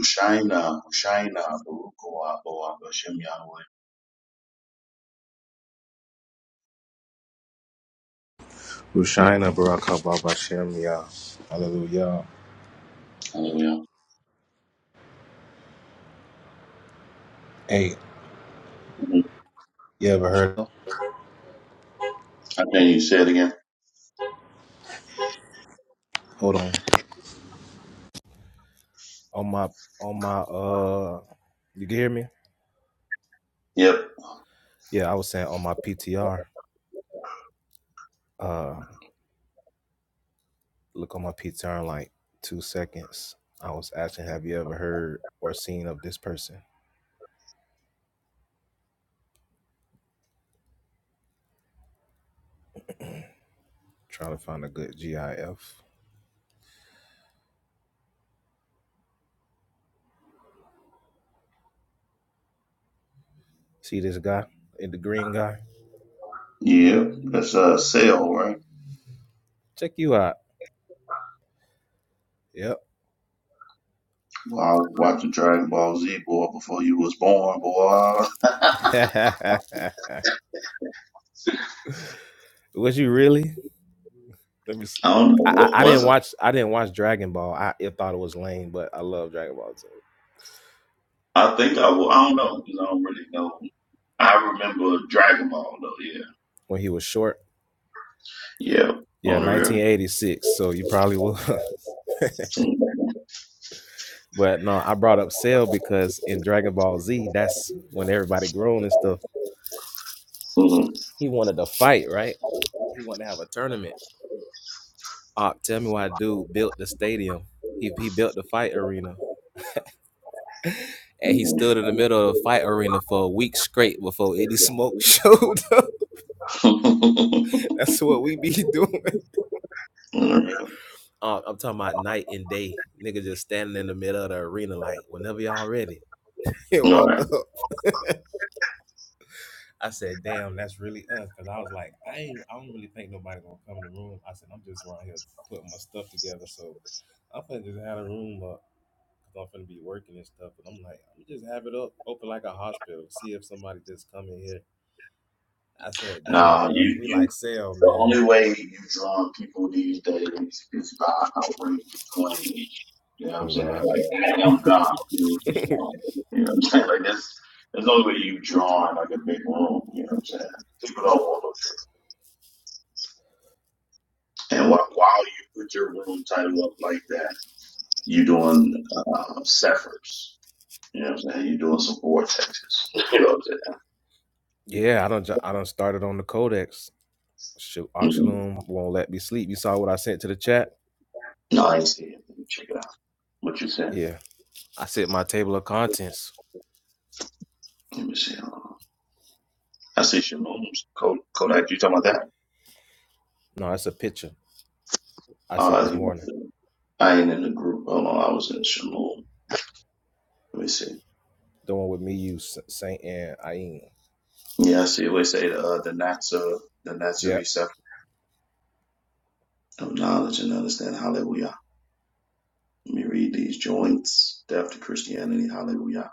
Hushaina, Hushaina, Baruch Oa, Oa, Hashem Yahweh. Hushaina Barak Haba Bashem Yah. Hallelujah. Hallelujah. Hey, Mhm. you ever heard of? I think you say it again. hold on. On my on my uh you can hear me? Yep. Yeah, I was saying on my PTR, uh look on my PTR in like two seconds. I was asking, have you ever heard or seen of this person? Trying to find a good GIF. See this guy? In the green guy? Yep. That's uh sale, right? Check you out. Yep. Well, I was watching Dragon Ball Z boy before you was born, boy. I was you really? Let me. don't know I I, I what I didn't was I? watch. I didn't watch Dragon Ball. I it thought it was lame, but I love Dragon Ball Z. I think I will. I don't know 'cause I don't really know. I remember Dragon Ball though. Yeah. When he was short, Yeah. yeah, On the real. 1986. So you probably will. but no, I brought up Cell because in Dragon Ball Z, that's when everybody grown and stuff. Mhm. He wanted to fight, right? He wanted to have a tournament. Uh, tell me why, dude built the stadium. He he built the fight arena. And he Mhm. stood in the middle of the fight arena for a week straight before any smoke showed up. on That's what we be doing. the real. Uh, I'm talking about night and day. Nigga just standing in the middle of the arena, like, whenever y'all ready. He All walk right. up. I said, damn, that's really us. Cause I was like, I ain't, I don't really think nobody gonna come in the room. I said, I'm just around here putting my stuff together. So I'm finna just have a room up because I'm finna be working and stuff. But I'm like, I'm just have it up, open like a hospital, see if somebody just come in here. I said, dang, Nah, bro, you we you like sale, The man. only way is um people these days is by outrageous claims. You know what I'm Oh saying? God. Like I am God. You know what I'm saying? Like this there's no way you drawing like a big room, you know what I'm saying? People don't want to and while, while you put your room title up like that, you are doing uh Cephers. You know what I'm saying? you are doing some vortexes. You know what I'm saying? yeah, I don't, I don't started on the Codex. Sh- Mhm. Oxalum won't let me sleep. You saw what I sent to the chat? No, I ain't see it. Let me check it out. What you said? Yeah. I sent my table of contents. Let me see. Hold on. I see Shalom's Kodak, you talking about that? No, that's a picture I sent Uh, this he morning. was I ain't in the group. Hold on, I was in Shalom. Let me see. The one with me, you, S- Saint, and Ayin. Yeah, I see. It would say the uh, the Natsar, the Yep. Natsari sect of knowledge and understand. Hallelujah. Let me read these joints. Depth to Christianity. Hallelujah.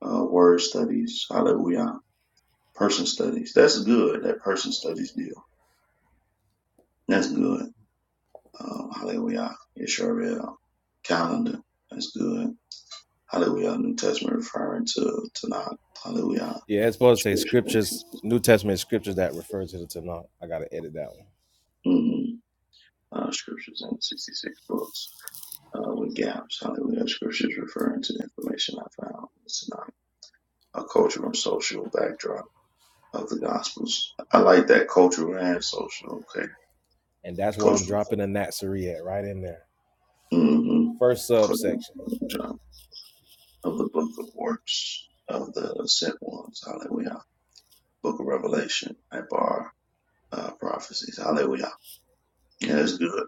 Uh, word studies. Hallelujah. Person studies. That's good. That person studies deal. That's good. Um, hallelujah. Israel calendar. That's good. Hallelujah. New Testament referring to to not. Hallelujah. Yeah, it's supposed to say Scripture. scriptures, New Testament scriptures that refer to the Tanakh. I got to edit that one. Mhm. uh, scriptures in 66 books uh, with gaps. Hallelujah. Scriptures referring to the information I found in the Synoptic. A cultural and social backdrop of the Gospels. I like that cultural and social. Okay. And that's where I'm Cultural. dropping the Natsuri at, right in there. Mm-hmm. First Cultural subsection. backdrop of the book of works of the sent ones. Hallelujah. Book of Revelation. I bar uh, prophecies. Hallelujah. Yeah, that's good.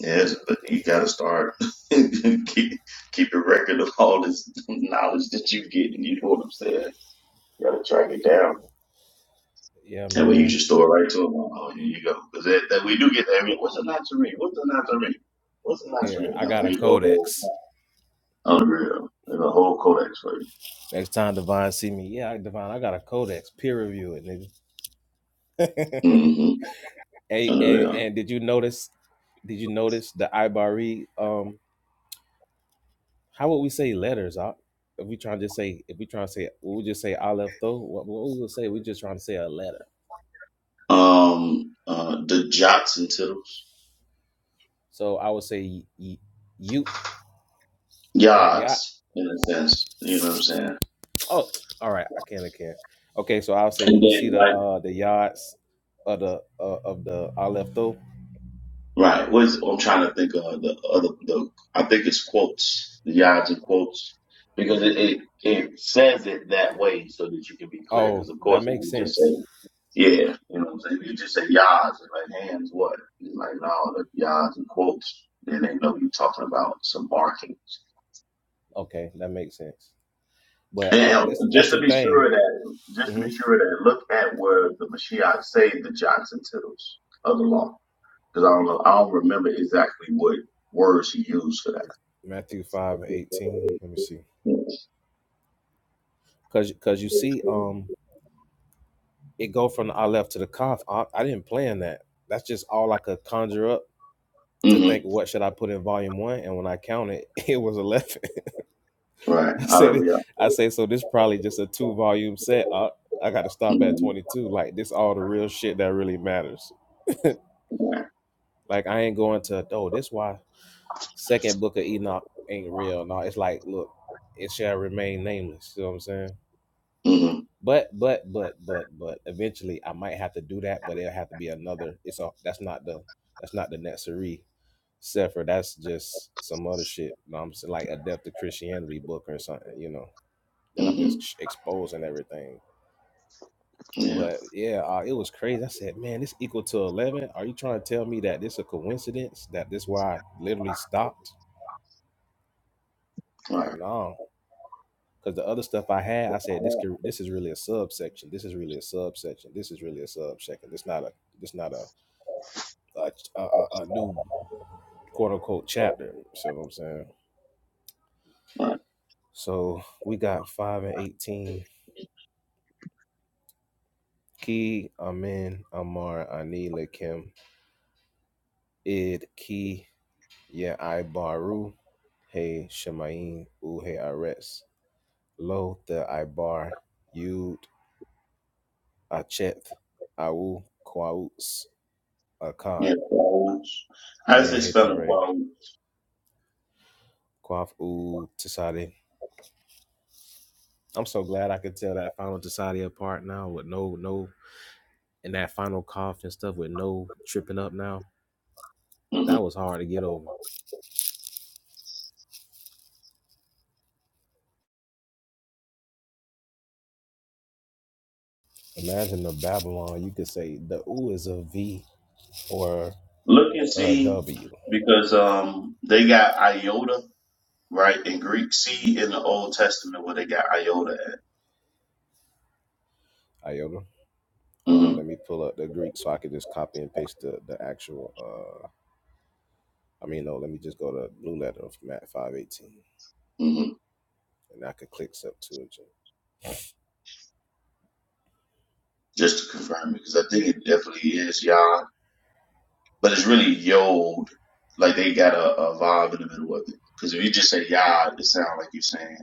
Yes, but you gotta start keep keep a record of all this knowledge that you get, and you know what I'm saying. You gotta track it down, Yeah, and when you man. just throw it right to them. Oh, here you go, because that, that we do get that. I mean, what's a nazarene? What's a nazarene? What's a Yeah, nazarene? I Oh, got a there you go, a whole codex. unreal, and a whole codex for you. Next time Divine see me, yeah, Divine, I got a codex. Peer review it, nigga. Mm-hmm. And, and Unreal. and did you notice? Did you notice the Ibari? Um, how would we say letters? Op? If we trying to just say, if we trying to say, we would just say Aleph though. What, what we would say? We just trying to say a letter. Um, uh, the jots and tittles, So I would say y- you or yacht. yods, in a sense. You know what I'm saying? Oh, all right. I can. I can. Okay. So I'll say, did And you see then the like. uh the yachts of the uh, of the Aleph though? Right. What's I'm trying to think of the other the I think it's quotes, the yards and quotes, because it, it it says it that way so that you can be clear. Because Oh, of that course, if makes you just sense. say yeah, you know what I'm saying, if you just say yards and like hands what? It's like no, the yards and quotes. Then they know you're talking about some barking. Okay, that makes sense. But uh, And that's that's just the to be thing. sure of that, just to hmm be sure of that, look at where the Mashiach saved the jots and Tittles of the law. Because I don't know, I don't remember exactly what words he used for that. Matthew five and eighteen. Let me see. hmm Cause, cause you see, um, it go from the I left to the cough. I, I didn't plan that. That's just all I could conjure up to think. What should I put in volume one? And when I counted, it was eleven. Right. I said, Hallelujah. I say, so this probably just a two volume set. I, I got to stop at hmm twenty two. Like this, all the real shit that really matters. Like I ain't going to. Oh, this why second book of Enoch ain't real. No, it's like look, it shall remain nameless. You know what I'm saying? hmm But but but but but eventually I might have to do that, but it'll have to be another. It's all that's not the that's not the Netserie Sefer. That's just some other shit. You know what I'm saying like Adept to Christianity book or something. You know. Then I'm hmm just sh- exposing everything. Yeah. But yeah, uh, it was crazy. I said, man, this equal to eleven. Are you trying to tell me that this a coincidence? That this why I literally stopped? Like Right. no. Because the other stuff I had, I said this could, this is really a subsection. This is really a subsection. This is really a subsection. This not a this not a a, a, a new quote unquote chapter. See what I'm saying? Right. So we got five and eighteen. Key, Amin, Amar, Anila, Kim, Id, Key, Yeah, I Baru, Hey, Shemaim, Uhe Ares, Lo, The Ibar, Yud, Acheth, Awu, Kwauts, Akkad, Yeah. Qualms. How does Mir they spell in Hetore. qualms? Quaff Ooh Tasadi. I'm so glad I could tell that final Tasadi apart now with no no and that final cough and stuff with no tripping up now. hmm That was hard to get over. Imagine the Babylon, you could say the u is a V or Look and a see, W. because um they got iota right in Greek. See in the Old Testament where they got iota at. Iota. Um, hmm let me pull up the Greek so I can just copy and paste the, the actual uh I mean no, let me just go to blue letter of Matt five eighteen hmm and I could click sub to it. Just to confirm, it, because I think it definitely is yod, but it's really yod. Like they got a, a vibe in the middle of it. Because if you just say yod, it sounds like you're saying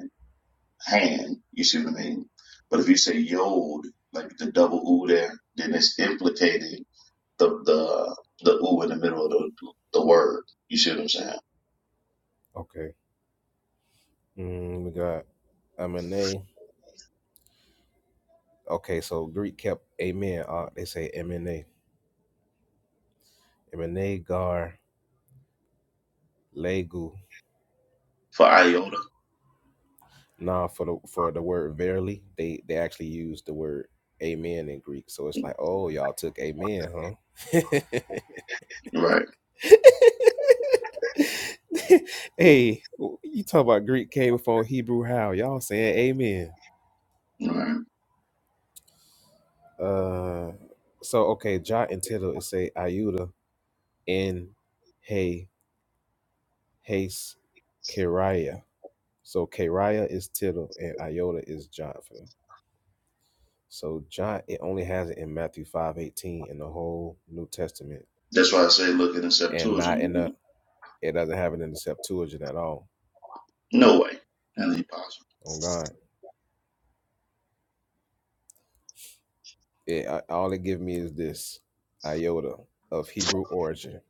hand. You see what I mean? But if you say yod, like the double u there, then it's implicating the the the u in the middle of the the word. You see what I'm saying? Okay. Mm, we got I'm A. Okay, so Greek kept amen. Uh, they say mna, mna gar legu. For iota, Nah, for the for the word verily, they they actually use the word amen in Greek. So it's like, oh, y'all took amen, huh? right? hey, you talk about Greek came before Hebrew? How y'all saying amen? Right. Uh, so okay, jot and tittle it say iuda in hey haste So Kariah is tittle and Iota is jot So John, it only has it in Matthew five eighteen in the whole New Testament, That's why I say look in the and not Septuagint. in the it doesn't have it in the Septuagint at all. No way, that ain't possible. On God, it uh, all it give me is this Iota of Hebrew origin.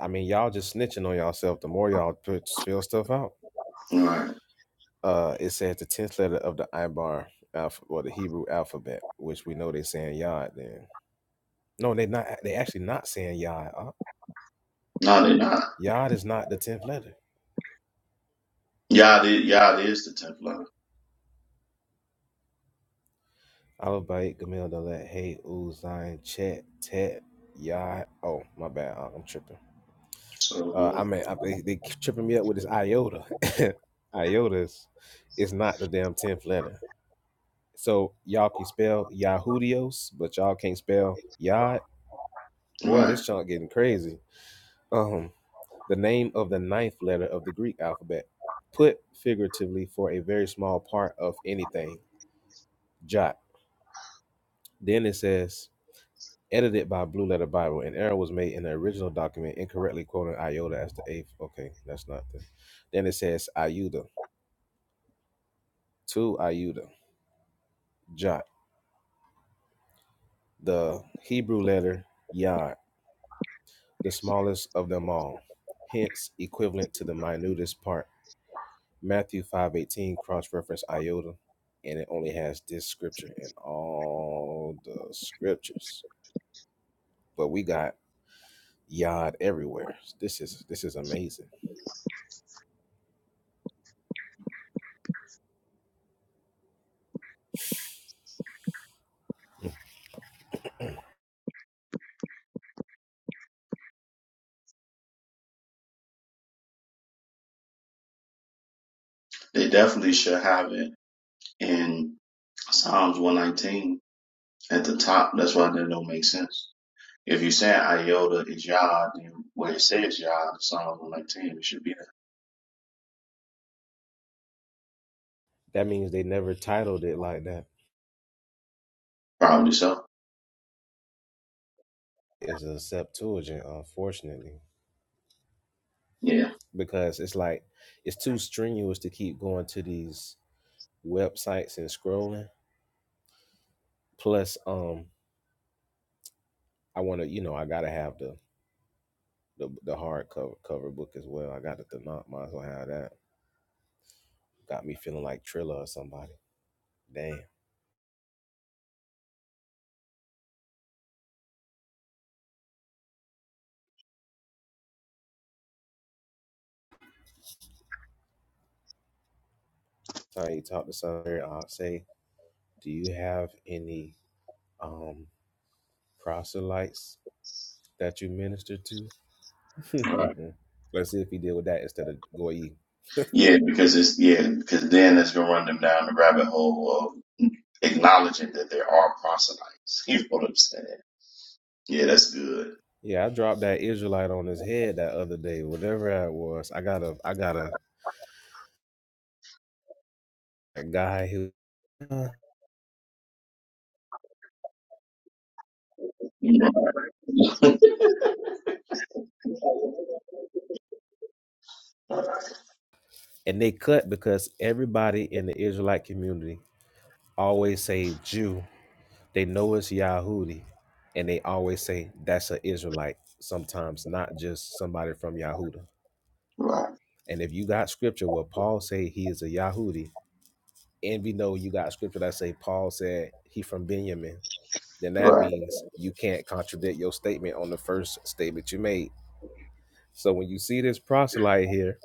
I mean, y'all just snitching on yourself. The more y'all put fill stuff out, Right? uh, it says the tenth letter of the Ibar alpha or the Hebrew alphabet, which we know they're saying Yod. Then no, they're not. They actually not saying Yod. No, they're not. Yod is not the tenth letter. Yod, is- Yod is the tenth letter. Alabait, Gamil, Dalet, Hey, Uzain, Chet, Tet, Yod. Oh, my bad. uh, I'm tripping. So Uh, I yeah. mean, I, they, they keep tripping me up with this iota. Iotas is, is not the damn tenth letter. So y'all can spell Yahudios, but y'all can't spell Yod. Boy, right, this chunk getting crazy. Um, the name of the ninth letter of the Greek alphabet, put figuratively for a very small part of anything. Jot. Then it says edited by Blue Letter Bible. An error was made in the original document, incorrectly quoting iota as the eighth. Okay, that's not the. Then it says iuda, two iuda, jot, the Hebrew letter yod, the smallest of them all, hence equivalent to the minutest part. Matthew five eighteen cross-reference iota, and it only has this scripture in all the scriptures. But we got yod everywhere. This is this is amazing. Mm. they definitely should have it in Psalms 119 at the top. That's why that don't make sense. If you're saying iota is yod, then where it says yod, the Psalm 119, it should be there. That means they never titled it like that. Probably so. It's a Septuagint, unfortunately, Yeah. because it's like it's too strenuous to keep going to these websites and scrolling. Plus, um, I want to, you know, I gotta have the the the hard cover cover book as well. I got it the not might as well have that. Got me feeling like Trilla or somebody. Damn. Time you talk to somebody, I'll say, Do you have any um proselytes that you minister to? Right. Let's see if he did with that instead of Goyi. Yeah, because it's yeah, because then it's gonna run them down the rabbit hole of acknowledging that there are proselytes. You know what I'm saying? Yeah, that's good. Yeah, I dropped that Israelite on his head that other day, whatever that was. I got a I got a, a guy who and they cut because everybody in the Israelite community always say Jew They know it's Yahudi, and they always say that's an Israelite. Sometimes not just somebody from Yahuda. Right. right. And if you got scripture where Paul say he is a Yahudi, and we know you got scripture that say Paul said he from Benjamin, then that Right. means you can't contradict your statement on the first statement you made. So when you see this proselyte here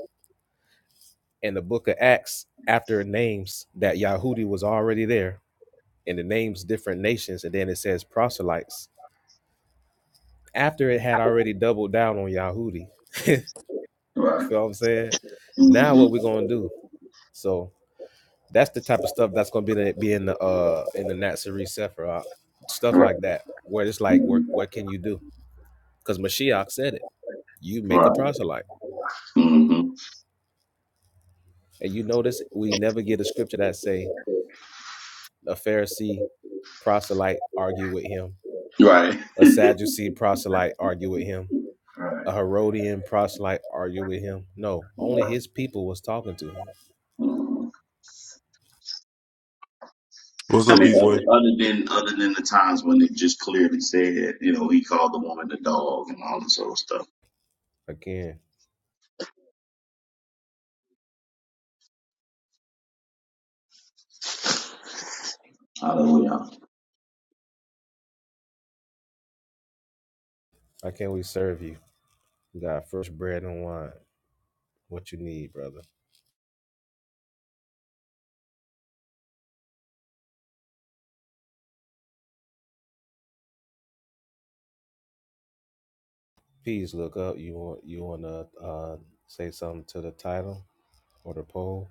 in the book of Acts, after it names that Yahudi was already there, and it names different nations, and then it says proselytes, after it had already doubled down on Yahudi, You Right. feel what I'm saying? Now Mm-hmm. what we're gonna do? So that's the type of stuff that's gonna be in the, be in the uh in the Natsuri Sephiroth, stuff Right. like that, where it's Right. like, Mm-hmm. what what can you do? Because Mashiach said it. You make a proselyte, and you notice we never get a scripture that say a Pharisee proselyte argue with him, Right. a Sadducee proselyte argue with him, Right. a Herodian proselyte argue with him. No, only his people was talking to him. Mm-hmm. What's I up, mean, big boy? other, other than other than the times when it just clearly said, you know, he called the woman the dog and all this other stuff. Again, Hallelujah. how can we serve you? We got fresh bread and wine. what you need, brother. Please look up. You want you want to uh, say something to the title or the poll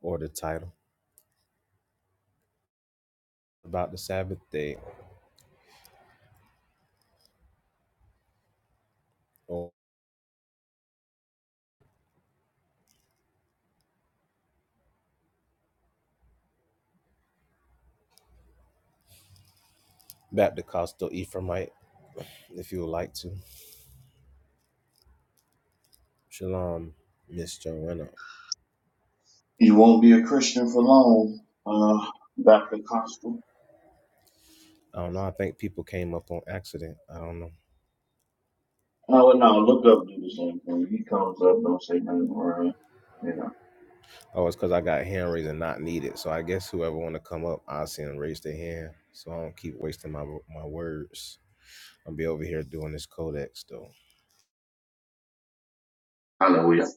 or the title about the Sabbath day or Baptocostal Ephraimite, if you would like to. Shalom, Miss Joanna. You won't be a Christian for long, uh, Dr. Costa. I don't know. I think people came up on accident. I don't know. No, no, look up, do the same thing. He comes up, don't say nothing wrong. You know. Oh, it's because I got hand raising not needed. So I guess whoever want to come up, I'll see them raise their hand. So I don't keep wasting my my words. I'll be over here doing this codex though. Hallelujah.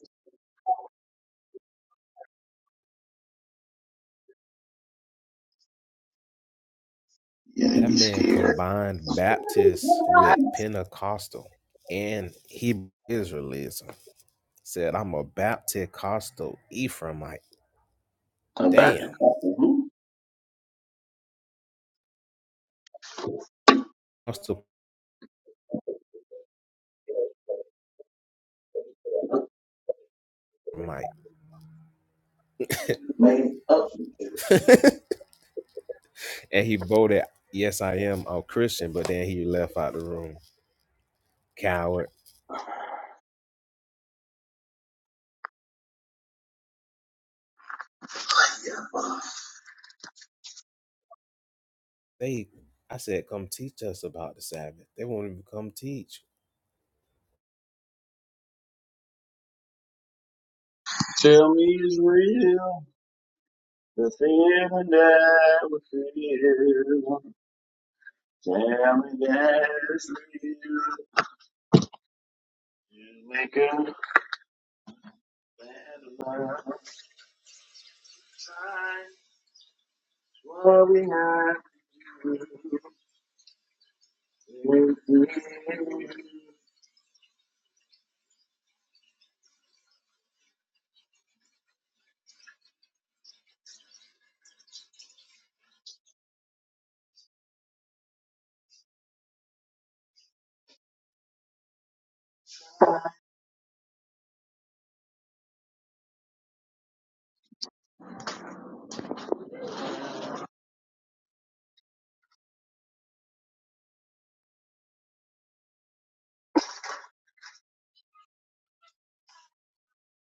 Yeah, they That be man scared. combined Baptist with Pentecostal and Hebrew Israelism. Said, I'm a Baptist Costal Ephraimite. Uh, Dr. Damn. Costa, who Costal Ephraimite. made up? and he voted, Yes, I am a Christian, but then he left out the room. Coward. They I said, come teach us about the Sabbath. They won't even come teach. Tell me it's real. The feeling that we feel. Tell me that's real. What we have.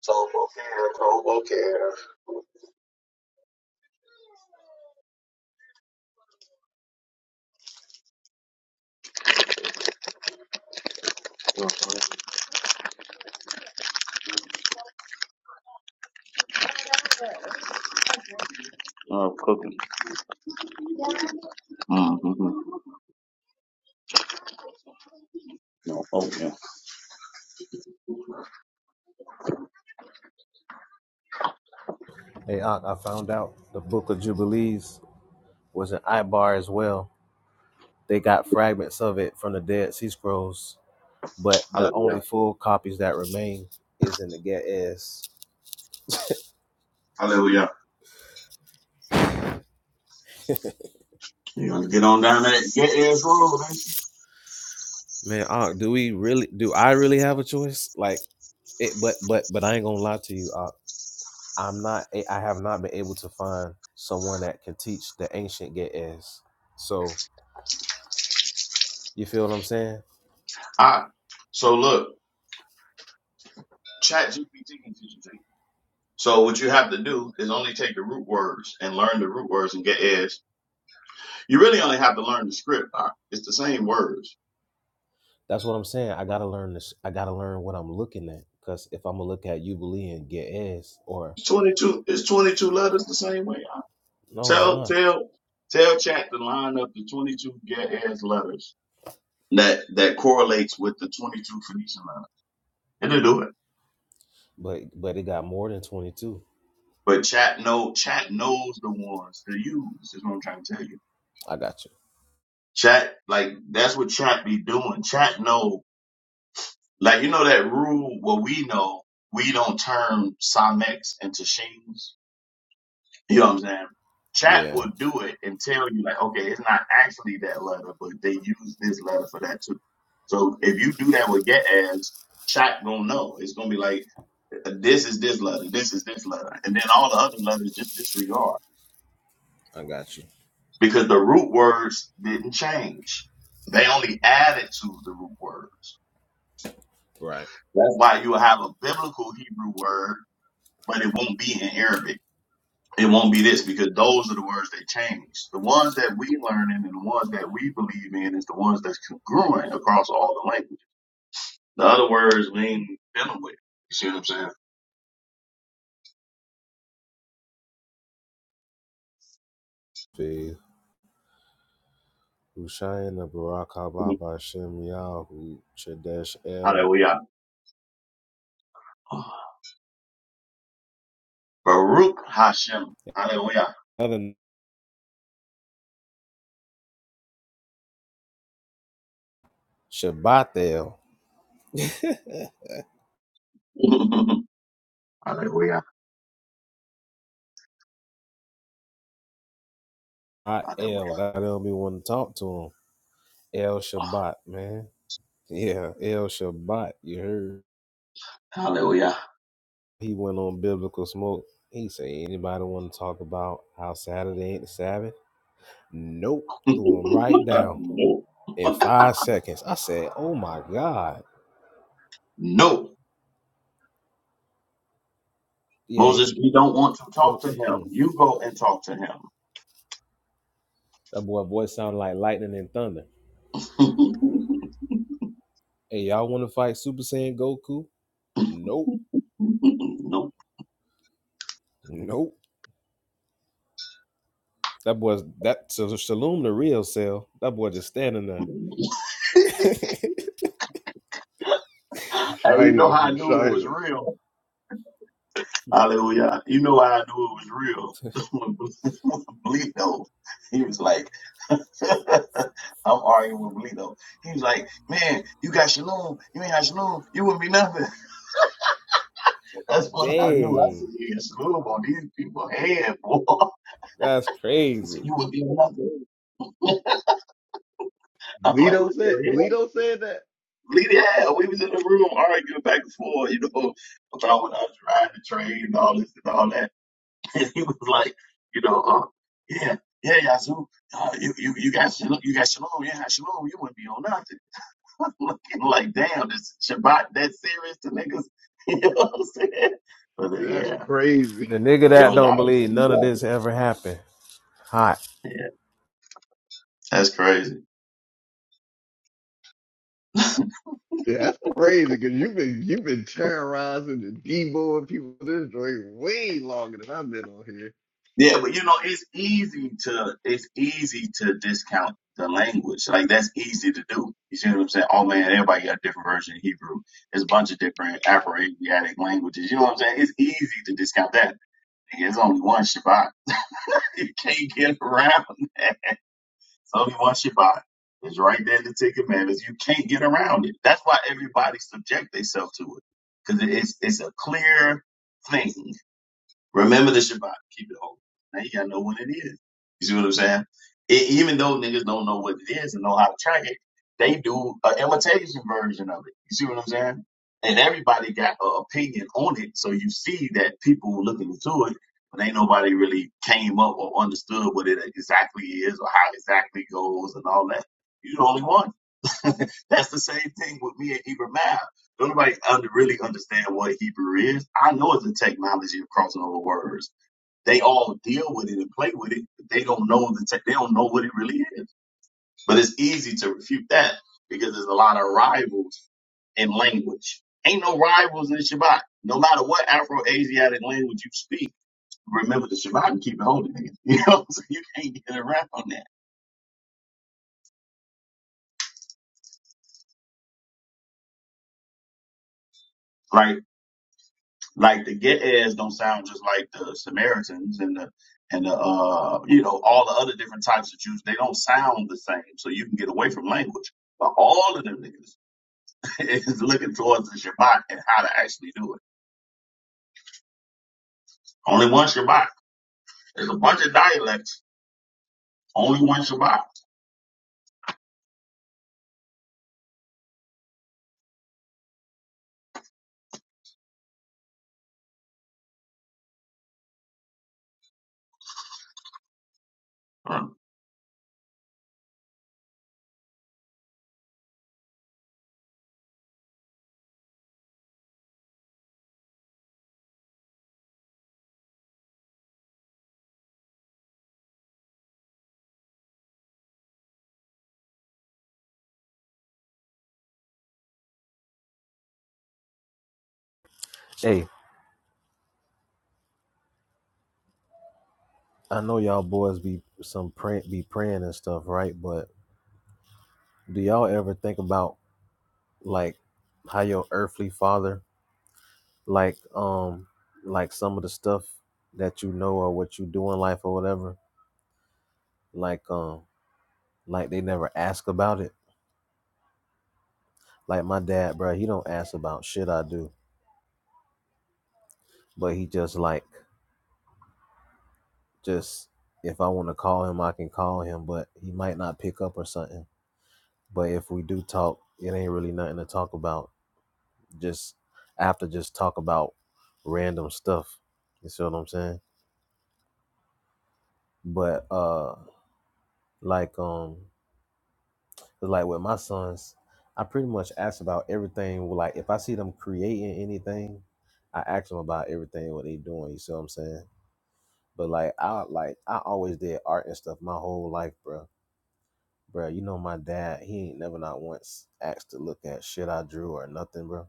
Tobo care, tobo care. Oh, cooking. Mm-hmm. No, oh, yeah. Hey, Ak, I found out the Book of Jubilees was an Ibar as well. They got fragments of it from the Dead Sea Scrolls but the only Hallelujah. full copies that remain is in the get s. Hallelujah. You want to get on down that. Get in room. All man uh, do we really do i really have a choice like it but but but i ain't gonna lie to you uh, i'm not a- i am not I have not been able to find someone that can teach the ancient get s. so you feel what i'm saying right. So look, chat GPT can teach you things. So what you have to do is only take the root words and learn the root words and get is. You really only have to learn the script. Doc. It's the same words. that's what i'm saying i gotta learn this i gotta learn what i'm looking at because if i'm gonna look at jubilee and get s, or It's 22, it's 22 letters the same way. no it's Tell not tell tell chat to line up the twenty two get ass letters that that correlates with the twenty two Phoenician letters. it they do it. but but it got more than 22 But chat know chat knows the ones to use, is what I'm trying to tell you. i got you Chat like that's what chat be doing. Chat know like you know that rule what we know we don't turn Simex into Shames. You know what I'm saying? Chat yeah would do it and tell you like, okay, it's not actually that letter, but they use this letter for that too. So if you do that with get ads, chat gonna know. It's gonna be like, this is this letter, this is this letter, and then all the other letters just disregard i got you because the root words didn't change. They only added to the root words. right That's why you will have a biblical Hebrew word, but it won't be in Arabic. It won't be this because those are the words that change. The ones that we learn in and the ones that we believe in is the ones that's congruent across all the languages. The other words we ain't dealing with. You see what I'm saying? Peace. Hushaina Baraka Baba Shem Yahu Chadesh El. Hallelujah. Baruch Hashem. Hallelujah. Other Shabbat El. Hallelujah. Not El. Hallelujah. That'll be one to talk to him. El Shabbat, man. Yeah, El Shabbat. You heard? Hallelujah. He went on biblical smoke. He said, anybody want to talk about how Saturday ain't the Sabbath? Nope. Threw him right down no. in five seconds. I said, oh my God. No. Yeah, Moses, any- we don't want to talk mm, to mm, him. mm. You go and talk to him. that boy voice sounded like lightning and thunder. Hey, y'all want to fight Super Saiyan Goku? Nope, no. nope. That boy's that so Shalom the real cell. That boy just standing there. Hey, you know Shiner, how I knew it was Shiner. real? Hallelujah. You know how I knew it was real. When Bleedo, he was like, I'm arguing with Bleedo. He was like, man, you got Shalom. You ain't got Shalom. You wouldn't be nothing. That's what I knew. I said, Dang, you got Shalom on these people head, boy. that's He said, crazy. you wouldn't be nothing. I'm like, Vlito what said the hell? Vlito said that? Bleedo, yeah, we was in the room arguing back and forth, you know, about when I was riding the train and all this and all that. and he was like, you know, uh, yeah, yeah, yeah, Yazoo, uh, you, you, you got Shalom, you got Shalom, yeah, Shalom, you wouldn't be on nothing. I'm looking like, damn, this Shabbat that serious to niggas. You know what I'm saying? But uh, That's yeah, crazy. The nigga it that was don't believe obviously, none of this ever happened. Hot. yeah, that's crazy. Yeah, that's crazy because you've been you've been terrorizing the Debo and people with this joint way longer than I've been on here. Yeah, but you know, it's easy to, it's easy to discount the language. Like that's easy to do. You see what I'm saying? Oh man, everybody got a different version of Hebrew. There's a bunch of different Afro-Asiatic languages. You know what I'm saying? It's easy to discount that There's only one Shabbat. You can't get around that. It's only one Shabbat. It's right there in the Ten Commandments. You can't get around it. That's why everybody subject themselves to it because it's it's a clear thing. Remember the Shabbat. Keep it holy. Now you gotta know what it is. You see what I'm saying? E- even though niggas don't know what it is and know how to track it, they do an imitation version of it. You see what I'm saying? And everybody got an opinion on it, so you see that people were looking into it, but ain't nobody really came up or understood what it exactly is or how exactly it goes and all that. You the only one. That's the same thing with me and Hebrew math. Don't nobody under, really understand what Hebrew is. I know it's a technology of crossing over words. They all deal with it and play with it. But they don't know the tech. They don't know what it really is. But it's easy to refute that because there's a lot of rivals in language. Ain't no rivals in the Shabbat. No matter what Afro-Asiatic language you speak, remember the Shabbat and keep it holy. nigga. You know, so you can't get around that. Like Like the Ge'ez don't sound just like the Samaritans and the and the uh you know all the other different types of Jews. They don't sound the same, so you can get away from language. But all of them niggas is looking towards the Shabbat and how to actually do it. Only one Shabbat. There's a bunch of dialects. Only one Shabbat. Right. Hey, I know y'all boys be some pray, be praying and stuff, right? But do y'all ever think about like how your earthly father, like um, like some of the stuff that you know or what you do in life or whatever, like um. like they never ask about it. Like my dad, bro, he don't ask about shit I do, but he just like just if I want to call him, I can call him, but he might not pick up or something. But if we do talk, it ain't really nothing to talk about. Just after just talk about random stuff. You see what I'm saying? But uh like um like with my sons, I pretty much ask about everything. Like if I see them creating anything, I ask them about everything what they doing. You see what I'm saying? But like I like I always did art and stuff my whole life, bro. Bro, you know my dad, he ain't never not once asked to look at shit I drew or nothing, bro.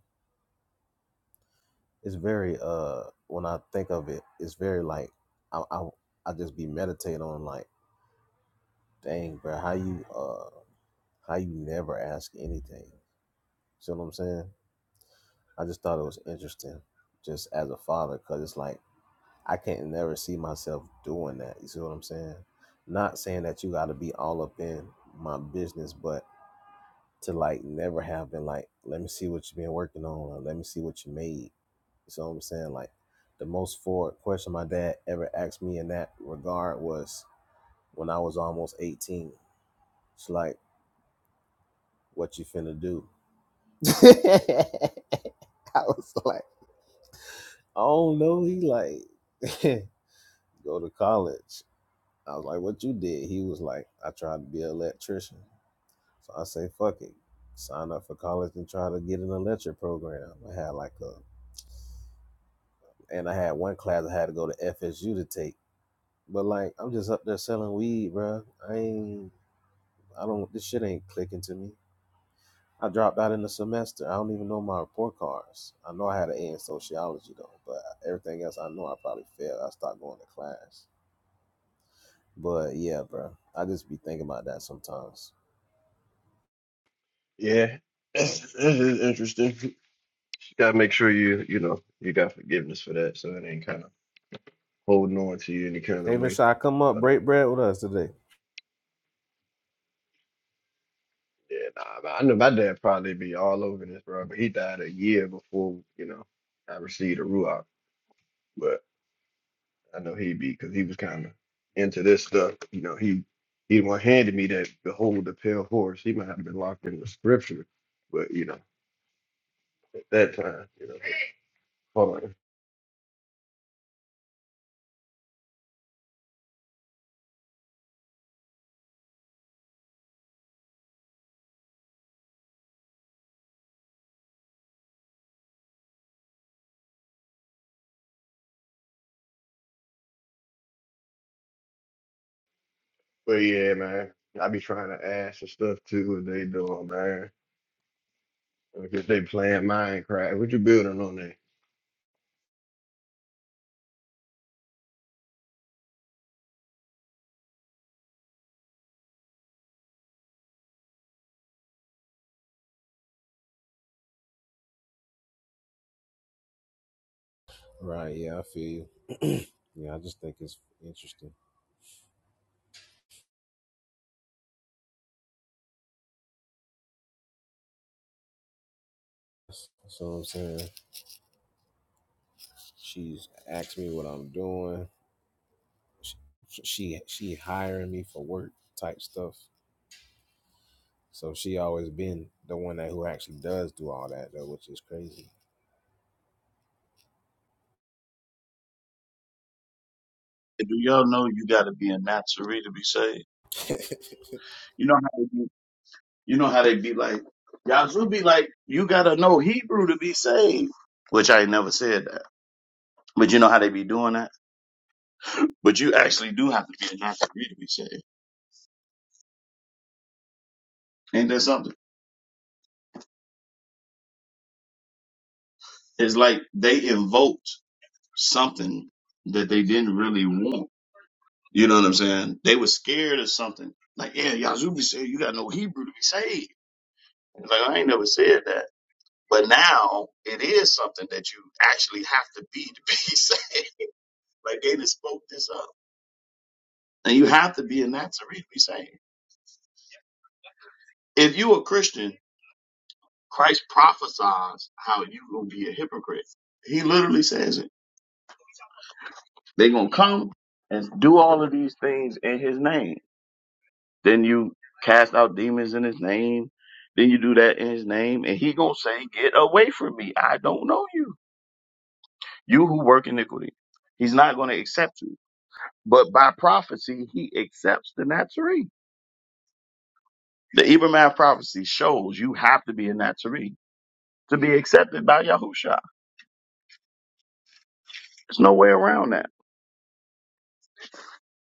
It's very uh when I think of it, it's very like I I, I just be meditating on like, dang, bro, how you uh how you never ask anything. See what I'm saying? I just thought it was interesting just as a father cuz it's like I can't never see myself doing that. You see what I'm saying? Not saying that you got to be all up in my business, but to like never have been like, let me see what you've been working on, or let me see what you made. You see what I'm saying? Like the most forward question my dad ever asked me in that regard was when I was almost 18. It's like, what you finna do? I was like, oh no, he like go to college. I was like, "What you did?" He was like, "I tried to be an electrician." So I say, "Fuck it, sign up for college and try to get an electric program." I had like a, and I had one class I had to go to FSU to take. But like, I'm just up there selling weed, bro. I ain't, I don't. This shit ain't clicking to me. I dropped out in the semester. I don't even know my report cards. I know I had an A in sociology though, but everything else I know I probably failed. I stopped going to class. But yeah, bro, I just be thinking about that sometimes. Yeah. This this is interesting. You gotta make sure you you know you got forgiveness for that so it ain't kind of holding on to you any kind of David way. Shaw, come up, But break um bread with us today. yeah, nah, man, I know my dad probably be all over this, bro. But he died a year before, you know, I received a ruach. I know he'd be because he was kind of into this stuff. You know, he he the one handed me that behold the pale horse. He might have been locked in the scripture, but you know, at that time, you know, hold on. But yeah, man, I be trying to ask and stuff too and they doing, man. Because they playing Minecraft. What you building on there? Right, yeah, I feel you. yeah, I just think it's interesting. That's that's what I'm saying. She's asked me what I'm doing. She, she she hiring me for work type stuff. So she always been the one that who actually does do all that though, which is crazy. Do y'all know you got to be a Nazarene to be saved? You know how they be, you know how they be like Yazoo be like you got to know Hebrew to be saved, which I never said that. But you know how they be doing that. But you actually do have to be a natural to be saved. Ain't that something? It's like they invoked something that they didn't really want. You know what I'm saying? They were scared of something. Like, yeah, Yazoo be saved. You got no Hebrew to be saved. It's like, I ain't never said that. But now it is something that you actually have to be to be saved. Like they just spoke this up. And you have to be a Nazarene to really be saved. If you a Christian, Christ prophesies how you will be a hypocrite. He literally says it. They're gonna come and do all of these things in his name. Then you cast out demons in his name. Then you do that in his name, and he gonna say, Get away from me. I don't know you. You who work iniquity. He's not gonna accept you. But by prophecy, he accepts the Nazarene. The Ibrahim prophecy shows you have to be a Nazarene to be accepted by Yahusha. There's no way around that.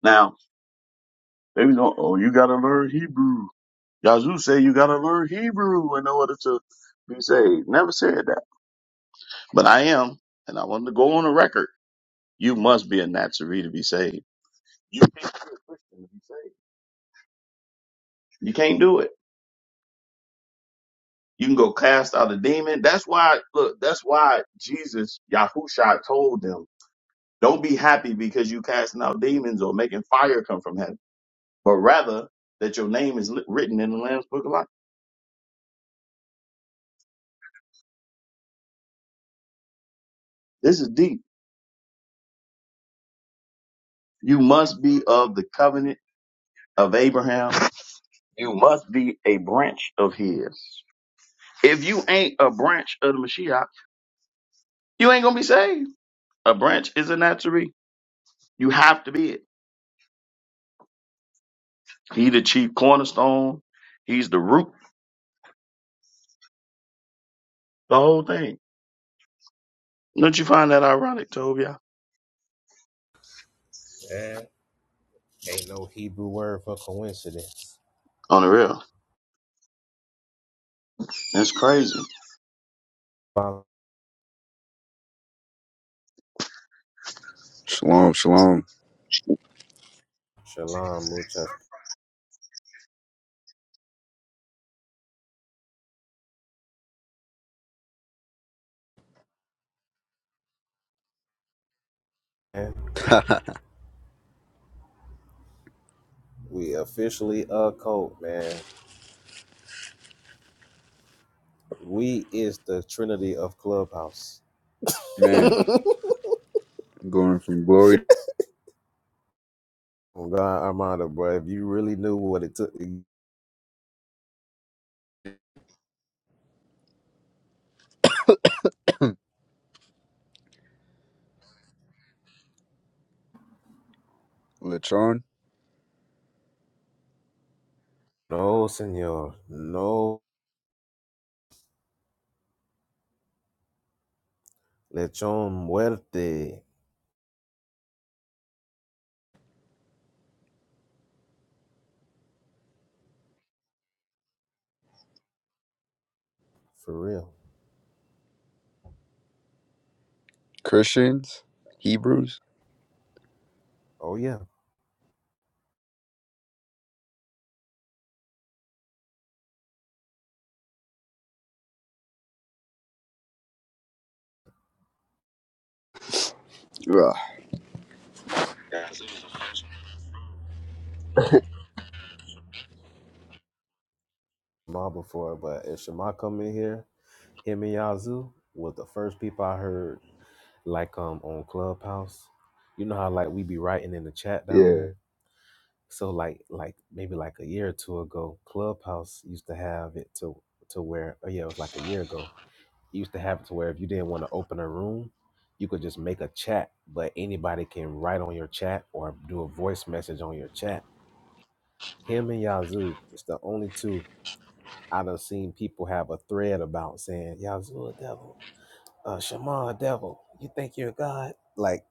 Now, they was going, oh, you gotta learn Hebrew. Yazoo say you gotta learn Hebrew in order to be saved. Never said that. But I am, and I want to go on the record. You must be a Nazarene to be saved. You can't be a Christian to be saved. You can't do it. You can go cast out a demon. That's why, look, that's why Jesus, Yahusha told them, don't be happy because you casting out demons or making fire come from heaven, but rather that your name is li- written in the Lamb's book of life. This is deep. You must be of the covenant of Abraham You must be a branch of his. If you ain't a branch of the Mashiach, you ain't gonna be saved. A branch is a naturee. You have to be it. He the chief cornerstone. He's the root. The whole thing. Don't you find that ironic, Tobia? Man, Ain't no Hebrew word for coincidence. On the real, that's crazy. Shalom, shalom. Shalom, muchas. Man. We officially a cult, man. We is the Trinity of Clubhouse. Man, going from glory to Oh, God, Armando, bro. If you really knew what it took, Lechon, no, senor, no lechon muerte, for real. Christians, Hebrews. Oh yeah, Ugh. Shema before, but if Shema come in here, him and Yazoo was the first people I heard like um on Clubhouse. You know how like we be writing in the chat down Yeah, there. So like like maybe like a year or two ago, Clubhouse used to have it to to where oh yeah, it was like a year ago you used to have to where if you didn't want to open a room, you could just make a chat, but anybody can write on your chat or do a voice message on your chat. Him and Yazoo is the only two I done seen people have a thread about saying Yazoo a devil, uh, Shema a devil. You think you're God? Like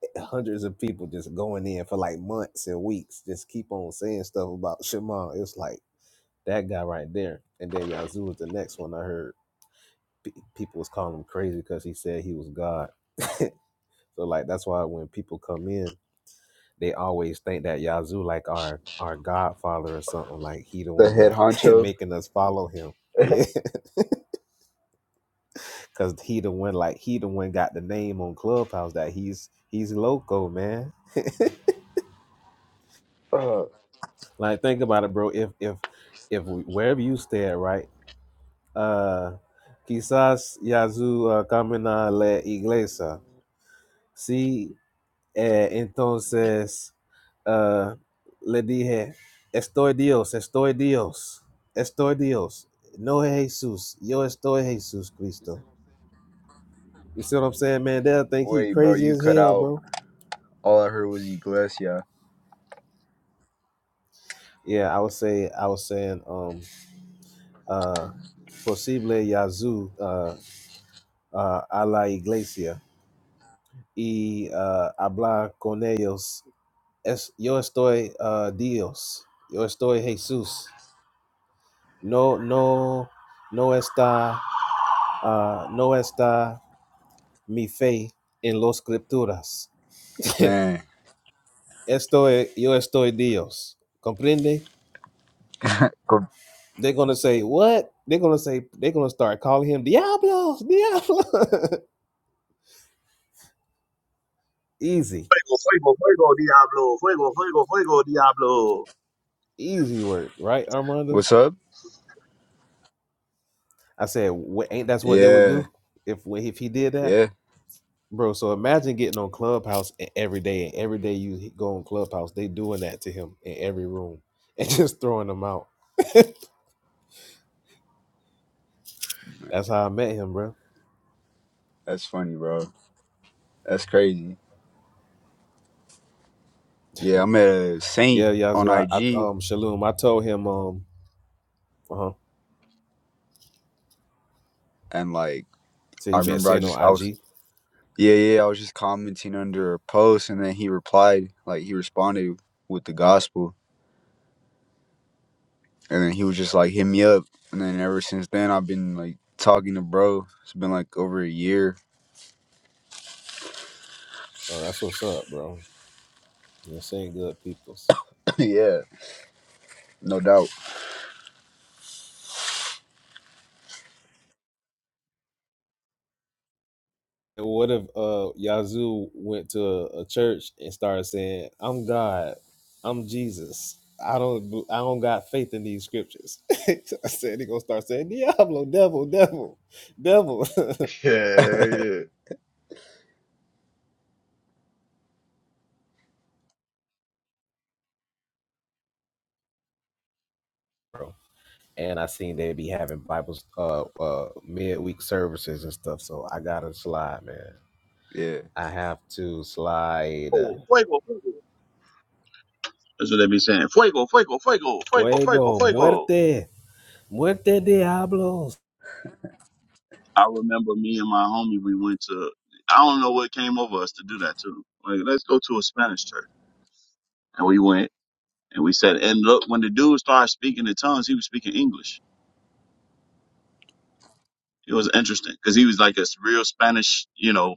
hundreds of people just going in for like months and weeks, just keep on saying stuff about Shema. It's like that guy right there, and then Yazoo was the next one I heard. P- people was calling him crazy because he said he was God. So like that's why when people come in, they always think that Yazoo like our our Godfather or something. Like he the the one head that honcho. making us follow him. Yeah, cause he the one like he the one got the name on Clubhouse that he's he's loco man. Ugh. like think about it, bro. If if if we, wherever you stay at, right? Uh, quizás Yazoo uh, camina la iglesia. See Eh, entonces ah, le dije, estoy Dios, estoy Dios, estoy Dios. No es Jesús, yo estoy Jesús Cristo. You see what I'm saying, man? They'll think he Wait, bro, crazy you as cut hell, out. bro. All I heard was Iglesia. Yeah, I was saying, I was saying, um, uh, posible Yazoo, uh, uh, a la iglesia y uh, hablar con ellos. Es, yo estoy uh, Dios, yo estoy Jesús. No, no, no está. ah, no está mi fe en las escrituras. Man. Estoy, yo estoy Dios. Comprende? Gr- They're gonna say what? They're gonna say they're gonna start calling him Diablos, Diablo. easy, Fuego, fuego, fuego, Diablo. Fuego, fuego, fuego, Diablo. easy word, right, Armando? What's up? I said, "Wha- ain't that's what they would Yeah, do if if he did that, yeah. bro? So imagine getting on Clubhouse e- every day, and every day you go on Clubhouse, they doing that to him in every room and just throwing him out. that's how I met him, bro. That's funny, bro. That's crazy. Yeah, I'm at a Saint Yeah, on Yazoo. I, I IG, um Shalom. I told him um uh huh. and like, Till I you met remember I Saint just, on I was, IG. yeah, yeah, I was just commenting under a post, and then he replied, like, he responded with the gospel. And then he was just like, hit me up. And then ever since then, I've been like talking to bro. It's been like over a year. Oh, that's what's up, bro. Yeah, saying good peoples. yeah, no doubt. And what if uh Yazoo went to a, a church and started saying, "I'm God, I'm Jesus. I don't b- I don't got faith in these scriptures." I said he gonna start saying, "Diablo, devil, devil, devil." Yeah, yeah. bro. And I seen they be having Bibles, uh, uh, midweek services and stuff. So I got to slide, man. Yeah. I have to slide. Oh, fuego, fuego. That's what they be saying. Fuego, fuego, fuego, fuego, fuego, Fuego, fuego. muerte, muerte diablos. I remember me and my homie, we went to, I don't know what came over us to do that too. Like, let's go to a Spanish church. And we went and we said, and look, when the dude started speaking in tongues, he was speaking English. It was interesting because he was like a s- real Spanish, you know,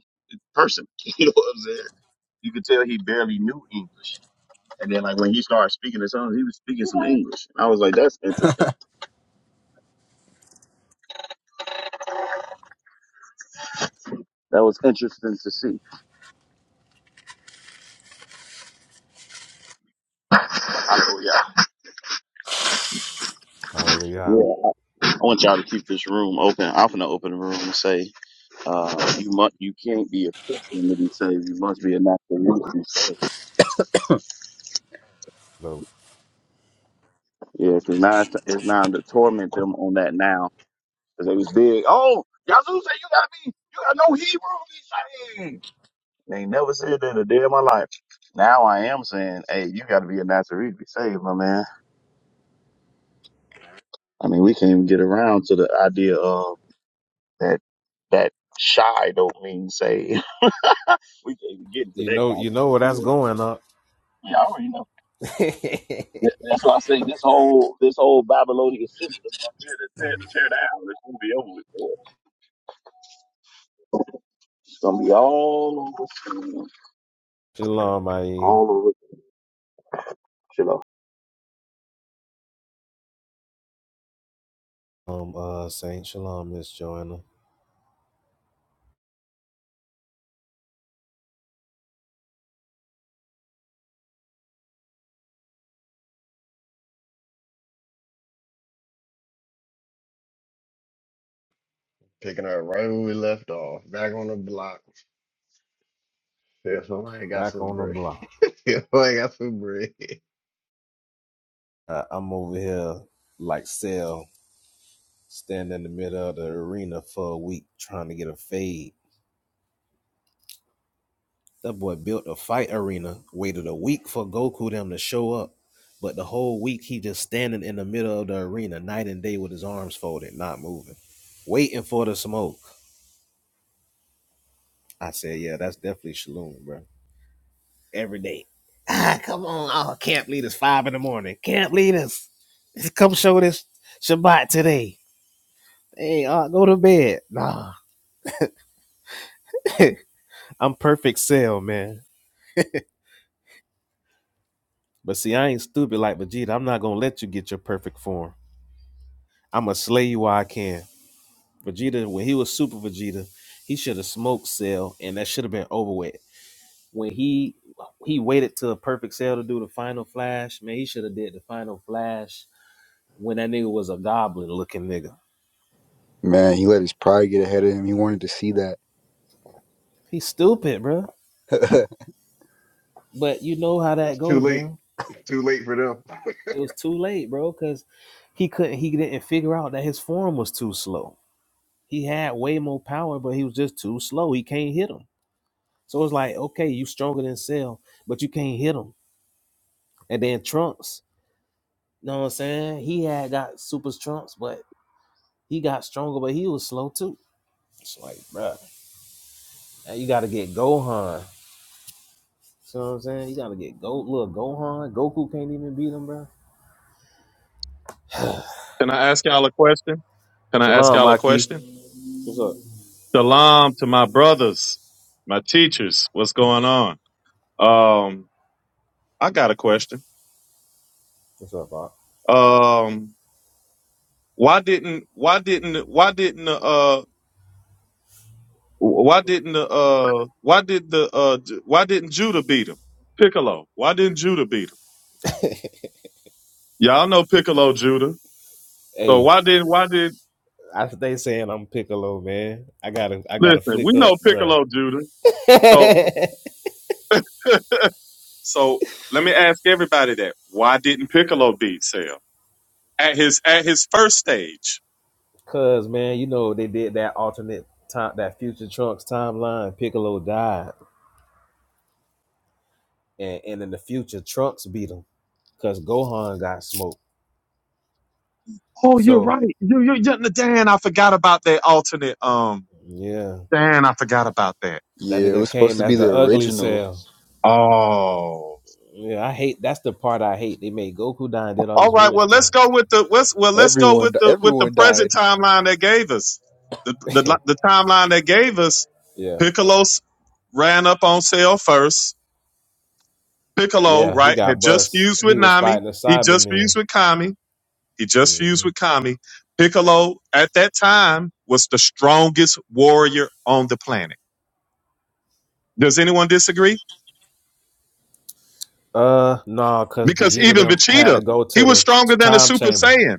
person. you know what I'm saying? You could tell he barely knew English. And then like when he started speaking in tongues, he was speaking some English. And I was like, that's interesting. That was interesting to see. I know, yeah. Hallelujah. Yeah. I I want y'all to keep this room open. I'm going to open the room and say, Uh, you must, you can't be a Christian to be saved. You must be a Nazarene to be saved. So, Yeah, because now it's, it's time to torment them on that now, because they was big. Oh, Yazoo said you gotta be, you got no Hebrew to be saved. They ain't never said that in a day of my life. Now I am saying, hey, you gotta be a Nazarene to be saved, my man. I mean, we can't even get around to the idea of that, that shy don't mean saved. we can't even get into you that know, you know conversation where that's yet. going up. Yeah, I already know. That- That's why I say this whole this whole Babylonian system up here to tear, tear down. It's gonna be over with. It's gonna be all over, shalom, Ayin. all over. Chill out. Um, uh, Saint Shalom, Miss Joanna. Picking up right where we left off. Back on the block. Yeah, so I ain't got Back some on the bread. block. Yeah, I ain't got some bread. Uh, I'm over here like Cell, standing in the middle of the arena for a week trying to get a fade. That boy built a fight arena, waited a week for Goku them to show up, but the whole week he just standing in the middle of the arena, night and day with his arms folded, not moving, waiting for the smoke. I said, yeah, that's definitely Shaloon, bro. Every day. Ah, come on, oh, camp leaders, five in the morning. Camp leaders, come show this Shabbat today. Hey, uh, go to bed. Nah, I'm perfect cell, man. But see, I ain't stupid like Vegeta. I'm not gonna let you get your perfect form. I'ma slay you while I can. Vegeta, when he was Super Vegeta, he should have smoked Cell, and that should have been over with. When he he waited to perfect Cell to do the final flash, man, he should have did the final flash when that nigga was a goblin looking nigga. Man, he let his pride get ahead of him. He wanted to see that. He's stupid, bro. But you know how It's that too go, late. bro. It's too late for them. It was too late, bro, because he couldn't. He didn't figure out that his form was too slow. He had way more power, but he was just too slow. He can't hit him. So it's like, okay, you stronger than Cell, but you can't hit him. And then Trunks, You know what I'm saying? He had got super strength, but he got stronger, but he was slow too. It's like, bruh, now you gotta get Gohan. You know what I'm saying? You gotta get Go look Gohan. Goku can't even beat him, bruh. Can I ask y'all a question? Can I ask Shalom, y'all a Maki. question? What's up? Salam to my brothers, my teachers. What's going on? Um, I got a question. What's up, Bob? Um, why didn't why didn't why didn't uh why didn't uh why did the uh why didn't Judah beat him? Piccolo. Why didn't Judah beat him? Y'all know Piccolo Judah. So Hey, why did why did I they saying I'm Piccolo, man. I gotta I gotta listen? We flick know up, bruh. Piccolo Judah. So so let me ask everybody that. Why didn't Piccolo beat Sale? at his at his first stage. Cause man, you know they did that alternate time that future Trunks timeline, Piccolo died. And and in the future Trunks beat him. Cause Gohan got smoked. Oh, you're So right. You, you, you, Dan, I forgot about that alternate. Um, yeah, Dan, I forgot about that. that Yeah, it nigga was supposed came to as be the the ugly original. cell. Oh. Yeah, I hate. That's the part I hate. They made Goku die and did all All this right. weird Well, let's stuff. go with the let's well let's go with Everyone, the with the everyone present died. timeline they gave us. The the the timeline they gave us. yeah, Piccolo s- ran up on sale first. Piccolo, yeah, he right, had got just bust. fused with He was Nami. fighting a He just Cyberman. fused with Kami. He just fused hmm with Kami. Piccolo at that time was the strongest warrior on the planet Does anyone disagree? Uh, nah, cause Because Vegeta even them had to Vegeta, go he to was the stronger than a time Super chamber. Saiyan.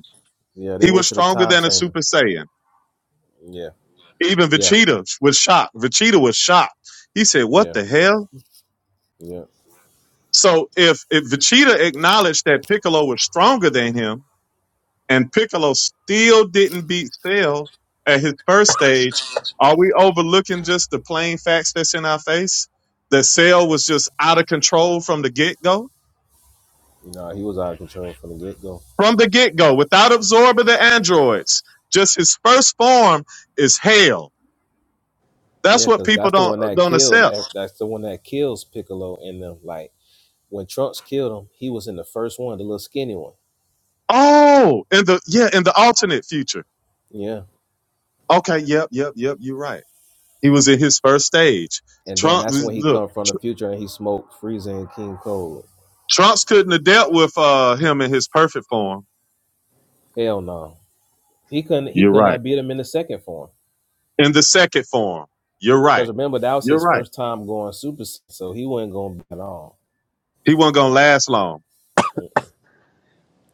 Yeah, they He was went to the stronger time than a chamber. Super Saiyan. Yeah, Even yeah, Vegeta was shocked. Vegeta was shocked. He said, "What yeah, the hell?" yeah. So if if Vegeta acknowledged that Piccolo was stronger than him, and Piccolo still didn't beat Cell at his first stage, are we overlooking just the plain facts that's in our face? That Cell was just out of control from the get go Nah, he was out of control from the get go. from the get go without absorbing the androids. Just his first form is hell. That's Yeah, what cause people that's the don't one that don't killed. accept. ev- That's the one that kills Piccolo in them. Like When Trunks killed him, he was in the first one, the little skinny one. Oh, in the yeah, in the alternate future. Yeah. Okay, yep, yep, yep. You're right. He was in his first stage. And then Trump, that's when he look, come from the Tr- future and he smoked Frieza and King Cold. Trumps couldn't have dealt with uh, him in his perfect form. Hell no. He couldn't he You're could right. not beat him in the second form. In the second form, you're Because right. remember, that was You're his right. first time going Super Saiyan, so he wasn't going to be at all. He wasn't gonna last long.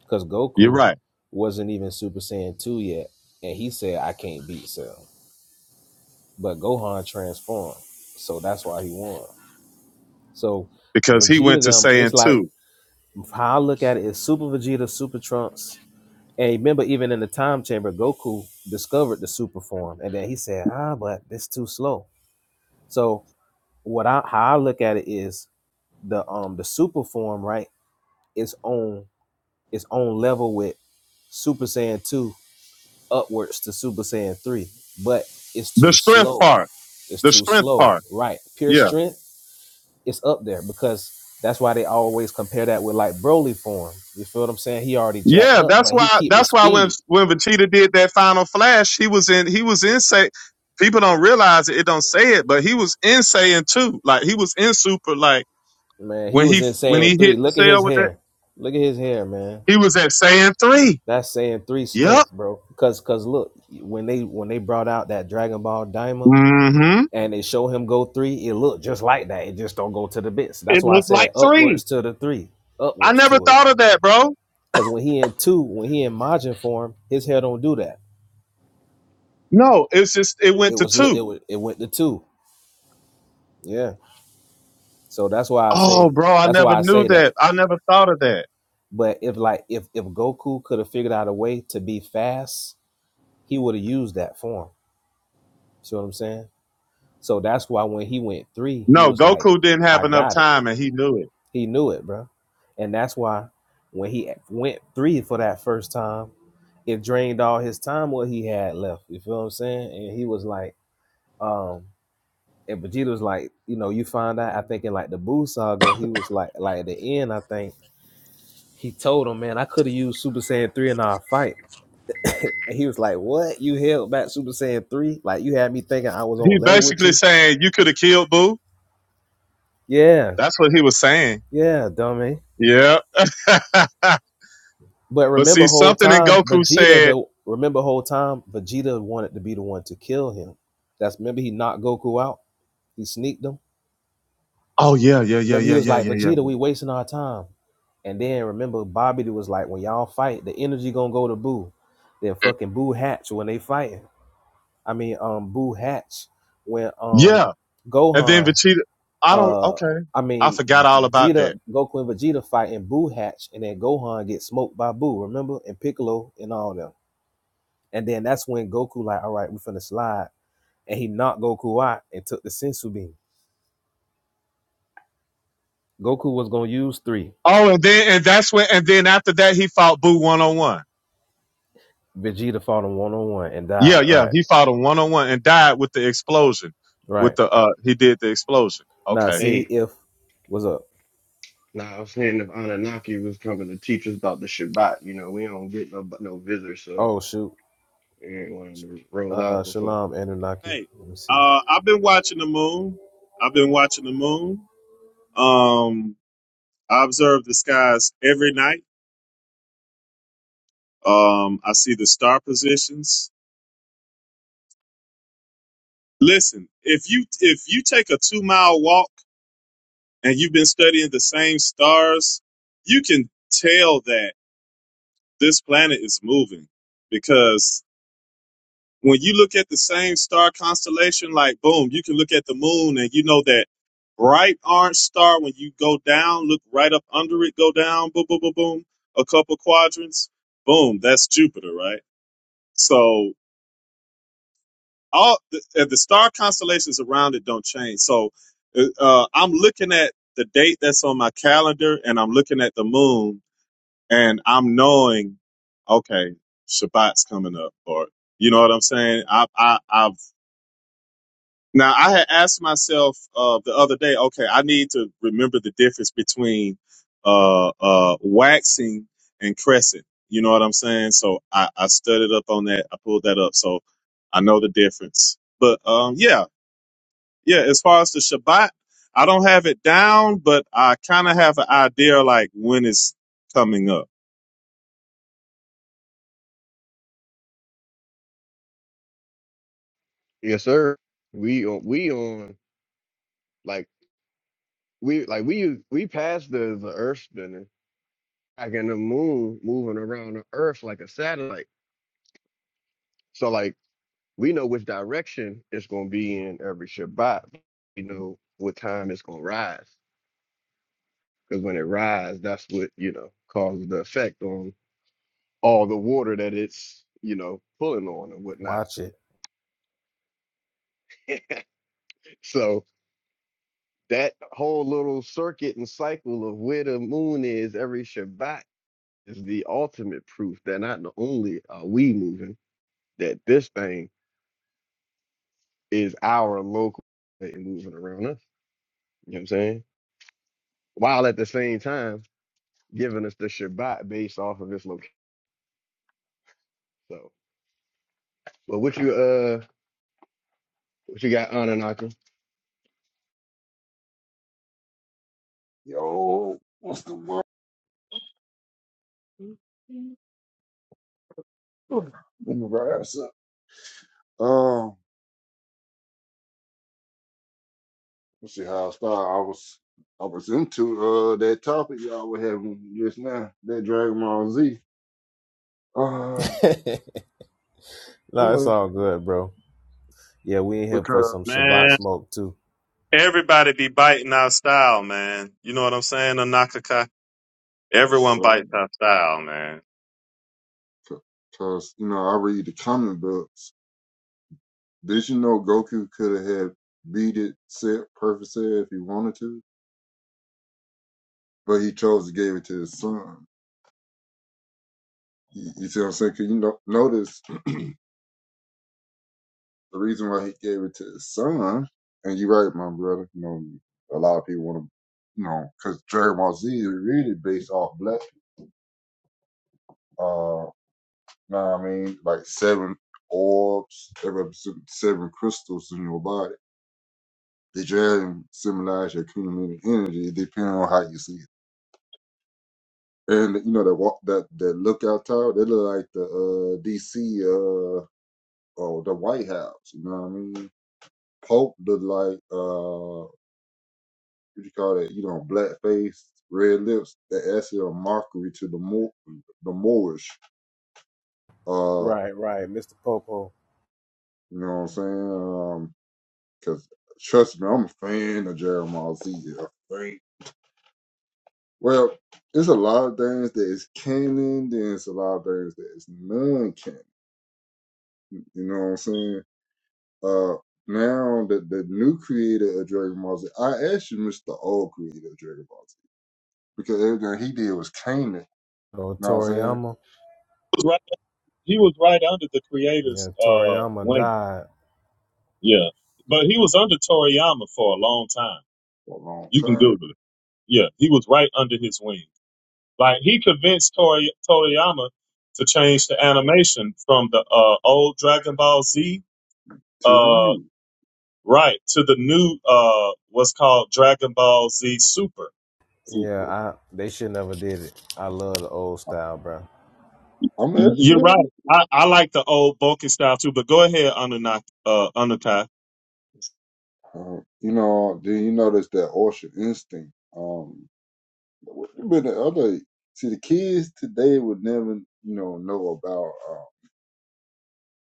Because You're Goku right wasn't even Super Saiyan 2 yet, and he said, I can't beat Cell. But Gohan transformed, so that's why he won. So because he Vegeta, went to them, it's saying like, two. how I look at it is Super Vegeta, Super Trunks, And remember, even in the time chamber, Goku discovered the super form, and then he said, "Ah, but it's too slow." So what I how I look at it is the um the super form, right? Is on its own level with Super Saiyan two upwards to Super Saiyan three, but it's The too strength slow. part. It's The too strength slow, part. right? Pure Yeah. strength is up there because that's why they always compare that with like Broly form. You feel what I'm saying? He already jacked Yeah, up, that's but he why. keep the That's why when speed when Vegeta did that final flash, he was in. He was in. Say people don't realize it. It don't say it, but he was in saying too. Like he was in super. Like Man, he when was he in when Saiyan he three. hit Look at his cell with that, hair. Look at his hair, man. he was at saying three. That's Saiyan three Yep. strength, bro. Cause cause look, when they when they brought out that Dragon Ball Daima Mm-hmm. and they show him go three, it looked just like that. It just don't go to the bits. That's It why I looked like said three. upwards to the three. I Upwards never to it. thought of that, bro. Cause when he in two, when he in Majin form, his hair don't do that. No, it's just it It went to was li- two. it wa- it went to two. Yeah. So that's why I Oh, say bro, I that's never why I knew say that. that. I never thought of that. But if like if if Goku could have figured out a way to be fast he would have used that for him. See what I'm saying? So that's why when he went three, he No, was like, Goku didn't have I enough got it. time, and he knew it. He knew it, bro. And that's why when he went three for that first time, it drained all his time what he had left. You feel what I'm saying? And he was like, um, and Vegeta was like, you know, you find out, I think in like the Buu saga, he was like, like at the end, I think he told him, man, I could have used Super Saiyan 3 in our fight. And he was like, what? You held back Super Saiyan 3? Like, you had me thinking I was on He's level with basically you? saying you could have killed Boo. Yeah, That's what he was saying. yeah, dummy. Yeah. but But remember, see, whole something in time Goku Vegeta, said, though. Remember, whole time Vegeta wanted to be the one to kill him. That's remember he knocked Goku out. He sneaked him. "Oh yeah, yeah, yeah, Remember yeah, he was yeah, like, yeah, yeah, Vegeta, we yeah." wasting our time. And then remember, Bobby was like, when y'all fight, the energy gonna go to Boo. Then fucking Boo Hatch when they fighting. I mean, um, Boo Hatch when um Yeah. And then Gohan Vegeta, I don't, Uh, okay. I I mean, forgot all about that. Vegeta, Goku and Vegeta fight in Buu Hatch, and then Gohan gets smoked by Buu. remember? And Piccolo and all them. And then that's when Goku, like, all right, we right, finna slide. And he knocked Goku out and took the Sensu Bean. Goku was gonna use three. Oh, and then, and that's when, and then after that, he fought Boo one on one. Vegeta fought him one on one and Yeah, died. yeah. Right, He fought him one on one and died with the explosion. With right. the, uh, he did the explosion. Now, Okay. see Hey. if, what's up? Nah, I was saying if Anunnaki was coming to teach us about the Shabbat, you know, we don't get no no visitors, so Oh, shoot. we ain't wanting to roll Uh, out before. Shalom, Anunnaki. Hey, Let me see. uh, I've been watching the moon. I've been watching the moon. Um, I observe the skies every night. Um, I see the star positions. Listen, if you if you take a two mile walk and you've been studying the same stars, you can tell that this planet is moving because when you look at the same star constellation, like boom, you can look at the moon and you know that bright orange star. When you go down, look right up under it, go down, boom, boom, boom, boom, a couple quadrants, boom, that's Jupiter, right? So all the, uh, the star constellations around it don't change. So uh, uh, I'm looking at the date that's on my calendar, and I'm looking at the moon, and I'm knowing, okay, Shabbat's coming up, or you know what I'm saying. I, I I've now I had asked myself uh, the other day, okay, I need to remember the difference between uh, uh, waxing and crescent. You know what I'm saying? So I, I studied up on that. I pulled that up. So I know the difference. But um, yeah, yeah, as far as the Shabbat, I don't have it down, but I kind of have an idea like when it's coming up. Yes, sir. We on we on like we like we we passed the the Earth spinning, like in the moon moving around the Earth like a satellite. So like we know which direction it's gonna be in every Shabbat. You know what time it's gonna rise, because when it rise, that's what you know causes the effect on all the water that it's you know pulling on and whatnot. Watch it. So that whole little circuit and cycle of where the moon is every Shabbat is the ultimate proof that not only are we moving, that this thing is our local thing moving around us. You know what I'm saying? While at the same time giving us the Shabbat based off of its location. So, but what you uh what you got, Anunnaki? Yo, what's the word? Let me rise up. Um, let's see how I start. I was I was into uh that topic y'all were having just now, that Dragon Ball Z. Uh, no, it's oh, all good, bro. Yeah, we in here for because some Shabbat Man, smoke, too. everybody be biting our style, man. You know what I'm saying, Anakaka? Everyone so, bites our style, man. because you know I read the comic books. Did you know Goku could have beat it, set perfect set if he wanted to, but he chose to give it to his son. You, you see what I'm saying? 'Cause you know, notice The reason why he gave it to his son, and you're right, my brother. You know, a lot of people want to, you know, because Dragon Ball Z is really based off black. people. Uh, know what I mean, like seven orbs that represent seven crystals in your body. The dragon symbolize your accumulated energy, depending on how you see it. And you know that walk, that that lookout tower, they look like the uh, DC uh, or the White House. You know what I mean? Pope looked like uh. what you call that, you know, blackface, red lips, that actually a mockery to the Mo- the Moorish. Uh, Right, right. Mr. Popo. you know what I'm saying? Um, cause trust me, I'm a fan of Jeremiah Z. A fan. Well, there's a lot of things that is canon, then it's a lot of things that is non-canon. You know what I'm saying? Uh, now that the new creator of Dragon Ball Z, I actually miss the old creator of Dragon Ball Z because everything he did was canon. You Oh, know what I'm saying? Toriyama. He was right, he was right under the creator's Yeah, uh, Toriyama wing. died. Yeah. But he was under Toriyama for a long time. For a long You can time Google it. Yeah. He was right under his wing. Like he convinced Tori, Toriyama to change the animation from the uh, old Dragon Ball Z to the uh new. right to the new uh what's called Dragon Ball Z Super. Yeah, Super. I they should never did it. I love the old style, bro. I'm an ethical You're right. lady. I, I like the old bulky style too, but go ahead, Anunnaki, uh Anunnaki. Um, you know, then you notice that Orchard instinct. Um, but the other, see, the kids today would never, you know, know about uh,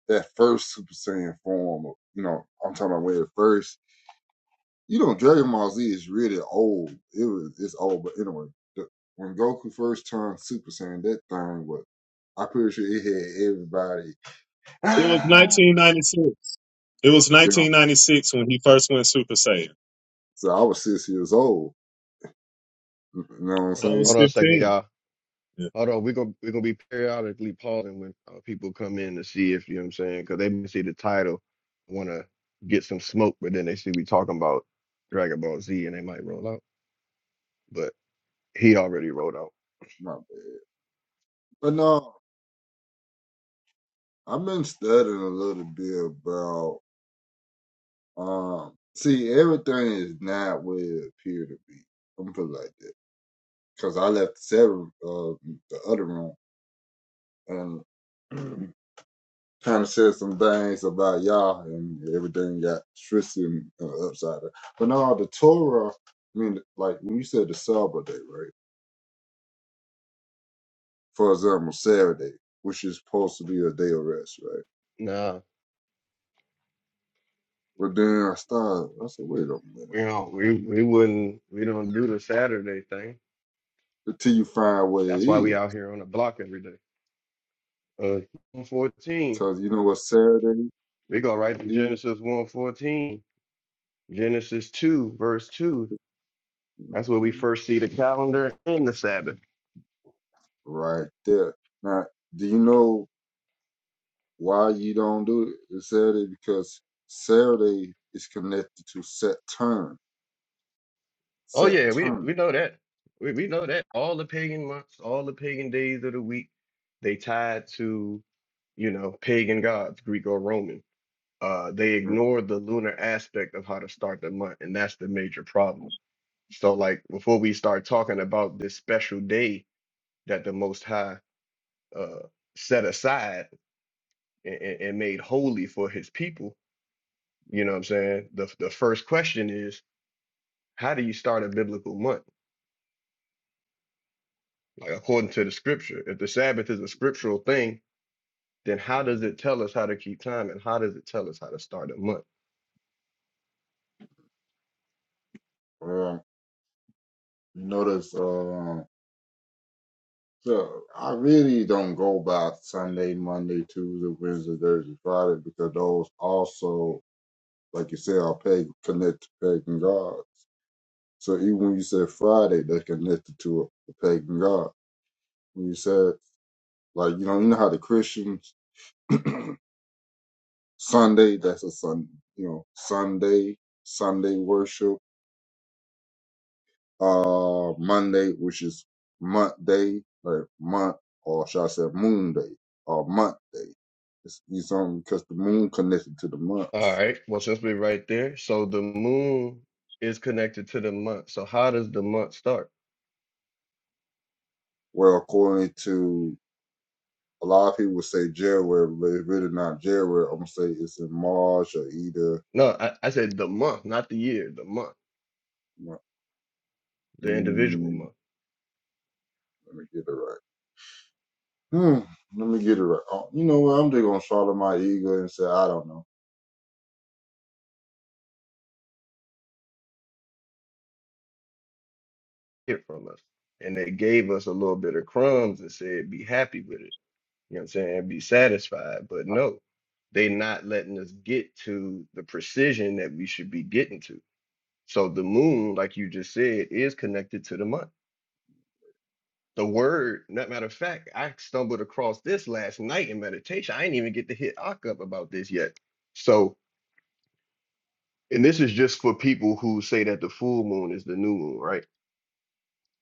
that first Super Saiyan form. Of, you know, I'm talking about where at first, you know, Dragon Ball Z is really old. It was, it's old, but anyway, the, when Goku first turned Super Saiyan, that thing was, I'm pretty sure it had everybody. It was nineteen ninety six. It was So, nineteen ninety six when he first went Super Saiyan. so I was six years old You know what I'm Hold on I was saying? hold on a second, fifteen. y'all. Yeah. Although we're gonna we're gonna be periodically pausing when uh, people come in to see if you know what I'm saying, because they may see the title, want to get some smoke, but then they see we talking about Dragon Ball Z and they might roll out. But he already rolled out. My bad. But no, I've been studying a little bit about um see everything is not what it appear to be. I'm gonna put it like that. Cause I left the seven uh the other room and kind of said some things about y'all and everything got twisted uh, upside down. But no, the Torah, I mean, like when you said the Sabbath day, right? For example, Saturday, which is supposed to be a day of rest, right? Nah, But then I started, I said, wait a minute, we don't. We we wouldn't. We don't do the Saturday thing. until you find what it That's why we is. out here on the block every day. Uh, 114. Because you know what Saturday We go right to is? Genesis 114, Genesis 2, verse 2. That's where we hmm first see the calendar and the Sabbath. Right there. Now, do you know why you don't do it Saturday? Because Saturday is connected to Saturn Oh set yeah, we turn. we know that. We we know that all the pagan months, all the pagan days of the week, they tied to, you know, pagan gods, Greek or Roman. Uh, they ignore the lunar aspect of how to start the month, and that's the major problem. So, like, before we start talking about this special day that the Most High uh, set aside and, and made holy for His people, you know what I'm saying? The the first question is, how do you start a biblical month? Like according to the scripture, if the Sabbath is a scriptural thing, then how does it tell us how to keep time and how does it tell us how to start a month? Uh, notice, uh, so I really don't go by Sunday, Monday, Tuesday, Wednesday, Thursday, Friday because those also, like you said, are pagan, connect to pagan gods. So even when you said Friday, they're connected to a a pagan god. When you said, like, you know, you know how the Christians, Sunday, that's a sun, you know, Sunday, Sunday worship. uh Monday, which is month day, like month, or should I say moon day or month day. It's, it's on because the moon connected to the All months. right. Well, since we're right there, so the moon is connected to the month. So how does the month start? Well, according to a lot of people say January, but it's really not January. I'm gonna say it's in March or either. No, I, I said the month, not the year, the month, the individual Mm, month. let me get it right. Hmm, let me get it right. Oh, you know what? I'm just gonna swallow my ego and say I don't know. Hear from us. And they gave us a little bit of crumbs and said, be happy with it. You know what I'm saying? Be satisfied. But no, they not letting us get to the precision that we should be getting to. So the moon, like you just said, is connected to the month. The word, not matter of fact, I stumbled across this last night in meditation. I didn't even get to hit Ak up about this yet. So, and this is just for people who say that the full moon is the new moon, right?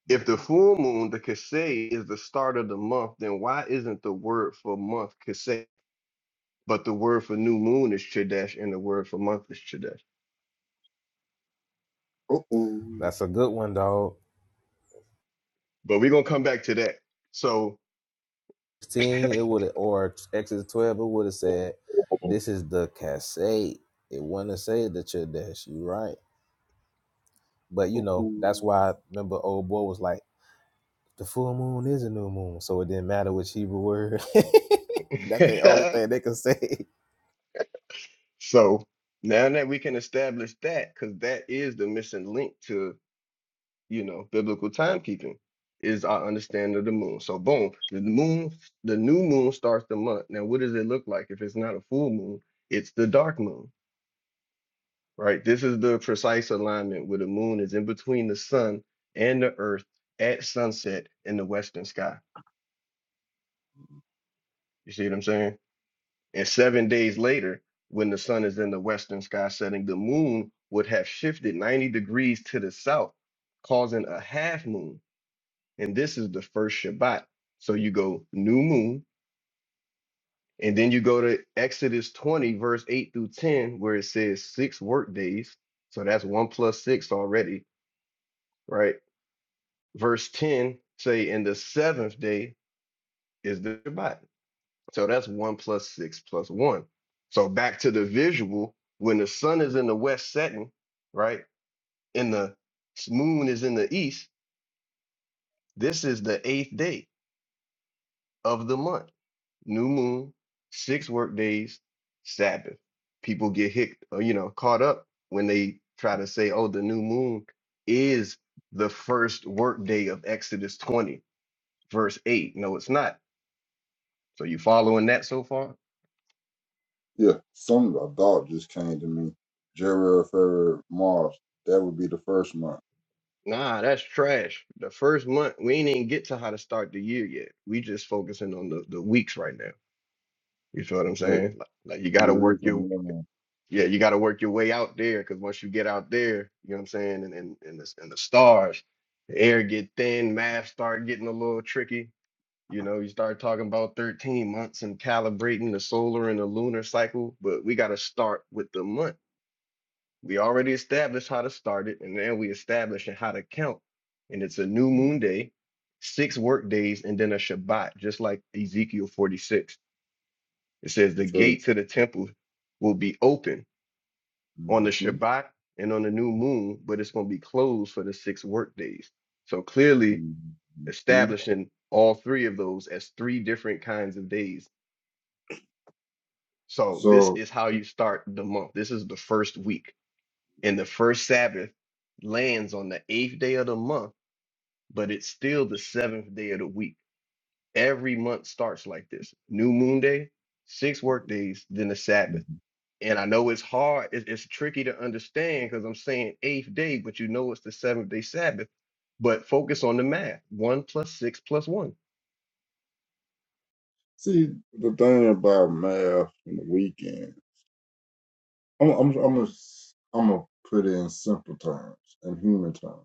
If the Mm, full moon, the Kasei, is the start of the month, then why isn't the word for month Kasei? But the word for new moon is Chadesh and the word for month is Chadesh. Uh-oh, That's a good one, dog. But we're going to come back to that. So 16, it would have, or Exodus 12, it would have said, This is the cassette. It wouldn't have said the Chodesh. You right. But, you know, that's uh-oh. why I remember old boy was like, The full moon is a new moon. So it didn't matter which Hebrew word. that's the only thing they could say. So now that we can establish that, because that is the missing link to, you know, biblical timekeeping, is our understanding of the moon. So boom, the moon, the new moon starts the month. Now, what does it look like if it's not a full moon? It's the dark moon, right? This is the precise alignment where the moon is in between the sun and the earth at sunset in the western sky. You see what I'm saying? And seven days later, when the sun is in the western sky setting, the moon would have shifted 90 degrees to the south, causing a half moon. And this is the first Shabbat. So you go new moon, and then you go to Exodus 20, verse 8 through 10, where it says six work days. So that's one plus six already, right? Verse 10 say, and the seventh day is the Shabbat. So that's one plus six plus one. So back to the visual, when the sun is in the west setting, right, and the moon is in the east, this is the eighth day of the month. New moon, six work days, Sabbath. People get hit, you know, caught up when they try to say, oh, the new moon is the first work day of Exodus 20, verse 8. No, it's not. So you following that so far? Yeah, some I thought just came to me. January, February, March. That would be the first month Nah, that's trash. The first month, we ain't even get to how to start the year yet. We just focusing on the, the weeks right now. You feel what I'm because saying? Like, like you the gotta work reason your why yeah, you gotta work your way out there because once you get out there, you know what I'm saying, and and and the, and the stars, the air get thin, math start getting a little tricky. You know, you start talking about 13 months and calibrating the solar and the lunar cycle, but we gotta start with the month. We already established how to start it, and then we established how to count. And it's a new moon day, six work days, and then a Shabbat, just like Ezekiel 46. It says the because gates of the temple will be open on the hmm Shabbat and on the new moon, but it's going to be closed for the six work days. So clearly hmm establishing all three of those as three different kinds of days. So this so is how you start the month. This is the first week. And the first Sabbath lands on the eighth day of the month but it's still the seventh day of the week. Every month starts like this new moon day, six work days, then the Sabbath. And I know it's hard, it- it's tricky to understand because I'm saying eighth day, but you know it's the seventh day Sabbath. But focus on the math one plus six plus one. see the thing about math and the weekend. I'm I'm I'm gonna s- I'm gonna put it in simple terms and human terms.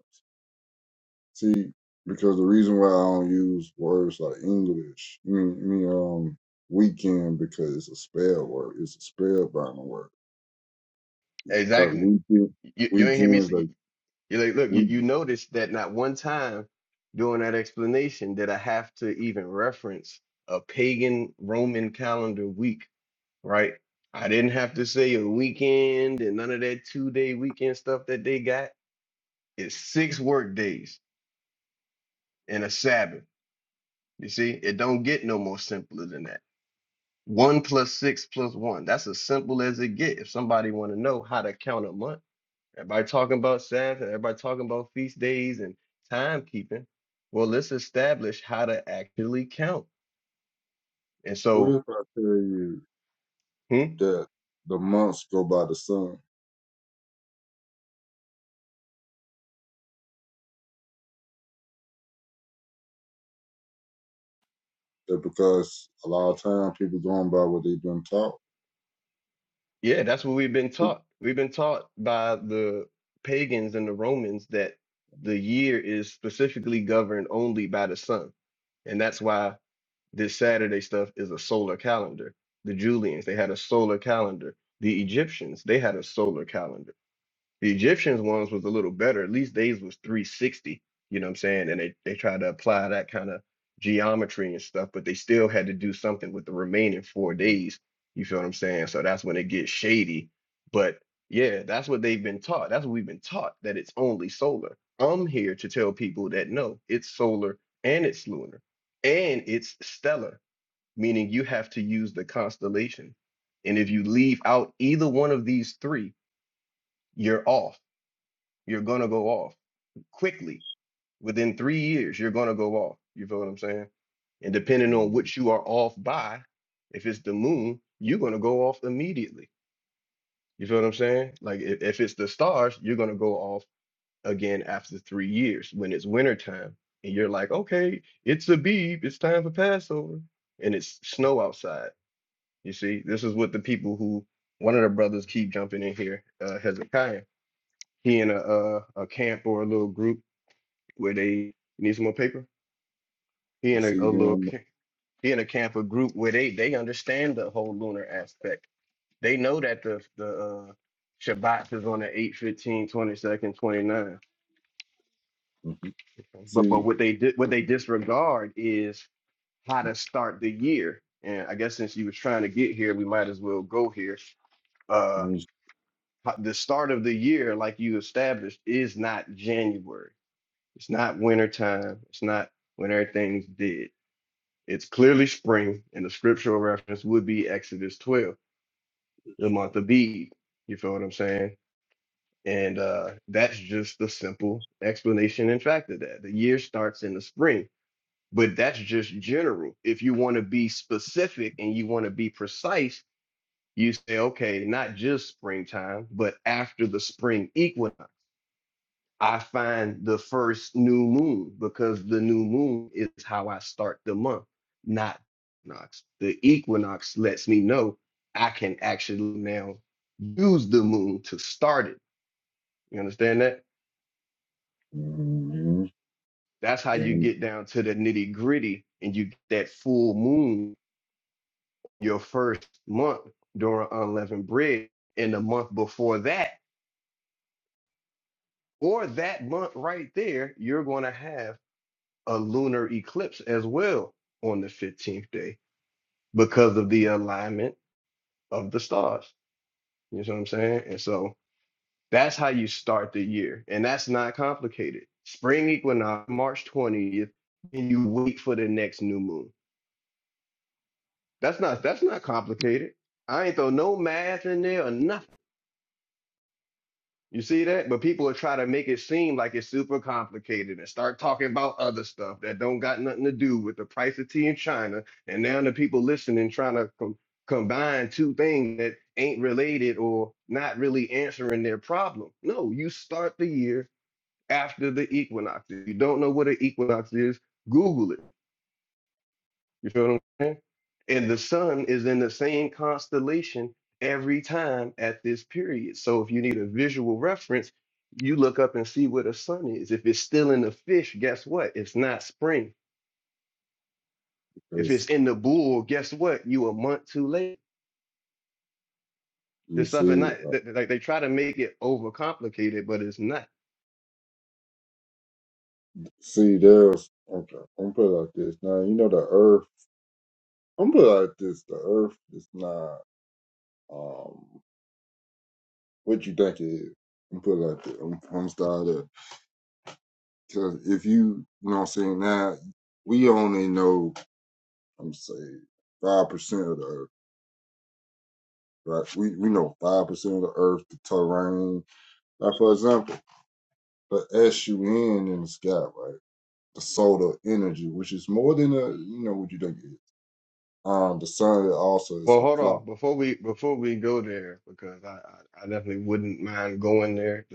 See, because the reason why I don't use words like English, I mean, I mean um weekend because it's a spell word. It's a spellbound word Like Exactly. weekend, You, you ain't hear me weekends, say, like you like, look, you, we. you noticed that not one time during that explanation did I have to even reference a pagan Roman calendar week right? I didn't have to say a weekend and none of that two day weekend stuff that they got. It's six work days and a Sabbath. You see, it don't get no more simpler than that. One plus six plus one. That's as simple as it get. If somebody want to know how to count a month, everybody talking about Sabbath and everybody talking about feast days and timekeeping. Well, let's establish how to actually count. And What so, if I tell you hmm. that the months go by the sun? That because a lot of time people going by what they've been taught. Yeah, that's what we've been taught. We've been taught by the pagans and the Romans that the year is specifically governed only by the sun. And that's why this Saturday stuff is a solar calendar. The Julians, they had a solar calendar. The Egyptians, they had a solar calendar. The Egyptians ones was a little better. At least theirs was 360, you know what I'm saying? And they, they tried to apply that kind of geometry and stuff, but they still had to do something with the remaining four days. You feel what I'm saying? So that's when it gets shady. But yeah, that's what they've been taught. That's what we've been taught that it's only solar. I'm here to tell people that no, it's solar and it's lunar and it's stellar, meaning you have to use the constellation. And if you leave out either one of these three, you're off you're gonna go off quickly. Within three years, you're gonna go off. You feel what I'm saying? And depending on Mhm. what you are off by, if it's the moon, you're gonna go off immediately. You feel what I'm saying? Like if, if it's the stars, you're gonna go off again after three years when it's winter time, and you're like, okay, it's a beeb, it's time for Passover, and it's snow outside. You see, this is what the people who one of the brothers keep jumping in here, uh, Hezekiah. He in a, a a camp or a little group where they you need some more paper. He But in a, a see little them, ca- he in a camp a group where they they understand the whole lunar aspect. They know that the the uh, Shabbat is on the eight, fifteen, twenty 29. mhm. But but see what they did what they disregard is how to start the year. And I guess since you were trying to get here, we might as well go here. Uh, when you, ho- the start of the year, like you established, is not January. It's not wintertime. It's not when everything's dead It's clearly spring, and the scriptural reference would be Exodus 12, the month of Eve. You feel what I'm saying? And uh, that's just the simple explanation and fact of that. The year starts in the spring, but that's just general. If you want to be specific and you want to be precise, you say, okay, not just springtime, but after the spring equinox. I find the first new moon because the new moon is how I start the month, not equinox. The equinox lets me know I can actually now use the moon to start it. You understand that? mhm, That's how you then get down to the nitty gritty and you get that full moon your first month during unleavened bread. And the month before that, or that month right there, you're going to have a lunar eclipse as well on the 15th day because of the alignment of the stars. You know what I'm saying? And so that's how you start the year. And that's not complicated. Spring equinox, March 20th, and you wait for the next new moon. That's not that's not complicated. I ain't throw no math in there or nothing. You see that? But people are trying to make it seem like it's super complicated and start talking about other stuff that don't got nothing to do with the price of tea in China. And now the people listening trying to com- combine two things that ain't related or not really answering their problem. No, you start the year after the equinox. If you don't know what an equinox is, Google it. You feel what I'm saying? And the sun is in the same constellation every time at this period. So if you need a visual reference, you look up and see where the sun is. If it's still in the fish, guess what? It's not spring. If because it's in the bull, guess what? You a month too late. you This stuff and see, not uh, th- th- like they try to make it overcomplicated, but it's not. see there's. Okay, I'm put it like this. Now you know the Earth. I'm put it like this. The Earth is not um what you think it is. I'm put it like this. I'm, I'm starting there. Cause if you, you know what I'm saying, now we only know, I'm saying, five percent of the earth, right? We we know five percent of the earth, the terrain. Like for example, the SUN in the sky, right? The solar energy, which is more than a you know what you think it is. Um the sun also is Well, a hold on clock. before we before we go there because I I, I definitely wouldn't mind going there.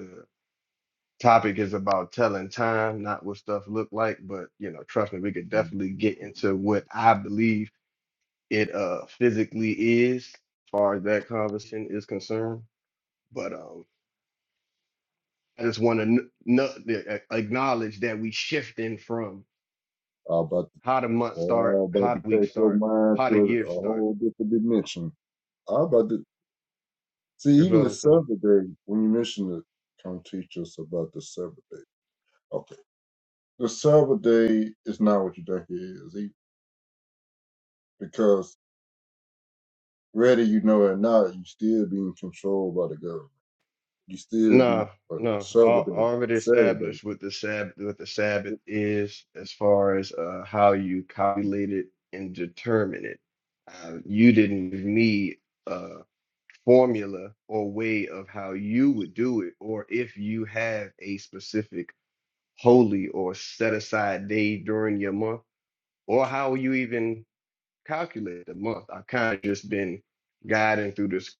topic is about telling time, not what stuff look like. But you know, trust me, we could definitely get I into what I believe it uh physically is, as far as that conversation is concerned. But um, I just want to n- n- the- a- acknowledge that we shifting from about to, how the month start, all about how to the week take your start, mind how the to year a start. whole different dimension. I about to see You feel even what the I'm saying? Sabbath day when you mentioned it, come teach us about the Sabbath day. Okay. The Sabbath day is not what you think it is. E- Because whether you know it or not, you still being controlled by the government. You still be No, uh, no. Al Sabbath day, already Sabbath established day. what the Sabbath, what the Sabbath is, as far as uh, how you calculate it and determine it. Uh, you didn't give me a formula or way of how you would do it, or if you have a specific holy or set aside day during your month, or how you even calculate the month. I've kind of just been guiding through this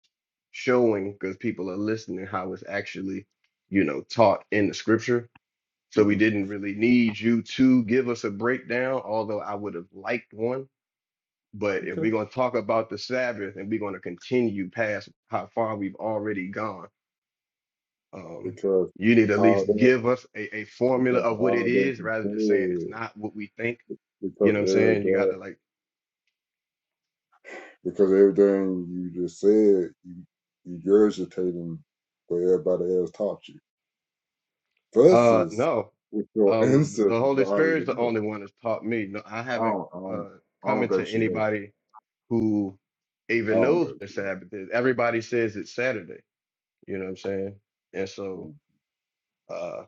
showing because people are listening how it's actually, you know, taught in the scripture. So we hmm didn't really need you to give us a breakdown, although I would have liked one. But if we're Okay. going to talk about the Sabbath and we're going to continue past how far we've already gone, um, Because you need to at all least that, give us a, a formula because of what it all that is rather than saying it's you said, not what we think. You because know what I'm every saying? You got to job, like, because everything you just said, you you regurgitating what everybody else taught you. uh, Versus no, with your Um, the ancestors Holy Spirit already is the know. only one that's taught me. No, I I haven't don't, I don't, uh, I come don't think into she had. anybody who I even don't knows know. what You know, Sabbath is. Everybody says it's Saturday. You know what I'm saying? And so, Mm. uh,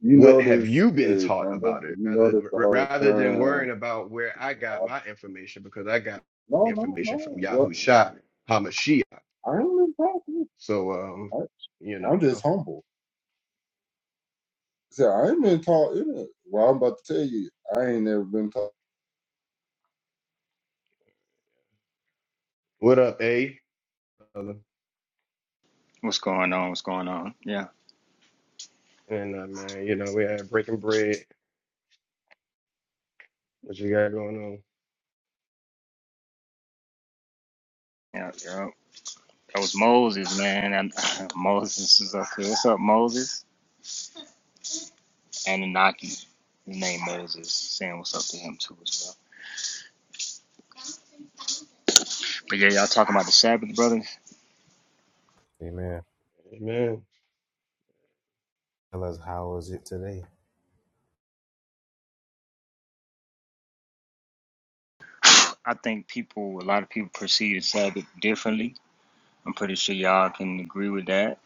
you what have notice, you been hey, taught Von Bell, about it? you Rather, notice the r- whole rather than time. worrying about where I got I, my information, because I got no, no, information from no. Well, Yahoo Shop, Hamashiach. I ain't been talking. So, um, I, you know, I'm just humble. See, I ain't been taught. It. Well, I'm about to tell you, I ain't never been taught. what up, A? What's going on? What's going on? Yeah, And uh, man, you know, we had breaking bread. What you got going yeah, yeah. That was Moses, man. And Moses is up here. What's up, Moses? Anunnaki, his name Moses, saying what's up to him too as well. But yeah, y'all talking about the Sabbath, brother. Amen. on? Amen. Tell us, how is it today? I think people, a lot of people perceive the Sabbath differently. I'm pretty sure y'all can agree with that.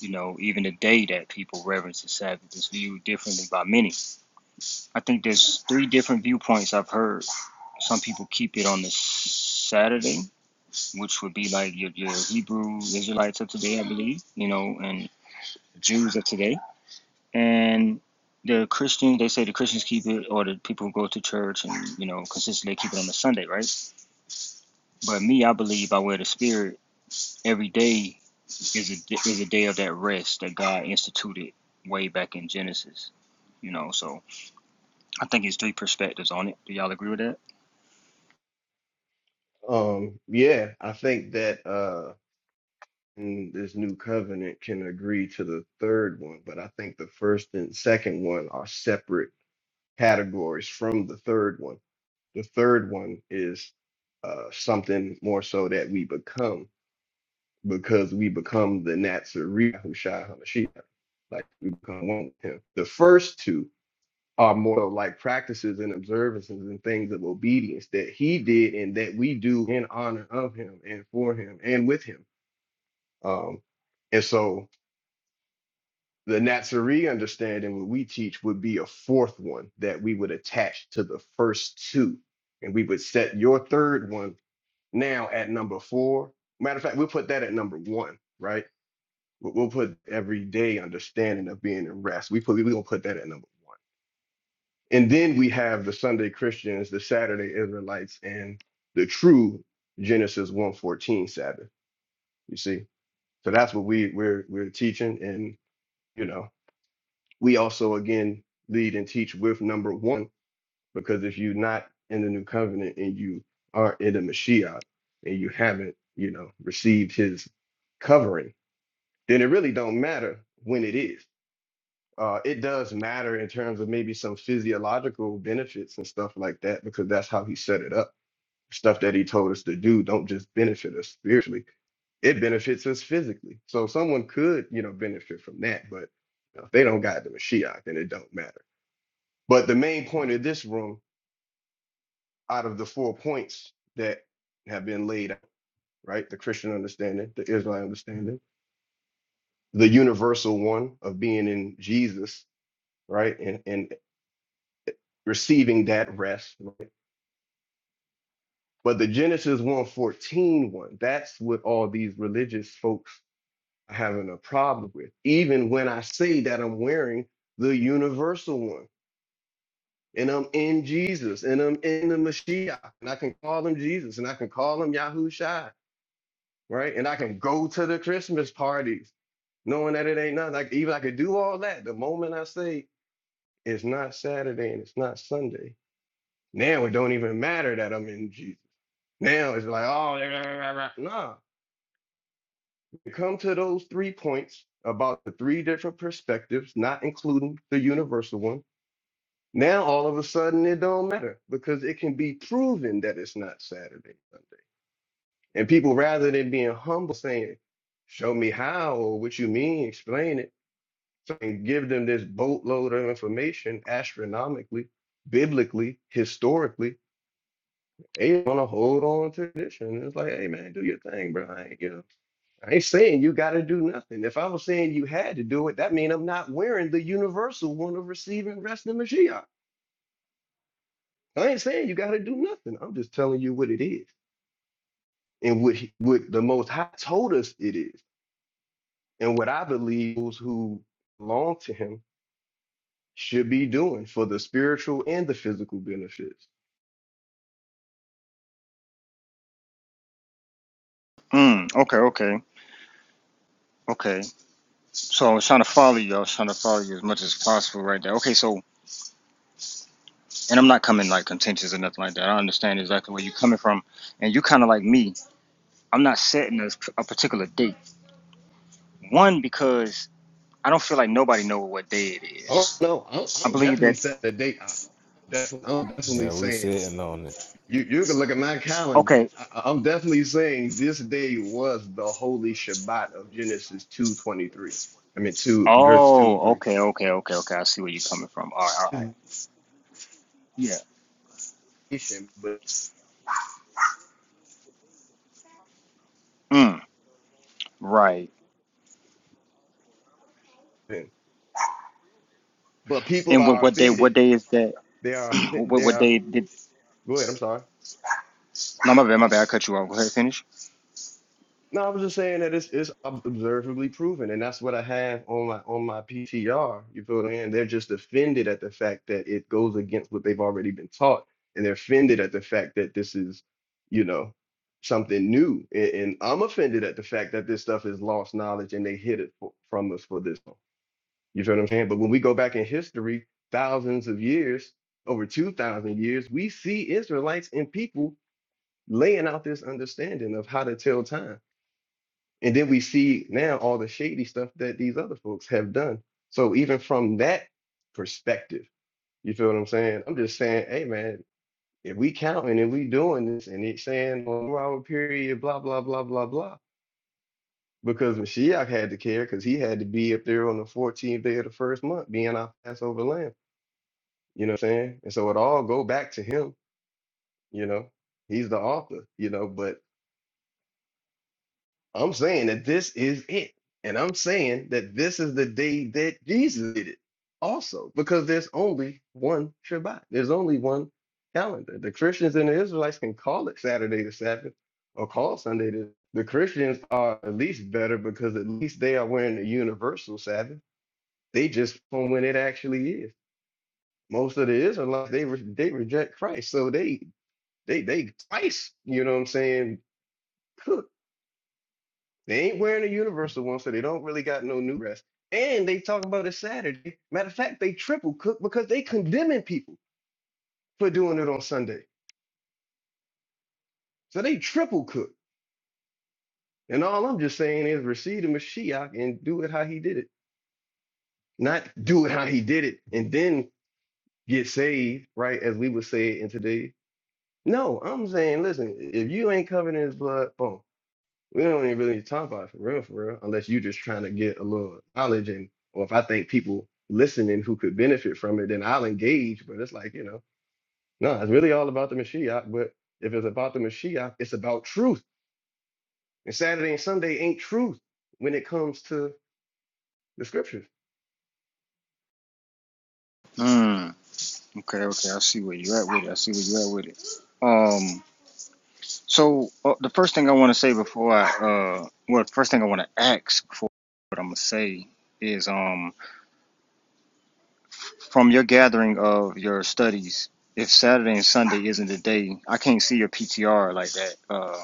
You know, even the day that people reverence the Sabbath is viewed differently by many. I think there's three different viewpoints I've heard. Some people keep it on the Saturday which would be like your, your Hebrew Israelites of today, I believe, you know, and Jews of today. And the Christian, they say the Christians keep it, or the people who go to church and, you know, consistently keep it on a Sunday, right? But me, I believe by way of the Spirit, every day is a, is a day of that rest that God instituted way back in Genesis, you know. So I think it's three perspectives on it. Do y'all agree with that? Um, yeah, I think that uh mm, this new covenant can agree to the third one, but I think the first and second one are separate categories from the third one. The third one is uh something more so that we become because we become the Nazarene Hushai Hamashiach, like we become one with him. The first two are more like practices and observances and things of obedience that he did and that we do in honor of him and for him and with him. Um, and so the Nazarene understanding, what we teach, would be a fourth one that we would attach to the first two. And we would set your third one now at number four. Matter of fact, we'll put that at number one, right? We'll we'll put everyday understanding of being in rest. We put we're gonna put that at number one And then we have the Sunday Christians, the Saturday Israelites, and the true Genesis 114 Sabbath. You see? So that's what we we're we're teaching. And you know, we also again lead and teach with number one, because if you're not in the new covenant and you are not in the Mashiach and you haven't, you know, received his covering, then it really don't matter when it is. uh, it does matter in terms of maybe some physiological benefits and stuff like that because that's how he set it up. Stuff that he told us to do don't just benefit us spiritually; it benefits us physically. So someone could, you know, benefit from that, but you know, if they don't got the Mashiach, then it don't matter. But the main point of this room, out of the four points that have been laid out, right? The Christian understanding, the Israelite understanding, the universal one of being in Jesus, right, and and receiving that rest right? But the Genesis one fourteen one, that's what all these religious folks are having a problem with. Even when I say that I'm wearing the universal one and I'm in Jesus and I'm in the Mashiach and I can call him Jesus and I can call him Yahushua, right? And I can go to the Christmas parties knowing that it ain't nothing. Like even I could do all that. The moment I say it's not Saturday and it's not Sunday, now it don't even matter that I'm in Jesus. Now it's like, oh, nah. to come to those three points about the three different perspectives, not including the universal one, now all of a sudden it don't matter because it can be proven that it's not Saturday, Sunday. And people rather than being humble saying, Show me how or what you mean, explain it, so I can give them this boatload of information astronomically, biblically, historically. They want to hold on to tradition. It's like, hey man, do your thing, bro. I ain't, you know, I ain't saying you got to do nothing. If I was saying you had to do it, that means I'm not wearing the universal one of receiving rest and Mashiach. I ain't saying you got to do nothing. I'm just telling you what it is and what, he- what the Most High told us it is and what I believe those who belong to Him should be doing for the spiritual and the physical benefits. Mm, okay, okay, okay. So I was trying to follow you. I was trying to follow you as much as possible right there. Okay, so and I'm not coming like contentious or nothing like that. I understand exactly where you're coming from, and you kind of like me. I'm not setting a, a particular date. One because I don't feel like nobody knows what day it Oh is. no, I'm, I I'm believe definitely that. setting a date. I- definitely- I'm definitely, Yeah, we saying sitting on it. You you can look at my calendar. Okay. I, I- I'm definitely saying this day was the holy Shabbat of Genesis two twenty three. I mean two verse two and Oh. three. Okay. Okay. Okay. Okay. I see where you're coming from. All right. All This right. Yeah. nation, But Mm, right. but people that And what, are what day? What offended. day is that? They are offend- what they what are. day did? Go ahead. I'm sorry. No, my bad. My bad. I cut you off. Go ahead. Finish. No, I was just saying that it's it's ob- observably proven, and that's what I have on my on my PTR. You feel me? And they're just offended at the fact that it goes against what they've already been taught, and they're offended at the fact that this is, you know, something new. And, and I'm offended at the fact that this stuff is lost knowledge, and they hid it fo- from us for this long. You feel what I'm saying? But when we go back in history, thousands of years, over two thousand years, we see Israelites and people laying out this understanding of how to tell time and then we see now all the shady stuff that these other folks have done. So even from that perspective, you feel what I'm saying? I'm just saying, hey man, if we counting and we doing this and it's saying on four hour period, blah, blah, blah, blah, blah. Because Mashiach had to care because he had to be up there on the 14th day of the first month, being our Passover lamb. You know what I'm saying? And so it all go back to him, you know. He's the author, you know, but I'm saying that this is it. And I'm saying that this is the day that Jesus did it also, because there's only one Shabbat. There's only one calendar. The Christians and the Israelites can call it Saturday the Sabbath or call Sunday the the Christians are at least better because at least they are wearing the universal Sabbath. They just from when it actually is. Most of the Israelites they re- they reject Christ, so they they they twice, you know what I'm saying, They ain't wearing a universal one, so they don't really got no new dress. And they talk about it Saturday. Matter of fact, they triple cook because they condemning people for doing it on Sunday. So they triple cook. And all I'm just saying is receive the Mashiach and do it how he did it. Not do it how he did it and then get saved, right? As we would say it in today. No, I'm saying, listen, if you ain't covered in his blood, boom. We don't even really talk about it for real, for real, unless you just trying to get a little knowledge and or if I think people listening who could benefit from it, then I'll engage. But it's like, you know, no, it's really all about the Mashiach. But if it's about the Mashiach, it's about truth. And Saturday and Sunday ain't truth when it comes to the scriptures. Mm, okay. Okay. I see where you are at with it. I see where you are at with it. Um. So uh, the first thing I want to say before I, uh, well, the first thing I want to ask before what I'm gonna say is, um, from your gathering of your studies, if Saturday and Sunday isn't the day, I can't see your PTR like that, uh,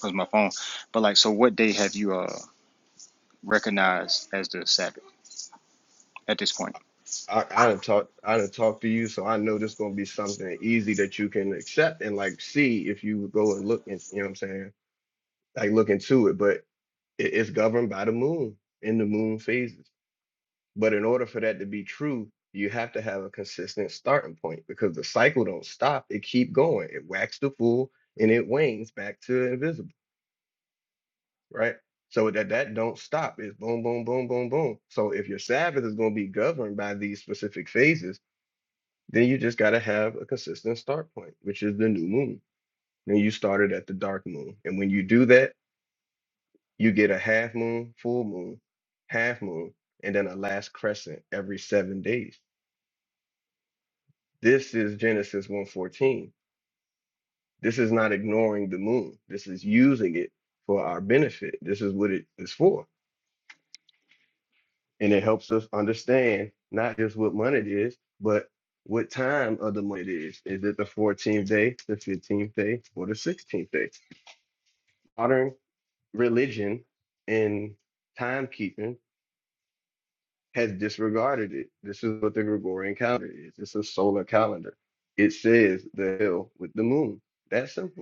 cause my phone. But like, so what day have you uh recognized as the Sabbath at this point? I, I done talk I done talk to you, so I know this gonna be something easy that you can accept and like see if you go and look and you know what I'm saying, like look into it. But it, it's governed by the moon in the moon phases. But in order for that to be true, you have to have a consistent starting point because the cycle don't stop. It keep going. It waxes to full and it wanes back to invisible, right? So that that don't stop. It's boom, boom, boom, boom, boom. So if your Sabbath is going to be governed by these specific phases, then you just got to have a consistent start point, which is the new moon. Then you started at the dark moon, and when you do that, you get a half moon, full moon, half moon, and then a last crescent every seven days This is Genesis 1:14. This is not ignoring the moon. This is using it for our benefit. This is what it is for. And it helps us understand not just what month it is, but what time of the month it is. Is it the 14th day, the 15th day, or the 16th day? Modern religion and timekeeping has disregarded it. This is what the Gregorian calendar is. It's a solar calendar. It says the hill with the moon. That's simple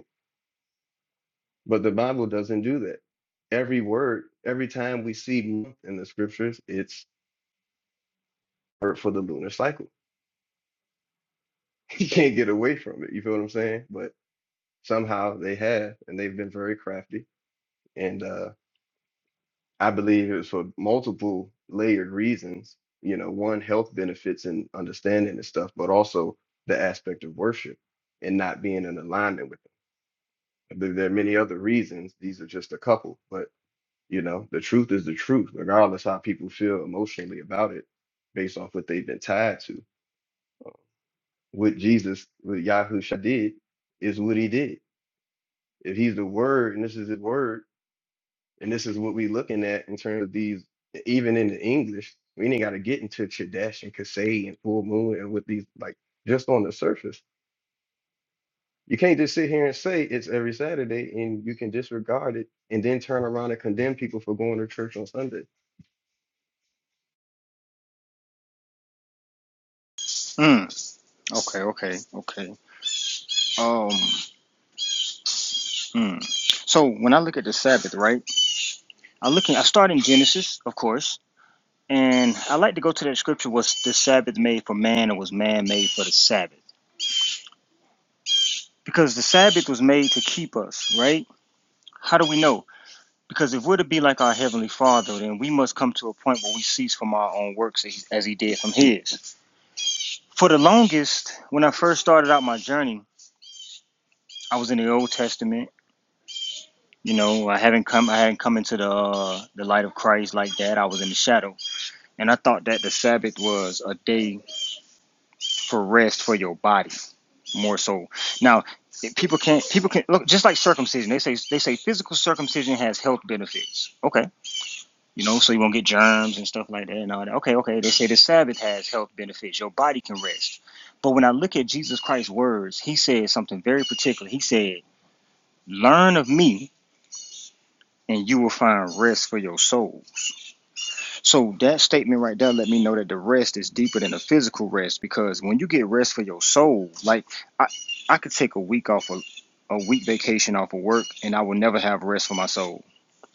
But the Bible doesn't do that. Every word, every time we see month in the scriptures, it's word for the lunar cycle. You can't get away from it. You feel what I'm saying? But somehow they have, and they've been very crafty. And uh, I believe it was for multiple layered reasons. You know, one, health benefits and understanding and stuff, but also the aspect of worship and not being in alignment with them. I believe there are many other reasons. These are just a couple, but You know, the truth is the truth, regardless how people feel emotionally about it, based off what they've been tied to. What Jesus, what Yahusha did, is what he did. If he's the word, and this is his word, and this is what we're looking at in terms of these, even in the English, we ain't got to get into Chadesh and Kasei and Full Moon and with these, like, just on the surface. You can't just sit here and say it's every Saturday and you can disregard it and then turn around and condemn people for going to church on Sunday Mm, okay, okay, okay. Um, mm. so when I look at the Sabbath, right, I look in, I start in Genesis, of course And I like to go to that scripture was the Sabbath made for man or was man made for the Sabbath? Because the Sabbath was made to keep us, right? How do we know? Because if we're to be like our Heavenly Father, then we must come to a point where we cease from our own works as as He did from His. For the longest, when I first started out my journey, I was in the Old Testament. You know, I haven't come, I hadn't come into the uh, the light of Christ like that. I was in the shadow, and I thought that the Sabbath was a day for rest for your body more so. Now, people can't people can look just like circumcision. They say they say physical circumcision has health benefits. Okay, you know, so you won't get germs and stuff like that and all that. Okay, okay. They say the Sabbath has health benefits. Your body can rest. But when I look at Jesus Christ's words, he said something very particular. He said, "Learn of me, and you will find rest for your soul." So that statement right there let me know that the rest is deeper than the physical rest because when you get rest for your soul, like I, I could take a week off of a week vacation off of work and I will never have rest for my soul.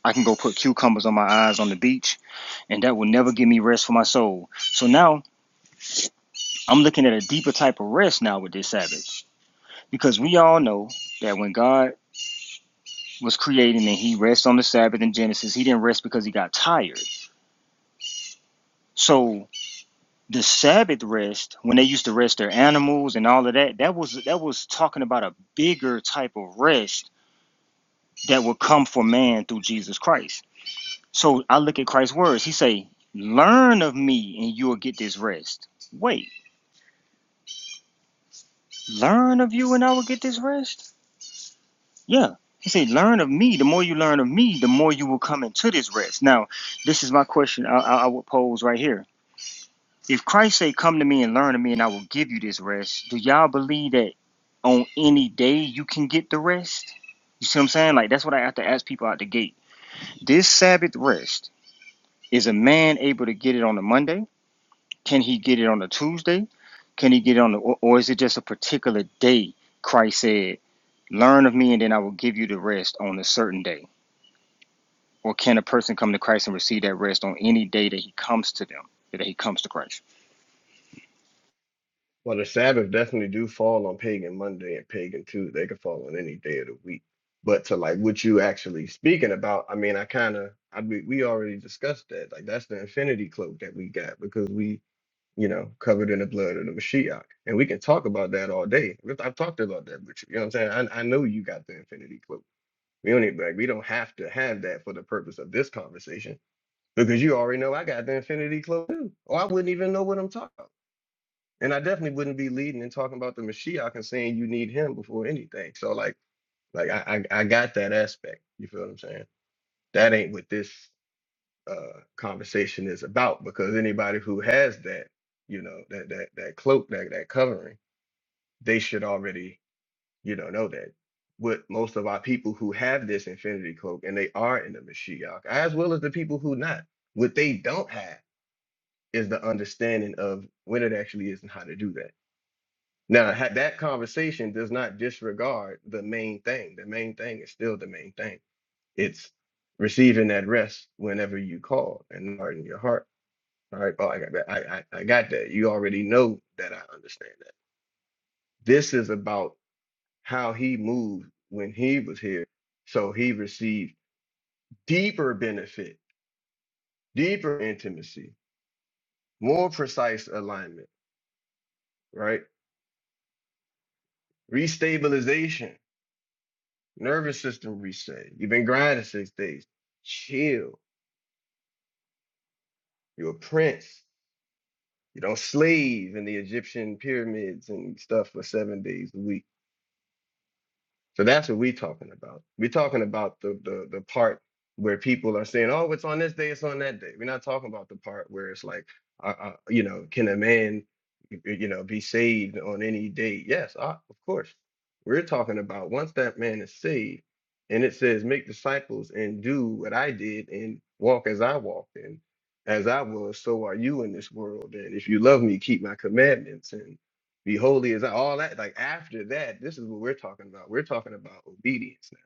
I can go put cucumbers on my eyes on the beach and that will never give me rest for my soul. So now I'm looking at a deeper type of rest now with this Sabbath. Because we all know that when God was creating and he rests on the Sabbath in Genesis, he didn't rest because he got tired. So the Sabbath rest, when they used to rest their animals and all of that, that was that was talking about a bigger type of rest that would come for man through Jesus Christ. So I look at Christ's words. He say, "Learn of me, and you will get this rest." Wait, learn of you, and I will get this rest. Yeah. He say, "Learn of me. The more you learn of me, the more you will come into this rest." Now, this is my question. I, I, I would pose right here If Christ say, "Come to me and learn of me, and I will give you this rest," do y'all believe that on any day you can get the rest? You see what I'm saying? Like that's what I have to ask people out the gate. This Sabbath rest is a man able to get it on a Monday? Can he get it on a Tuesday? Can he get it on the, or, or is it just a particular day? Christ said, "Learn of me, and then I will give you the rest on a certain day." Or can a person come to Christ and receive that rest on any day that he comes to them, that he comes to Christ? Well, the Sabbath definitely do fall on Pagan Monday and Pagan Tuesday. They could fall on any day of the week. But to like what you actually speaking about, I mean, I kind of, I mean, we already discussed that. Like that's the infinity cloak that we got because we, you know, covered in the blood of the Mashiach, and we can talk about that all day. We've- I've talked about that with you. You know what I'm saying? I, I know you got the infinity cloak. We don't need like we don't have to have that for the purpose of this conversation because you already know I got the infinity cloak too, or I wouldn't even know what I'm talking about. And I definitely wouldn't be leading and talking about the Mashiach and saying you need him before anything. So like like I, I I got that aspect. You feel what I'm saying? That ain't what this uh conversation is about because anybody who has that, you know, that that that cloak, that that covering, they should already, you know, know that. What most of our people who have this infinity cloak and they are in the Mashiach, as well as the people who not, what they don't have is the understanding of when it actually is and how to do that. Now, ha- that conversation does not disregard the main thing. The main thing is still the main thing. It's receiving that rest whenever you call and harden your heart. All right. Oh, I got that. I, I, I got that. You already know that I understand that. This is about how he moved when he was here. So he received deeper benefit, deeper intimacy, more precise alignment, right? Restabilization Nervous system reset. You've been grinding six days. Chill. You're a prince. You don't slave in the Egyptian pyramids and stuff for seven days a week. So that's what we're talking about. We're talking about the, the the part where people are saying, "Oh, it's on this day, it's on that day." We're not talking about the part where it's like, uh, uh, you know, can a man, y- y- you know, be saved on any day? Yes, uh, of course. We're talking about once that man is saved, and it says, "Make disciples and do what I did, and walk as I walked, and as I was, so are you in this world. And if you love me, keep my commandments." be holy as I, all that. Like after that, this is what we're talking about. We're talking about obedience now.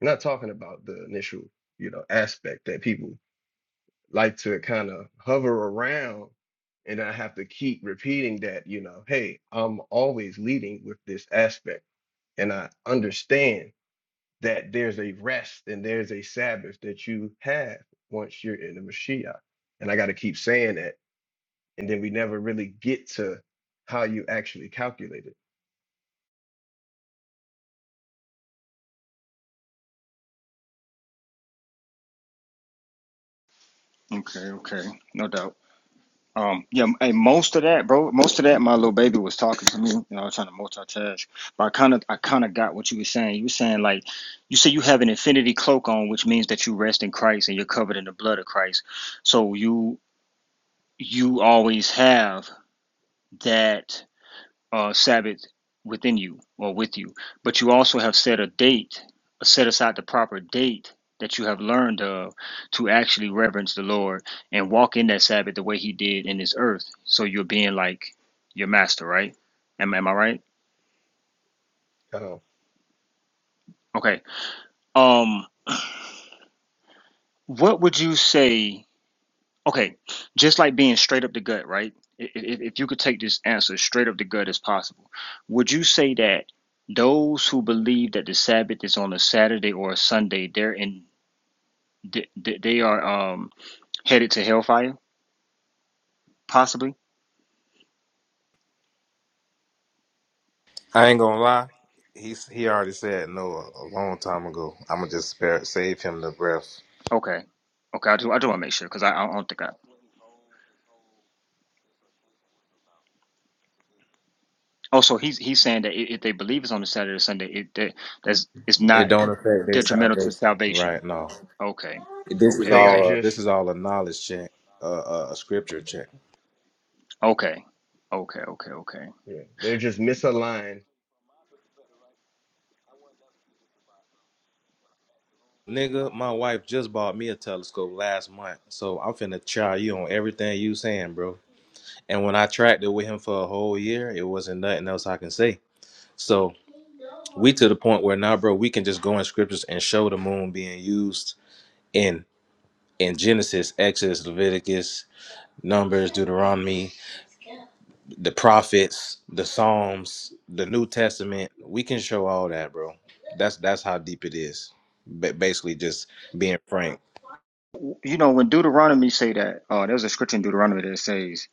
We're not talking about the initial, you know, aspect that people like to kind of hover around and I have to keep repeating that, you know, hey, I'm always leading with this aspect. And I understand that there's a rest and there's a Sabbath that you have once you're in the Mashiach. And I got to keep saying that. And then we never really get to how you actually calculate it. Okay, okay, no doubt. Um, yeah, Hey. most of that, bro, most of that, my little baby was talking to me, you know, I was trying to multitask, but I kind of, I kind of got what you were saying. You were saying like, you say you have an infinity cloak on, which means that you rest in Christ and you're covered in the blood of Christ. So you, you always have that uh, Sabbath within you or with you, but you also have set a date, set aside the proper date that you have learned of to actually reverence the Lord and walk in that Sabbath the way He did in this earth. So you're being like your master, right? Am, am I right? Um, Okay. Um, what would you say? Okay, just like being straight up the gut, right? I- i- If, you could take this answer straight up the gut as possible, would you say that those who believe that the Sabbath is on a Saturday or a Sunday, they're in, th- th- they are um headed to hellfire, possibly? I ain't gonna lie. He's he already said no a, a long time ago. I'ma just spare save him the breath. Okay, okay, I do, I do want to make sure because I, I don't think I. Oh, so he's he's saying that i- if they believe it's on a Saturday or Sunday, it that, that's it's It not don't affect detrimental to salvation. right now. Okay, This is okay, They are okay, all uh, this just, is all a knowledge check, uh, uh, a scripture check. okay, okay, okay, okay. yeah, they're just misaligned. Nigga, my wife just bought me a telescope last month, so I'm finna try you on everything you saying, bro. And when I tracked it with him for a whole year, it wasn't nothing else I can say. So we to the point where now, bro, we can just go in scriptures and show the moon being used in. in Genesis, Exodus, Leviticus, Numbers, Deuteronomy, the prophets, the Psalms, the New Testament. We can show all that, bro. That's that's how deep it is. Ba- basically, just being frank. you know when deuteronomy say that uh there's a scripture in deuteronomy that says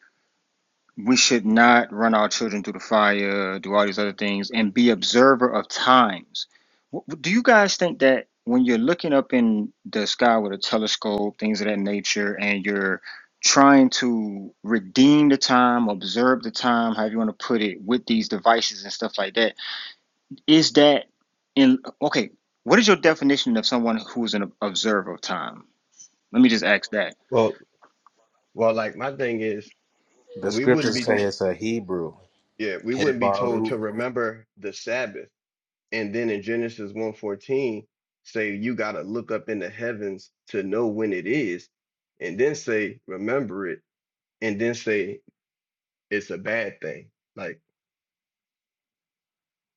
we should not run our children through the fire do all these other things and be observer of times W- do you guys think that when you're looking up in the sky with a telescope things of that nature and you're trying to redeem the time observe the time however you want to put it with these devices and stuff like that is that in okay what is your definition of someone who's an observer of time let me just ask that Well, well, like my thing is, The we wouldn't scriptures be, So. say it's a Hebrew. yeah, we Hey, wouldn't be told Baruch. to remember the Sabbath, and then in Genesis one fourteen, say you got to look up in the heavens to know when it is, and then say remember it, and then say it's a bad thing. Like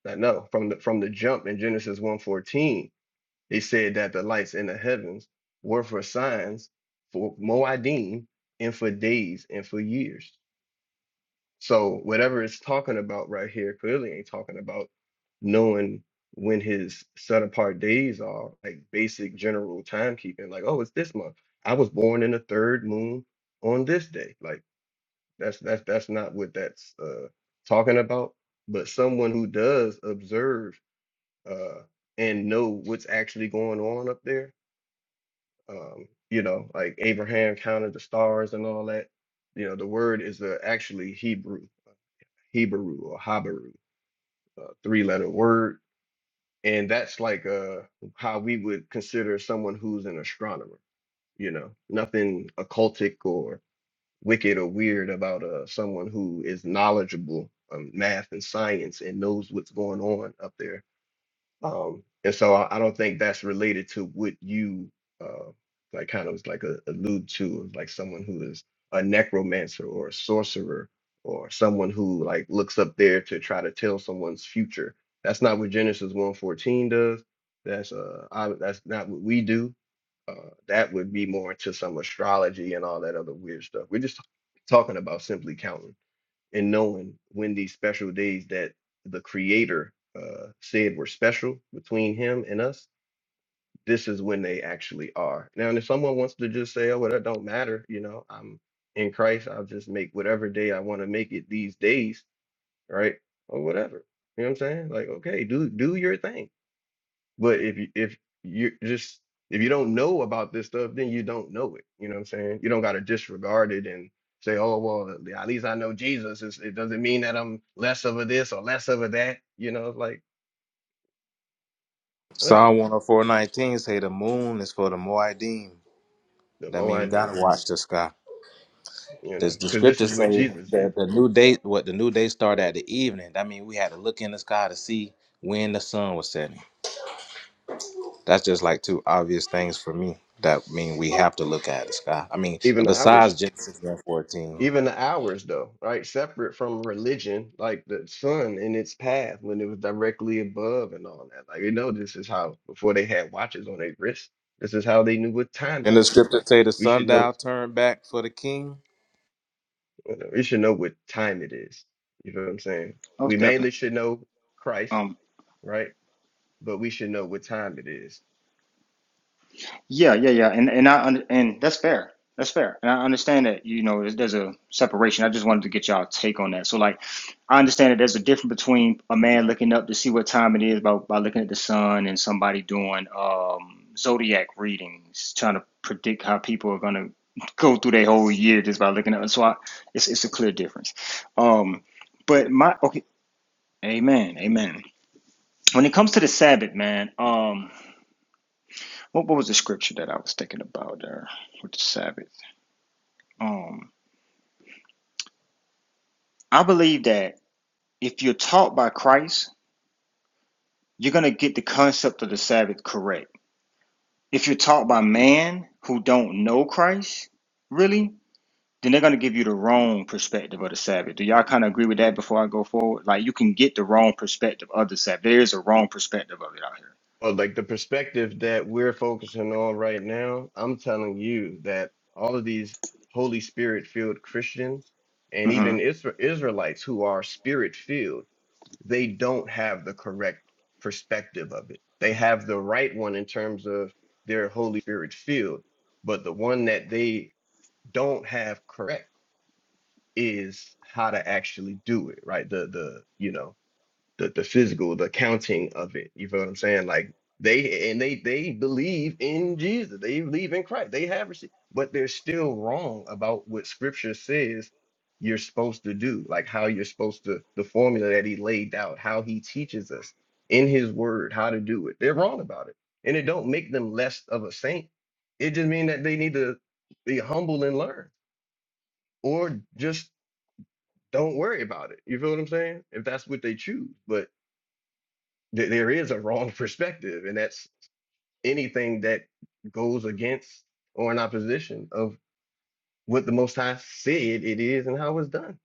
I know from the from the jump in Genesis one fourteen. They said that the lights in the heavens were for signs, for Moedim, and for days and for years. So whatever it's talking about right here clearly ain't talking about knowing when his set apart days are, like basic general timekeeping, like, oh, it's this month. I was born in the third moon on this day. Like that's that's that's not what that's uh talking about. But someone who does observe uh and know what's actually going on up there um, you know, like Abraham counted the stars and all that. You know, the word is uh, actually Hebrew, Hebrew or Habaru, uh, three-letter word, and that's like uh, how we would consider someone who's an astronomer. You know, nothing occultic or wicked or weird about uh, someone who is knowledgeable on math and science and knows what's going on up there um, and so I, I don't think that's related to what you uh, like kind of was like a, allude to like someone who is a necromancer or a sorcerer or someone who like looks up there to try to tell someone's future. That's not what Genesis one fourteen does. That's uh I, that's not what we do. Uh, that would be more into some astrology and all that other weird stuff. We're just talking about simply counting and knowing when these special days that the creator uh, said were special between him and us this is when they actually are now and if someone wants to just say oh well that don't matter you know i'm in christ i'll just make whatever day i want to make it these days right or whatever you know what i'm saying like okay do do your thing but if you if you just if you don't know about this stuff, then you don't know it. You know what I'm saying? You don't gotta disregard it and say, oh well, yeah, at least I know Jesus. It's, it doesn't mean that I'm less of a this or less of a that. You know, it's like listen, Psalm 104:19 say the moon is for the Moedim. the That means we gotta Moedim. watch the sky. You know, Does the because this is scriptures what say Jesus that did. the new day, what the new day started at the evening? That means we had to look in the sky to see when the sun was setting. That's just like two obvious things for me that mean we have to look at it, sky. I mean, Even the hours. besides Genesis 1:14. Even the hours, though, right? Separate from religion, like the sun in its path when it was directly above and all that. Like, you know, this is how, before they had watches on their wrists. this is how they knew what time it And the was. scriptures Like, say the we should know, sundial turned back for the king. you know, we should know what time it is. You know what I'm saying? We Most mainly definitely. should know Christ, Um, right? But we should know what time it is. yeah, yeah, yeah, and and I un- and that's fair. That's fair, and I understand that you know there's, there's a separation. I just wanted to get y'all take on that. So like, I understand that there's a difference between a man looking up to see what time it is by by looking at the sun and somebody doing um zodiac readings, trying to predict how people are gonna go through their whole year just by looking at. So I, it's it's a clear difference. Um, but my okay, amen, amen. When it comes to the Sabbath, man, um. what, what was the scripture that I was thinking about there with the Sabbath? Um, I believe that if you're taught by Christ, you're gonna get the concept of the Sabbath correct. If you're taught by man who don't know Christ, really, then they're gonna give you the wrong perspective of the Sabbath. Do y'all kind of agree with that before I go forward? Like you can get the wrong perspective of the Sabbath. There is a wrong perspective of it Well, like the perspective that we're focusing on right now, I'm telling you that all of these Holy Spirit filled Christians and out here. hmm even Isra- Israelites who are spirit filled, they don't have the correct perspective of it. They have the right one in terms of their Holy Spirit filled, but the one that they don't have correct is how to actually do it, right? The the you know the the physical, the counting of it. You feel what I'm saying? Like they and they they believe in Jesus. They believe in Christ. They have received, but they're still wrong about what Scripture says you're supposed to do. Like how you're supposed to the formula that He laid out, how He teaches us in His Word how to do it. They're wrong about it, and it don't make them less of a saint. It just means that they need to be humble and learn, or just don't worry about it. You feel what I'm saying? If that's what they choose, but th- there is a wrong perspective, and that's anything that goes against or in opposition of what the Most High said it is and how it's done.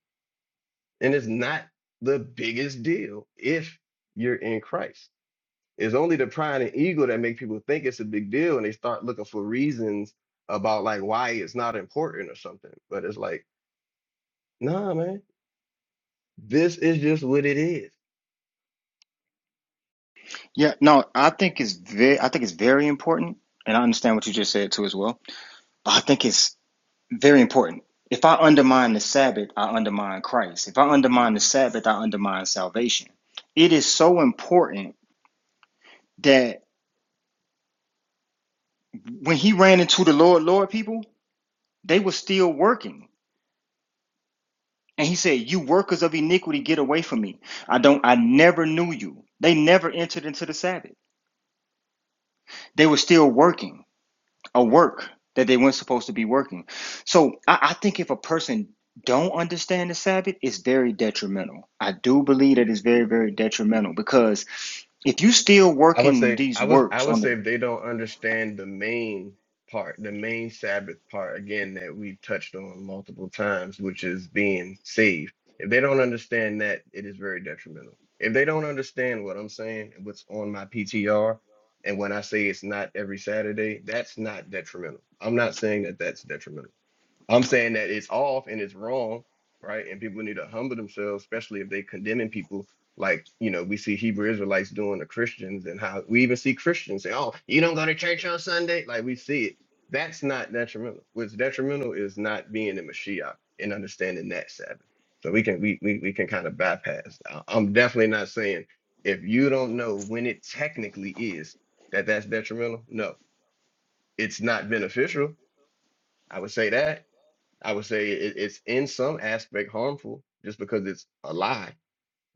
And it's not the biggest deal if you're in Christ. It's only the pride and ego that make people think it's a big deal, and they start looking for reasons about like why it's not important or something. But it's like, nah, man, this is just what it is. Yeah, no, I think it's very, I think it's very important, and I understand what you just said too as well. But I think it's very important. If I undermine the Sabbath, I undermine Christ. If I undermine the Sabbath, I undermine salvation. It is so important that when he ran into the Lord, Lord people, they were still working. And he said, You workers of iniquity, get away from me. I don't I never knew you. They never entered into the Sabbath. They were still working a work that they weren't supposed to be working. So I, I think if a person don't understand the Sabbath, it's very detrimental. I do believe that it's very, very detrimental because if you still I would working say these I was I works would on the say if they don't understand the main part, the main Sabbath part again that we've touched on multiple times, which is being saved. If they don't understand that, it is very detrimental. If they don't understand what I'm saying, what's on my PTR, and when I say it's not every Saturday, that's not detrimental. I'm not saying that that's detrimental. I'm saying that it's off and it's wrong, right? And people need to humble themselves, especially if they condemning people like you know we see Hebrew Israelites doing to Christians, and how we even see Christians say, "Oh, you don't go to church on Sunday," like we see it. That's not detrimental. What's detrimental is not being in Mashiach and understanding that Sabbath. So we can we we, we can kind of bypass. I- I'm definitely not saying if you don't know when it technically is that that's detrimental. No, it's not beneficial. I would say that I would say it, it's in some aspect harmful just because it's a lie,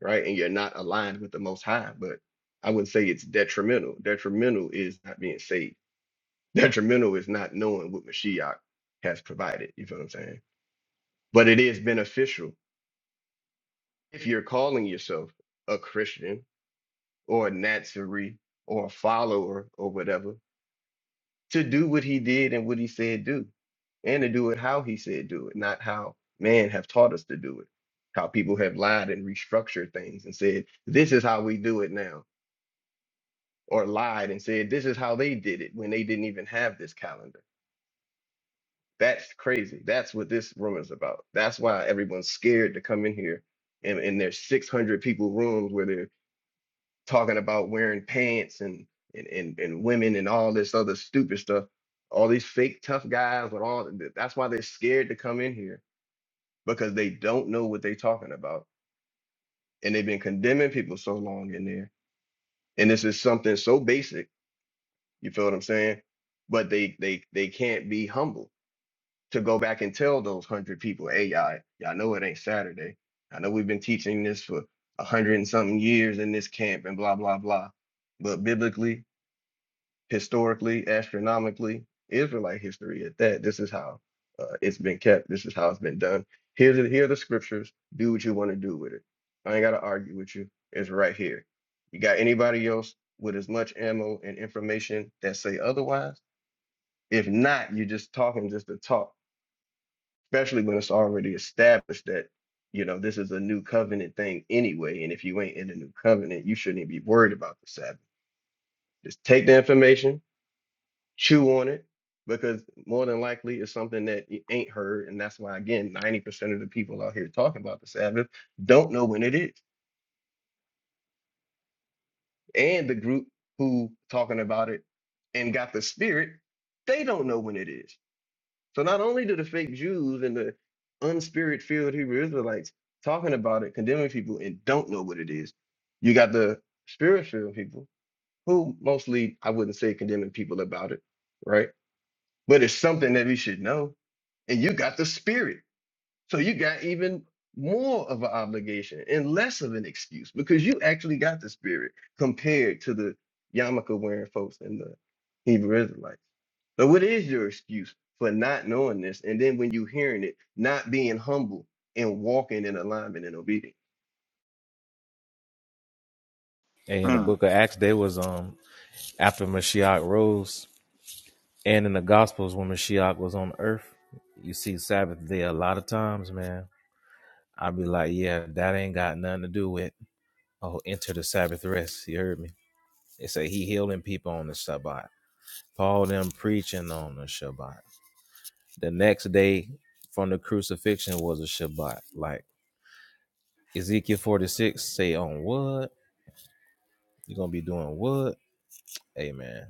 right? And you're not aligned with the Most High. But I wouldn't say it's detrimental. Detrimental is not being saved. Detrimental is not knowing what Mashiach has provided. You feel what I'm saying? But it is beneficial if you're calling yourself a Christian or a Nazarene or a follower or whatever. to do what he did and what he said do, and to do it how he said do it, not how man have taught us to do it, how people have lied and restructured things and said, this is how we do it now, or lied and said, this is how they did it when they didn't even have this calendar. That's crazy. That's what this room is about. That's why everyone's scared to come in here and in their 600 people rooms where they're talking about wearing pants and and and, and women and all this other stupid stuff. All these fake tough guys with all th- that's why they're scared to come in here because they don't know what they're talking about and they've been condemning people so long in there. And this is something so basic, you feel what I'm saying? But they they they can't be humble to go back and tell those hundred people, hey y'all, y'all know it ain't Saturday. I know we've been teaching this for a hundred and something years in this camp and blah blah blah. But biblically, historically, astronomically, Israelite history at that. This is how uh, it's been kept. This is how it's been done. Here's the, here are the scriptures. Do what you want to do with it. I ain't got to argue with you. It's right here. You got anybody else with as much ammo and information that say otherwise? If not, you're just talking just to talk, especially when it's already established that, you know, this is a new covenant thing anyway. And if you ain't in the new covenant, you shouldn't even be worried about the Sabbath. Just take the information, chew on it because more than likely it's something that you ain't heard and that's why again 90% of the people out here talking about the sabbath don't know when it is and the group who talking about it and got the spirit they don't know when it is so not only do the fake jews and the unspirit filled hebrew israelites talking about it condemning people and don't know what it is you got the spirit filled people who mostly i wouldn't say condemning people about it right but it's something that we should know. And you got the spirit. So you got even more of an obligation and less of an excuse because you actually got the spirit compared to the yarmulke wearing folks and the Hebrew Israelites. So what is your excuse for not knowing this? And then when you hearing it, not being humble and walking in alignment and obedience. And in the Hmm, book of Acts, they was um after Mashiach rose, and in the Gospels when Mashiach was on earth, you see Sabbath day a lot of times, man. I'd be like, yeah, that ain't got nothing to do with oh enter the Sabbath rest. You heard me? They say he healing people on the Shabbat. Paul them preaching on the Shabbat. The next day from the crucifixion was a Shabbat. Like Ezekiel 46 say on what? You're gonna be doing what? Amen.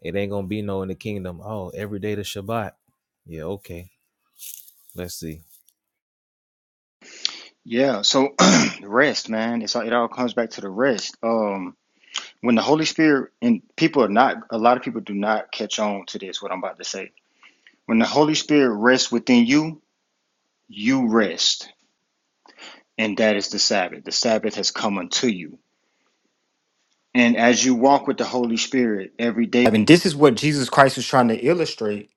It ain't gonna be no in the kingdom. Oh, every day the Shabbat. Yeah, okay. Let's see. yeah, so rest, man. It's all, it all comes back to the rest. Um, when the Holy Spirit and people are not a lot of people do not catch on to this. What I'm about to say. When the Holy Spirit rests within you, you rest, and that is the Sabbath. The Sabbath has come unto you. And as you walk with the Holy Spirit every day, I mean, this is what Jesus Christ was trying to illustrate.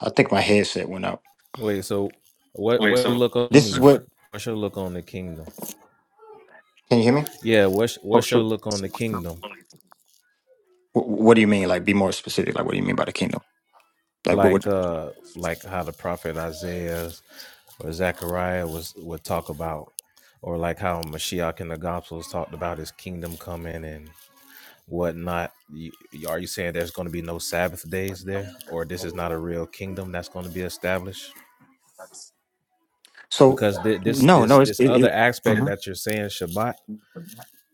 I think my headset went out. Wait, so what what look on This is kingdom? what. What's your look on the kingdom? Can you hear me? Yeah, what's Oh, what's your sure. look on the kingdom? What, what do you mean? Like, be more specific. Like, what do you mean by the kingdom? Like, what Like would? uh like how the prophet Isaiah or Zechariah was would talk about, or like how Mashiach in the gospels talked about his kingdom coming and whatnot. You, are you saying there's going to be no Sabbath days there, or this is not a real kingdom that's going to be established? So, Because thi- this no, this no. It's this it. other it aspect Mhm. that you're saying Shabbat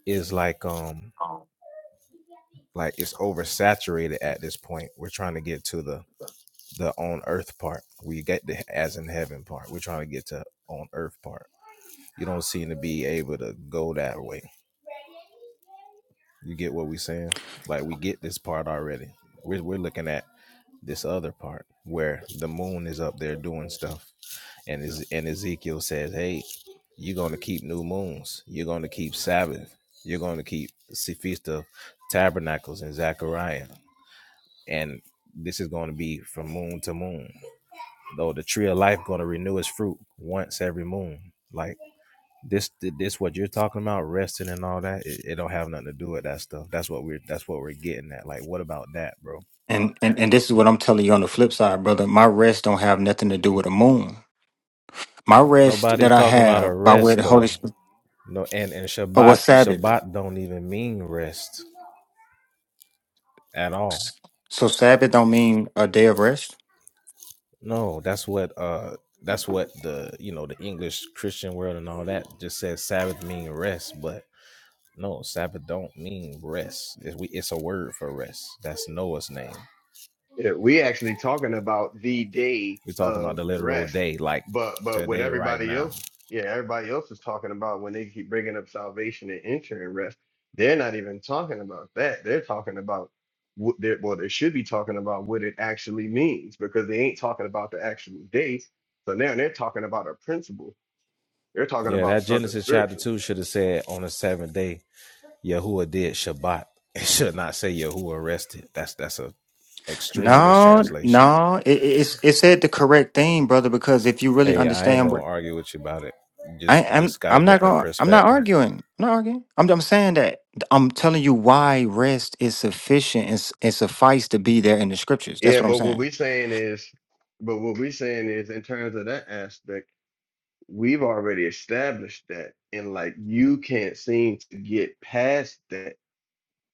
is like um like it's oversaturated at this point. We're trying to get to the the on earth part. We get the as in heaven part. We're trying to get to on earth part. You don't seem to be able to go that way. You get what we're saying? Like we get this part already. We're we're looking at this other part where the moon is up there doing stuff and Ez- and Ezekiel says, "Hey, you're going to keep new moons. You're going to keep Sabbath. You're going to keep the feast of tabernacles in Zechariah, and this is going to be from moon to moon. Though the tree of life going to renew its fruit once every moon. Like this, this what you're talking about, resting and all that. It, it don't have nothing to do with that stuff. That's what we're that's what we're getting at. Like, what about that, bro? And and and this is what I'm telling you on the flip side, brother. My rest don't have nothing to do with the moon. My rest that Nobody's I talking about a have by way of rest the Holy though. Spirit. No, and and Oh, well, Shabbat Sabbath. Shabbat don't even mean rest at all. So Sabbath don't mean a day of rest. No, that's what uh that's what the you know the English Christian world and all that just says Sabbath mean rest, but no, Sabbath don't mean rest. It's, we, it's a word for rest. That's Noah's name. Yeah, we actually talking about the day We're talking about of the literal rest, day, like but but with today, right everybody now. else, yeah, everybody else is talking about when they keep bringing up salvation and entering rest. They're not even talking about that. They're talking about what they well, they should be talking about what it actually means because they ain't talking about the actual day. So now they're talking about a principle. They're talking Yeah, about that something Genesis chapter spiritual. two should have said on the seventh day, Yahuwah did Shabbat. It should not say Yahuwah rested. That's that's a extreme No, mistranslation. no, it, it- it's it said the correct thing, brother. Because if you really Hey, I ain't understand gonna what argue with you about it. You I, just you I'm, just got a I'm not different going. I'm not perspective. arguing. I'm not arguing. I'm, I'm saying that I'm telling you why rest is sufficient and, s- and suffice to be there in the scriptures. That's Yeah, what I'm but what saying. we saying is, but what we saying is in terms of that aspect. we've already established that and like you can't seem to get past that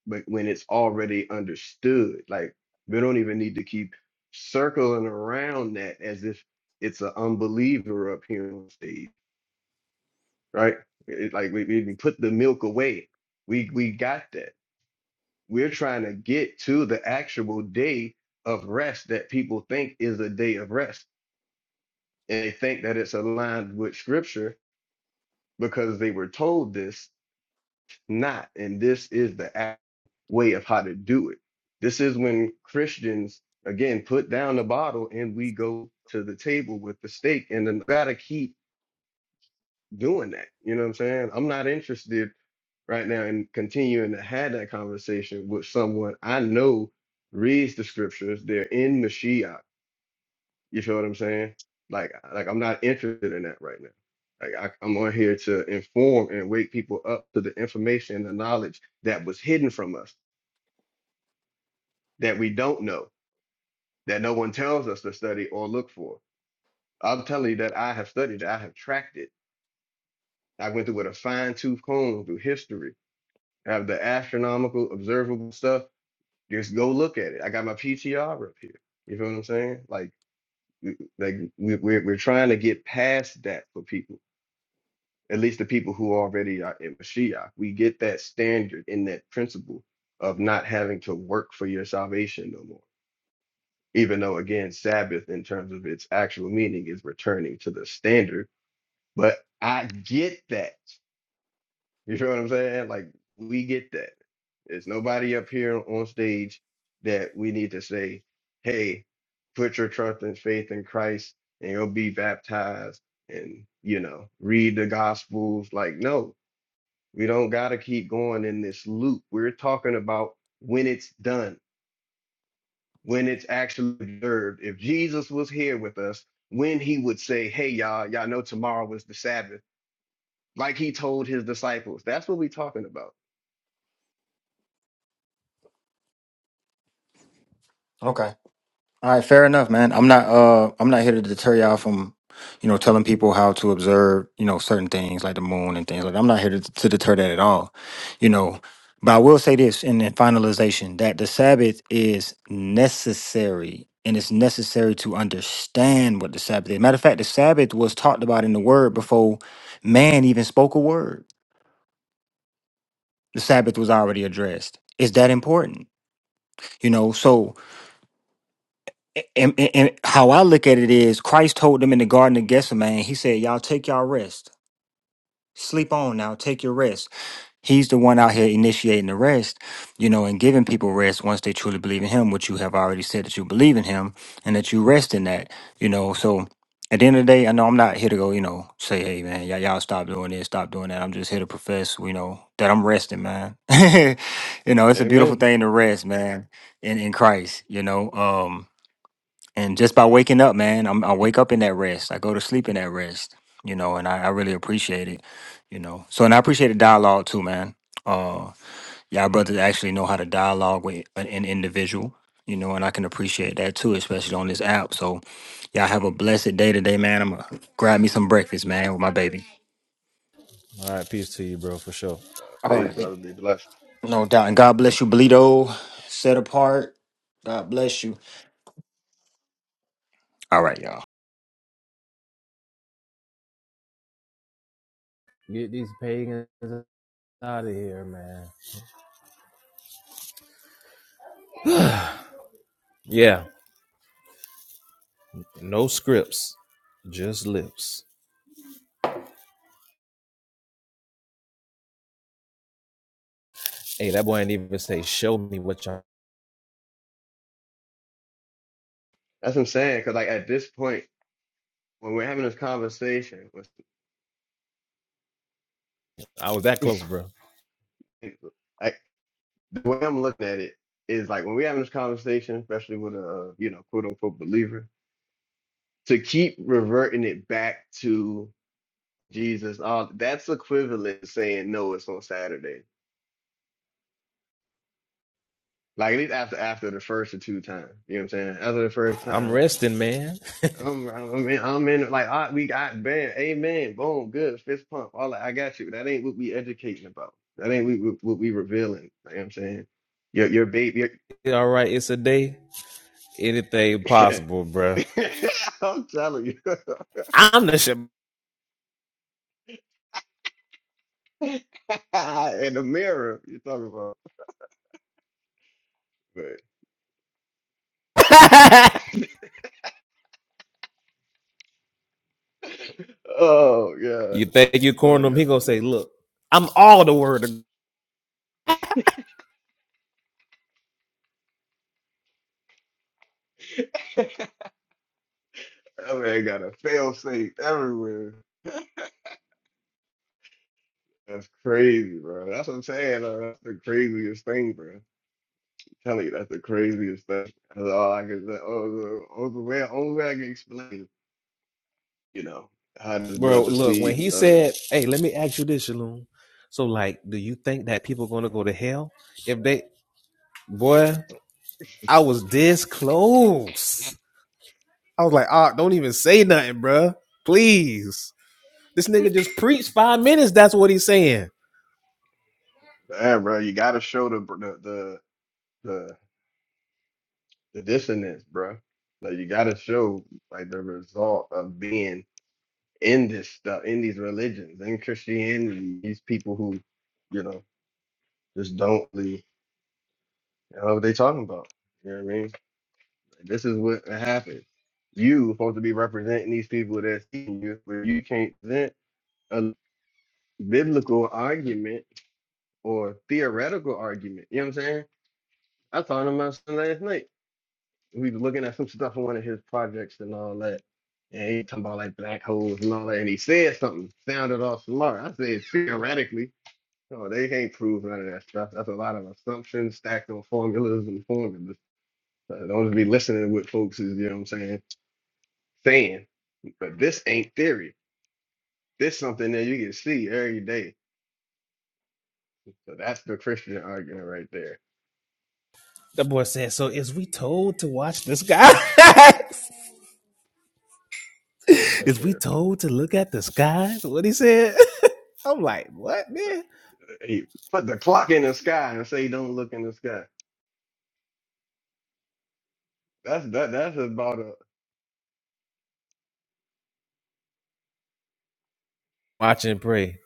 but when it's already understood like we don't even need to keep circling around that as if it's an unbeliever up here on stage right it, like we, we we put the milk away we we got that we're trying to get to the actual day of rest that people think is a day of rest and they think that it's aligned with scripture because they were told this not. And this is the a- way of how to do it. This is when Christians, again, put down the bottle and we go to the table with the steak and then gotta keep doing that. You know what I'm saying? I'm not interested right now in continuing to have that conversation with someone I know reads the scriptures. They're in Mashiach. You feel what I'm saying? Like, like I'm not interested in that right now. Like I, I'm on here to inform and wake people up to the information and the knowledge that was hidden from us that we don't know, that no one tells us to study or look for. I'm telling you that I have studied, it, I have tracked it. I went through with a fine tooth comb through history. I have the astronomical, observable stuff. Just go look at it. I got my PTR up here. You feel what I'm saying? Like, like we- we're we're trying to get past that for people. At least the people who already are in Mashiach, we get that standard and that principle of not having to work for your salvation no more even though again sabbath in terms of its actual meaning is returning to the standard but i get that you know what i'm saying like we get that there's nobody up here on stage that we need to say hey put your trust and faith in christ and you'll be baptized and you know read the gospels like no we don't got to keep going in this loop we're talking about when it's done when it's actually observed. If Jesus was here with us, when he would say, Hey, y'all, y'all know tomorrow was the Sabbath, like he told his disciples. That's what we're talking about. Okay. All right, fair enough, man. I'm not uh I'm not here to deter y'all from, you know, telling people how to observe, you know, certain things like the moon and things like that. I'm not here to, to deter that at all. You know, but I will say this in, in finalization that the Sabbath is necessary and it's necessary to understand what the Sabbath is. Matter of fact, the Sabbath was talked about in the word before man even spoke a word. The Sabbath was already addressed. It's that important. You know, so and, and, and how I look at it is Christ told them in the Garden of Gethsemane, he said, Y'all take y'all rest. Sleep on now, take your rest. He's the one out here initiating the rest, you know, and giving people rest once they truly believe in him, which you have already said that you believe in him and that you rest in that, you know. So at the end of the day, I know I'm not here to go, you know, say, hey man, y'all, y'all stop doing this, stop doing that. I'm just here to profess, you know, that I'm resting, man. you know, it's a beautiful Amen. thing to rest, man, in, in Christ, you know. Um and just by waking up, man, I'm, I wake up in that rest. I go to sleep in that rest, you know, and I, I really appreciate it, you know. So, and I appreciate the dialogue too, man. Uh, y'all brothers actually know how to dialogue with an, an individual, you know, and I can appreciate that too, especially on this app. So, y'all have a blessed day today, man. I'm gonna grab me some breakfast, man, with my baby. All right, peace to you, bro, for sure. Uh, All praise, right, brother, be blessed. no doubt. And God bless you, Belito. Set apart. God bless you. All right, y'all. Get these pagans out of here, man. yeah, no scripts, just lips. Hey, that boy ain't even say show me what y'all. That's what I'm saying. Because, like, at this point, when we're having this conversation, with I was that close, bro. like, the way I'm looking at it is like when we're having this conversation, especially with a, you know, quote unquote believer, to keep reverting it back to Jesus, uh, that's equivalent to saying, No, it's on Saturday Like at least after after the first or two times, you know what I'm saying? After the first I'm time, resting, man. I'm I'm in, I'm in like all right, we got bam, amen, boom, good, fist pump, all that. I got you. That ain't what we educating about. That ain't we, what we revealing. You know what I'm saying? Your your baby, All right, it's a day. Anything your, possible, bro. I'm telling you, I'm the shit. in the mirror you're talking about. But, oh yeah, You think you love cornered him? He gonna y'all. say, "Look, I'm all the word." of I man got a fail safe everywhere. That's crazy, bro. That's what I'm saying. uh, that's the craziest thing, bro. I'm telling you, that's the craziest thing. That's all I can say. Oh, the, oh, the way, only way I can explain, you know, how this Bro, brother look, when see. he Uh, said, Hey, let me ask you this, Shalom. So, like, do you think that people gonna go to hell? If they boy, I was this close. I was like, ah, don't even say nothing, bruh. Please. This nigga just preached five minutes, that's what he's saying. yeah, bro, you gotta show the br- the the the, the dissonance, bro. Like you gotta show like the result of being in this stuff, in these religions, in Christianity. These people who, you know, just don't really know what they talking about. You know what I mean? This is what happened. You supposed to be representing these people that's seeing you, but you can't present a biblical argument or theoretical argument. You know what I'm saying? I talked to my son last night. We was looking at some stuff in one of his projects and all that. And he talking about like black holes and all that. And he said something, sounded all smart. I said theoretically. No, they can't prove none of that stuff. That's a lot of assumptions stacked on formulas and formulas. Uh, Don't just be listening to what folks is, you know what I'm saying, saying. But this ain't theory. This something that you can see every day. So that's the Christian argument right there. The boy said, "So is we told to watch the skies? That is shit. we told to look at the skies?" What he said? I'm like, "What, man?" He put the clock in the sky and say, "Don't look in the sky." That's that. That's about a Watch and pray.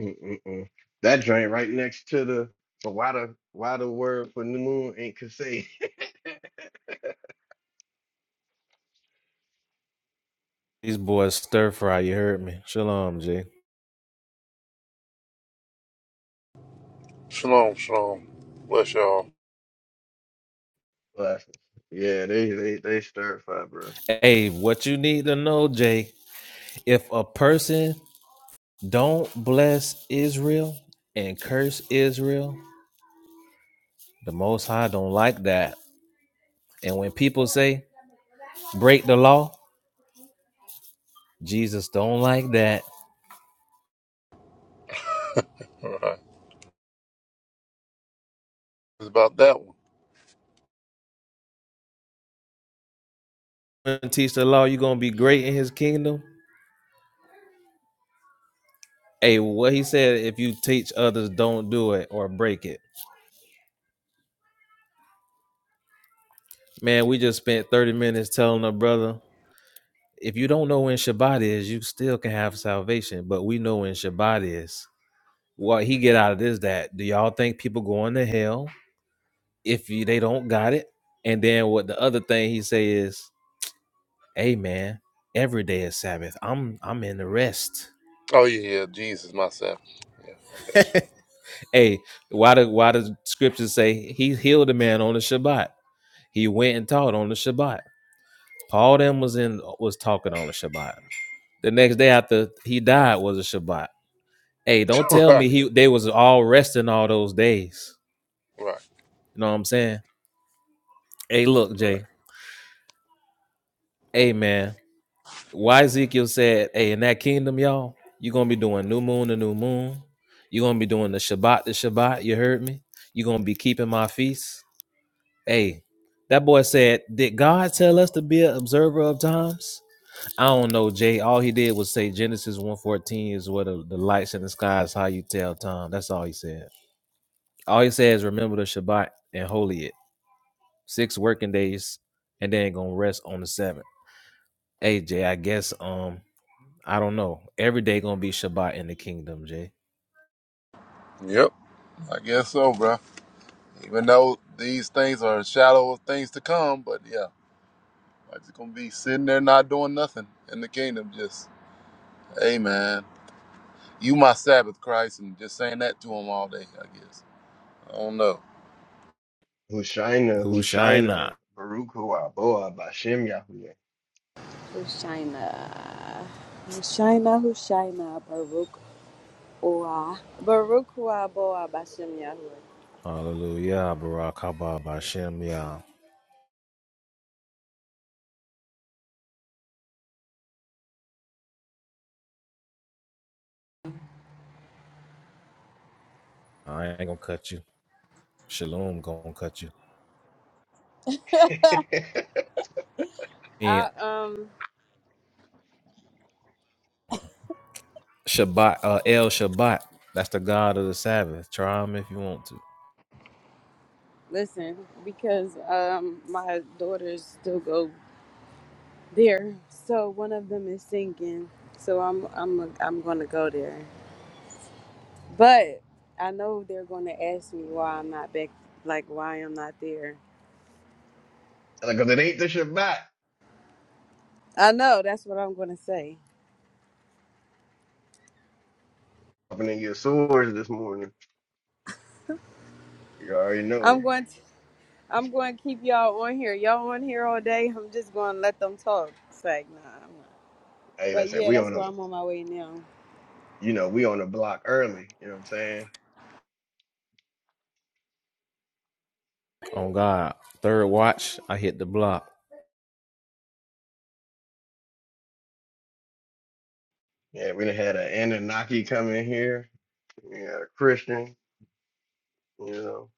mm-mm-mm. that joint right next to the. But why the why the word for new moon ain't Kasei? These boys stir fry. You heard me. Shalom, Jay. Shalom, shalom. Bless y'all. But, yeah, they they they stir fire, bro. Hey, what you need to know, Jay? If a person don't bless Israel and curse Israel, the Most High don't like that. And when people say break the law, Jesus don't like that. All right. It's about that one. When you teach the law, you are gonna be great in His kingdom Hey, what he said, if you teach others, don't do it or break it. Man, we just spent 30 minutes telling a brother, if you don't know when Shabbat is, you still can have salvation. But we know when Shabbat is. What he get out of this that do y'all think people going to hell if you, they don't got it? And then what the other thing he say is, hey man, every day is Sabbath. I'm I'm in the rest. Oh, yeah, yeah. Jesus, myself. Yeah, I got hey, why do why does scripture say he healed a man on the Shabbat? He went and taught on the Shabbat. Paul them was in was talking on a Shabbat. The next day after he died was a Shabbat. Hey, don't you. tell me right, he they was all resting all those days. right, You know what I'm saying? Hey, look, right. Jay. Hey man. Why Ezekiel said, Hey, in that kingdom, y'all, you're gonna be doing new moon to new moon. You're gonna be doing the Shabbat to Shabbat, you heard me? You're gonna be keeping my feasts. Hey, that boy said, Did God tell us to be an observer of times? I don't know, Jay. All he did was say Genesis one fourteen is where the, the lights in the sky is how you tell time. That's all he said. All he said is remember the Shabbat and holy it. Six working days and then gonna rest on the seventh. Hey Jay, I guess um I don't know. Every day gonna be Shabbat in the kingdom, Jay. Yep. I guess so, bro. Even though these things are a shadow of things to come, but yeah, like it's gonna be sitting there not doing nothing in the kingdom. Just, hey man, you my Sabbath, Christ, and just saying that to him all day. I guess. I don't know. Hushaina, Who shine Hushaina, not? Baruch Hu Aboah, Bashem Yahuwah. Hushaina. Hushaina, Hushaina, Baruch Oa. Baruch Oa Boa Bashem Yahweh. Hallelujah, Barak Haba Bashem Yah. I ain't gonna cut you. Shalom gonna cut you. And I, um, Shabbat, uh El Shabbat. That's the God of the Sabbath. Try him if you want to. listen, because, um, my daughters still go there. So one of them is singing. So I'm, I'm, I'm gonna go there. But I know they're gonna ask me why I'm not back, like why I'm not there. Because it ain't the Shabbat. I know that's what I'm gonna say. Opening your swords this morning. You already know. I'm going to. I'm going to keep y'all on here. Y'all on here all day. I'm just going to let them talk. It's like, nah, I'm not. hey, But listen, yeah, we that's on a where I'm on my way now. you know, we on the block early, you know what I'm saying? on God. Third watch, I hit the block. Yeah, we done had an Anunnaki come in here, we had a Christian, you know.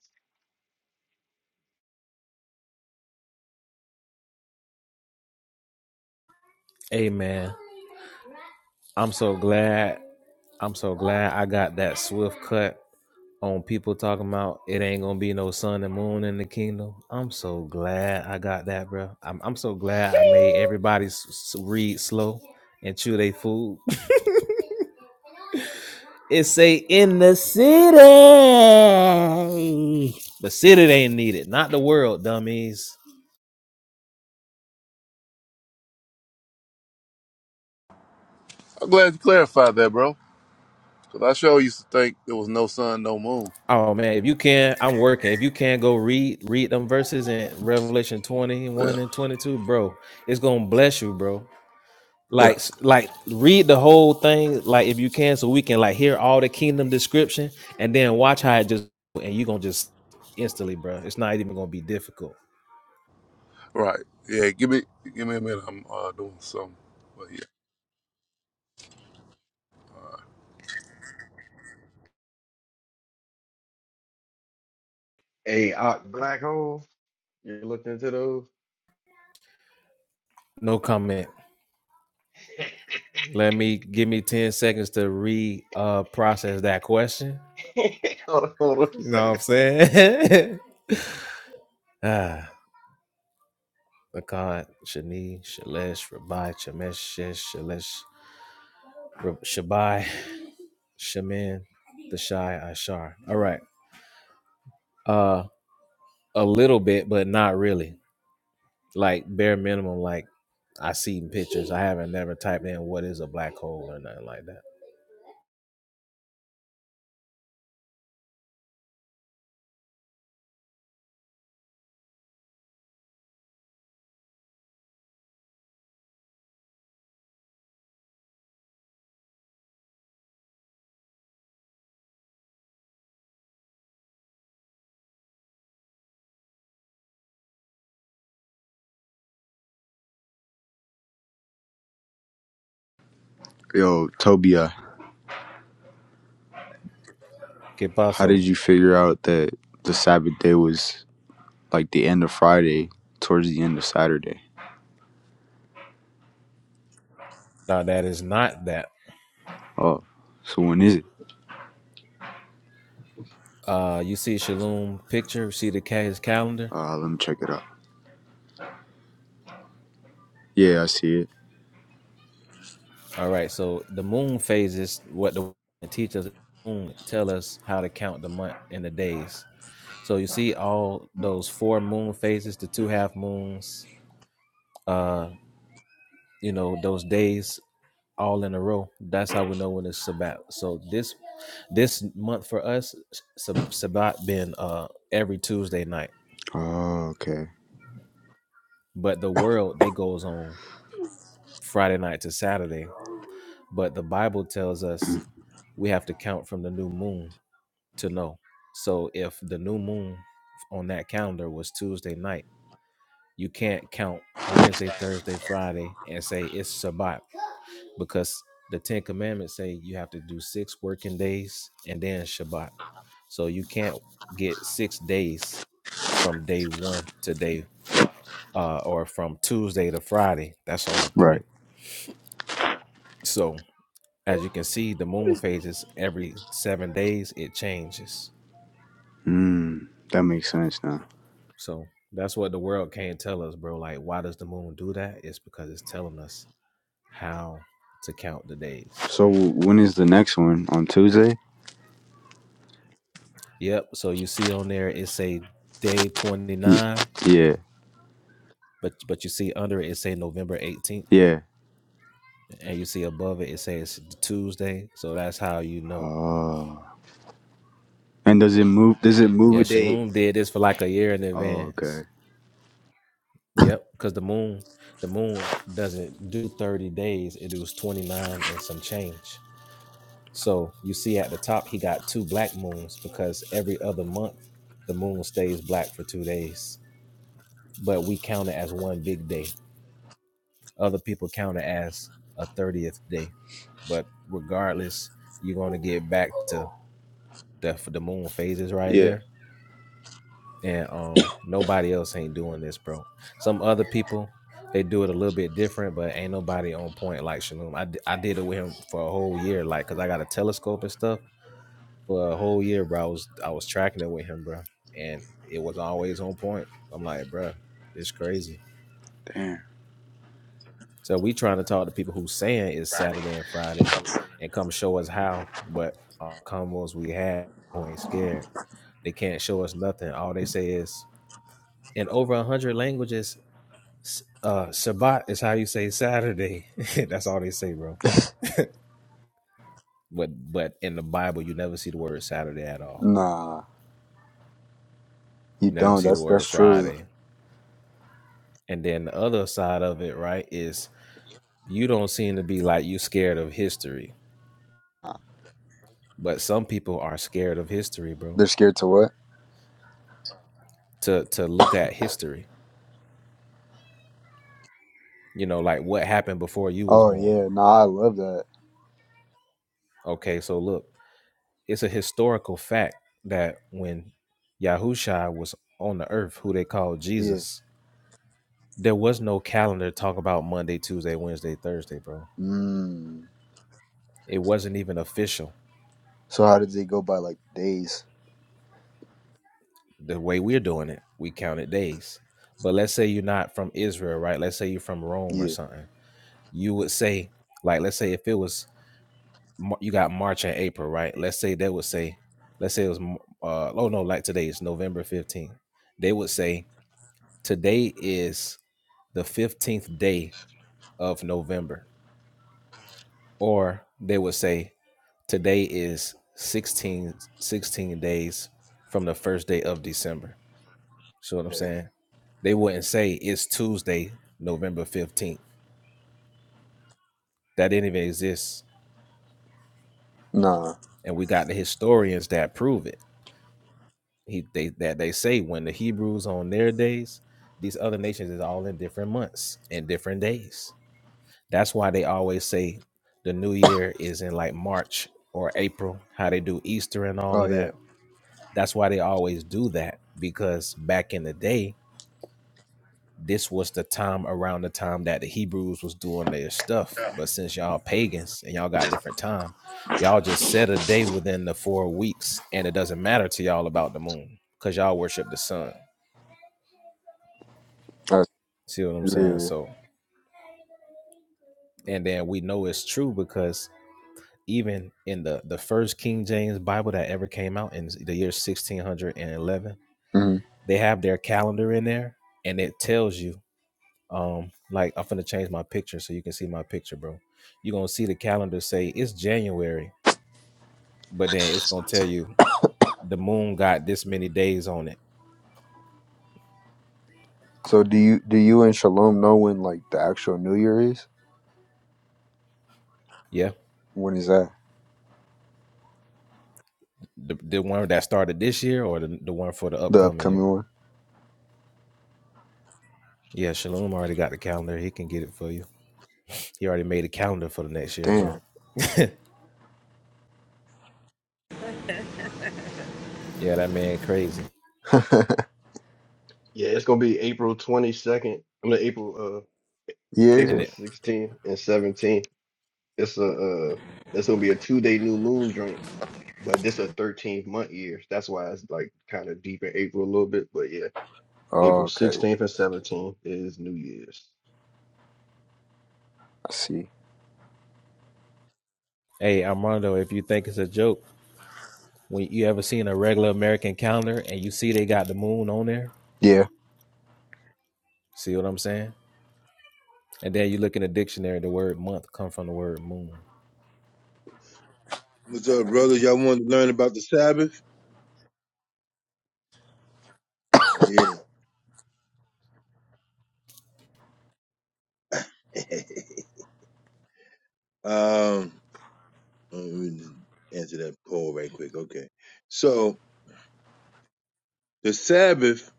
Amen. I'm so glad. I'm so glad I got that swift cut on people talking about it ain't gonna be no sun and moon in the kingdom. I'm so glad I got that, bro. I'm, I'm so glad I made everybody s- read slow and chew they food. it say in the city. The city ain't needed, not the world, dummies. I'm glad you clarified that, bro. Cause I sure used to think there was no sun, no moon. Oh man, if you can, I'm working. If you can go read read them verses in Revelation Yeah, 21 and 22, bro, it's gonna bless you, bro. yeah. Like s- like read the whole thing, like if you can, so we can like hear all the kingdom description and then watch how it just and you gonna just instantly, bro. It's not even gonna be difficult. Right. Yeah. Give me give me a minute. I'm uh, doing something. But yeah. A uh, black hole. You looked into those? No comment. Let me give me 10 seconds to re uh process that question. hold on, hold on You a know what I'm second. saying? ah. Akkad, Shani, Shalesh, Rabbi Chamesh, Shesh, Shalesh, Rab- Shabai, Shaman, the Shai, Ashar. All right. Uh a little bit, but not really. Like bare minimum, like I see in pictures. I haven't never typed in what is a black hole or nothing like that. Yo, Tobia, Que how did paso? you figure out that the Sabbath day was like the end of Friday towards the end of Saturday? Now that is not that. Oh, so when is it? Uh you see Shalom picture, see the ca- his calendar? Uh, let me check it out. Yeah, I see it. All right. So the moon phases, what the teachers moon tell us how to count the month and the days. So you see all those four moon phases, the two half moons, uh, you know, those days all in a row. That's how we know when it's Sabbat. So this this month for us, Sab- Sabbat been uh every Tuesday night. Oh, okay. But the world they goes on Friday night to Saturday. But the Bible tells us we have to count from the new moon to know. So if the new moon on that calendar was Tuesday night, you can't count Wednesday, Thursday, Friday and say it's Shabbat because the 10 commandments say you have to do 6 working days and then Shabbat. So you can't get 6 days from day 1 to day uh, or from Tuesday to Friday. That's only Right. 3. So as you can see, the moon phases every 7 days it changes. Hmm, that makes sense now. So that's what the world can't tell us, bro. Like, why does the moon do that? It's because it's telling us how to count the days. So when is the next one on Tuesday? Yep. So you see on there it say day twenty Y- nine, Yeah, but but you see under it it say November eighteenth, yeah. and you see above it it says Tuesday. So that's how you know. Oh, and does it move? Does it move Yeah, a date? Shalom did this for like a year in Oh, advance. okay. Yep, because the moon, the moon doesn't do thirty days. It was twenty nine and some change. So you see at the top, he got two black moons because every other month the moon stays black for two days, but we count it as one big day. Other people count it as a 30th day. But regardless, you're going to get back to the, the moon phases right Yeah. there. And um, nobody else ain't doing this, bro. Some other people, they do it a little bit different, but ain't nobody on point like Shalom. I, d- I did it with him for a whole year, like, because I got a telescope and stuff for a whole year, bro. I was I was tracking it with him, bro, and it was always on point. I'm like, bro, this crazy. Damn. So we trying to talk to people who saying it's Saturday and Friday, and come show us how. But all combos we had, we ain't scared. They can't show us nothing. All they say is in over a hundred languages. Uh, Shabbat is how you say Saturday. That's all they say, bro. But but in the Bible, you never see the word Saturday at all. Nah, you You Never don't. see the That's word that's true. Friday And then the other side of it, right, is you don't seem to be like you scared of history, but some people are scared of history, bro. They're scared to what? To to look at history, you know, like what happened before you was Oh born. yeah, nah, I love that. Okay, so look, it's a historical fact that when Yahusha was on the earth, who they called Yeah. Jesus, there was no calendar talk about Monday, Tuesday, Wednesday, Thursday, bro. Mm. It wasn't even official So how did they go by like days? the way we're doing it, we count it days. But let's say you're not from Israel, right? Let's say you're from Rome or Yeah. something. You would say, like, let's say if it was you got March and April, right? Let's say they would say, let's say it was, uh, oh no, like today is November 15th. They would say today is the 15th day of November, or they would say today is 16, 16 days from the first day of December. See what I'm yeah. saying? They wouldn't say it's Tuesday, November 15th. That didn't even exist. Nah. And we got the historians that prove it. He they that they say when the Hebrews on their days, these other nations is all in different months and different days. That's why they always say the new year is in like March or April, how they do Easter and all Oh of yeah. that. That's why they always do that because back in the day, this was the time around the time that the Hebrews was doing their stuff. But since y'all pagans and y'all got different time, y'all just set a day within the four weeks, and it doesn't matter to y'all about the moon because y'all worship the sun. That's, See what I'm saying? yeah. So, and then we know it's true because even in the the first King James Bible that ever came out in the year 1611, hmm they have their calendar in there, and it tells you Um, like I'm finna change my picture so you can see my picture, bro. You're gonna see the calendar say it's January, but then it's gonna tell you the moon got this many days on it. So do you do you and Shalom know when like the actual New Year is? Yeah. When is that? The, the one that started this year or the, the one for the The upcoming year. upcoming one? Yeah, Shalom already got the calendar. He can get it for you. He already made a calendar for the next year, bro. Damn. yeah, that man crazy. Yeah, it's gonna be April twenty second. I mean April uh And Yeah. April it sixteenth and seventeenth. It's a uh it's gonna be a two day new moon drink, but this a thirteenth month year. That's why it's like kind of deep in April a little bit. But yeah. April Oh, okay. 16th and 17th is New Year's. I see. hey, Armando, if you think it's a joke, when you ever seen a regular American calendar and you see they got the moon on there, Yeah. see what I'm saying? And then you look in the dictionary, the word month come from the word moon. What's up, brothers? Y'all want to learn about the Sabbath? Yeah. um, let me just answer that poll right quick. Okay. So the Sabbath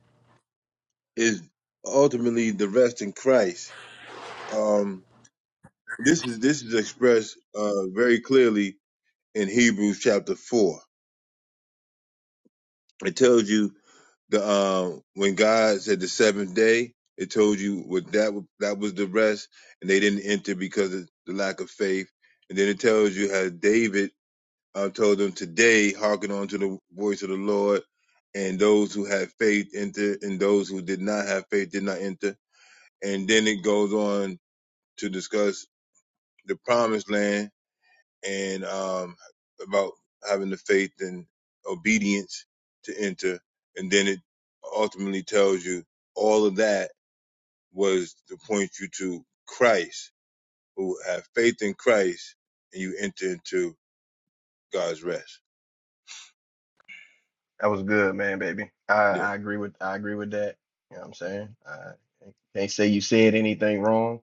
is ultimately the rest in Christ. Um, this is this is expressed uh very clearly in Hebrews chapter four. It tells you the um when God said the seventh day, it told you what that that was the rest, and they didn't enter because of the lack of faith. And then it tells you how David I told them today, hearken unto the voice of the Lord, and those who had faith enter, and those who did not have faith did not enter. And then it goes on to discuss the promised land and um, about having the faith and obedience to enter. And then it ultimately tells you all of that was to point you to Christ, who have faith in Christ, and you enter into God's rest. That was good, man, baby. I, Yeah. I agree with I agree with that. You know what I'm saying? I can't say you said anything wrong.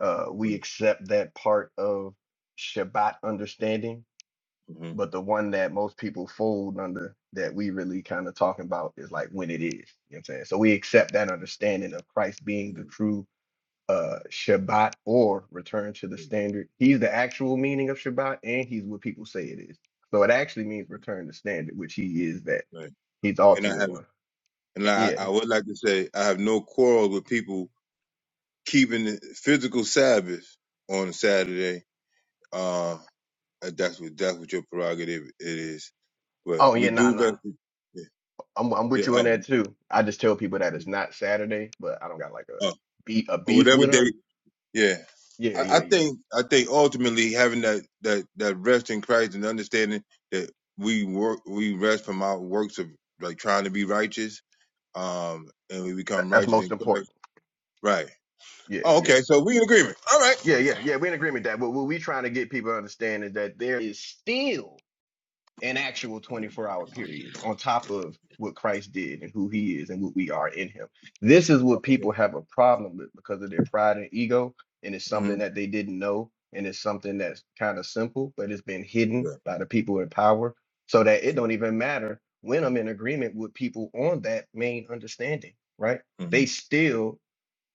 Uh, we accept that part of Shabbat understanding, hmm but the one that most people fold under that we really kind of talking about is like when it is. You know what I'm saying? So we accept that understanding of Christ being the true uh Shabbat or return to the standard. He's the actual meaning of Shabbat and he's what people say it is. So it actually means return to standard, which he is that. Right. He's the And I ultimate have, one. and I, Yeah. I would like to say, I have no quarrel with people keeping the physical Sabbath on a Saturday. Uh, that's what that's what your prerogative it is. But Oh we yeah, nah, do nah. rest. Yeah. I'm I'm yeah with you in oh, that too. I just tell people that mm, it's not Saturday, but I don't got like a oh, beef a or beef whatever with them. day. Yeah. Yeah, I, yeah, I yeah. think I think ultimately having that that that rest in Christ and understanding that we work we rest from our works of like trying to be righteous. Um, and we That, become that's righteous most in Christ. important. Right. Yeah, Oh, yeah. okay. So we in agreement. All right. Yeah, yeah, yeah. We're in agreement that what, what we trying to get people to understand is that there is still an actual 24 hour period on top of what Christ did and who he is and what we are in him. This is what people have a problem with because of their pride and ego. And it's hmm something that they didn't know. And it's something that's kind of simple, but it's been hidden Yeah. by the people in power so that it don't even matter when I'm in agreement with people on that main understanding, right? They still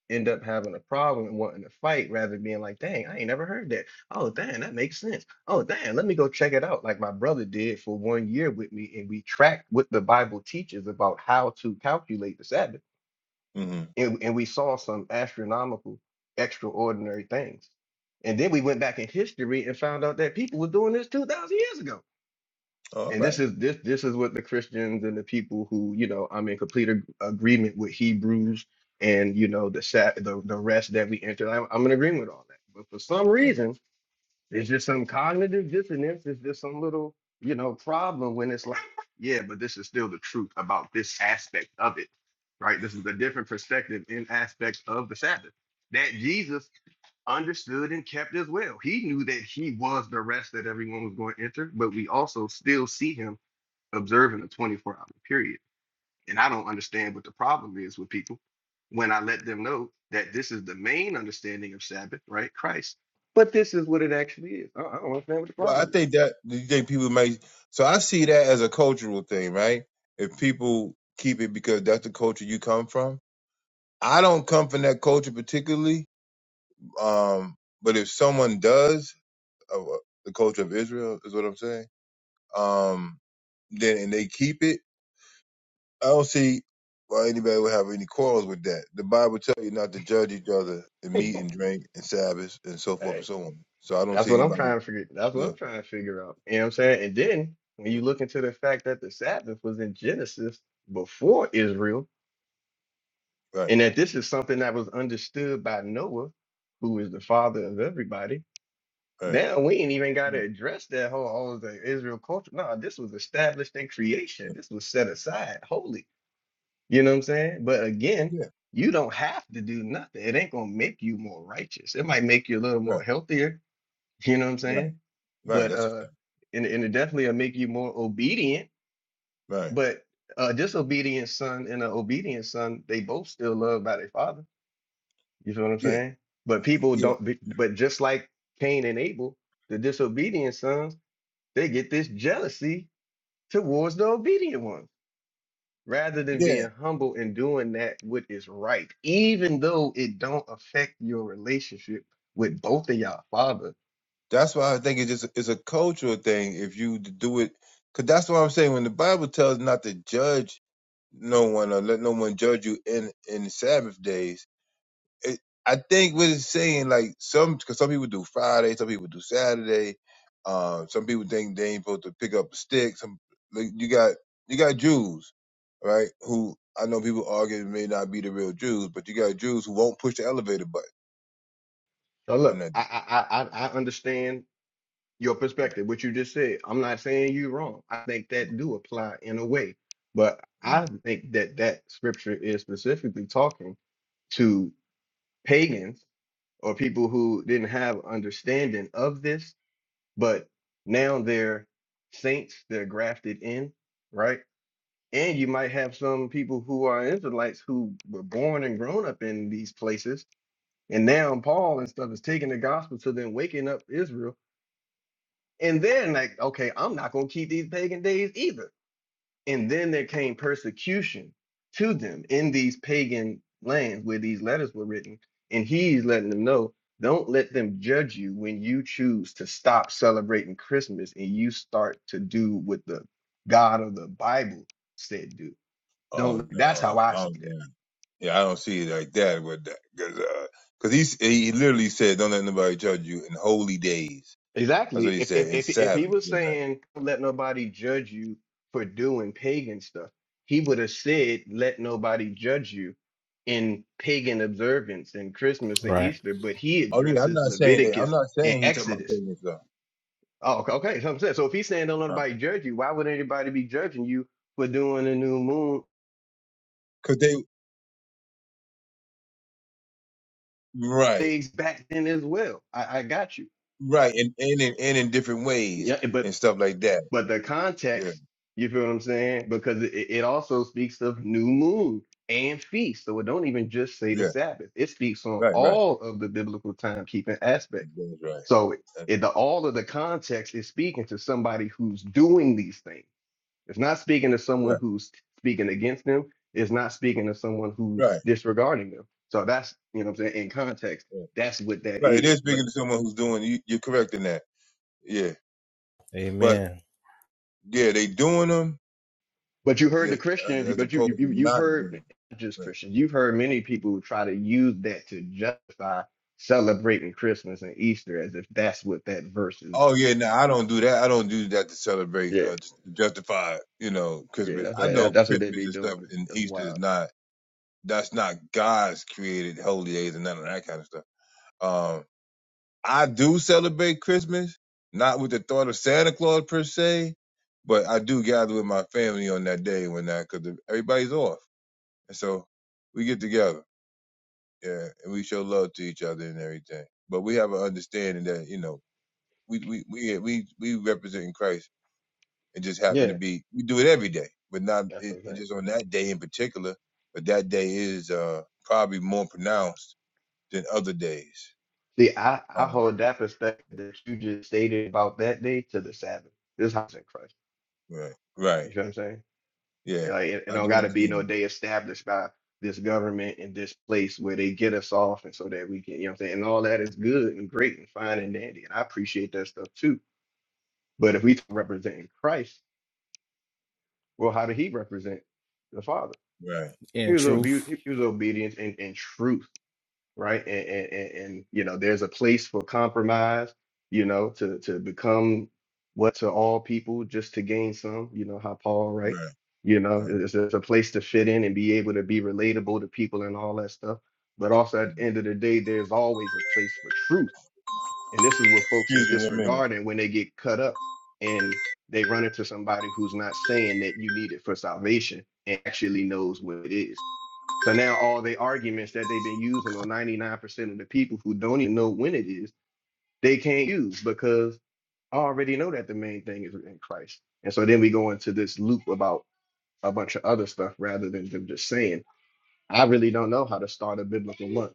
end up having a problem and wanting to fight rather than being like, dang, I ain't never heard that. Oh, dang, that makes sense. Oh, dang, let me go check it out. Like my brother did for one year with me, and we tracked what the Bible teaches about how to calculate the Sabbath. Mm-hmm. And, and we saw some astronomical, extraordinary things. And then we went back in history and found out that people were doing this 2,000 years ago All and right. this is this this is what the Christians and the people who you know I'm in complete ag- agreement with Hebrews and you know the sat the, the rest that we entered. I'm, I'm in agreement with all that, but for some reason there's just some cognitive dissonance. It's just some little you know problem when it's like yeah, but this is still the truth about this aspect of it, right? This is a different perspective in aspect of the Sabbath that Jesus understood and kept as well. He knew that he was the rest that everyone was going to enter, but we also still see him observing a 24 hour period. And I don't understand what the problem is with people when I let them know that this is the main understanding of Sabbath, right? Christ. But this is what it actually is. I I don't understand what the Well, I problem think that you think people might. So I see that as a cultural thing, right? If people keep it because that's the culture you come from. I don't come from that culture particularly, um, but if someone does, uh, uh, the culture of Israel is what I'm saying. Um, then and they keep it, I don't see why anybody would have any quarrels with that. The Bible tells you not to judge each other and is. meat and drink and Sabbath and so forth and hey, so on. So I don't that's see what I'm anybody. trying to figure. That's yeah. what I'm trying to figure out. You know what I'm saying? And then when you look into the fact that the Sabbath was in Genesis before Israel, Right. and that this is something that was understood by Noah, who is the father of everybody Right. Now we ain't even got to Mm, address that whole all of the Israel culture. No, this was established in creation. mm. This was set aside holy. You know what I'm saying? But again, Yeah. you don't have to do nothing. It ain't gonna make you more righteous. It might make you a little more Right. healthier. You know what I'm Right. saying? Right. But That's a uh, fact. and, and it definitely will make you more obedient. Right. But uh, a disobedient son and an obedient son, they both still loved by their father. You feel what I'm Yeah. saying? But people Yeah. don't. be- But just like Cain and Abel, the disobedient sons they get this jealousy towards the obedient ones rather than Yeah. being humble and doing that which is right even though it don't affect your relationship with both of y'all father That's why I think it's just it's a cultural thing. If you d- do it, because that's what I'm saying. When the Bible tells not to judge no one or let no one judge you in in Sabbath days, it, I think what it's saying, like some, because some people do Friday, some people do Saturday, uh, some people think they ain't supposed to pick up a stick. Some like you got you got Jews, right? Who I know people argue may not be the real Jews, but you got Jews who won't push the elevator button so on look that. i i i, I I understand your perspective what you just said i'm not saying you wrong i think that do apply in a way but i think that that scripture is specifically talking to pagans or people who didn't have understanding of this but now they're saints they're grafted in right and you might have some people who are israelites who were born and grown up in these places and now paul and stuff is taking the gospel to them waking up israel and then like okay i'm not going to keep these pagan days either and then there came persecution to them in these pagan lands where these letters were written. And he's letting them know don't let them judge you when you choose to stop celebrating Christmas and you start to do what the God of the Bible said do. Don't Oh let- that's how no, I I don't see that. know. Yeah, I don't see it like that with that, because because he he literally said, "Don't let nobody judge you in holy days." That's Exactly. what he If if said in if if he was Sabbath. saying "Don't let nobody judge you for doing pagan stuff, he would have said let nobody judge you in pagan observance and Christmas and Right. Easter, but he Oh yeah, I'm addresses not saying that. I'm Leviticus not and saying he took my Exodus. parents out. Oh, okay. okay, So I'm saying, so if he's saying don't let Uh, nobody judge you, why would anybody be judging you for doing the new moon Cause they right, things back then as well? I, I got you. right, and and in and in different ways Yeah, but. and stuff like that. but the Yeah, context, you feel what I'm saying? Because it, it also speaks of new moon and feast. So it don't even just say the yeah, Sabbath. It speaks on right, right. all of the biblical timekeeping aspects. That's right. So That's it, the, all of the context is speaking to somebody who's doing these things. It's not speaking to right. someone Right, who's speaking against them. It's not speaking to someone who's right, disregarding them. So that's, you know what I'm saying, in context, right. that's what that Right, It is is. But speaking to someone who's doing. You, you're correct in that. Yeah, but Amen. yeah, they doing them But you heard the they, as, Christians, as but you, opposed you to you've not doing. heard 'em. not just Right. Christians, you've heard many people who try to use that to justify celebrating Christmas and Easter as if that's what that verse is. Oh yeah, no, I don't do that. I don't do that to celebrate, Yeah, uh, to justify, you know, yeah, Christmas. that's I know that, that's what they Christmas be and doing. stuff and That's Easter is wild. not That's not God's created holy days and none of that kind of stuff. Um, I do celebrate Christmas, not with the thought of Santa Claus per se, but I do gather with my family on that day when that because everybody's off, and so we get together, yeah, and we show love to each other and everything. But we have an understanding that you know we we we yeah, we we represent Christ and just happen to Yeah, be we do it every day, but not that's it, it okay. just on that day in particular. But that day is uh, probably more pronounced than other days. See, I Uh, I hold that perspective that you just stated about that day to the Sabbath. This house in Christ. right, You right, know what I'm saying? yeah, Like it, it I don't do got to be understand. no day established by this government in this place where they get us off, and so that we can, you know, what I'm saying, and all that is good and great and fine and dandy, and I appreciate that stuff too. But if we representing Christ, well, how did He represent the Father? Right, He In was right, truth. obedient. He was obedience and, and truth. right? And, and, and, and you know, there's a place for compromise, you know, to to become what to all people just to gain some, you know, how Paul, right? right, You know, right. it's, it's a place to fit in and be able to be relatable to people and all that stuff. But also at the end of the day, there's always a place for truth. And this is what folks is Excuse me one minute. disregarding when they get cut up and they run into somebody who's not saying that you need it for salvation and actually knows what it is so now all the arguments that they've been using on 99% of the people who don't even know when it is, they can't use because I already know that the main thing is in Christ. And so then we go into this loop about a bunch of other stuff rather than them just saying, I really don't know how to start a biblical month.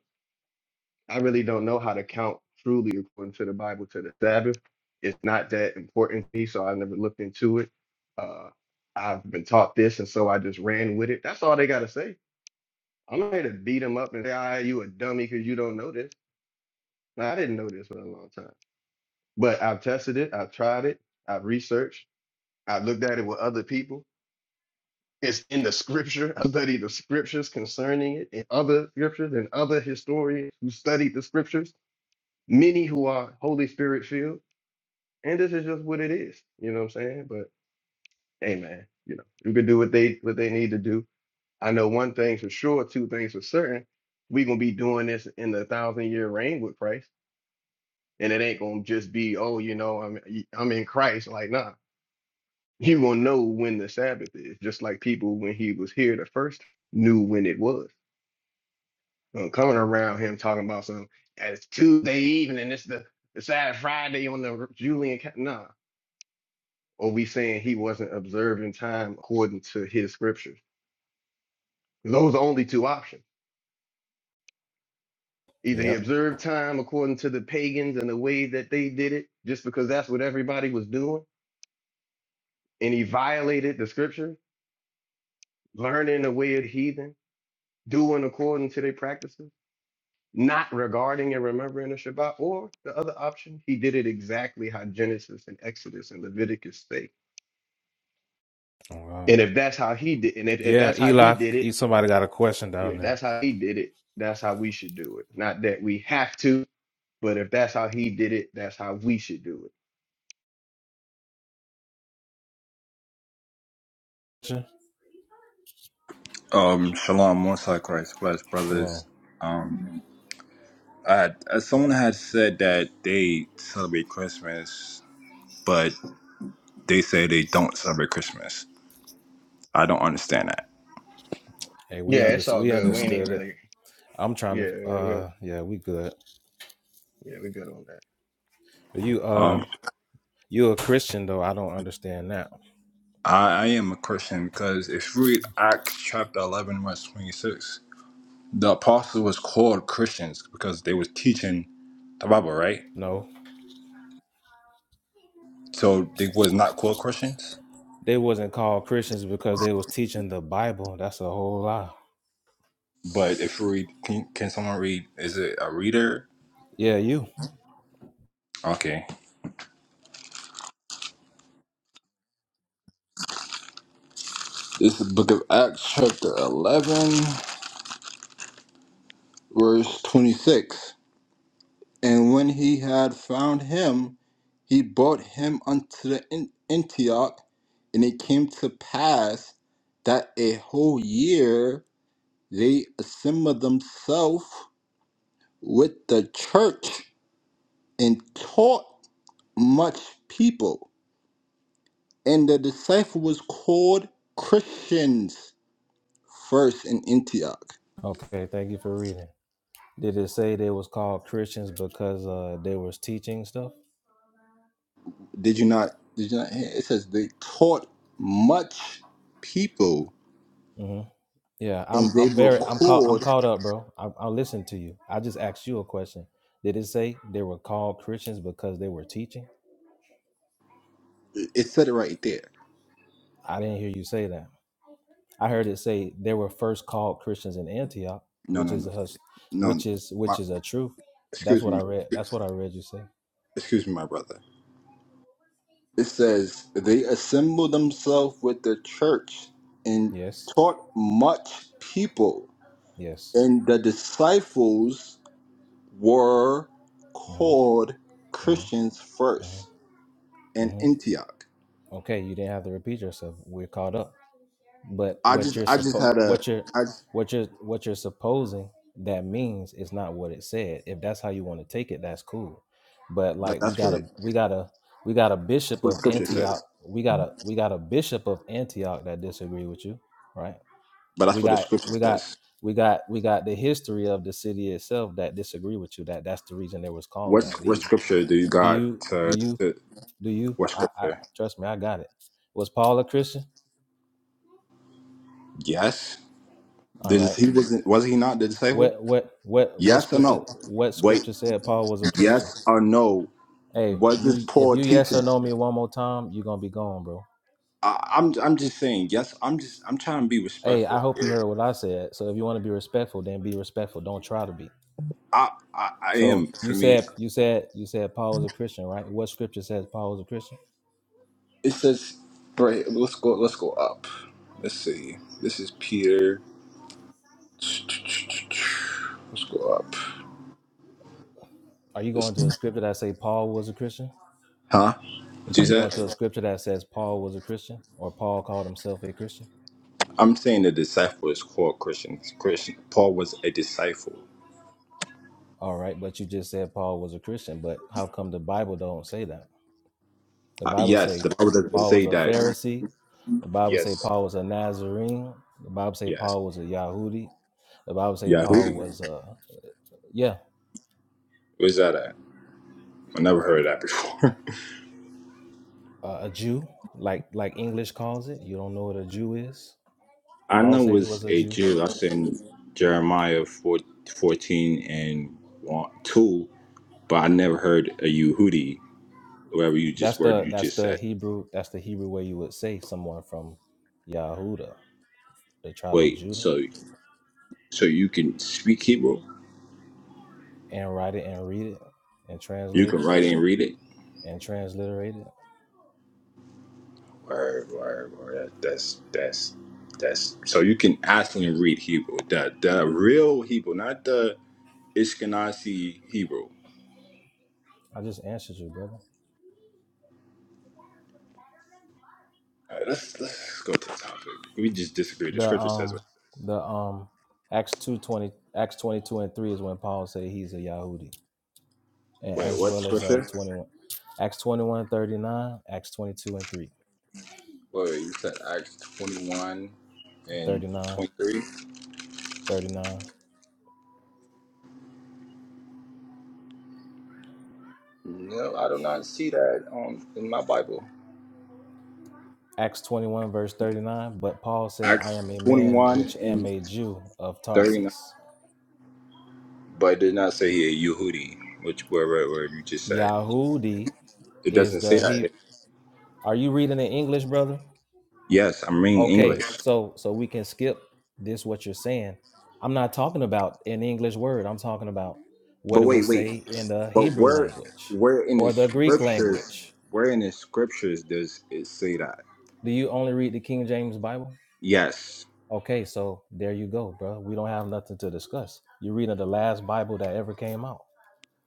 I really don't know how to count truly according to the Bible to the Sabbath. It's not that important to me, so I never looked into it. Uh, I've been taught this, and so I just ran with it. That's all they got to say I'm here to beat him up and say, "Ah, you a dummy because you don't know this." Now, I didn't know this for a long time, but I've tested it, I've tried it, I've researched, I've looked at it with other people. It's in the scripture. I studied the scriptures concerning it, and other scriptures, and other historians who studied the scriptures. Many who are Holy Spirit filled, and this is just what it is. You know what I'm saying? But hey, man, you know, you can do what they what they need to do. I know one thing for sure, two things for certain. We're gonna be doing this in the thousand year reign with Christ and it ain't gonna just be oh you know i'm i'm in christ like nah you gonna know when the sabbath is just like people when he was here the first knew when it was Uh, coming around him talking about some "Yeah, it's tuesday evening it's the it's Sad friday on the julian ca-" nah or we saying he wasn't observing time according to his scriptures those are only two options either he Yep. observed time according to the pagans and the way that they did it just because that's what everybody was doing and he violated the scriptures learning the way of the heathen, doing according to their practices, not regarding and remembering the Shabbat, or the other option, he did it exactly how Genesis and Exodus and Leviticus say. All right. And if that's how he did, and if, if Yeah, that's how he Eli, did e- it, somebody got a question down yeah, there. that's how he did it. That's how we should do it. Not that we have to, but if that's how he did it, that's how we should do it. Sure. Um, Shalom, Mosai Christ, blessed Come on. brothers. Um, I had, uh, someone had said that they celebrate Christmas, but they say they don't celebrate Christmas. I don't understand that. Hey, we Yeah, it's understood all we good. We ain't even understood it. really, I'm yeah, trying to yeah, we uh yeah, we good. yeah, we good on that. But you uh Um, you a Christian though, I don't understand that. I, I am a Christian because if you read Acts chapter 11, verse 26, the apostles was called Christians because they was teaching the Bible, right? No. So they was not called Christians. They wasn't called Christians because they was teaching the Bible. That's a whole lie. But if you read, can, can someone read? Is it a reader? Yeah, you. Okay. This is the book of Acts, chapter 11, verse 26. And when he had found him, he brought him unto the An- Antioch, and it came to pass that a whole year they assembled themselves with the church and taught much people. And the disciple was called Christians first in Antioch. Okay, thank you for reading. Did it say they was called Christians because uh they was teaching stuff? Did you not? Did you not? hear? It says they taught much people, hmm Yeah, I'm and they I'm very I'm caught I'm record. caught up, bro. I, I listen to you. I just asked you a question. Did it say they were called Christians because they were teaching? It said it right there. I didn't hear you say that. I heard it say they were first called Christians in Antioch, No, which no, is no, a hus- no. no. which is My, which is a truth. That's excuse what me, I read. my, That's what I read you say. excuse me, my brother. It says they assembled themselves with the church and Yes. taught much people, Yes. and the disciples were called Mm-hmm. Mm-hmm. Christians Mm-hmm. first in Mm-hmm. Antioch. Okay, you didn't have to repeat yourself. We're caught up. But I what just, you're I just suppo- had a, what you're I, just, what you're what you're supposing that means is not what it said. If that's how you want to take it, that's cool. But but like we that's got what a it we got a we got a bishop what the of scripture says. Antioch. We got a we got a bishop of Antioch that disagree with you, right? But that's We what the got scripture we got says. we got we got the history of the city itself that disagree with you. That that's the reason it was called What that. Do what you scripture do you do got you to, do you to do you? what I, I scripture? trust me. I got it. Was Paul a Christian? Yes. All Did right. he wasn't was he not the disciple? What what what what Yes or scripture no? what Wait, scripture said Paul was a Christian? yes or no? Hey, Was this you if poor you yes teaching? or no me one more time, you're gonna be gone, bro. I, I'm I'm just saying yes. I'm just I'm trying to be Hey, I respectful. hope you heard what I said. So if you want to be respectful, then be respectful. Don't try to be. I I, I am So for you me. said you said you said Paul was a Christian, right? What scripture says Paul was a Christian? It says, right, let's go let's go up. Let's see. This is Peter. Let's go up. Are you This, going to a scripture that say Paul was a Christian? huh? What you Are you going said? to a scripture that says Paul was a Christian or Paul called himself a Christian? I'm saying the disciple is called Christians. Christian Paul was a disciple. All right, but you just said Paul was a Christian, but how come the Bible don't say that? The Uh, Bible yes, say the Bible doesn't Paul say was a that. Pharisee. The Bible say Yes, Paul was a Nazarene. The Bible say yes. Paul was a Yahudi. The Bible say Paul Yahudi. was a yeah Where's that at? I never heard that before. a, a Jew, like like English calls it. You don't know what a Jew is. Paul Anna said he was was a a Jew. Jew. That's in Jeremiah 4 14 and 1, 2, but I never heard a Yehudi, whatever you That's just word the you that's just the said. Hebrew that's the Hebrew way you would say someone from Yahuda, the tribe of Wait, Judah, so so you can speak Hebrew? and write it and read it and You translate can it write and read it? and transliterate it. Word, word, word. That- That's that's that's. So you can actually read Hebrew, the the real Hebrew, not the Ishkenazi Hebrew. I just answered you, brother. All right, let's let's go to the topic. We just disagree. The The scripture says. um the um Acts two twenty Acts twenty two and three is when Paul said he's a Yahudi, and Wait, as what well as uh scripture? twenty one Acts 21 39, Acts twenty two and three Wait, you said Acts twenty one and thirty nine, twenty three. thirty nine, No, I do not see that um in my Bible. Acts 21, verse 39. But Paul said, I Acts am a twenty man one which am and a Jew of thirty nine, Tarsus. but it did not say here Yehudi, which where where where you just said. Yahudi It is doesn't say the that he. Are you reading in English, brother? Yes, I'm reading English. Okay, so so we can skip this what you're saying. I'm not talking about an English word. I'm talking about But what it wait, would wait. say in the But Hebrew where language where in the or the Greek scriptures language. where in the scriptures does it say that? Do you only read the King James Bible? Yes. Okay, so there you go, bro. We don't have nothing to discuss. You're reading the last Bible that ever came out.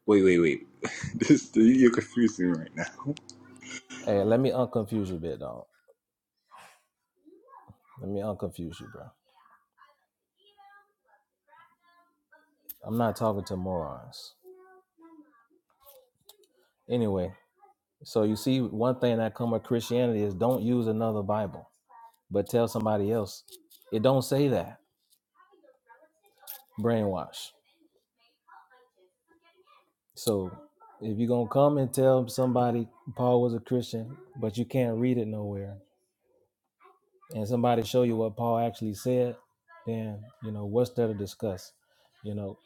Wait, wait, wait. this you're confusing me right now. Hey, let me unconfuse you a bit, dog. Let me unconfuse you, bro. I'm not talking to morons. Anyway, so you see, one thing that come with Christianity is don't use another Bible. but tell somebody else. It don't say that. Brainwash. So if you're gonna come and tell somebody Paul was a Christian, but you can't read it nowhere, and somebody show you what Paul actually said, then you know what's there to discuss. You know,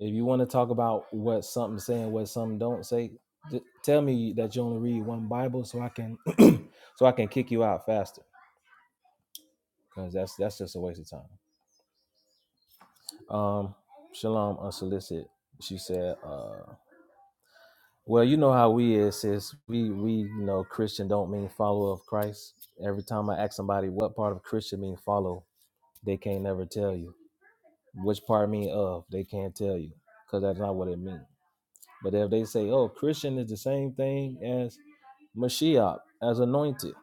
if you want to talk about what something saying, what something don't say, j- tell me that you only read one Bible so I can so I can kick you out faster because that's that's just a waste of time. Um, Shalom unsolicited. She said. Uh, Well, you know how we is, sis. We we you know Christian don't mean follower of Christ. Every time I ask somebody what part of Christian mean follow, they can't never tell you. Which part mean of, they can't tell you. Because that's not what it means. But if they say, oh, Christian is the same thing as Mashiach, as anointed,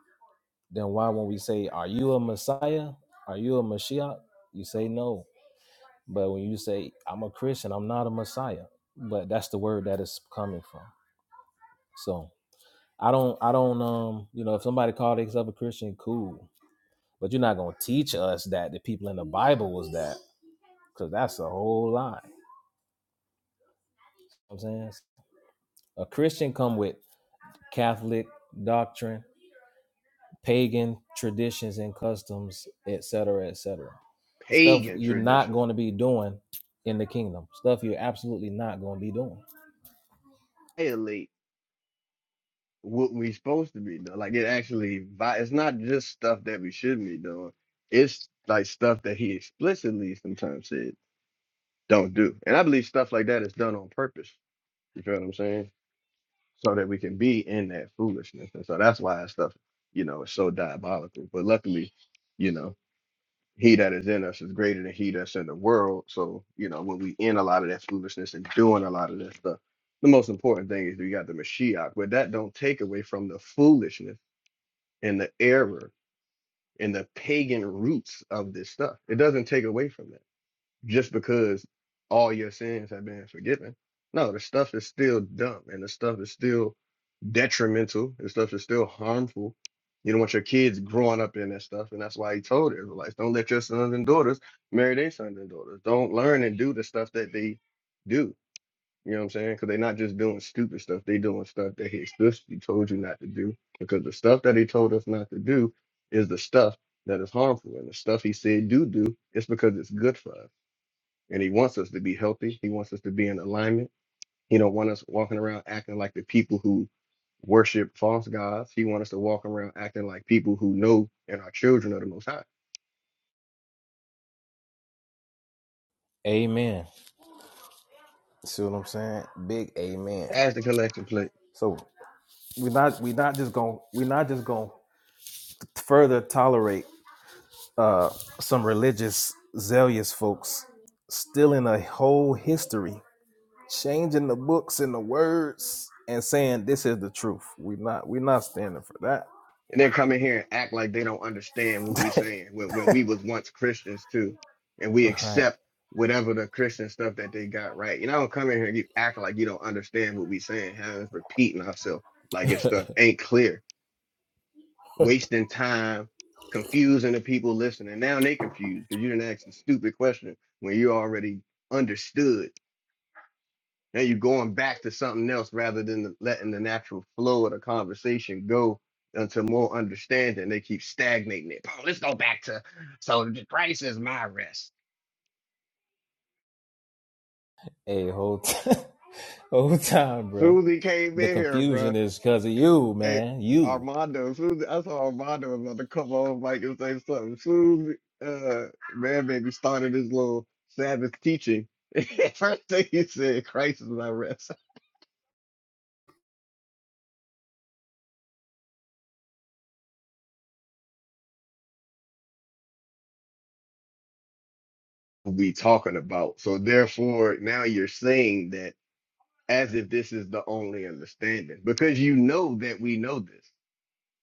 then why when we say, Are you a Messiah? Are you a Mashiach? You say no. But when you say, I'm a Christian, I'm not a Messiah. But that's the word that is coming from. So I don't I don't um you know if somebody called themselves a Christian, cool. But you're not gonna teach us that the people in the Bible was that, because that's a whole lie. You know what I'm saying a Christian come with Catholic doctrine, pagan traditions and customs, etc., cetera, etc. Cetera. Stuff Pagan you're not tradition, going to be doing in the kingdom. Stuff you're absolutely not going to be doing. violate what we supposed to be doing. Like it actually, vi- it's not just stuff that we shouldn't be doing. It's like stuff that he explicitly sometimes said don't do. And I believe stuff like that is done on purpose. You feel what I'm saying? So that we can be in that foolishness. And so that's why that stuff, you know, is so diabolical. But luckily, you know, he that is in us is greater than he that's in the world. So, you know, when we in a lot of that foolishness and doing a lot of that stuff, the most important thing is we got the Mashiach, but that don't take away from the foolishness and the error and the pagan roots of this stuff. It doesn't take away from that just because all your sins have been forgiven. No, the stuff is still dumb and the stuff is still detrimental. The stuff is still harmful. You don't want your kids growing up in that stuff. And that's why he told Israelites don't let your sons and daughters marry their sons and daughters. Don't learn and do the stuff that they do. You know what I'm saying? Because they're not just doing stupid stuff; they doing stuff that he explicitly told you not to do. Because the stuff that he told us not to do is the stuff that is harmful, and the stuff he said do do is because it's good for us, and he wants us to be healthy. He wants us to be in alignment. He don't want us walking around acting like the people who worship false gods. He wants us to walk around acting like people who know and are children of the Most High. Amen. See what I'm saying? Big amen. As the collection plate. So we're not we're not just going we're not just going to further tolerate uh, some religious zealous folks stealing a whole history, changing the books and the words, and saying this is the truth. We're not we're not standing for and then come in here and act like they don't understand what we that. saying when, when we was once Christians too, and we right. accept whatever the Christian stuff that they got right. You know, don't come in here and you act like you don't understand what we saying, having us repeating ourselves like if stuff ain't clear, wasting time, confusing the people listening. Now they confused because you didn't ask a stupid question when you already understood. Now you're going back to something else rather than letting the natural flow of the conversation go into more understanding. They keep stagnating it. Oh, let's go back to so Christ is my rest. Hey, whole t- whole time, bro. Susie came The in here, bro. confusion is because of you, Hey, man. You. Armando, Susie, I saw Armando was about to come on mic and say something. Susie, uh, man, baby started his little Sabbath teaching. First thing he said, Christ is my rest. We talking about. So therefore, now you're saying that as if this is the only understanding because you know that we know this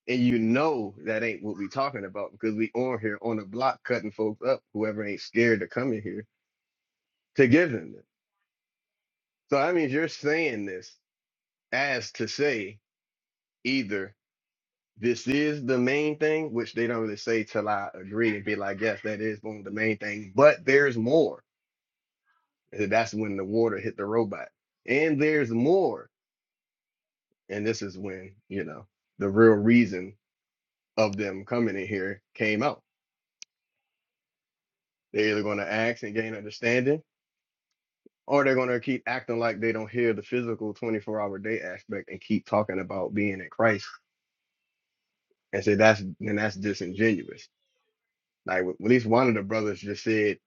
and you know that ain't what we talking about because we on here on the block cutting folks up whoever ain't scared to come in here to give them this so that means you're saying this as to say either this is the main thing which they don't really say till i agree and be like yes that is one of the main things but there's more and that's when the water hit the robot and there's more and this is when you know the real reason of them coming in here came out. They're either going to ask and gain understanding, or they're going to keep acting like they don't hear the physical 24 hour day aspect and keep talking about being in Christ and say that's then that's disingenuous. Like at least one of the brothers just said,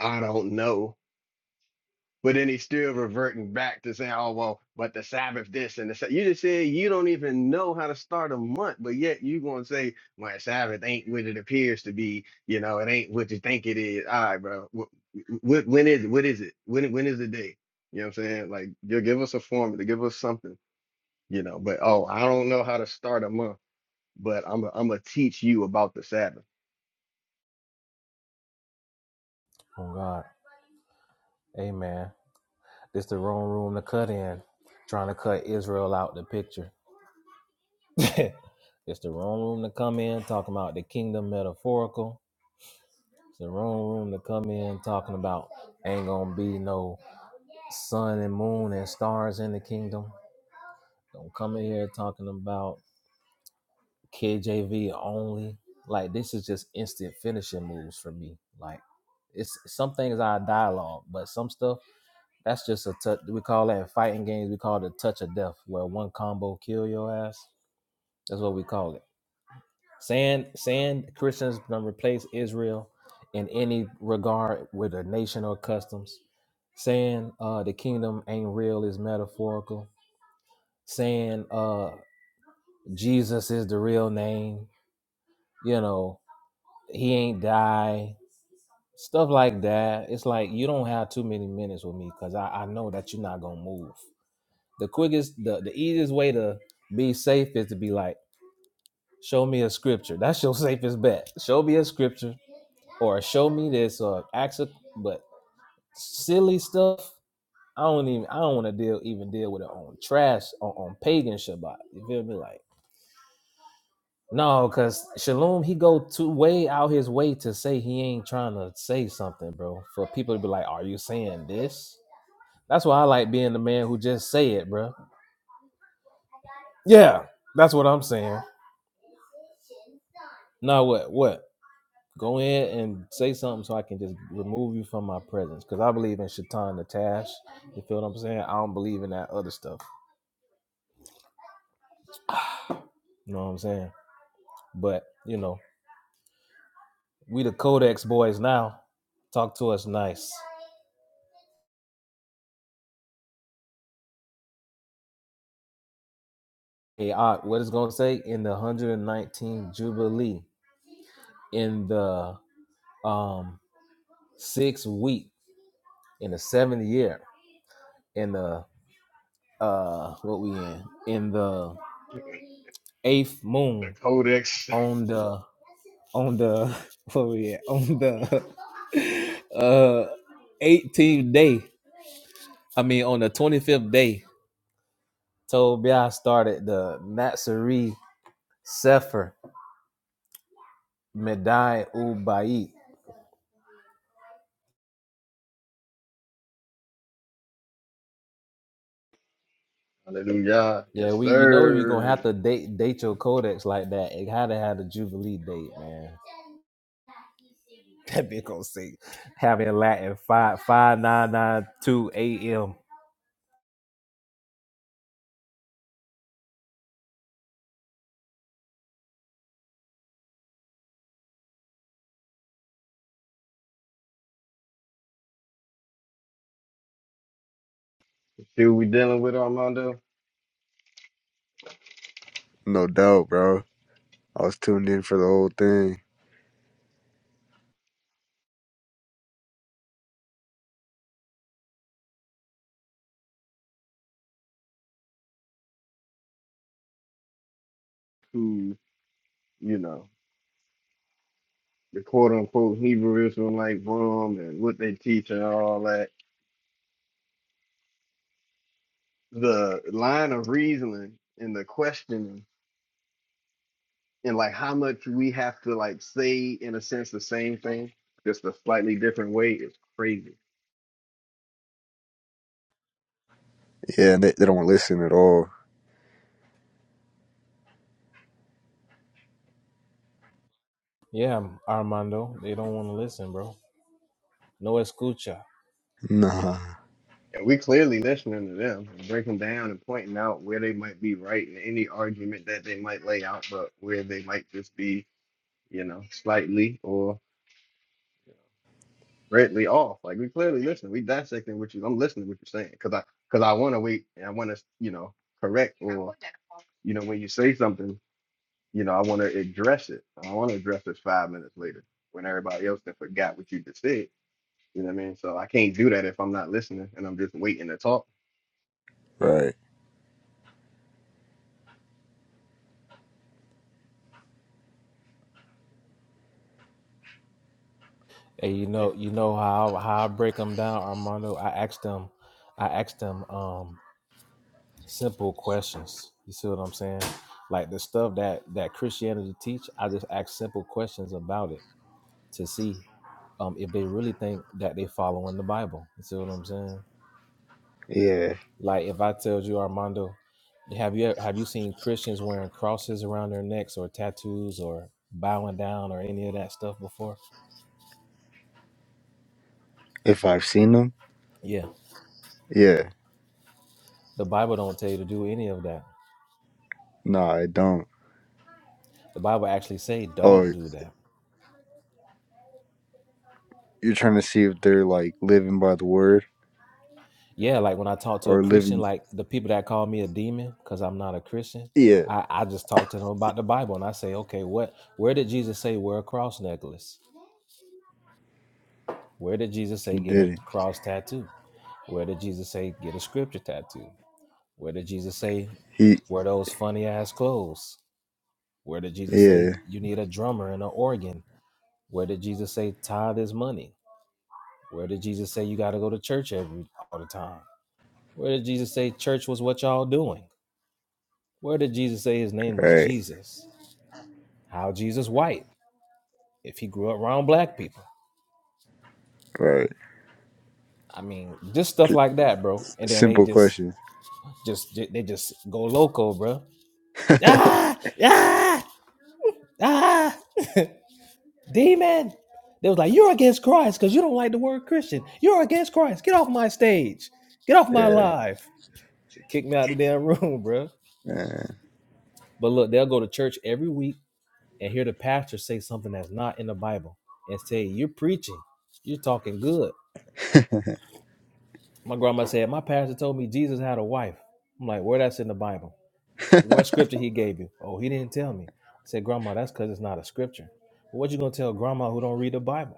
I don't know. But then he's still reverting back to saying, oh, well, but the Sabbath this and the Sabbath. You just said you don't even know how to start a month, but yet you going to say, well, Sabbath ain't what it appears to be. You know, it ain't what you think it is. All right, bro. What, when is it? What is it? When, when is the day? You know what I'm saying? Like, you'll give us a formula, give us something, you know, but oh, I don't know how to start a month, but I'm going to teach you about the Sabbath. Oh God. Hey, man. This the wrong room to cut in. Trying to cut Israel out the picture. it's the wrong room to come in talking about the kingdom metaphorical. It's the wrong room to come in talking about ain't gonna be no sun and moon and stars in the kingdom. Don't come in here talking about KJV only. Like this is just instant finishing moves for me. Like it's some things I dialogue, but some stuff that's just a touch. We call that in fighting games. We call it a touch of death, where one combo kill your ass. That's what we call it. Saying saying Christians gonna replace Israel in any regard with a nation or customs. Saying uh, the kingdom ain't real is metaphorical. Saying uh, Jesus is the real name. You know he ain't die. Stuff like that. It's like you don't have too many minutes with me because I, I know that you're not gonna move. The quickest, the, the easiest way to be safe is to be like, show me a scripture. That's your safest bet. Show me a scripture or show me this or ask a, but silly stuff I don't even I don't want to deal even deal with it on trash on, on pagan Shabbat. You feel me? Like no, cause Shalom he go to way out his way to say he ain't trying to say something, bro. For people to be like, are you saying this? That's why I like being the man who just say it, bro. Yeah, that's what I'm saying. Now what? What? Go in and say something so I can just remove you from my presence, cause I believe in Shaitan the Tash You feel what I'm saying? I don't believe in that other stuff. You know what I'm saying? But you know, we the Codex boys now. Talk to us nice. Hey, I, what it's gonna say in the 119th Jubilee, in the um sixth week, in the seventh year, in the uh what we in, in the eighth The moon, Codex. on the on the what we at? on the uh 18th day. I mean on the 25th day Tobiah started the Natsari Sefer Medai Ubayit. Hallelujah. Yeah, Yes, we you know you're gonna sir. have to date date your codex like that. It had to have the Jubilee date, man. That bitch gonna say having Latin five five nine nine two AM. See what we dealing with, Armando? No doubt, bro. I was tuned in for the whole thing. Who? you know, the quote unquote Hebrew Israelite room and what they teach and all that, the line of reasoning and the questioning and like how much we have to like say in a sense the same thing, just a slightly different way is crazy. Yeah, and they, they don't listen at all. Yeah, Armando, they don't want to listen, bro. No escucha. Nah. And we clearly listening to them and breaking down and pointing out where they might be right in any argument that they might lay out, but where they might just be, you know, slightly or greatly off. Like we clearly listen, we dissecting what you. I'm listening to what you're saying because I because I want to wait and I want to you know correct or you know when you say something, you know I want to address it. I don't want to address this five minutes later when everybody else then forgot what you just said. You know what I mean? So I can't do that if I'm not listening and I'm just waiting to talk. Right. Hey, you Yeah. know, you know how how I break them down, Armando. I asked them, I asked them. Um, simple questions. You see what I'm saying? Like the stuff that that Christianity teach, I just ask simple questions about it to see um if they really think that they following the Bible. You see what I'm saying? Yeah. Like if I tell you Armando, have you have you seen Christians wearing crosses around their necks or tattoos or bowing down or any of that stuff before? If I've seen them, Yeah. yeah. The Bible don't tell you to do any of that. Nah, I don't. The Bible actually say don't Oh, do that. you're trying to see if they're like living by the word yeah, like when I talk to a or Christian, living. like the people that call me a demon because I'm not a Christian, Yeah. I, I just talk to them about the Bible and I say, okay, what where did Jesus say wear a cross necklace? Where did Jesus You say get a didn't. cross tattoo? Where did Jesus say get a scripture tattoo? Where did Jesus say He. wear those funny ass clothes? Where did Jesus say Yeah. you need a drummer and an organ? Where did Jesus say tithe is money? Where did Jesus say you got to go to church every all the time? Where did Jesus say church was what y'all doing? Where did Jesus say his name was Right. Jesus? How Jesus white? If he grew up around black people? Right. I mean, just stuff Th- like that, bro. And then they simple just, question. just, they just go loco, bro. Ah, ah, ah, demon. They was like, you're against Christ because you don't like the word Christian. You're against Christ. Get off my stage. Get off my Yeah. life. Kick me out the damn room, bro. Man. But look, they'll go to church every week and hear the pastor say something that's not in the Bible and say, you're preaching. You're talking good My grandma said, My pastor told me Jesus had a wife. I'm like, Where that's in the Bible? What scripture he gave you? Oh, he didn't tell me. I said, Grandma, that's because it's not a scripture. Well, what you gonna tell grandma who don't read the Bible?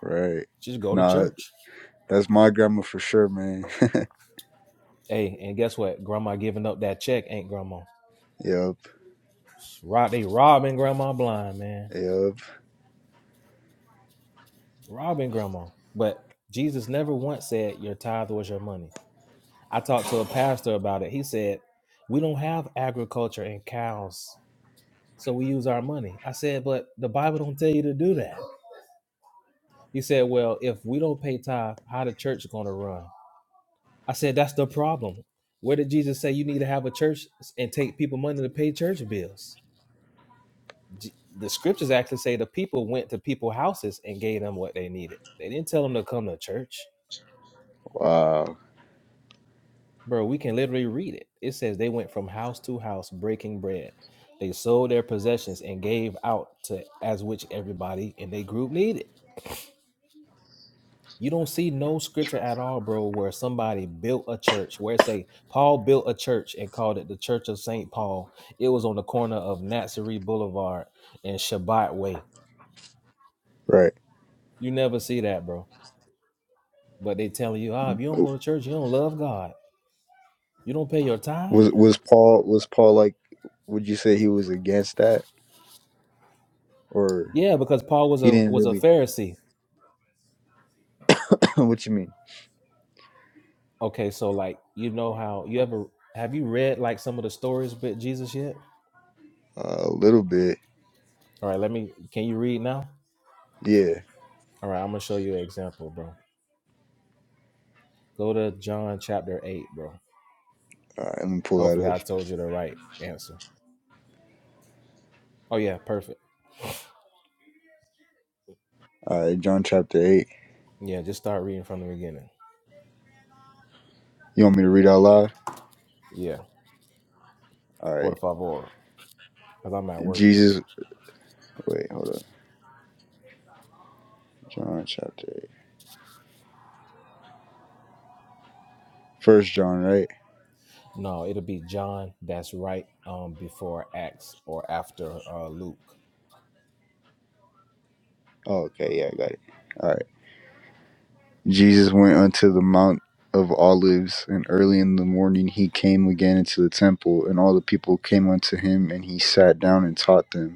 Right. Just go to Nah, church. that's my grandma for sure, man. Hey, and guess what? Grandma giving up that check ain't grandma. Yup. Rob they robbing grandma blind, man. Yup. Robbing grandma. But Jesus never once said your tithe was your money. I talked to a pastor about it. He said, We don't have agriculture and cows. so we use our money. I said, but the Bible don't tell you to do that. He said, well, if we don't pay tithe, how the church is going to run? I said, that's the problem. Where did Jesus say you need to have a church and take people money to pay church bills? J- The scriptures actually say the people went to people's houses and gave them what they needed. They didn't tell them to come to church. Wow. Bro, we can literally read it. It says they went from house to house breaking bread. They sold their possessions and gave out to as which everybody in their group needed. You don't see no scripture at all, bro, where somebody built a church, where say Paul built a church and called it the Church of St. Paul. It was on the corner of Nazarene Boulevard and Shabbat Way. Right. You never see that, bro. But they telling you, ah, if you don't go to church, you don't love God. You don't pay your tithe. Was was Paul was Paul like? Would you say he was against that, or Yeah, because Paul was he a didn't was a really? Pharisee. what you mean? Okay, so like you know how you ever have you read like some of the stories with Jesus yet? Uh, a little bit, All right, let me. Can you read now? yeah. All right, I'm gonna show you an example, bro. Go to John chapter eight, bro. All right, let me pull that Hopefully, up. I told you the right answer. Oh, yeah, perfect. All right, John chapter eight. Yeah, just start reading from the beginning. You want me to read out loud? Yeah, All por right, favor, because I'm at work. Jesus. Wait, hold on. John chapter eight. First John, right? No, it'll be John that's right um, before Acts or after uh, Luke. Oh, okay, yeah, I got it. All right. Jesus went unto the Mount of Olives, and early in the morning he came again into the temple, and all the people came unto him, and he sat down and taught them.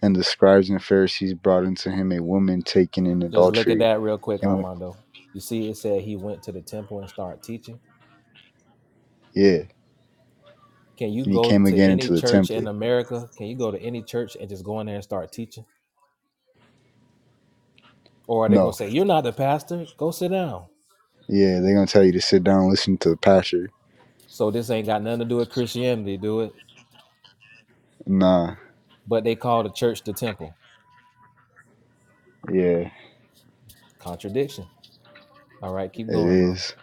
And the scribes and Pharisees brought unto him a woman taken in Just look at adultery. that real quick, And when, Armando. You see, it said he went to the temple and started teaching. yeah, Can you and he go came to again any into the church in temple. America? Can you go to any church and just go in there and start teaching? Or are they going to No, say, You're not the pastor? Go sit down. yeah, they're gonna tell you to sit down and listen to the pastor. So this ain't got nothing to do with Christianity, do it? Nah, but they call the church the temple. yeah, it Contradiction. All right, keep going, bro. is.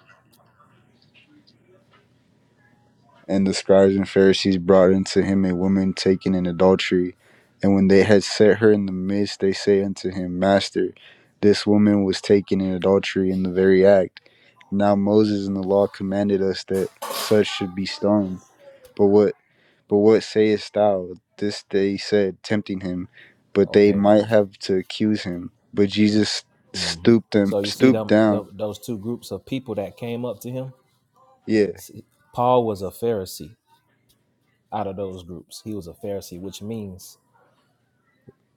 And the scribes and Pharisees brought unto him a woman taken in adultery. And when they had set her in the midst, they say unto him, Master, this woman was taken in adultery in the very act. Now Moses in the law commanded us that such should be stoned. But what? But what sayest thou? This they said, tempting him, but they Okay. might have to accuse him. But Jesus hmm stooped them, So you see stooped them down. tho- those two groups of people that came up to him. Yeah, See, Paul was a Pharisee. Out of those groups, he was a Pharisee, which means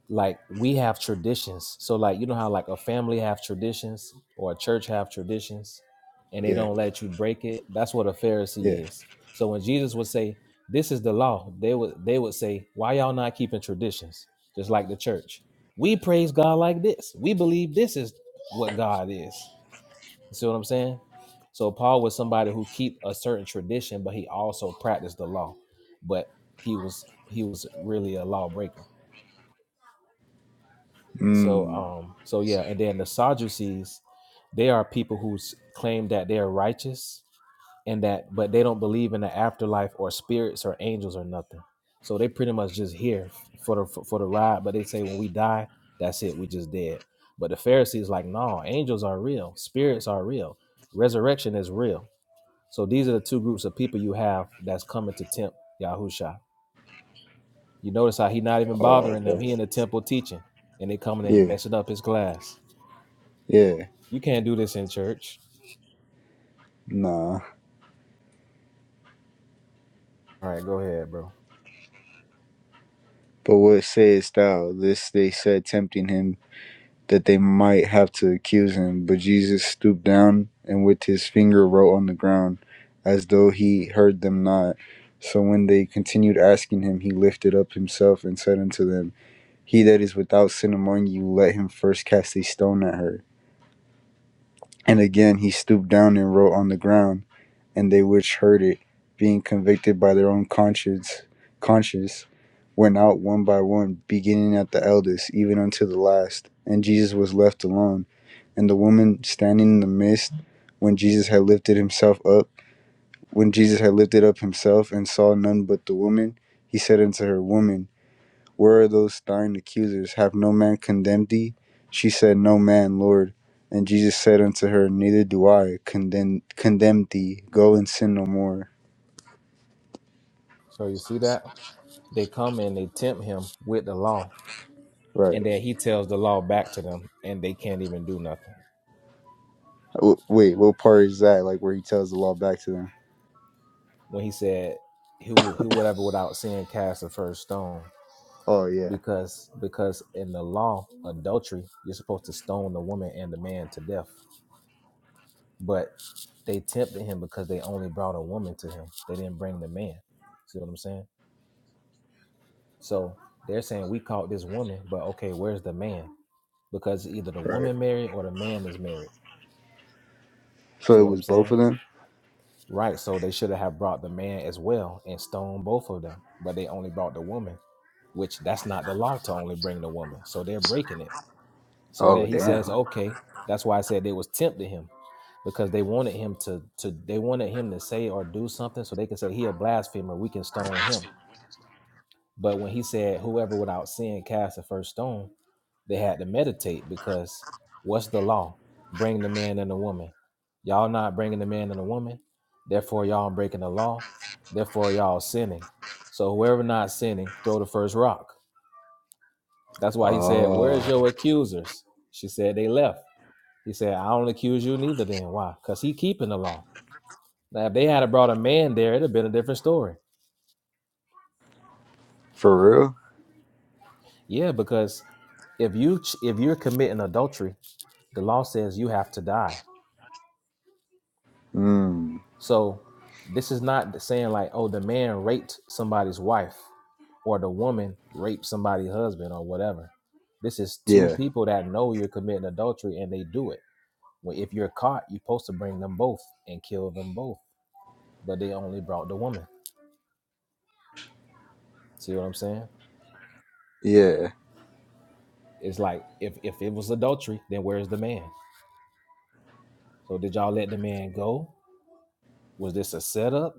like we have traditions. So like you know how like a family have traditions or a church have traditions and they yeah, don't let you break it. That's what a yeah. Pharisee is. So when Jesus would say, "This is the law," they would they would say, "Why y'all not keeping traditions?" Just like the church. We praise God like this. We believe this is what God is. You see what I'm saying? So Paul was somebody who keep a certain tradition, but he also practiced the law. But he was he was really a lawbreaker. So Mm. um so yeah, and then the Sadducees, they are people who s- claim that they are righteous and that but they don't believe in the afterlife or spirits or angels or nothing. So they pretty much just here for the for, for the ride, but they say when we die, that's it, we just dead. But the Pharisees like, no, angels are real, spirits are real, resurrection is real. So these are the two groups of people you have that's coming to tempt Yahusha. You notice how he not even Oh, bothering them. okay. He in the temple teaching, and they coming in and Yeah, messing up his class. yeah. You can't do this in church. Nah. All right, go ahead, bro. But what sayest thou? This they said, tempting him, that they might have to accuse him. But Jesus stooped down and with his finger wrote on the ground, as though he heard them not. So when they continued asking him, he lifted up himself and said unto them, He that is without sin among you, let him first cast a stone at her. And again he stooped down and wrote on the ground, and they which heard it, being convicted by their own conscience, conscience, went out one by one, beginning at the eldest, even unto the last. And Jesus was left alone. And the woman standing in the midst, when Jesus had lifted himself up, when Jesus had lifted up himself and saw none but the woman, he said unto her, Woman, where are those thine accusers? Have no man condemned thee? She said, No man, Lord. And Jesus said unto her, Neither do I condemn, condemn thee. Go and sin no more. So you see that? They come and they tempt him with the law, and Right. then he tells the law back to them, and they can't even do nothing. W- wait, what part is that? Like where he tells the law back to them? When he said, "Who, who, whatever, without sin, cast the first stone," Oh, yeah. because because in the law, adultery, you're supposed to stone the woman and the man to death, but they tempted him because they only brought a woman to him. They didn't bring the man. See what I'm saying? So they're saying we caught this woman, but okay, where's the man? because either the Right. woman married or the man is married. So See it what I'm was both saying? of them? Right. So they should have brought the man as well and stoned both of them, but they only brought the woman, which that's not the law to only bring the woman. So they're breaking it. So then Oh, he says, damn. okay, that's why I said they was tempting him because they wanted him to to they wanted him to say or do something so they could say he a blasphemer. We can stone him. But when he said, whoever without sin cast the first stone, They had to meditate because what's the law? Bring the man and the woman. Y'all not bringing the man and the woman. Therefore, y'all breaking the law. Therefore, y'all sinning. So whoever not sinning, throw the first rock. That's why he said, Oh, "Where's your accusers?" She said, "They left." He said, "I don't accuse you neither." Then why? Because he keeping the law. Now, if they had brought a man there, it'd have been a different story. for real? Yeah, because if you if you're if you committing adultery, the law says you have to die. Mm. So this is not saying like, oh, the man raped somebody's wife or the woman raped somebody's husband or whatever. This is two Yeah. people that know you're committing adultery and they do it. Well, if you're caught, you're supposed to bring them both and kill them both, but they only brought the woman. See what I'm saying? Yeah. It's like if if it was adultery, then where's the man? So did y'all let the man go? Was this a setup?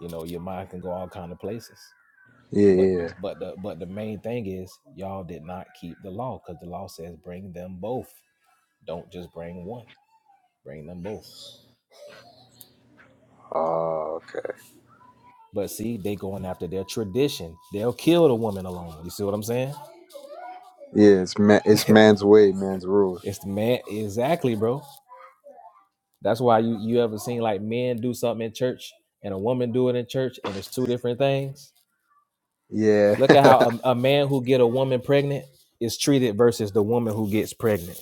You know, your mind can go all kind of places. Yeah. But the, Yeah. but the, but the main thing is y'all did not keep the law because the law says bring them both. Don't just bring one. Bring them both. Oh, okay. But see, they going after their tradition. They'll kill the woman alone. You see what I'm saying? Yeah, it's, ma- it's man's way, man's rules. It's the man exactly, bro. That's why you you ever seen like men do something in church and a woman do it in church, and it's two different things. Yeah. Look at how a, a man who get a woman pregnant is treated versus the woman who gets pregnant.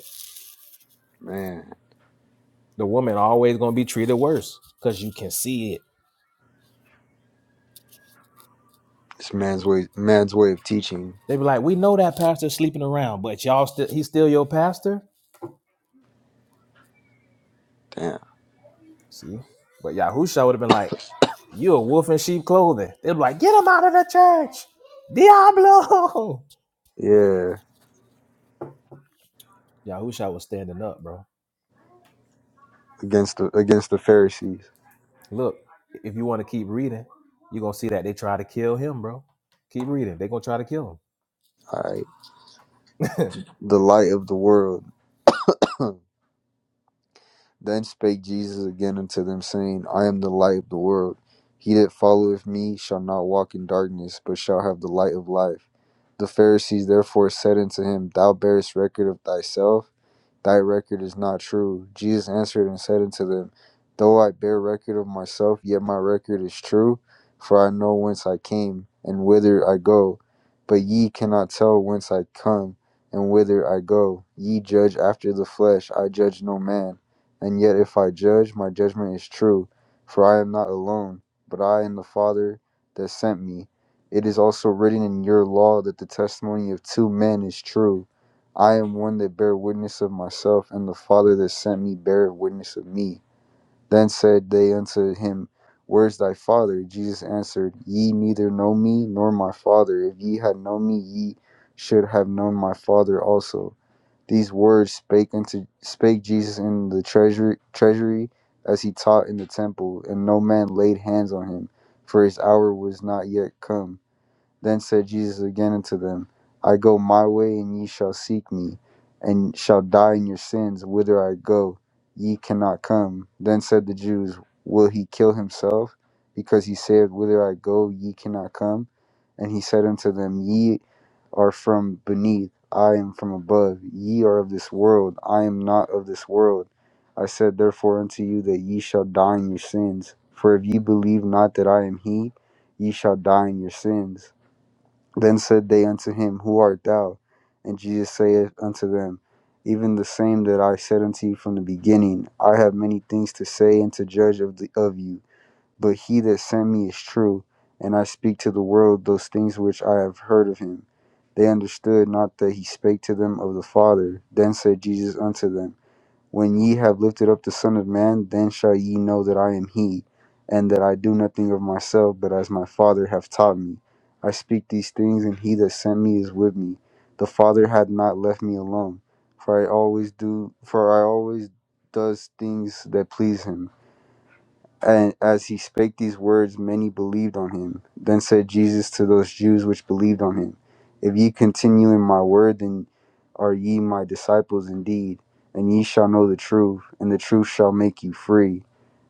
Man. The woman always gonna be treated worse because you can see it. It's man's way man's way of teaching. They be like, we know that pastor's sleeping around, but y'all still he's still your pastor. Damn. See, but Yahusha would have been like, you a wolf in sheep clothing. They'd be like, get him out of the church, Diablo. Yeah. Yahusha was standing up, bro. Against the against the Pharisees. Look, if you want to keep reading, you're gonna see that they try to kill him, bro. Keep reading. They're gonna try to kill him. All right. The light of the world. Then spake Jesus again unto them, saying, I am the light of the world. He that followeth me shall not walk in darkness, but shall have the light of life. The Pharisees therefore said unto him, Thou bearest record of thyself, thy record is not true. Jesus answered and said unto them, Though I bear record of myself, yet my record is true, for I know whence I came, and whither I go. But ye cannot tell whence I come, and whither I go. Ye judge after the flesh, I judge no man. And yet, if I judge, my judgment is true, for I am not alone, but I and the Father that sent me. It is also written in your law that the testimony of two men is true. I am one that bear witness of myself, and the Father that sent me bear witness of me. Then said they unto him, Where is thy Father? Jesus answered, Ye neither know me nor my Father. If ye had known me, ye should have known my Father also. These words spake unto spake Jesus in the treasury treasury as he taught in the temple, and no man laid hands on him, for his hour was not yet come. Then said Jesus again unto them, I go my way, and ye shall seek me, and shall die in your sins. Whither I go, ye cannot come. Then said the Jews, Will he kill himself? Because he said, Whither I go, ye cannot come. And he said unto them, Ye are from beneath, I am from above. Ye are of this world, I am not of this world. I said therefore unto you that ye shall die in your sins. For if ye believe not that I am he, ye shall die in your sins. Then said they unto him, Who art thou? And Jesus saith unto them, Even the same that I said unto you from the beginning. I have many things to say and to judge of, the, of you, but he that sent me is true, and I speak to the world those things which I have heard of him. They understood not that he spake to them of the Father. Then said Jesus unto them, when ye have lifted up the Son of Man, then shall ye know that I am he, and that I do nothing of myself, but as my Father hath taught me. I speak these things, and he that sent me is with me. The Father hath not left me alone, for I always do for I always does things that please him. And as he spake these words, many believed on him. Then said Jesus to those Jews which believed on him, If ye continue in my word, then are ye my disciples indeed, and ye shall know the truth, and the truth shall make you free.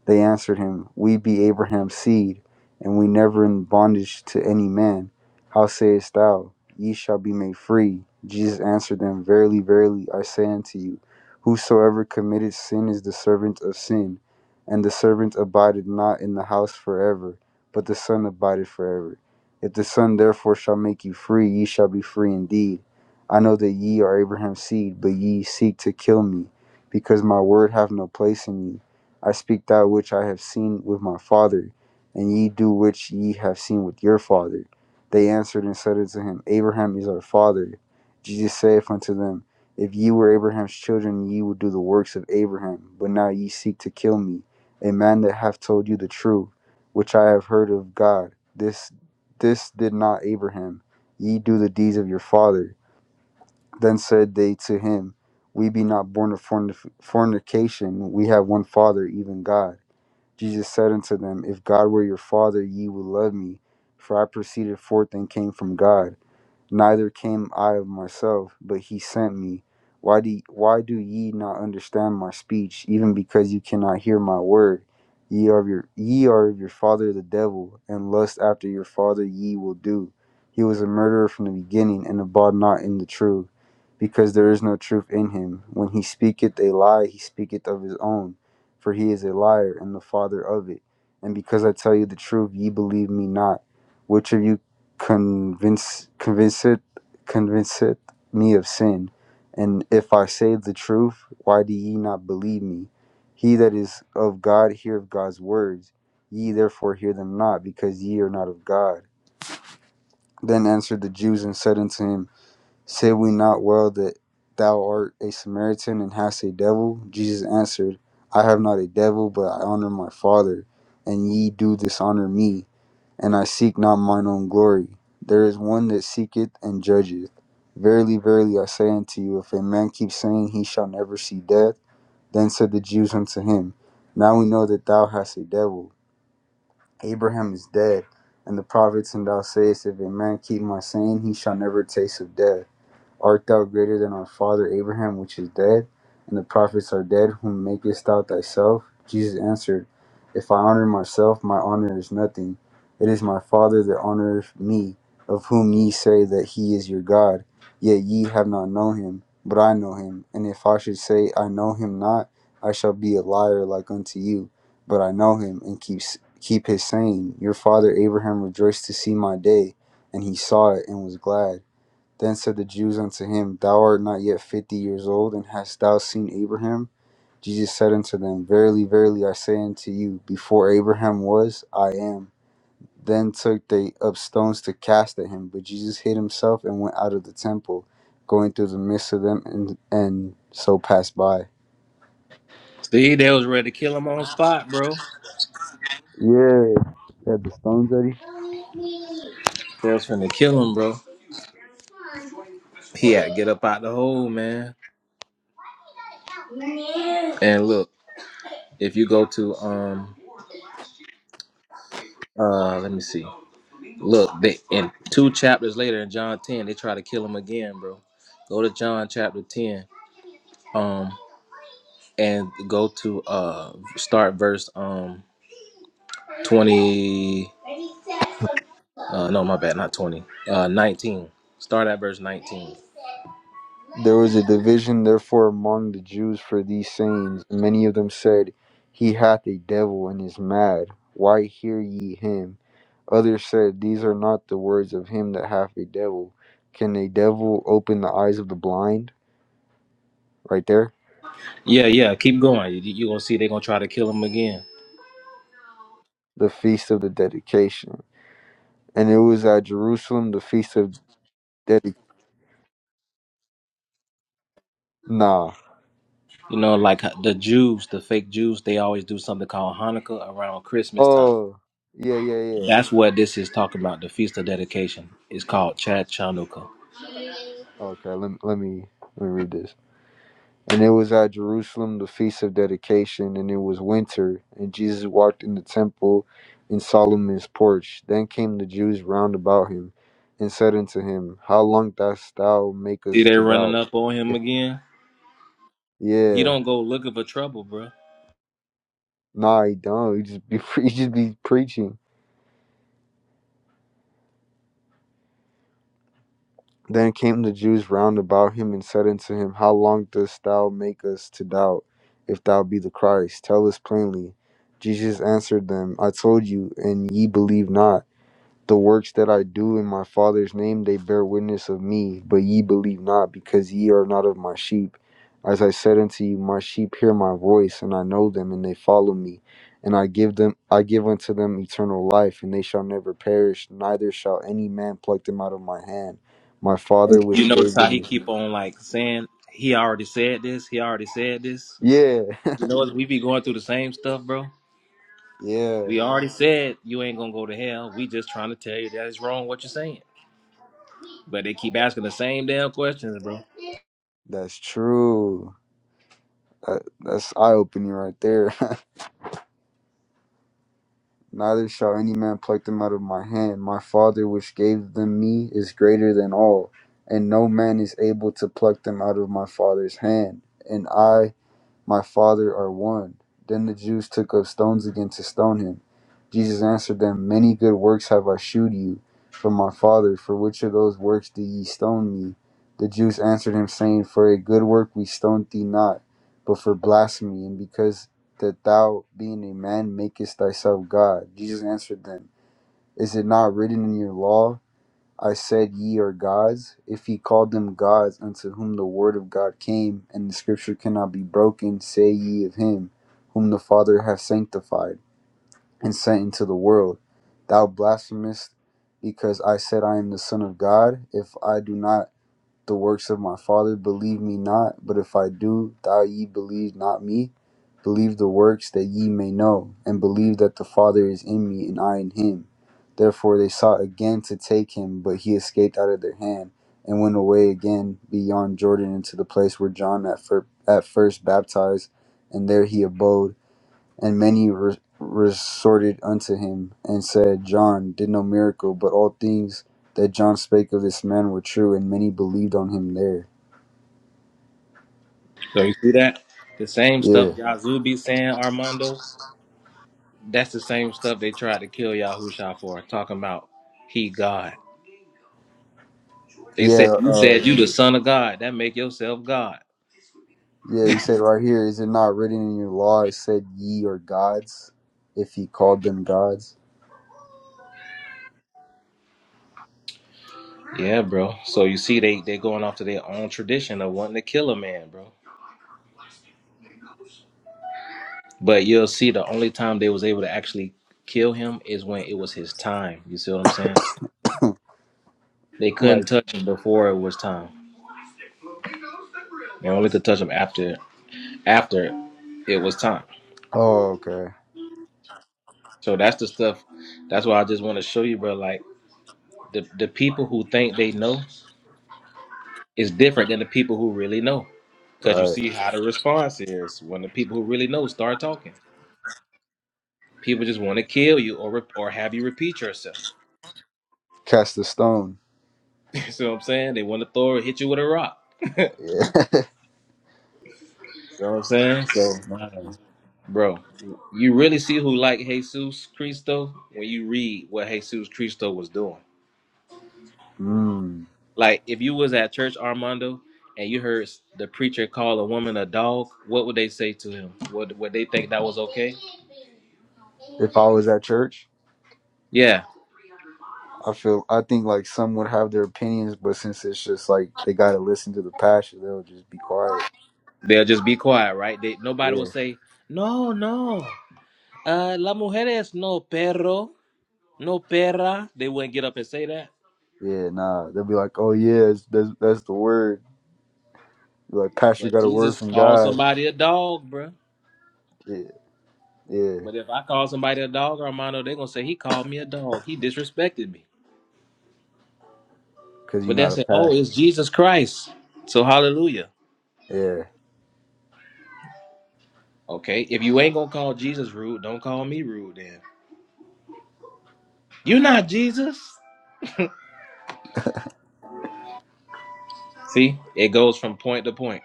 They answered him, We be Abraham's seed, and we never in bondage to any man. How sayest thou, Ye shall be made free? Jesus answered them, Verily, verily, I say unto you, Whosoever committeth sin is the servant of sin. And the servant abideth not in the house forever, but the Son abideth forever. If the Son therefore shall make you free, ye shall be free indeed. I know that ye are Abraham's seed, but ye seek to kill me, because my word hath no place in you. I speak that which I have seen with my father, and ye do which ye have seen with your father. They answered and said unto him, Abraham is our father. Jesus saith unto them, If ye were Abraham's children, ye would do the works of Abraham. But now ye seek to kill me, a man that hath told you the truth, which I have heard of God. This this did not Abraham. Ye do the deeds of your father. Then said they to him, We be not born of fornic- fornication. We have one Father, even God. Jesus said unto them, If God were your Father, ye would love me, for I proceeded forth and came from God neither came I of myself, but he sent me. Why do why do ye not understand my speech, even because you cannot hear my word? Ye are of your ye are of your father the devil, and lust after your father ye will do. He was a murderer from the beginning, and abode not in the truth, because there is no truth in him. When he speaketh a lie, he speaketh of his own, for he is a liar and the father of it. And because I tell you the truth, ye believe me not. Which of you convince convince it, convince it, me of sin. And if I say the truth, why do ye not believe me? He that is of God heareth God's words. Ye therefore hear them not, because ye are not of God. Then answered the Jews and said unto him, Said we not well that thou art a Samaritan and hast a devil? Jesus answered, I have not a devil, but I honor my Father, and ye do dishonor me. And I seek not mine own glory. There is one that seeketh and judgeth. Verily, verily, I say unto you, if a man keep saying he shall never see death, then said the Jews unto him, Now we know that thou hast a devil. Abraham is dead, and the prophets, and thou sayest, If a man keep my saying, he shall never taste of death. Art thou greater than our father Abraham, which is dead, and the prophets are dead, whom makest thou thyself? Jesus answered, If I honor myself, my honor is nothing. It is my Father that honoreth me, of whom ye say that he is your God. Yet ye have not known him, but I know him. And if I should say, I know him not, I shall be a liar like unto you. But I know him, and keep, keep his saying. Your father Abraham rejoiced to see my day, and he saw it and was glad. Then said the Jews unto him, Thou art not yet fifty years old, and hast thou seen Abraham? Jesus said unto them, Verily, verily, I say unto you, before Abraham was, I am. Then took they up stones to cast at him, but Jesus hid himself and went out of the temple, going through the midst of them, and, and so passed by. See, they was ready to kill him on spot, bro. Yeah, yeah, the stones that he They was finna kill him, bro. He had to get up out the hole, man. And look, if you go to um uh let me see. Look, they, and two chapters later in John 10, they try to kill him again, bro. Go to John chapter 10, um, and go to uh start verse um 20. Uh, no, my bad, not 20. Uh, 19. Start at verse 19. There was a division therefore among the Jews for these sayings, many of them said, He hath a devil and is mad. Why hear ye him? Others said, These are not the words of him that hath a devil. Can a devil open the eyes of the blind? Right there. Yeah, yeah, keep going. You, you gonna see they're gonna try to kill him again. The feast of the dedication. And it was at Jerusalem the feast of dedication. Nah. You know, like uh, the Jews, the fake Jews, they always do something called Hanukkah around Christmas time. Oh, yeah, yeah, yeah. That's what this is talking about. The feast of dedication is called Chad Chanukah. Okay, let me, let me let me read this. And it was at Jerusalem, the feast of dedication, and it was winter. And Jesus walked in the temple in Solomon's porch. Then came the Jews round about him and said unto him, How long dost thou make See, us they to running doubt? up on him If again. He yeah, don't go looking for trouble, bro. nah, he don't. He just be he just be preaching. Then came the Jews round about him and said unto him, How long dost thou make us to doubt? If thou be the Christ, tell us plainly. Jesus answered them, I told you, and ye believe not. The works that I do in my Father's name, they bear witness of me, but ye believe not, because ye are not of my sheep. As I said unto you, my sheep hear my voice, and I know them, and they follow me. And I give them, I give unto them eternal life, and they shall never perish, neither shall any man pluck them out of my hand. My Father You which notice gave how them he me. keep on like saying he already said this. He already said this. Yeah, You know, we be going through the same stuff, bro. yeah, We already said you ain't gonna go to hell. We just trying to tell you that it's wrong what you're saying. But they keep asking the same damn questions, bro. that's true. That, that's eye opening right there. Neither shall any man pluck them out of my hand. My Father, which gave them me, is greater than all, and no man is able to pluck them out of my Father's hand. And I my Father are one. Then the Jews took up stones again to stone him. Jesus answered them, Many good works have I shewed you from my Father. For which of those works do ye stone me? The Jews answered him, saying, For a good work we stoned thee not, but for blasphemy, and because that thou, being a man, makest thyself God. Jesus answered them, Is it not written in your law? I said, Ye are gods. If ye called them gods unto whom the word of God came, and the scripture cannot be broken, say ye of him whom the Father hath sanctified and sent into the world. Thou blasphemest because I said I am the Son of God. If I do not the works of my Father. Believe me not, but if I do, thou ye believe not me. Believe the works that ye may know, and believe that the Father is in me and I in him. Therefore they sought again to take him, but he escaped out of their hand and went away again beyond Jordan into the place where John at, fir- at first baptized, and there he abode. And many re- resorted unto him, and said, John did no miracle, but all things that John spake of this man were true, and many believed on him there. So you see that the same stuff Yeah. Yazoo be saying, Armando. That's the same stuff they tried to kill Yahusha for. Talking about he God. They said Yeah, you uh, said you the son of God. That make yourself God. yeah, he said right here, is it not written in your law, it said ye are gods, if he called them gods? Yeah, bro. So you see, they they going off to their own tradition of wanting to kill a man, bro. But you'll see, the only time they was able to actually kill him is when it was his time. You see what I'm saying? They couldn't Like, touch him before it was time. They only could touch him after after it was time. oh, okay, So that's the stuff. That's why I just want to show you, bro. Like the the people who think they know is different than the people who really know, because you right. see how the response is when the people who really know start talking. People just want to kill you or re- or have you repeat yourself. Cast a stone. You so what I'm saying they want to throw or hit you with a rock. Yeah. You know what I'm saying? So, Wow. bro, you really see who like Jesus Cristo when you read what Jesus Cristo was doing. Mm. Like, if you was at church, Armando, and you heard the preacher call a woman a dog, what would they say to him? Would would they think that was okay? If I was at church? Yeah, I feel I think like some would have their opinions, but since it's just like they gotta listen to the pastor, they'll just be quiet. they'll just be quiet, right? They, nobody will Yeah, say, "No, no, uh, la mujer es no perro." No perra. They wouldn't get up and say that. yeah, nah. They'll be like, "Oh yeah, it's, that's that's the word." Like pastor But got a word Jesus from called God. somebody a dog, bruh. Yeah, yeah, But if I call somebody a dog, Armando, they're gonna say he called me a dog. He disrespected me. because you're But they not a say, oh, it's pastor. Jesus Christ. So hallelujah. Yeah. Okay, if you ain't gonna call Jesus rude, don't call me rude then. you not Jesus. See, it goes from point to point.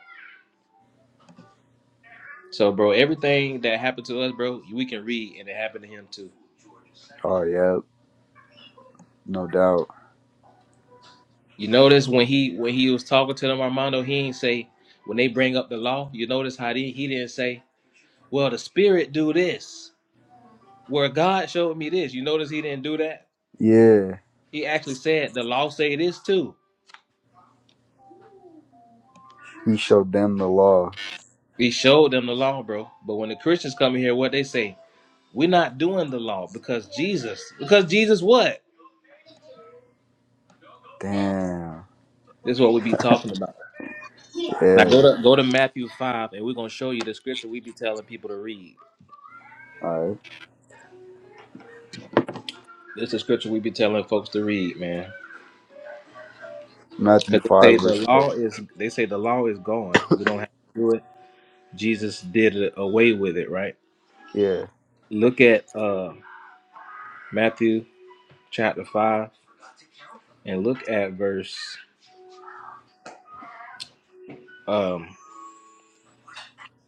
So, bro, everything that happened to us, bro, we can read, and it happened to him too. Oh yeah, no doubt. You notice when he when he was talking to them, Armando, he ain't say when they bring up the law. You notice how he he didn't say, "Well, the Spirit do this," where God showed me this. You notice he didn't do that. Yeah, He actually said the law say this too. he showed them the law. He showed them the law, bro. But when the Christians come in here, what they say, we're not doing the law because Jesus, because Jesus what? Damn. This is what we be talking about. Now go Yeah. to go to Matthew five, and we're gonna show you the scripture we be telling people to read. All right. This is the scripture we be telling folks to read, man. Matthew Cause they say five the verse what? law is they say the law is gone. We don't have to do it. Jesus did it away with it, right? Yeah. Look at uh Matthew chapter five and look at verse um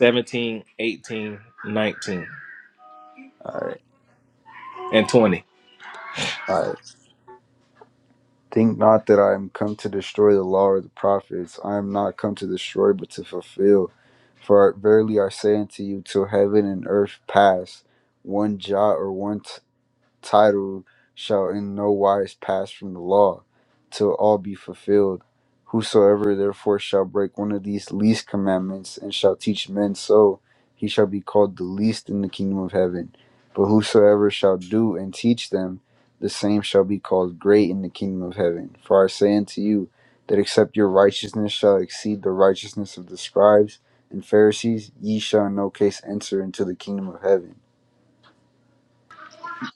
17, eighteen, nineteen, All right. and 20. All right. Think not that I am come to destroy the law or the prophets. I am not come to destroy, but to fulfill. For verily I say unto you, till heaven and earth pass, one jot or one t title shall in no wise pass from the law till all be fulfilled. Whosoever therefore shall break one of these least commandments and shall teach men so, he shall be called the least in the kingdom of heaven. But whosoever shall do and teach them, the same shall be called great in the kingdom of heaven. For I say unto you, that except your righteousness shall exceed the righteousness of the scribes and Pharisees, ye shall in no case enter into the kingdom of heaven.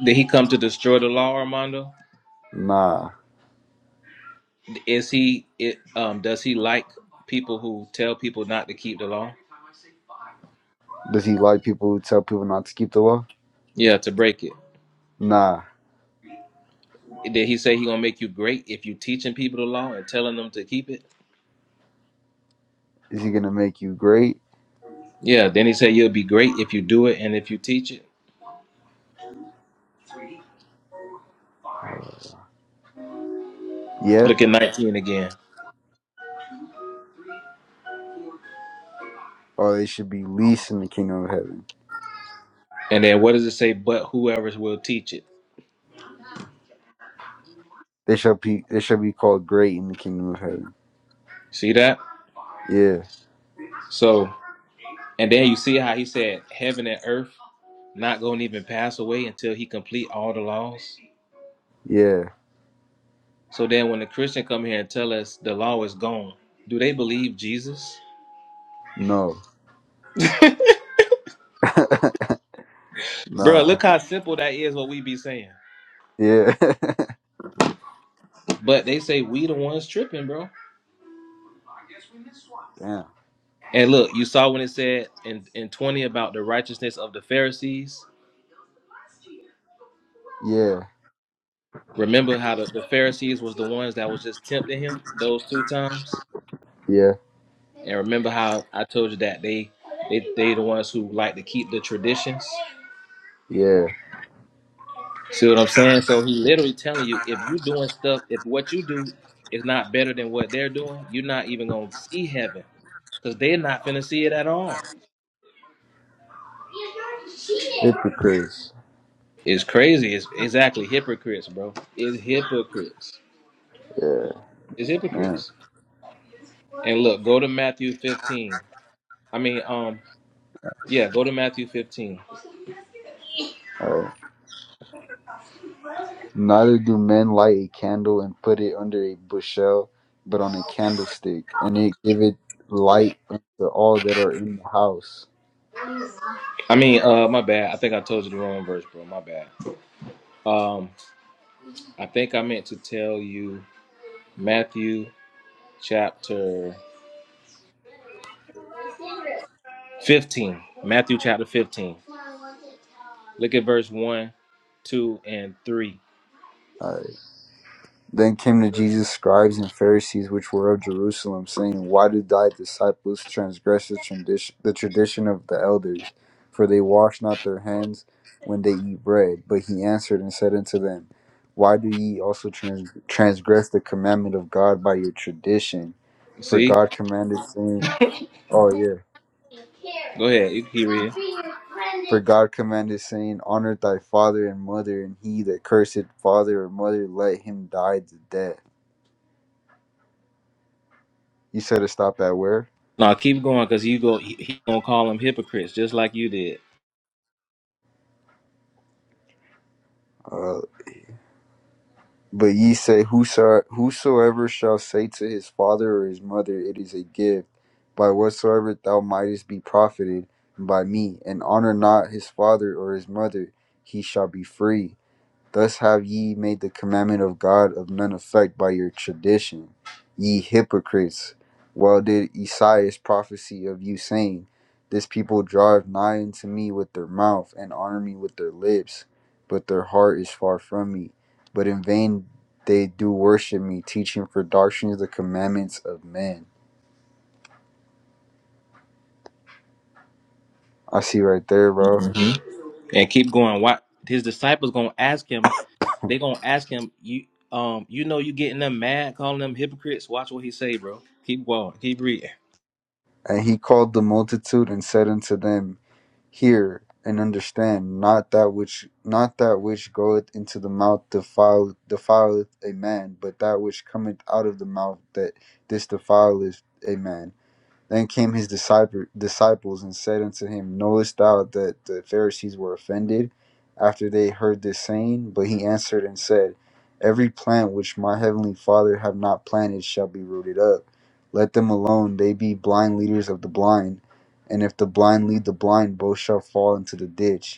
Did he come to destroy the law, Armando? Nah. Is he it um does he like people who tell people not to keep the law? Does he like people who tell people not to keep the law? Yeah, to break it. Nah. Did he say he gonna make you great if you teaching people the law and telling them to keep it? Is he gonna make you great? Yeah, then he said you'll be great if you do it and if you teach it. Uh, yeah. Look at 19 again. Or they should be least in the kingdom of heaven. And then what does it say? But whoever will teach it. They shall be they shall be called great in the kingdom of heaven. See that? Yeah. So, and then you see how he said heaven and earth not going to even pass away until he complete all the laws. Yeah. So then when the Christian come here and tell us the law is gone, do they believe Jesus? No. Bro, Nah. look how simple that is what we be saying. Yeah. But they say we the ones tripping, bro. Damn. And look, you saw when it said in, in 20 about the righteousness of the Pharisees. Yeah. Remember how the, the Pharisees was the ones that was just tempting him those two times? Yeah. And remember how I told you that they they they the ones who like to keep the traditions. Yeah. See what I'm saying? So he literally telling you if you doing stuff, if what you do is not better than what they're doing, you're not even gonna see heaven. Cause they're not finna see it at all. Hypocrites. It's crazy. It's exactly hypocrites, bro. It's hypocrites. Yeah, It's man. hypocrites. And look, go to Matthew 15. I mean, um, yeah, go to Matthew 15. Alright. Neither do men light a candle and put it under a bushel, but on a candlestick, and it giveth light unto all that are in the house. I mean, uh, my bad. I think I told you the wrong verse, bro. My bad. Um, I think I meant to tell you Matthew chapter 15. Matthew chapter 15. Look at verse 1, 2, and 3. All right. Then came to Jesus scribes and Pharisees which were of Jerusalem, saying, Why do thy disciples transgress the tradition, the tradition of the elders? For they wash not their hands when they eat bread. But he answered and said unto them, Why do ye also trans- transgress the commandment of God by your tradition? For See? God commanded, saying, Oh, yeah. Go ahead. You can keep For reading. God commanded, saying, Honor thy father and mother, and he that curseth father or mother, let him die the death. You said to stop at where? No, keep going because you go, he, he gonna call them hypocrites just like you did. Uh, But ye say, Whoso, Whosoever shall say to his father or his mother, It is a gift, by whatsoever thou mightest be profited by me, and honor not his father or his mother, he shall be free. Thus have ye made the commandment of God of none effect by your tradition, ye hypocrites. Well did Esaias prophesy of you, saying, This people drive nigh unto me with their mouth, and honor me with their lips, but their heart is far from me. But in vain they do worship me, teaching for doctrines the commandments of men. I see right there, bro. Mhm. And keep going. Why? His disciples gonna ask him, They gonna ask him, you um, you know, you getting them mad, calling them hypocrites. Watch what he say, bro. Keep going, keep reading. And he called the multitude and said unto them, hear and understand not that which not that which goeth into the mouth defile defileth a man but that which cometh out of the mouth that this defileth a man then came his disciple, disciples and said unto him, Knowest thou that the Pharisees were offended after they heard this saying? But he answered and said, Every plant which my heavenly Father have not planted shall be rooted up. Let them alone, they be blind leaders of the blind. And if the blind lead the blind, both shall fall into the ditch.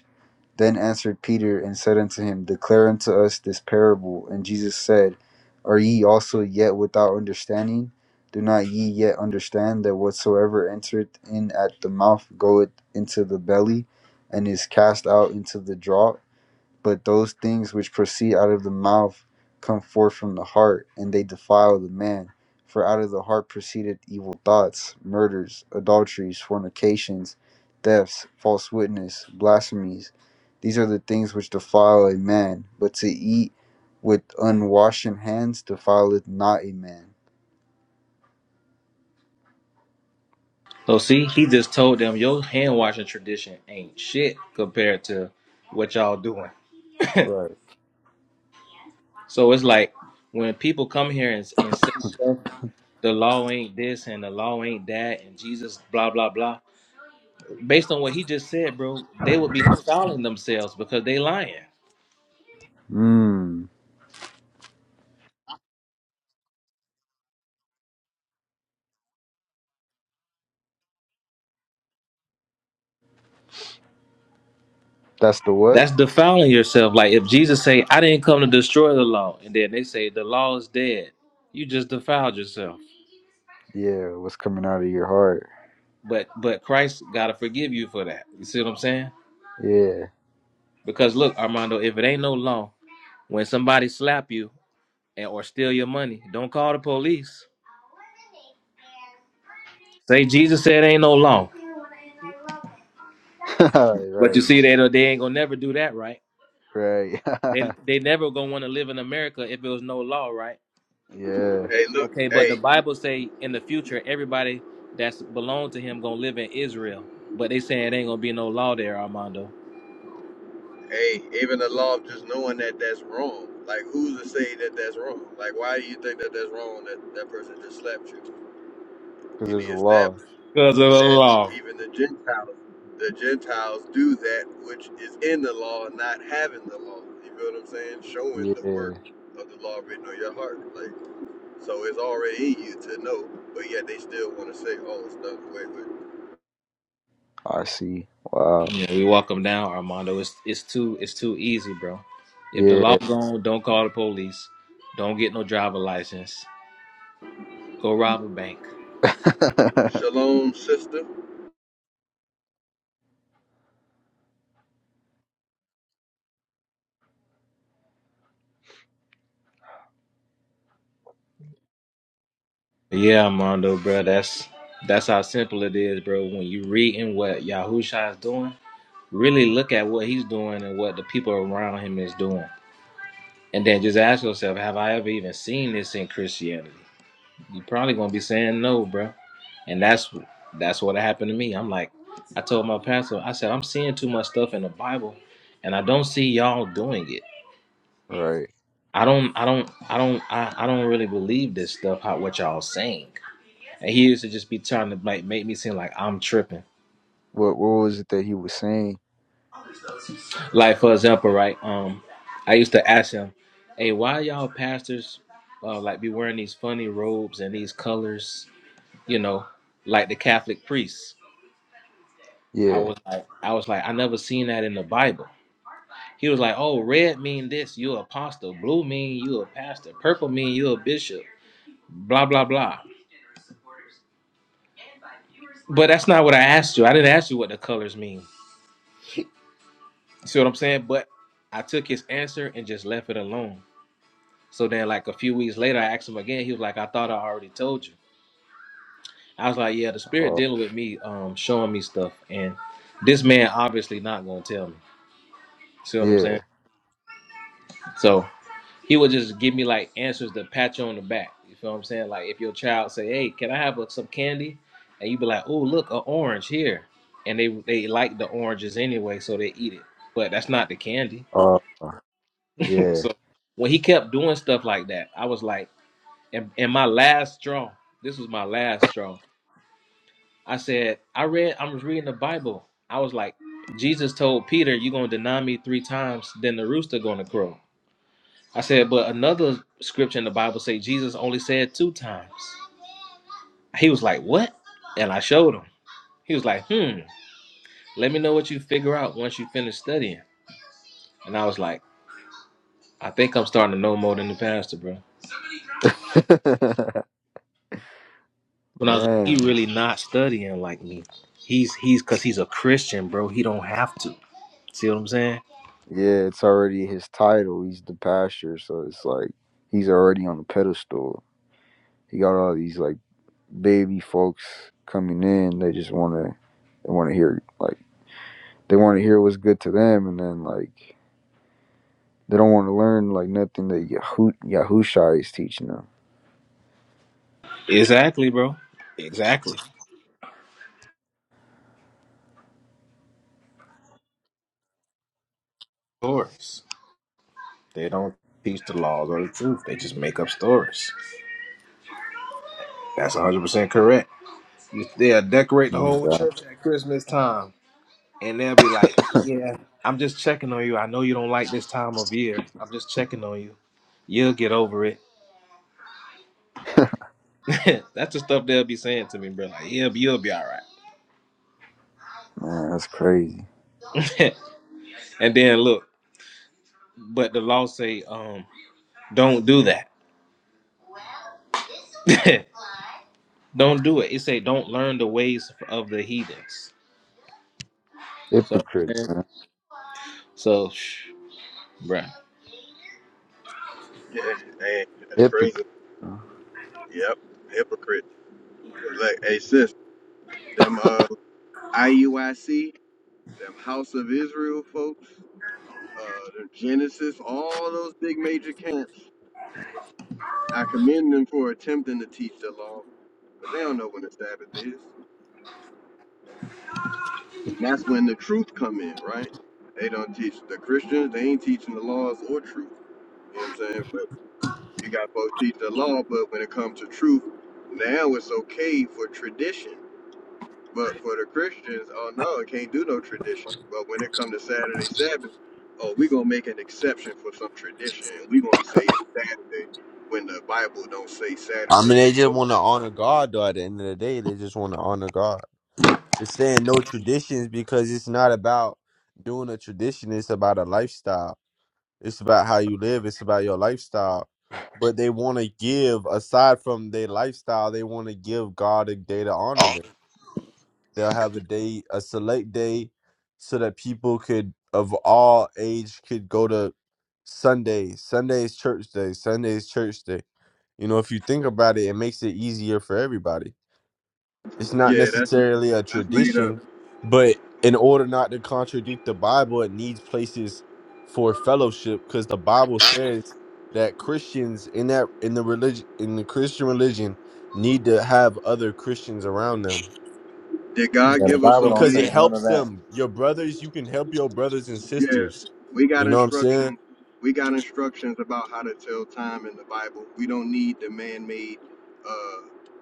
Then answered Peter and said unto him, Declare unto us this parable. And Jesus said, Are ye also yet without understanding? Do not ye yet understand that whatsoever entereth in at the mouth goeth into the belly, and is cast out into the draught? But those things which proceed out of the mouth come forth from the heart, and they defile the man. For out of the heart proceeded evil thoughts, murders, adulteries, fornications, thefts, false witness, blasphemies. These are the things which defile a man, but to eat with unwashed hands defileth not a man. So see, he just told them your hand washing tradition ain't shit compared to what y'all doing. Right. So it's like when people come here and, and say stuff, the law ain't this and the law ain't that, and Jesus blah blah blah. Based on what he just said, bro, they would be defiling themselves because they lying. Mm. That's the what? That's defiling yourself. Like if Jesus say, "I didn't come to destroy the law," and then they say the law is dead, you just defiled yourself. Yeah, what's coming out of your heart. But but Christ gotta forgive you for that. You see what I'm saying? Yeah. Because look, Armando, if it ain't no law, when somebody slap you and or steal your money, don't call the police. Say Jesus said ain't no law. But you right, see they don't- they ain't gonna never do that, right? right. They they never gonna want to live in America if it was no law, right? yeah. Hey, look, Okay, but the hey, Bible say in the future everybody that's belong to him gonna live in Israel. But they saying it ain't gonna be no law there, Armando. hey, even the law of just knowing that that's wrong. Like, who's to say that that's wrong? Like, why do you think that that's wrong that that person just slapped you? Because And he there's a law. established. Because of the that law. even the Gentiles, the Gentiles do that which is in the law, not having the law. You feel what I'm saying? Showing the Yeah, work of the law written on your heart. Like, so it's already in you to know, but yet they still want to say, oh, it's done away with. I see. Wow. Yeah, we walk them down, Armando. It's it's too it's too easy, bro. If the law Yeah. gone, don't call the police. Don't get no driver license. Go rob a bank. Shalom, sister. Yeah, Armando, bro. That's that's how simple it is, bro. When you reading what Yahusha is doing, really look at what he's doing and what the people around him is doing. And then just ask yourself, have I ever even seen this in Christianity? You're probably gonna be saying no, bro. And that's that's what happened to me. I'm like, I told my pastor, I said, I'm seeing too much stuff in the Bible, and I don't see y'all doing it. right. I don't, I don't, I don't, I, I don't really believe this stuff. How what y'all saying? And he used to just be trying to like make me seem like I'm tripping. What What was it that he was saying? Like for example, right? Um, I used to ask him, "Hey, why y'all pastors uh, like be wearing these funny robes and these colors?" you know, like the Catholic priests. I Yeah. was like, I was like, I never seen that in the Bible. He was like, oh, red mean this, you a apostle. Blue mean you a pastor. Purple mean you a bishop. Blah blah blah. But that's not what I asked you. I didn't ask you what the colors mean. You see what I'm saying? But I took his answer and just left it alone. So then, like a few weeks later, I asked him again. He was like, I thought I already told you. I was like, yeah, the spirit Uh, dealing with me, um, showing me stuff, and this man obviously not gonna tell me. See what I'm yeah. saying? So. he would just give me like answers to pat you on the back. You feel what I'm saying? Like if your child say, "Hey, can I have a, some candy?" and you be like, "Oh, look, an orange here," and they they like the oranges anyway, so they eat it. But that's not the candy. Uh, yeah. so when he kept doing stuff like that, I was like, and, and my last straw. This was my last straw. I said, I read, I was reading the Bible. I was like, Jesus told Peter, "You're gonna deny me three times, then the rooster gonna crow." I said, but another scripture in the Bible say Jesus only said two times. He was like, what? And I showed him. He was like, hmm, let me know what you figure out once you finish studying. And I was like, I think I'm starting to know more than the pastor, bro. When I was like, he Man. really not studying like me. He's he's cause he's a Christian, bro. He don't have to. See what I'm saying? Yeah, it's already his title. He's the pastor, so it's like he's already on the pedestal. He got all these like baby folks coming in. They just wanna they wanna hear like they wanna hear what's good to them, and then like They don't want to learn like nothing that Yahoo Yahusha is teaching them. Exactly, bro. Exactly. Stories. They don't teach the laws or the truth. They just make up stories. That's 100% correct. You, they'll decorate the whole Yeah, church at Christmas time, and they'll be like, "Yeah, I'm just checking on you. I know you don't like this time of year. I'm just checking on you. You'll get over it." That's the stuff they'll be saying to me, bro. Like, "Yeah, you'll be all right." Man, that's crazy. and then look, but the law say, um, "Don't do that." don't do it. It say don't learn the ways of the heathens. So, Hypocrite, man, man. so, shh, bruh. Yeah, and that's crazy. Hypocrite. man. Yep, hypocrite. Cause like, hey, sis, them uh, IUIC, them House of Israel folks, uh, the Genesis, all those big major camps. I commend them for attempting to teach the law, but they don't know when the Sabbath is. And that's when the truth come in, right? They don't teach the Christians, they ain't teaching the laws or truth. You know what I'm saying? But you got both teach the law, but when it comes to truth, now it's okay for tradition. But for the Christians, oh no, it can't do no tradition. But when it comes to Saturday Sabbath, oh, we gonna make an exception for some tradition and we gonna say it's Saturday when the Bible don't say I mean, Saturday. they just want to honor God, though. At the end of the day, they just want to honor God. It's saying no traditions because it's not about doing a tradition. It's about a lifestyle. It's about how you live. It's about your lifestyle. But they want to give, aside from their lifestyle, they want to give God a day to honor them. They'll have a day, a select day, so that people could of all age could go to Sundays. Sundays church day. Sundays church day. You know, if you think about it, it makes it easier for everybody. It's not Yeah, that's necessarily a that's made up. tradition, but in order not to contradict the Bible, it needs places for fellowship because the Bible says that Christians in that in the religion in the Christian religion need to have other Christians around them Did God Yeah, the give us Bible a don't because say way? it none of helps that. them. Your brothers, you can help your brothers and Yeah. sisters. We got You know what I'm saying? instructions. We got instructions about how to tell time in the Bible. We don't need the man-made, uh,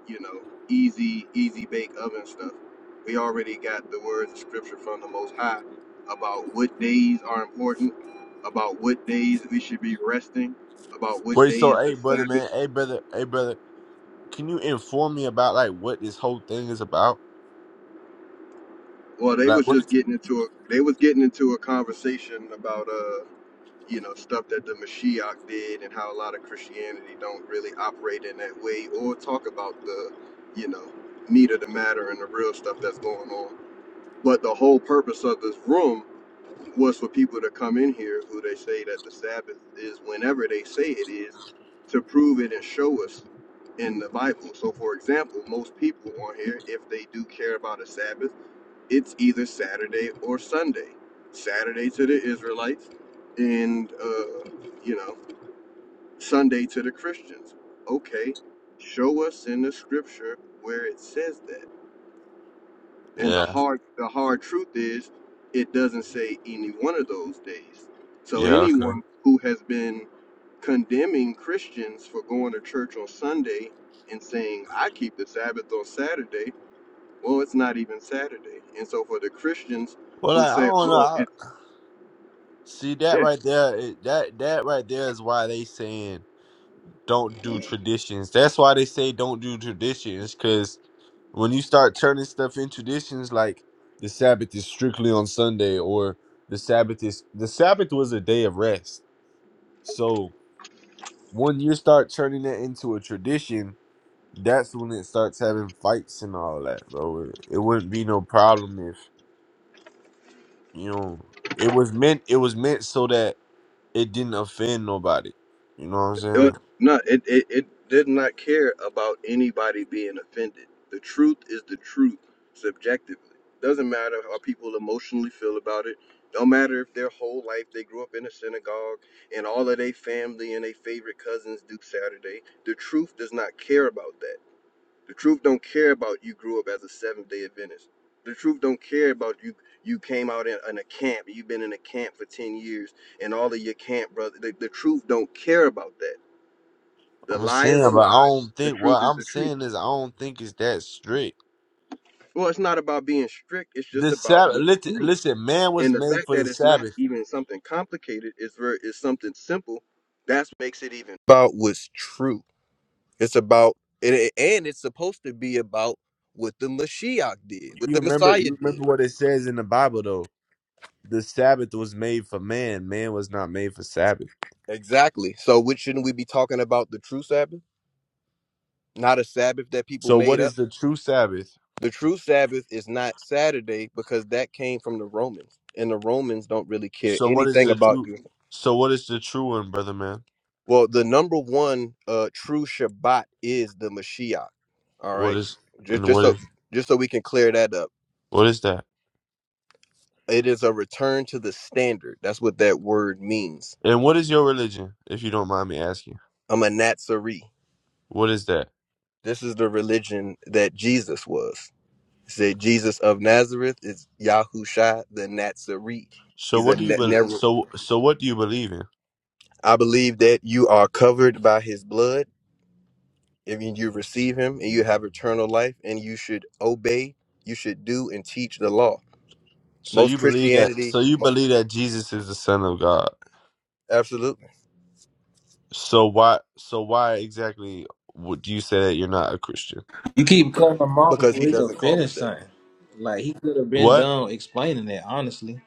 you know, easy, easy bake oven stuff. We already got the words of Scripture from the Most High about what days are important, about what days we should be resting, about what Wait, day so is the hey brother Sabbath. man, hey brother, hey brother, can you inform me about like what this whole thing is about? Well, they Like was what just is getting into a they was getting into a conversation about uh you know stuff that the Mashiach did and how a lot of Christianity don't really operate in that way or talk about the you know meat of the matter and the real stuff that's going on. But the whole purpose of this room was for people to come in here who they say that the Sabbath is whenever they say it is to prove it and show us in the Bible. So for example, most people on here, if they do care about a Sabbath, it's either Saturday or Sunday. Saturday to the Israelites, and uh, you know Sunday to the Christians. Okay, show us in the Scripture where it says that. And the Yeah. hard the hard truth is, it doesn't say any one of those days. So Yeah, okay. anyone who has been condemning Christians for going to church on Sunday and saying I keep the Sabbath on Saturday, well, it's not even Saturday. And so for the Christians Well who like, I say, don't know. "Oh, it I, see that Yeah. right there it- that that right there is why they saying don't do traditions. That's why they say don't do traditions because. when you start turning stuff in traditions like the sabbath is strictly on sunday or the sabbath is the sabbath was a day of rest so when you start turning that into a tradition that's when it starts having fights and all that bro it, it wouldn't be no problem if you know it was meant it was meant so that it didn't offend nobody you know what i'm It was, saying no, it, it, it did not care about anybody being offended. The truth is the truth subjectively. Doesn't matter how people emotionally feel about it. Don't matter if their whole life they grew up in a synagogue and all of their family and their favorite cousins do Saturday. The truth does not care about that. The truth don't care about you grew up as a Seventh Day Adventist. The truth don't care about you. You came out in, in a camp. You've been in a camp for ten years, and all of your camp brother. The, the truth don't care about that The i'm lie is saying a but i lie. don't The think what truth is i'm the truth. saying is i don't think it's that strict Well, it's not about being strict. It's just the about sabbath what's listen, true. listen man And was the made fact for that the it's not sabbath even something complicated is very is something simple. That's what makes it even about what's true. It's about and, it- and it's supposed to be about what the Mashiach did, what You the remember Messiah you did. remember what it says in the Bible though. The Sabbath was made for man. Man was not made for Sabbath. Exactly. So, which shouldn't we be talking about the true Sabbath, not a Sabbath that people So what made up? is the true Sabbath? The true Sabbath is not Saturday because that came from the Romans, and the Romans don't really care So what is anything the about true you. so what is the true one, brother man? Well, the number one uh, true Shabbat is the Mashiach. All What right, is just and just what so is just so we can clear that up, what is that? it is a return to the standard. That's what that word means. And what is your religion, if you don't mind me asking? I'm a Nazarene. What is that? This is the religion that Jesus was. It said Jesus of Nazareth is Yahusha the Nazarene. So He's what a do you na- bel Narrow. so so what do you believe in? I believe that you are covered by his blood. If you you receive him and you have eternal life and you should obey, you should do and teach the law. So Most you believe that Christianity, so you mo- believe that Jesus is the son of God. absolutely, So why so why exactly would you say that you're not a Christian? You keep cutting him off because before he he could doesn't call us finish that. something. Like he could have been What? done explaining that, honestly.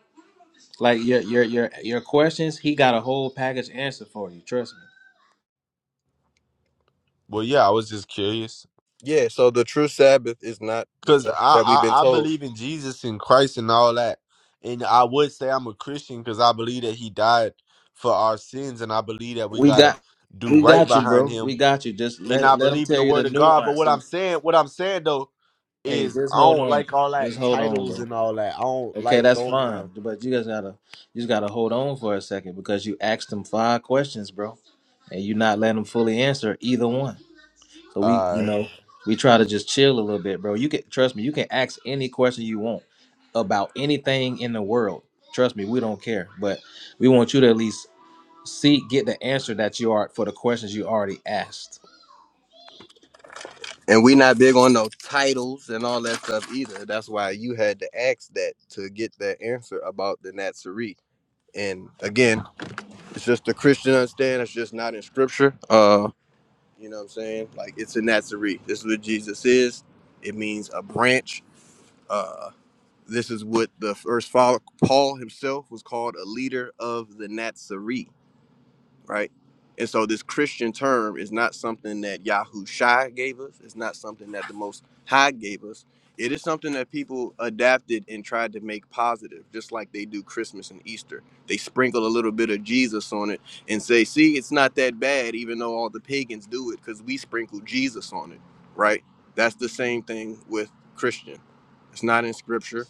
Like your your your your questions, he got a whole package answer for you. Trust me. Well, yeah, I was just curious Yeah, so the true Sabbath is not the because I, stuff that we've been I I told. believe in Jesus and Christ and all that, and I would say I'm a Christian because I believe that He died for our sins, and I believe that we We gotta got do we right got you, behind bro. Him, We got you. Just and let I let him believe in tell the you the Word of God. But nuance what I'm of saying, what I'm saying though, hey, is just I hold don't on. like all that Just hold on, titles bro. and all that. I don't Okay, like that's throwing around. fine. But you guys gotta you just gotta hold on for a second because you asked him five questions, bro. And you're not letting him fully answer either one. So we, you Uh, know, we try to just chill a little bit, bro. You can trust me. You can ask any question you want about anything in the world. Trust me, we don't care. But we want you to at least see, get the answer that you are for the questions you already asked. And we not big on no titles and all that stuff either. That's why you had to ask that to get that answer about the Nazarene. And again, it's just the Christian understand. It's just not in scripture. Uh, You know what I'm saying? Like it's a Nazarene. This is what Jesus is. It means a branch. Uh, this is what the first follow Paul himself was called a leader of the Nazarene right? And so this Christian term is not something that Yahushua gave us. It's not something that the Most High gave us. It is something that people adapted and tried to make positive, just like they do Christmas and Easter. They sprinkle a little bit of Jesus on it and say, see, it's not that bad, even though all the pagans do it, because we sprinkle Jesus on it, right? That's the same thing with Christian. It's not in scripture.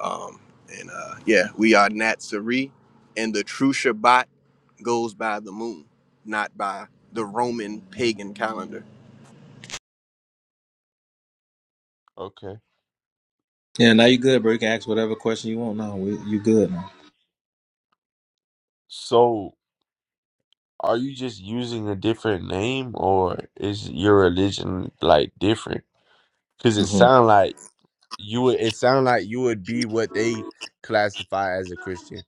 Um, and uh, yeah, we are Natsari, and the true Shabbat goes by the moon, not by the Roman pagan calendar. okay. Yeah, now you good, bro. You can ask whatever question you want. No, we, you good now. So, are you just using a different name, or is your religion like different? Because it hmm sound like you would it sounds like you would be what they classify as a Christian.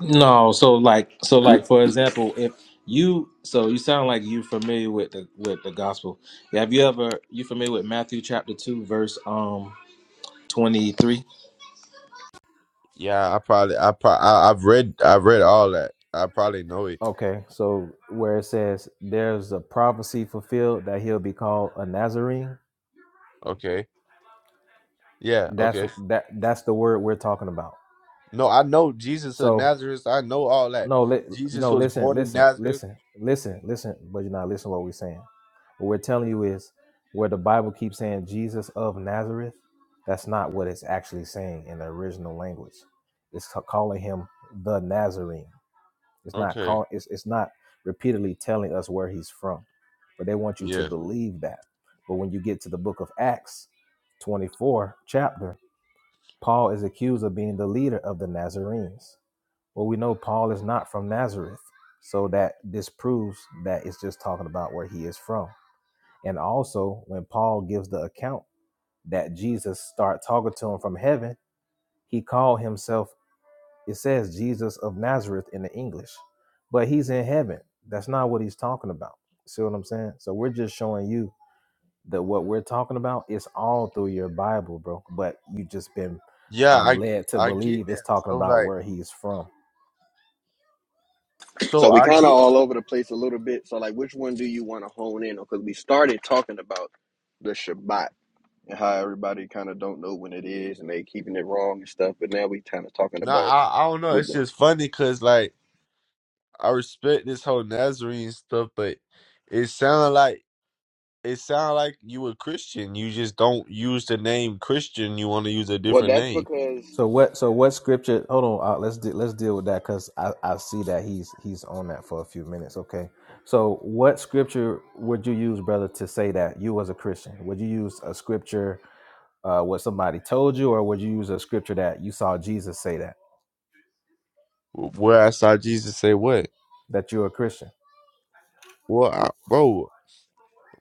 No, so like, so like, for example, if you, so you sound like you familiar with the with the gospel. Have you ever you familiar with Matthew chapter two verse um twenty three? Yeah, I probably I pro- I, I've read I've read all that. I probably know it. Okay, so where it says there's a prophecy fulfilled that he'll be called a Nazarene, Okay. Yeah, that's okay. that that's the word we're talking about. No, I know Jesus of So Nazareth. I know all that. no, li- Jesus no, was listen, born in listen, Nazareth. listen, listen, listen, but you're not listening to what we're saying. What we're telling you is where the Bible keeps saying Jesus of Nazareth, that's not what it's actually saying in the original language. It's ca- calling him the Nazarene. It's not Okay. calling. It's it's not repeatedly telling us where he's from, but they want you to Yeah. believe that. But when you get to the book of Acts, twenty four chapter, Paul is accused of being the leader of the Nazarenes. Well, we know Paul is not from Nazareth, so that disproves that it's just talking about where he is from. And also, when Paul gives the account that Jesus started talking to him from heaven, he called himself it says Jesus of Nazareth in the English, but he's in heaven. That's not what he's talking about. See what I'm saying? So we're just showing you that what we're talking about is all through your Bible, bro. But you just been Yeah, um, I led to I get believe it's that. talking So about like where he's from. So so we I kind of get all over the place a little bit. So like, which one do you want to hone in on? Because we started talking about the Shabbat and how everybody kind of don't know when it is and they keeping it wrong and stuff. But now we kind of talking nah, about I I don't know. what It's the. just funny cuz like I respect this whole Nazarene stuff, but it sounds like it sound like you a Christian. You just don't use the name Christian. You want to use a Well, different that's name. because So what? So what scripture? Hold on. Uh, let's de- let's deal with that because I, I see that he's he's on that for a few minutes. Okay. So what scripture would you use, brother, to say that you was a Christian? Would you use a scripture uh, what somebody told you, or would you use a scripture that you saw Jesus say that Where I saw Jesus say what? that you're a Christian? Well, I, bro,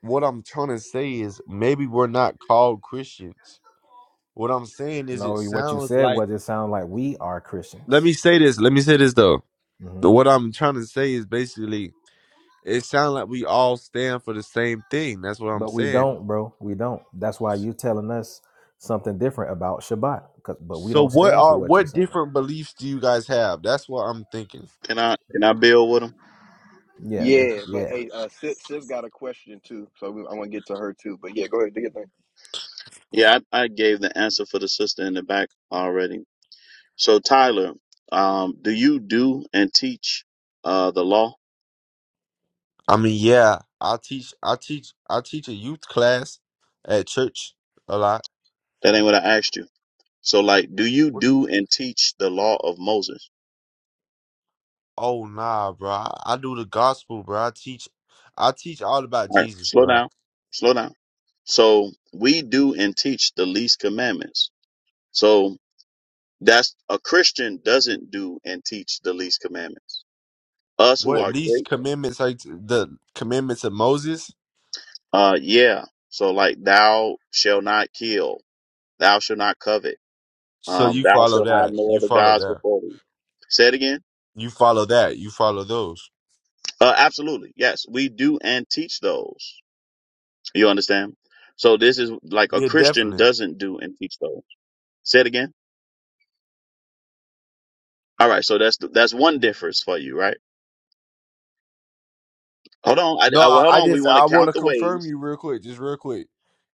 what I'm trying to say is maybe we're not called Christians. What I'm saying is it No, what you sounds said like. was it sound like we are Let Christians, me say this. Let me say this though. hmm What I'm trying to say is basically it sounds like we all stand for the same thing. That's what I'm but we saying. don't, bro. We don't. That's why you telling us something different about Shabbat, 'cause- but we So don't what stand are for what you're what saying. different beliefs do you guys have? That's what I'm thinking. Can I can I build with him? Yeah, the, yeah, but yeah. hey, uh, sis, sis got a question too, so we, I want to get to her too. But yeah, go ahead, do your thing. Yeah, I, I gave the answer for the sister in the back already. So Tyler, um, do you do and teach uh the law? I mean, yeah, I teach, I teach, I teach a youth class at church a lot. That ain't what I asked you. So like, do you What? do and teach the law of Moses? Oh nah, bro, I, I do the gospel, bro. I teach, I teach all about All right, Jesus, slow bro. down, slow down. So we do and teach the least commandments. So. That's a Christian doesn't do and teach the least commandments. Us who What are least great, commandments like the commandments of Moses? uh, yeah. So like, thou shall not kill, thou shall not covet, So um, you thou follow shall have that, no you other follow gods that, before thee. Say it again. you follow that, you follow those. Uh, absolutely, yes, we do and teach those. You understand? So this is like a Yeah, Christian definitely. doesn't do and teach those. Say it again. All right, so that's that's one difference for you, right? Hold on, I, No, I I, well, hold I on. We just want to I want count to the confirm ways. you real quick, just real quick.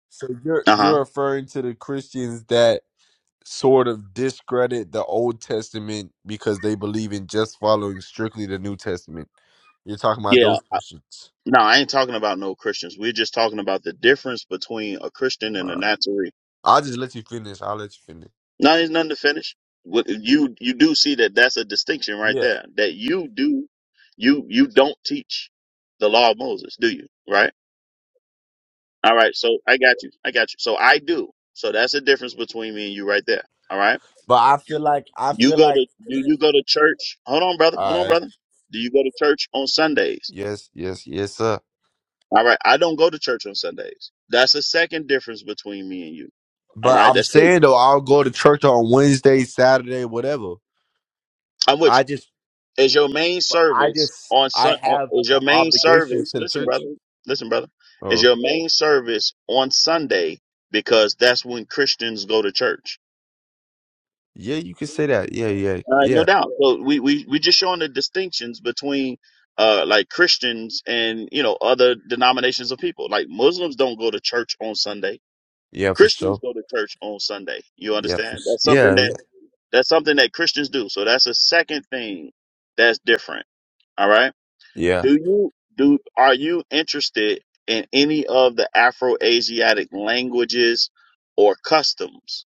So you're Uh huh. you're referring to the Christians that sort of discredit the Old Testament because they believe in just following strictly the New Testament. You're talking about those Yeah, Christians. No, I ain't talking about no Christians. We're just talking about the difference between a Christian and a Uh, Nazarene. I'll just let you finish. I'll let you finish. No, there's nothing to finish. What you you do see that that's a distinction right Yeah, there. That you do you you don't teach the law of Moses, do you? Right? All right. So I got you. I got you. So I do. So that's the difference between me and you right there. All right. but I feel like I You feel go like. to do you go to church? Hold on, brother. Hold on, Uh, brother. Do you go to church on Sundays? yes, yes, yes, sir. All right. I don't go to church on Sundays. That's the second difference between me and you. All But right, I'm that's two. saying though, I'll go to church on Wednesday, Saturday, whatever. I'm with I you. just, Is your main I service just, on I Sun? On, have is uh, your main obligations service? to the Listen, brother. church. Listen, brother. Is Oh, your main service on Sunday because that's when Christians go to church? yeah, you can say that. Yeah, yeah, Uh, no yeah, doubt. So we we we just showing the distinctions between uh like Christians and you know other denominations of people. Like Muslims don't go to church on Sunday. yeah, for Christians sure. go to church on Sunday. You Yeah, for understand? s- That's something yeah, yeah, that that's something that Christians do. So that's a second thing that's different. All right. yeah. Do you do are you interested in any of the Afro-Asiatic languages or customs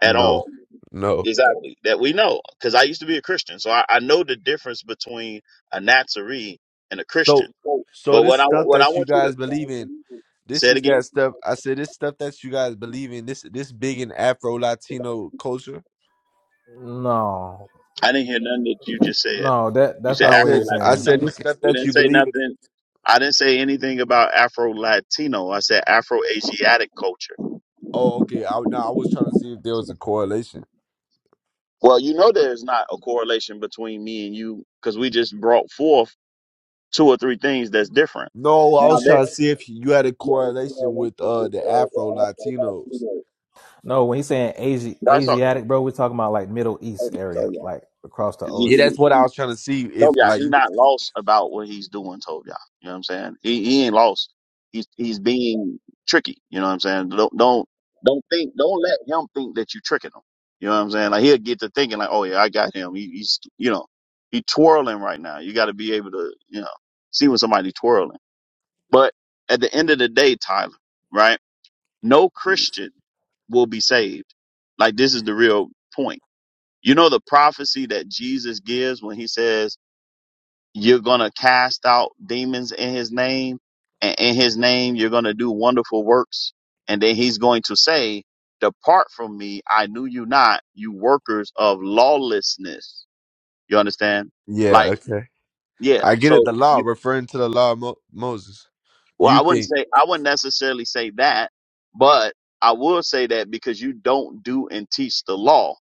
at No, all? no. Exactly. That we know. Because I used to be a Christian. So I, I know the difference between a Nazarene and a So, Christian. so But this what I stuff what I that you want you guys believe in, to say this it is again. that stuff. I said this stuff that you guys believe in. This this big in Afro Latino culture. No, I didn't hear nothing that you just said. no, that You that's said I not what Afro said he's I saying. Latino. said this stuff We that didn't you say believe in. nothing. I didn't say anything about Afro Latino. I said Afro Asiatic culture. Oh, okay. I no, I was trying to see if there was a correlation. Well, you know there's not a correlation between me and you because we just brought forth two or three things that's different. No, I Now was that trying to see if you had a you had correlation correlation with uh with the uh, Afro the afro Latinos. Latino. No, when he's saying Asi- That's all. Asiatic, bro, we're talking about like Middle East area, So like across the Yeah, ocean. that's what yeah. I was trying to see Told if y'all like. he you- not lost about what he's doing. Told y'all, you know what I'm saying? He he ain't lost. He's he's being tricky. You know what I'm saying? Don't don't don't think don't let him think that you tricking him. You know what I'm saying? Like he'll get to thinking like, oh yeah, I got him. He, he's you know he twirling right now. You got to be able to you know see when somebody twirling. But at the end of the day, Tyler, right? No Christian will be saved. Like this is the real point. You know the prophecy that Jesus gives when he says you're going to cast out demons in his name and in his name you're going to do wonderful works and then he's going to say depart from me i knew you not you workers of lawlessness you understand Yeah, like okay. yeah I get it. The so law referring to the law of Mo- Moses. Well, You I wouldn't think? say I wouldn't necessarily say that, but I will say that because you don't do and teach the law,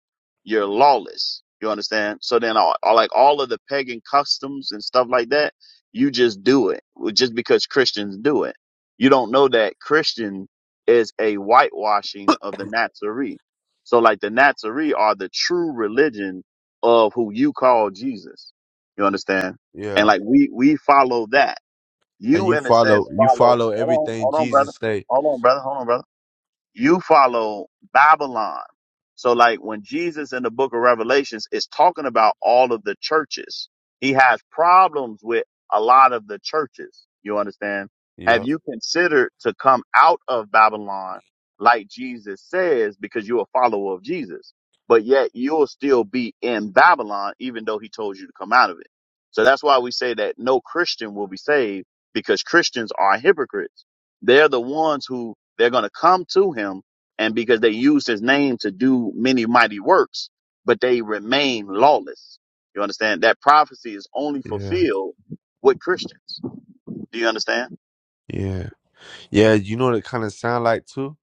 you're lawless. You understand? So then, all, all- like all of the pagan customs and stuff like that, you just do it well, just because Christians do it. You don't know that Christian is a whitewashing of the Nazarene. So, like the Nazarene are the true religion of who you call Jesus. You understand? And Yeah. like we we follow that and you, you in a sense, follow you follow. follow Hold on, everything hold on, brother. Jesus say. Hold on, brother. Hold on, brother you follow Babylon. So like when Jesus in the book of Revelations is talking about all of the churches, he has problems with a lot of the churches. You understand? Have Yep. you considered to come out of Babylon like Jesus says because you're a follower of Jesus, but yet you'll still be in Babylon even though he told you to come out of it. So that's why we say that no Christian will be saved because Christians are hypocrites. They're the ones who they're going to come to him, and because they use his name to do many mighty works, but they remain lawless. You understand? That prophecy is only Yeah. fulfilled with Christians. Do you understand? Yeah. Yeah. You know what it kind of sound like too.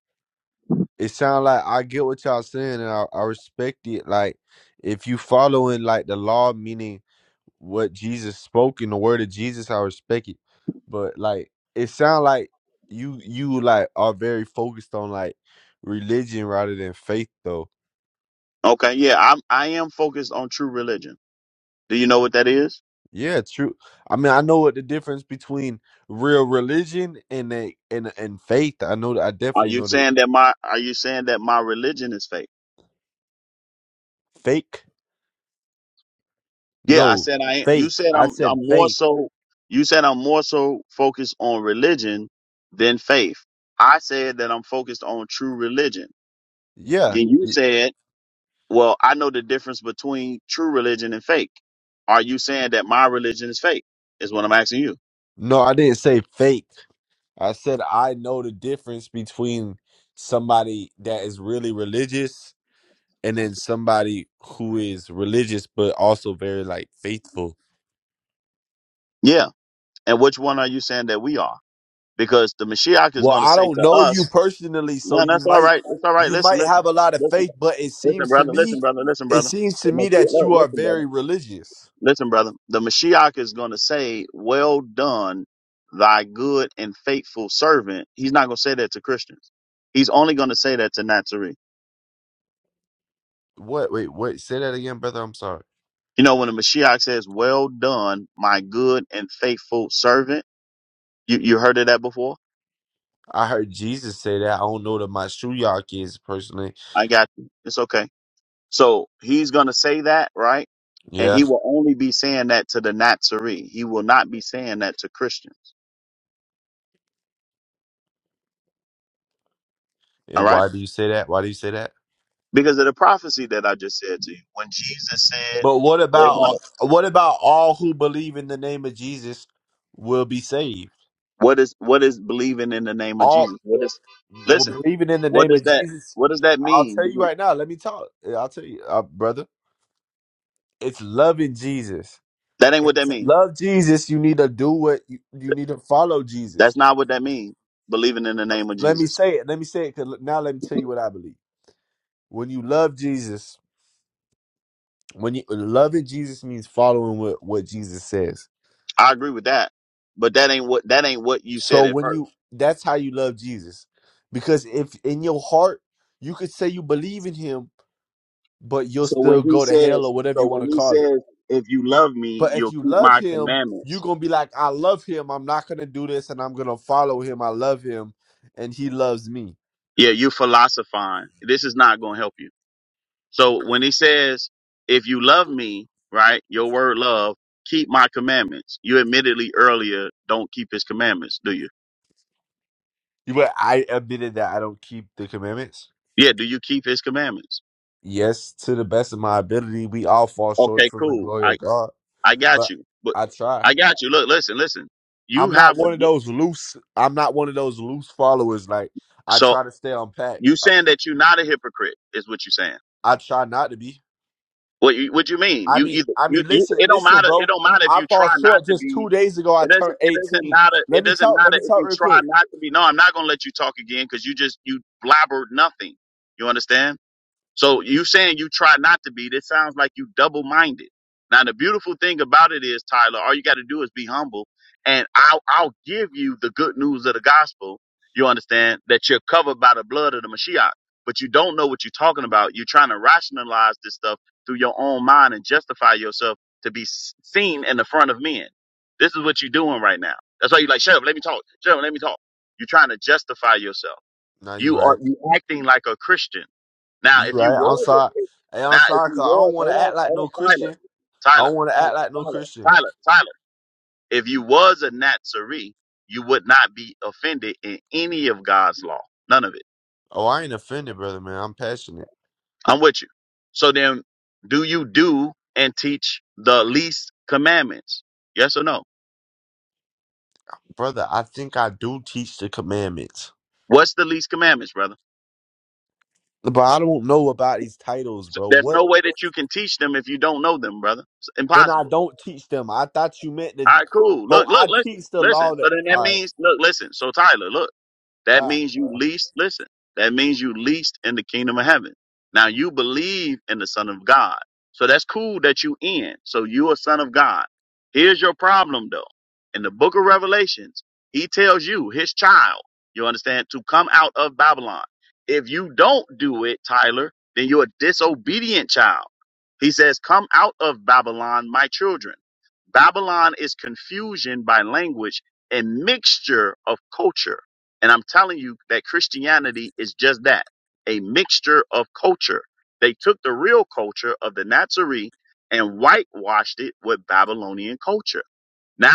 It sound like I get what y'all saying, and I, I respect it. Like if you following like the law, meaning what Jesus spoke in the word of Jesus, I respect it. But like it sound like you you like are very focused on like religion rather than faith though Okay, yeah, I'm I am focused on true religion. Do you know what that is? Yeah, true. I mean, I know what the difference between real religion and a and and faith. I know that I Are definitely you know that saying that my are you saying that my religion is fake? fake. Yeah, I No, said I. You faith. said I I'm. said I'm more faith. so. You said I'm more so focused on religion than faith. I said that I'm focused on true religion. Yeah. Then you Y- said, "Well, I know the difference between true religion and fake." Are you saying that my religion is fake? Is what I'm asking you. No, I didn't say fake. I said I know the difference between somebody that is really religious and then somebody who is religious but also very like faithful. Yeah. And which one are you saying that we are? Because the Mashiach is Well, going to I say don't to know you us, personally, so "No, you that's all might right. That's all right. you Listen, might listen, have a lot of listen, faith, but it listen, seems to brother. me Listen, brother. Listen, it brother. seems to The me Mashiach- that look, you are Listen, brother. very religious. Listen, brother, the Mashiach is going to say, Well done, thy good and faithful servant. He's not going to say that to Christians. He's only going to say that to Nazarene. What? Wait, what? Say that again, brother. I'm sorry. You know, when the Mashiach says, Well done, my good and faithful servant, you, you heard of that before? I heard Jesus say that. I don't know that my Shuyak is personally. I got you. It's okay. So he's going to say that, right? And Yeah. he will only be saying that to the Nazarene. He will not be saying that to Christians. All And right? why do you say that? Why do you say that? Because of the prophecy that I just said to you. When Jesus said, But what about "They what about all who believe in the name of Jesus will be saved? What is what is believing in the name of All Jesus? What is well, listen? believing in the What name does of that Jesus. what does that I'll mean? tell you Being- right now. Let me talk. I'll tell you, uh, brother. It's loving Jesus. That ain't what And that to means. love Jesus, you need to do what you, you need to follow That's Jesus. not what that means. Believing in the Uh, name of Let me Jesus. say it. Let me say it. 'Cause now let me tell you what I believe. When you love Jesus, when you loving Jesus means following what, what Jesus says. I agree with that, but that ain't what that ain't what you So said at when first. you that's how you love Jesus. Because if in your heart you could say you believe in him, but you'll So when still he go to hell or says, whatever you so want when to he call it. says, if you love me, But if you'll you keep love my him, you're commandments. gonna be like, I love him. I'm not gonna do this, and I'm gonna follow him. I love him, and he loves me. Yeah, you philosophizing. This is not going to help you. So when he says, if you love me, right, your word love, keep my commandments. You admittedly earlier don't keep his commandments, do you? You But I admitted that I don't keep the commandments. Yeah, do you keep his commandments? Yes, to the best of my ability, we all fall short Okay, from the cool. glory I, of God. I got But you. But I try. I got you. Look, listen, listen. I'm You not have a, one of gi- those loose. I'm not one of those loose followers. Like I so try to stay on pack. you I, saying that you're not a hypocrite is what you're saying. I try not to be. What you, what you mean? I You mean, either I you, mean, you listen, it don't listen, matter. It bro. don't matter if I you fall try not short to just be. two days ago. I It turned doesn't. It doesn't 18. matter. Let It me doesn't talk. Let matter me if talk you real try quick. not to be. No, I'm not gonna let you talk again because you just you blabbered nothing. You understand? So you saying you try not to be, this sounds like you double minded. Now the beautiful thing about it is, Tyler, all you gotta do is be humble and I'll I'll give you the good news of the gospel, you understand, that you're covered by the blood of the Mashiach. But you don't know what you're talking about. You're trying to rationalize this stuff through your own mind and justify yourself to be s- seen in the front of men. This is what you're doing right now. That's why you're like, shut up, let me talk. Shut up, let me talk. You're trying to justify yourself. No, you You are right. you acting like a Christian now, You if you right. I'm was, sorry. Hey, now I'm if sorry, cause you I don't was, want hold to on, act like no hold on, Tyler, Christian. I Tyler, don't want to Tyler, act like no Tyler, Christian. Tyler, Tyler. If you was a Nazarene, you would not be offended in any of God's law, none of it. Oh, I ain't offended, brother, man. I'm passionate. I'm with you. So then, do you do and teach the least commandments? Yes or no? Brother, I think I do teach the commandments. What's the least commandments, brother? But I don't know about these titles, So bro. There's What? no way that you can teach them if you don't know them, brother. It's Then I impossible. don't teach them. I thought you meant to All right, cool. Bro, Look, I look, listen, teach the listen. law that So then that all right, means, look, listen. So Tyler, look. That all means you least, listen, that means you least in the kingdom of heaven. Now you believe in the son of God. So that's cool that you in. So you a son of God. Here's your problem though. In the book of Revelations, he tells you, his child, you understand, to come out of Babylon. If you don't do it, Tyler, then you're a disobedient child. He says, come out of Babylon, my children. Babylon is confusion by language and mixture of culture and I'm telling you that Christianity is just that a mixture of culture. They took the real culture of the Nazarene and whitewashed it with Babylonian culture.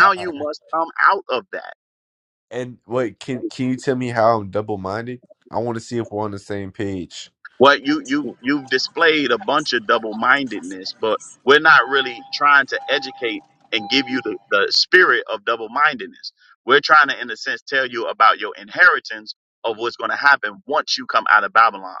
right, all you right. must come out of that. And wait, can can you tell me how I'm double minded? I want to see if we're on the same page. What you you you've displayed a bunch of double mindedness, but we're not really trying to educate and give you the, the spirit of double mindedness. We're trying to, in a sense, tell you about your inheritance of what's going to happen once you come out of Babylon.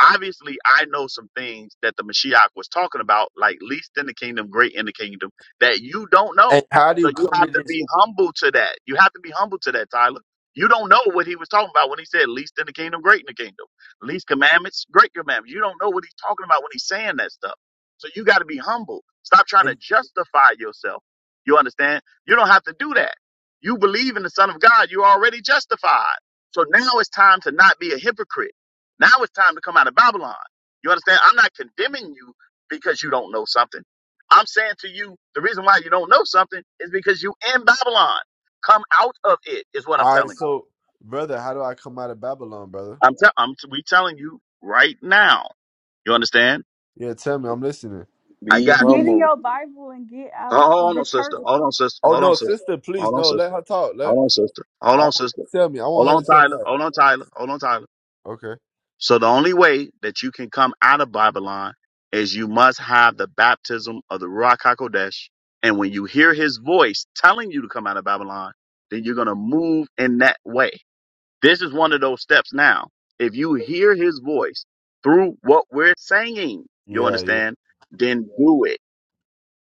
Obviously, I know some things that the Mashiach was talking about, like least in the kingdom, great in the kingdom, that you don't And know. how do So you you come to have to this? be humble to that. You have to be humble to that, Tyler. You don't know what he was talking about when he said least in the kingdom, great in the kingdom least commandments, great commandments. You don't know what he's talking about when he's saying that stuff. So you got to be humble. Stop trying to justify yourself. You understand? You don't have to do that. You believe in the Son of God. You're already justified. So now it's time to not be a hypocrite. Now it's time to come out of Babylon. You understand? I'm not condemning you because you don't know something. I'm saying to you, the reason why you don't know something is because you in Babylon. Come out of it is what I'm All right, telling you. so brother, how do I come out of Babylon, brother? I'm, tell I'm we telling you right now. You understand? Yeah, tell me. I'm listening. I Be got you. Get in humble. your Bible and get out of Hold the on, sister. church. Hold on, sister. Oh Hold on, no, sister. sister, please Hold on, no. Let sister. her talk. Let Hold on, sister. Hold I on, want sister. her to tell me. I Hold want her on, to tell me. Tyler. Her. Hold on, Tyler. Hold on, Tyler. Okay. So the only way that you can come out of Babylon is you must have the baptism of the Ruach HaKodesh. And when you hear his voice telling you to come out of Babylon, then you're going to move in that way. This is one of those steps now. If you hear his voice through what we're saying, you Yeah, yeah. understand, then do it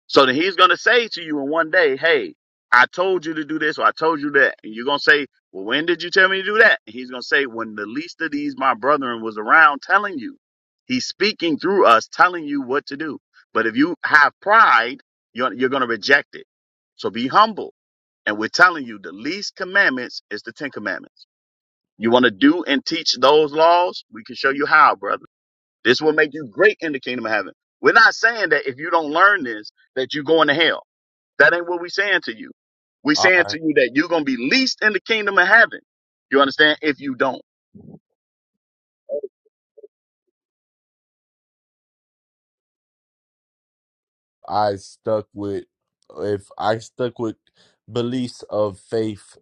So then he's gonna say to you in one day, Hey, I told you to do this or I told you that. And you're gonna say, Well, when did you tell me to do that? And he's gonna say, When the least of these my brethren was around telling you. He's speaking through us, telling you what to do. But if you have pride, you're, you're gonna reject it. So be humble. And we're telling you the least commandments is the Ten Commandments. You want to do and teach those laws? We can show you how, brother. This will make you great in the kingdom of heaven. We're not saying that if you don't learn this, that you're going to hell. That ain't what we're saying to you. We're saying I to you that you're gonna be least in the kingdom of heaven. You understand? If you don't. I stuck with if I stuck with beliefs of faith,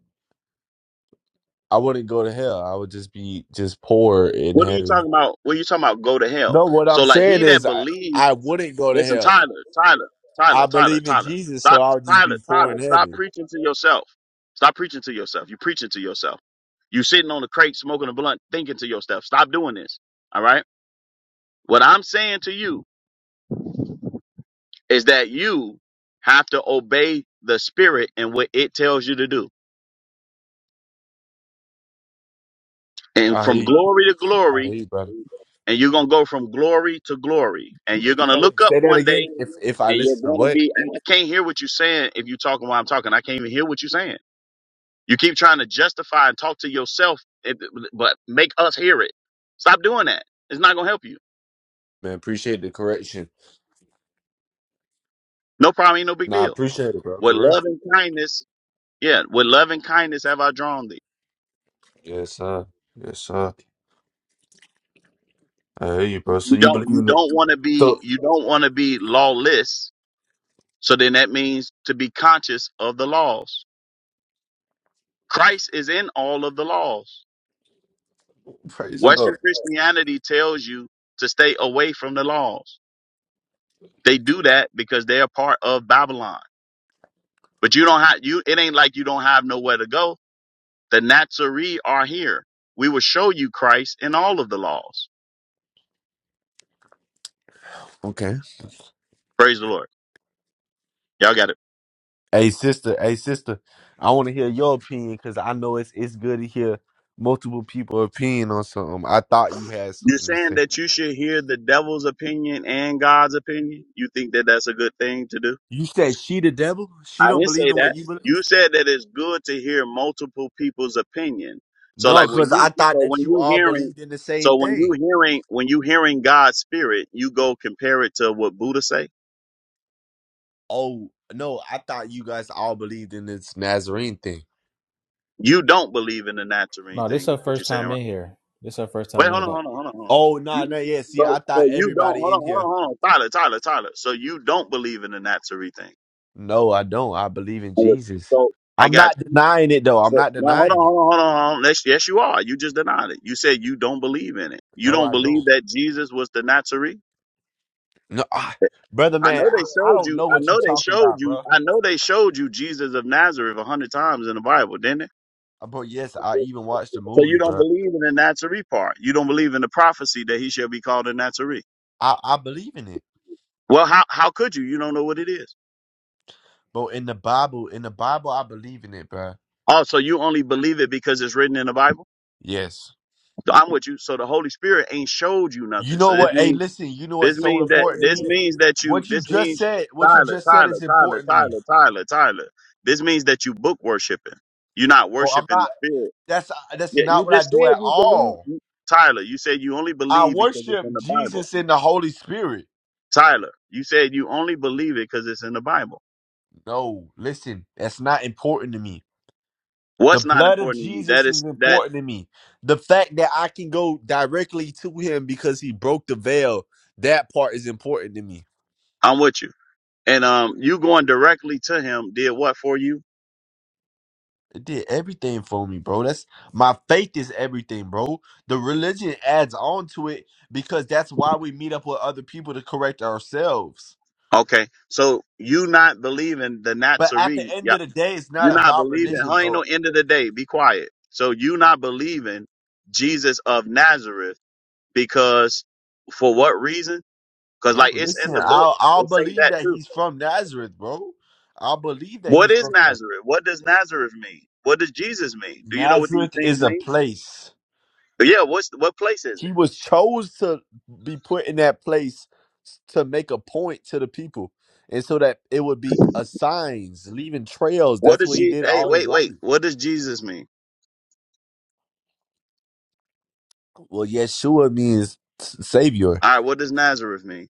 I wouldn't go to hell. I would just be just poor in What are you heaven. talking about? What are you talking about? Go to hell. No, what I'm So like saying he that is I believes, I wouldn't go to listen, hell. Tyler, Tyler, Tyler, I Tyler, believe in Tyler. Jesus, so Stop I would just be Tyler, poor in Tyler, stop heaven. preaching to yourself. Stop preaching to yourself. you preaching to yourself. You sitting on the crate smoking a blunt, thinking to yourself. Stop doing this. All right. What I'm saying to you is that you have to obey the spirit and what it tells you to do. And I from hate. glory to I glory, hate, brother. and you're going to go from glory to glory. And you're If, going to wait, look wait, up say that one again. day If if I and you're listen to going to what? be, I can't hear what you're saying if you're talking while I'm talking. I can't even hear what you're saying. You keep trying to justify and talk to yourself, it- but make us hear it. Stop doing that. It's not going to help you. Man, appreciate the correction. No problem. Ain't no big Nah, I deal. appreciate it, bro. With For real. love and kindness, yeah, with love and kindness have I drawn thee. Yes, sir. Yes, sir. I hear you, bro. So You you don't believe you in it? don't want to be So you don't want to be lawless. So then that means to be conscious of the laws. Christ is in all of the laws. praise the Western Lord. Christianity tells you to stay away from the laws. They do that because they are part of Babylon. But you don't have you it ain't like you don't have nowhere to go. The Nazarene are here. We will show you Christ in all of the laws. Okay. Praise the Lord. Y'all got it. Hey, sister. Hey, sister. I want to hear your opinion because I know it's it's good to hear multiple people opinion on something. I thought you had You're something to saying say. that you should hear the devil's opinion and God's opinion? You think that that's a good thing to do? You said she the devil. She I don't didn't believe say in what that. you believe. You said that it's good to hear multiple people's opinion. So No, like when because I you thought so that when you you all hearing believed in the same so when you thing. hearing when you hearing God's spirit, you go compare it to what Buddha say. Oh no, I thought you guys all believed in this Nazarene thing. You don't believe in the natural No, anything this is her what you're first saying, time right? in here. This her first Wait, time hold in on, hold here. on, hold on, hold on. Oh no, nah, You no, yeah. See, so, I so thought you don't everybody hold on, in hold on, here. hold on, Tyler, Tyler, Tyler. So you don't believe in the natural thing. No, I don't. I believe in Jesus. So I I'm got you. not denying it though. I'm So not now hold on, denying it. hold on, hold on. hold on. Yes, yes, you are. You just denied it. You said you don't believe in it. You No, don't I believe don't. that Jesus was the Nazarene. No, I, brother, I man, know they I, I showed don't you. know I what you know they talking showed about, you. bro. I know they showed you Jesus of Nazareth a hundred times in the Bible, didn't it? Uh, But yes, I So even watched the you movie, don't bro. believe in the Nazarene part. You don't believe in the prophecy that he shall be called a Nazarene. I, I believe in it, Well, how how could you? You don't know what it is. but in the Bible, in the Bible, I believe in it, bro. Oh, so you only believe it because it's written in the Bible? Yes. So I'm with you. So the Holy Spirit ain't showed you You nothing. know So this what? means Hey, listen. You know This what's so means that important to this me? means that you What you this just means said. What you Tyler, just said Tyler, is Tyler, important to me. Tyler, Tyler, Tyler. This means that you book worshiping. You're not Oh, I'm worshiping the not. spirit. That's uh, that's Yeah, not you what I just do said at you believe all. you- Tyler, you said you only I believe because it's worship in the Bible. Jesus in the Holy Spirit. Tyler, you said you only believe it because it's in the Bible. No, listen, that's not important to me. The What's not blood of important to you? That Jesus is is that important to me. The fact that I can go directly to him because he broke the veil, that part is important to me. I'm with you. And um you going directly to him did what for you? It did everything for me, bro. That's my faith is everything, bro. The religion adds on to it because that's why we meet up with other people to correct ourselves. Okay. So you not believing the But at the Nazarene end of the day, it's You're not not about believing. religion, Huh? Ain't bro. no end of the day. Be quiet. So you not believing Jesus of Nazareth because for what reason? Because No, like it's in listen, the book. I'll I'll It say believe that that too. he's from Nazareth, bro. I'll believe that What he's is from Nazareth. Nazareth? What does Nazareth mean? What does Jesus mean? Do you know what these Nazareth things is a mean? place. Yeah. What's what place is it? He was chose to be put in that place to make a point to the people. And so that it would be a signs, leaving trails. What That's does what he Jesus? did Hey, all his wait, life. wait. What does Jesus mean? Well, Yeshua means s- savior. All right. What does Nazareth mean?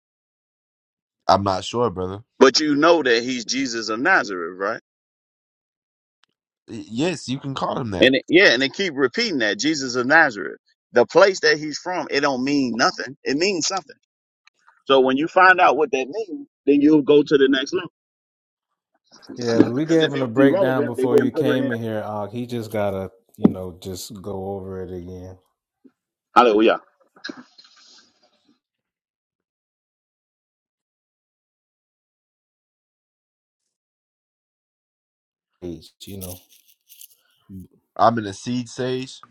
I'm not sure, brother. But you know that he's Jesus of Nazareth, right? Y- Yes, you can call him that. And it, yeah, and they keep repeating that Jesus of Nazareth, the place that he's from, it don't mean nothing. It means something. So when you find out what that means, then you'll go to the next Yeah, level. we Because gave if it him a was breakdown irrelevant, they before you wouldn't put it came in. in here. Uh, he just gotta, you know, just go over it again. Hallelujah. Age, You know, I'm in a seed sage.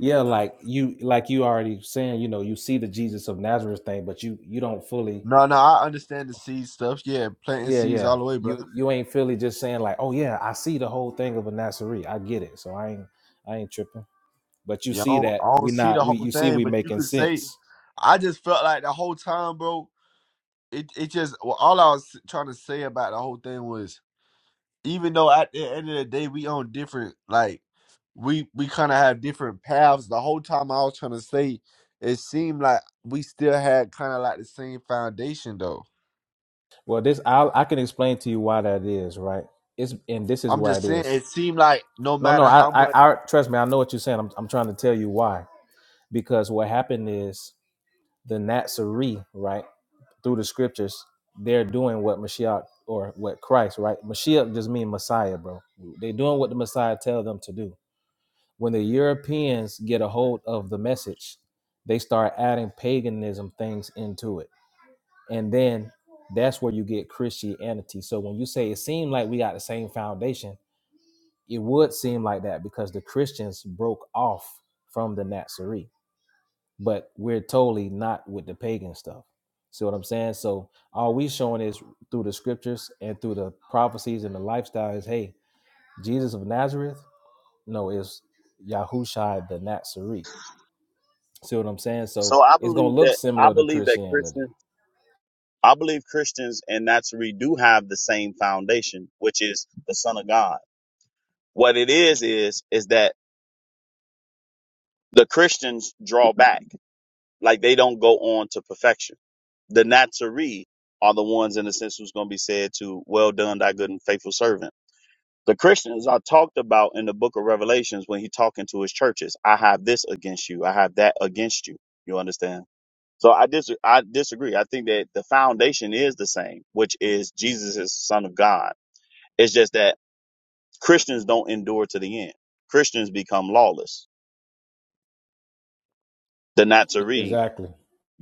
yeah, like you, like you already saying, you know, you see the Jesus of Nazareth thing, but you you don't fully No, no, I understand the seed stuff. Yeah, planting Yeah, seeds yeah. all the way, brother. You you ain't Philly just saying like, oh yeah, I see the whole thing of a Nasserie. I get it. So I ain't I ain't tripping. But you Yeah, I see don't, that I don't we see the not we whole you see thing, we but you making could say, sense. I just felt like the whole time, bro. It it just well, all I was trying to say about the whole thing was, even though at the end of the day we on different, like we we kind of have different paths. The whole time I was trying to say, it seemed like we still had kind of like the same foundation, though. Well, this I I can explain to you why that is, right? It's and this is I'm why just it saying, is. it seemed like no No, no, matter I how I, much, I trust me. I know what you're saying. I'm I'm trying to tell you why. Because what happened is the Natsari, right? through the scriptures, they're doing what Mashiach or what Christ, right? Mashiach just mean Messiah, bro. They're doing what the Messiah tell them to do. When the Europeans get a hold of the message, they start adding paganism things into it. And then that's where you get Christianity. So when you say it seemed like we got the same foundation, it would seem like that because the Christians broke off from the Nazarene but we're totally not with the pagan stuff. See what I'm saying? So all we showing is through the scriptures and through the prophecies and the lifestyle is hey, Jesus of Nazareth, no, it's Yahushua the Nazarene. See what I'm saying? So So I it's gonna believe look that I similar to believe that Christianity. Christians, I believe Christians and Nazarene do have the same foundation, which is the Son of God. What it is is is that the Christians draw back Like they don't go on to perfection. The Nazarene are the ones, in a sense, who's going to be said to, well done, thy good and faithful servant. The Christians are talked about in the book of Revelations when he's talking to his churches. I have this against you. I have that against you. You understand? So I, dis- I disagree. I think that the foundation is the same, which is Jesus is the son of God. It's just that Christians don't endure to the end. Christians become lawless. The E- Nazarene Exactly.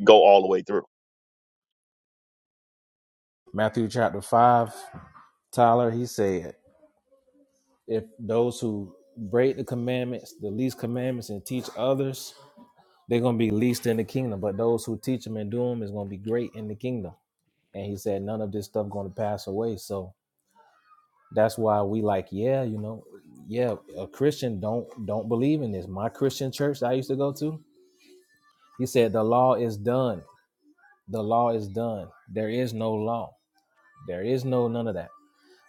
go all the way through. Matthew chapter five, Tyler, he said, if those who break the commandments, the least commandments, and teach others, they're going to be least in the kingdom. But those who teach them and do them is going to be great in the kingdom. And he said, none of this stuff going to pass away. So that's why we like, yeah, you know, yeah, a Christian don't don't believe in this. My Christian church that I used to go to, he said, the law is done. The law is done. There is no law. There is no none of that.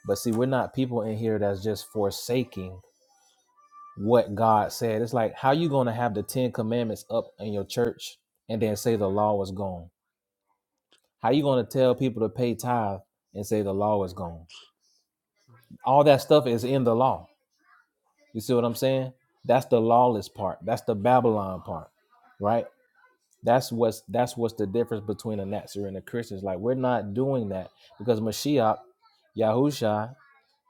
But see, we're not people in here that's just forsaking what God said. It's like how you gonna have the Ten Commandments up in your church and then say the law was gone? How you gonna tell people to pay tithe and say the law is gone? All that stuff is in the law. You see what I'm saying? That's the lawless part. That's the Babylon part, right? That's what's that's what's the difference between a Nazarene and the Christians. Like we're not doing that because Mashiach, Yahusha,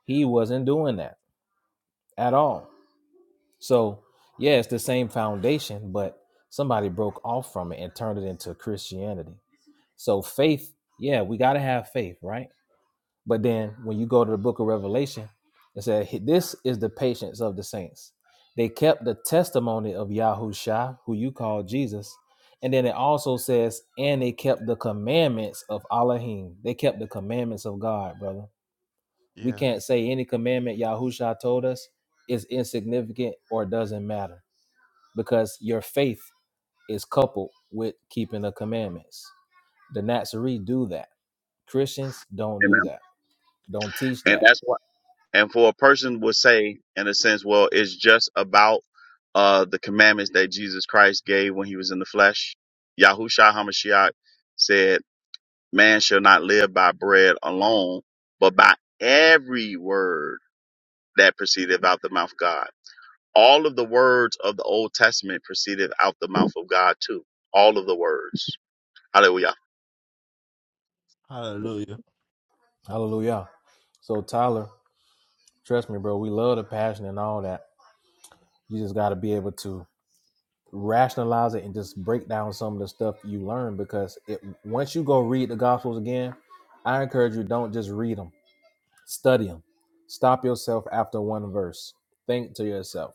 he wasn't doing that at all. So, yeah, it's the same foundation, but somebody broke off from it and turned it into Christianity. So, faith, yeah, we got to have faith, right? But then when you go to the book of Revelation, it said, This is the patience of the saints. They kept the testimony of Yahushua, who you call Jesus. And then it also says, And they kept the commandments of Elohim. They kept the commandments of God, brother. We yeah, can't say any commandment Yahushua told us is insignificant or doesn't matter because your faith is coupled with keeping the commandments. The Nazarene do that. Christians don't do Amen. that. Don't teach And that. that's why. And for a person would say, in a sense, well, it's just about uh, the commandments that Jesus Christ gave when he was in the flesh. Yahushua HaMashiach said, man shall not live by bread alone, but by every word that proceedeth out the mouth of God. All of the words of the Old Testament proceeded out the mouth of God too. All of the words. Hallelujah. hallelujah, Hallelujah. So Tyler, trust me, bro, we love the passion and all that. You just got to be able to rationalize it and just break down some of the stuff you learn because it once you go read the gospels again, I encourage you don't just read them. Study them. Stop yourself after one verse. Think to yourself.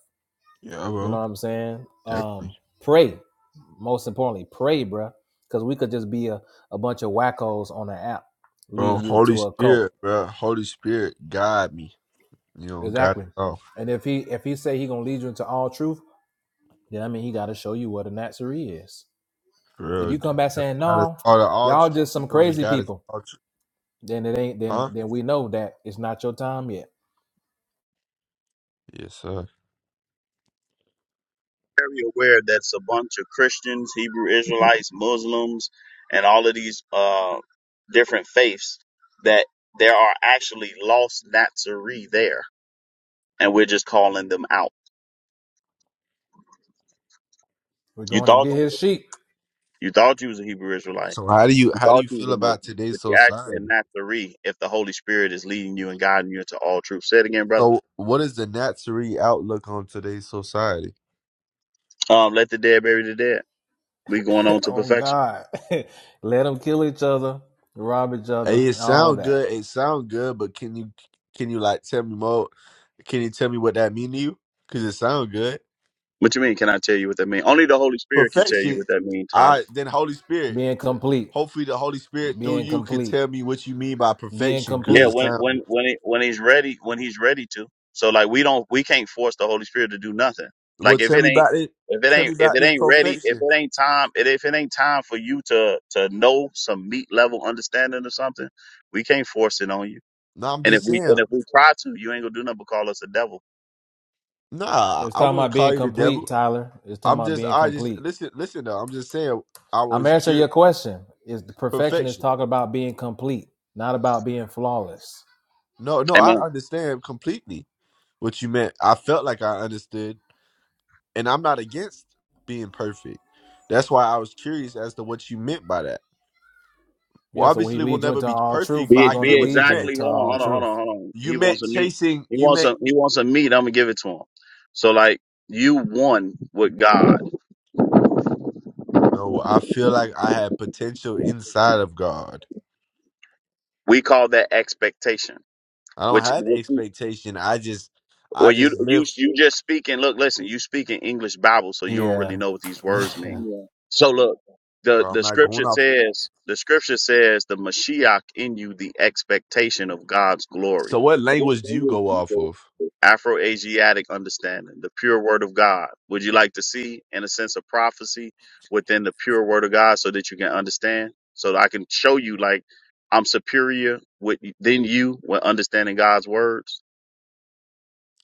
yeah, You know bro, what I'm saying? definitely, Um, pray. Most importantly, pray, bruh. Because we could just be a, a bunch of wackos on an app bro. leading you Holy to a cult. Spirit, bro, Holy Spirit, guide me. You know, God is Exactly. all And if he if he say he gonna lead you into all truth, then I mean he gotta show you what a Nazarene is. for If real. you come dude. back That's- saying, God is No, all the all y'all truth just is some gonna be crazy God is people, all truth, then it ain't then huh? then we know that it's not your time yet. Yes, sir. very aware that's a bunch of Christians, Hebrew Israelites, Muslims, and all of these uh, different faiths that there are actually lost Nazarene there, and we're just calling them out. We're You going to thought get you was his sheep. a, you thought you was a Hebrew Israelite. So how do you You how do thought you you was feel a about Muslim, today's but you're actually a society? Nazarene if the Holy Spirit is leading you and guiding you into all truth. Say it again, brother. So what is the Natsuri outlook on today's society? Um, let the dead bury the dead. We going on to oh perfection. God. Let them kill each other, rob each Hey, other, it and all sound that. good. It sound good, but can you can you like tell me more? Can you tell me what that mean to you? Cause it sound good. What you mean? Can I tell you what that means? Only the Holy Spirit can tell you Perfection. what that means, All Tyler. right, then Holy Spirit. Being t- complete. Hopefully, the Holy Spirit through Being you could complete. tell me what you mean by Being perfection, cause Yeah, it complete. when sounds when when he, when he's ready, when he's ready to. So like we don't we can't force the Holy Spirit to do nothing. Well, Like if tell it me ain't about it. if it Tell me ain't if about it this ain't ready, if perfection. it ain't time, it, if it ain't time for you to to know some meat level understanding or something, we can't force it on you. No, I'm And if just we and saying. if we try to, you ain't gonna do nothing but call us a devil. Nah, It's I talking wouldn't about call being you the complete, devil. Tyler. It's talking I'm about just, being I just complete. listen, listen. Though I'm just saying, I I'm was answering cured your question. Is the perfection is perfection. talking about being complete, not about being flawless? No, no, I Amen. understand completely what you meant. I felt like I understood, and I'm not against being perfect. That's why I was curious as to what you meant by that. Well, Yeah. So when he obviously, we'll leads you never into be all perfect, truth, but he Be I gonna get be what you lead meant. you exactly. to Hold all on, hold on, hold truth. on, hold on. You He meant wants some meat. chasing. He You wants meant some. He wants some meat. I'm gonna give it to him. So like you won with God. no. I feel like I had potential inside of God. We call that expectation. I don't Which, have which expectation. I just I well, you just you live. you just speaking. Look, listen, you speaking English Bible, so you don't Yeah. really know what these words Yeah. mean. Yeah. So look, the Bro, I'm the not scripture going off. says the scripture says the Mashiach in you, the expectation of God's glory, So what language do you go off of? Afro Asiatic understanding, the pure word of God. Would you like to see, in a sense, of prophecy within the pure word of God, so that you can understand, so that I can show you like I'm superior with than you when understanding God's words?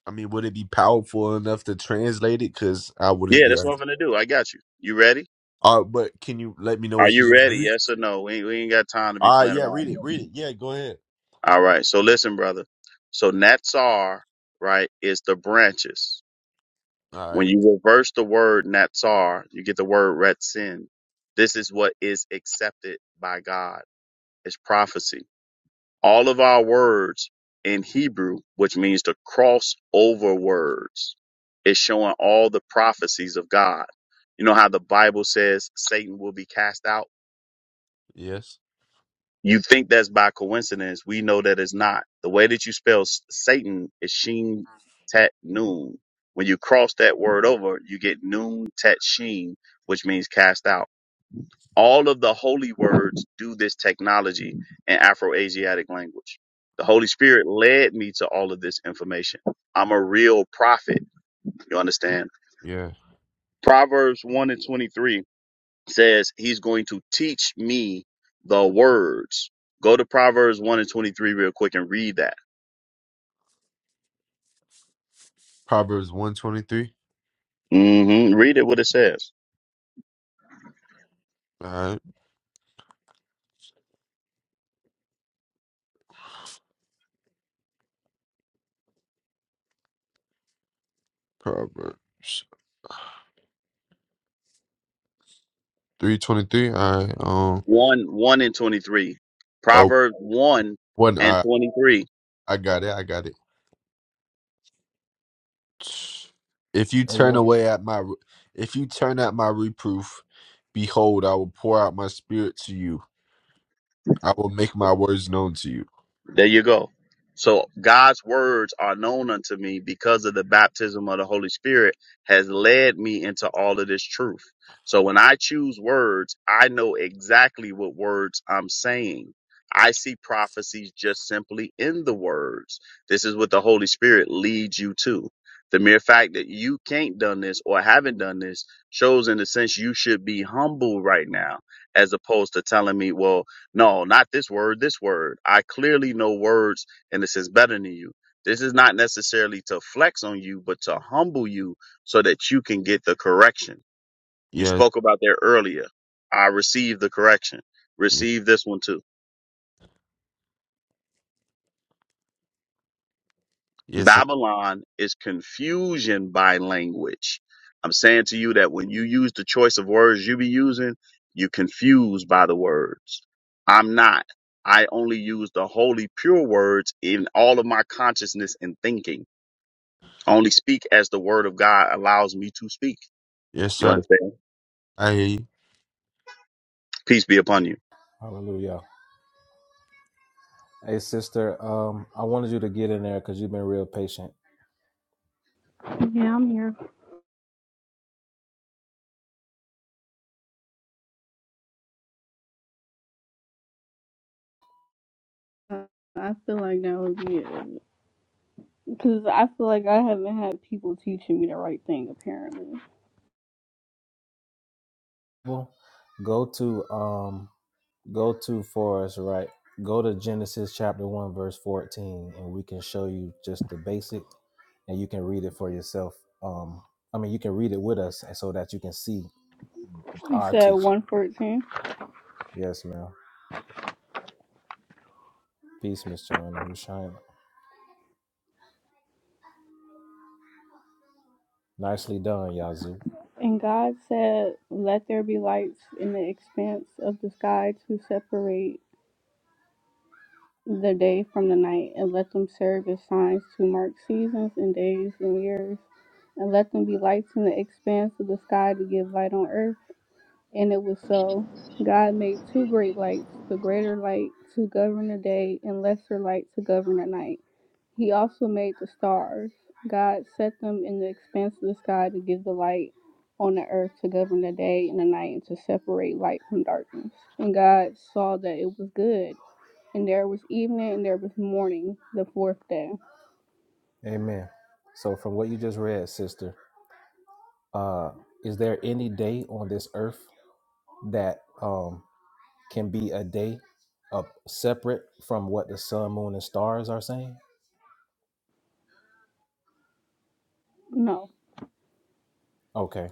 I mean, would it be powerful enough to translate it? Because I wouldn't Yeah, be. that's what un- I'm gonna do. I got you. You ready? Uh, but can you let me know Are what you you're gonna ready? read? Yes or no? We ain't, we ain't got time to be Uh playing yeah, read around. it, read it. Yeah, go ahead. All right. So listen, brother. So Natsar, right, is the branches. All When right. you reverse the word Natsar, you get the word Retzin. This is what is accepted by God. It's prophecy. All of our words in Hebrew, which means to cross over words, is showing all the prophecies of God. You know how the Bible says Satan will be cast out? Yes. You think that's by coincidence. We know that it's not. The way that you spell s- Satan is Sheen Tat Noon. When you cross that word over, you get Noon Tat Sheen, which means cast out. All of the holy words do this technology in Afro-Asiatic language. The Holy Spirit led me to all of this information. I'm a real prophet. You understand? Yeah. Proverbs 1 and 23 says he's going to teach me the words. Go to Proverbs 1 and 23 real quick and read that. Proverbs one twenty three. hmm Read it what it says. All right. Proverbs three twenty three. All right. Um. 1 1 and 23. Oh, Proverbs 1 one. and I 23. I got it. I got it. If you Hey, turn one. away at my, if you turn at my reproof, behold, I will pour out my spirit to you. I will make my words known to you. There you go. So God's words are known unto me because of the baptism of the Holy Spirit has led me into all of this truth. So when I choose words, I know exactly what words I'm saying. I see prophecies just simply in the words. This is what the Holy Spirit leads you to. The mere fact that you can't done this or haven't done this shows in a sense you should be humble right now as opposed to telling me, well, no, not this word, this word. I clearly know words, and this is better than you. This is not necessarily to flex on you, but to humble you so that you can get the correction. You Yes, spoke about there earlier. I received the correction. yes, Receive this one too. yes, sir. Babylon is confusion by language. I'm saying to you that when you use the choice of words you be using, you're confused by the words. I'm not. I only use the holy, pure words in all of my consciousness and thinking. I only speak as the word of God allows me to speak. Yes, You sir. understand? I hear you. Peace be upon you. Hallelujah. Hey, sister. Um, I wanted you to get in there because you've been real patient. Yeah, I'm here. Uh, I feel like that would be because I feel like I haven't had people teaching me the right thing. Apparently, Bible, go to um go to for us, right? Go to Genesis chapter 1 verse 14 and we can show you just the basic and you can read it for yourself. Um I mean, you can read it with us and so that you can see you our said teaching. one fourteen, Yes, ma'am. Peace, Miss Joanna Who's shining. Nicely done, Yazoo. and God said, "Let there be lights in the expanse of the sky to separate the day from the night, and let them serve as signs to mark seasons and days and years, and let them be lights in the expanse of the sky to give light on earth." And it was so God made two great lights, the greater light to govern the day, and lesser light to govern the night. He also made the stars. God set them in the expanse of the sky to give the light on the earth to govern the day and the night and to separate light from darkness. And God saw that it was good. And there was evening and there was morning, the fourth day. Amen. So from what you just read, sister, uh is there any day on this earth that um can be a day up separate from what the sun, moon, and stars are saying? No. Okay.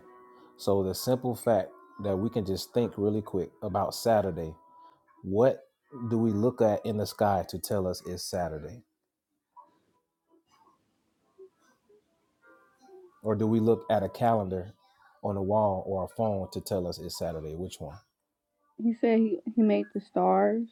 So the simple fact that we can just think really quick about Saturday, what do we look at in the sky to tell us it's Saturday? Or do we look at a calendar on a wall or a phone to tell us it's Saturday? Which one? He said he, he made the stars.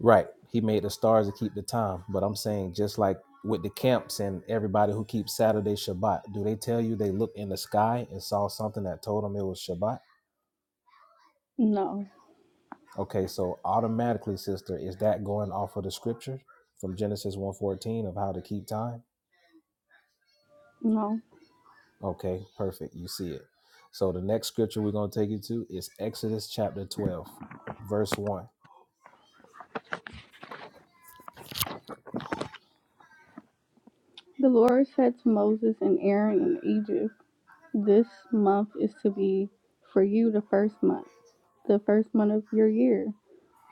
Right. He made the stars to keep the time. But I'm saying just like with the camps and everybody who keeps Saturday Shabbat, do they tell you they looked in the sky and saw something that told them it was Shabbat? No. Okay, so automatically, sister, is that going off of the scripture from Genesis one fourteen of how to keep time? No. Okay, perfect. You see it. So the next scripture we're going to take you to is Exodus chapter 12, verse 1. The Lord said to Moses and Aaron in Egypt, This month is to be for you the first month, the first month of your year.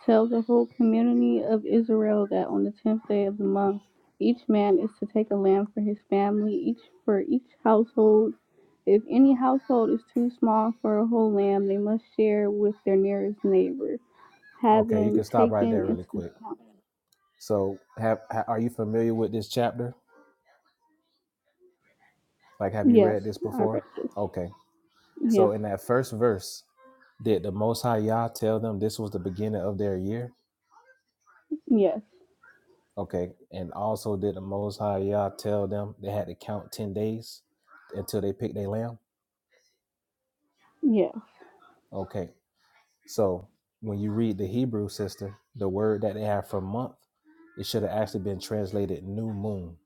Tell the whole community of Israel that on the tenth day of the month, each man is to take a lamb for his family, each for each household. If any household is too small for a whole lamb, they must share with their nearest neighbor, Okay, you can having stop right taken there really into quick. account. So, have ha- are you familiar with this chapter? Like, have you Yes, read this I read before? this. Okay. Yeah. So, in that first verse, did the Most High Yah tell them this was the beginning of their year? Yes. Okay. And also, did the Most High Yah tell them they had to count 10 days until they picked their lamb? Yes. Okay. So, when you read the Hebrew sister, the word that they have for month, it should have actually been translated new moon,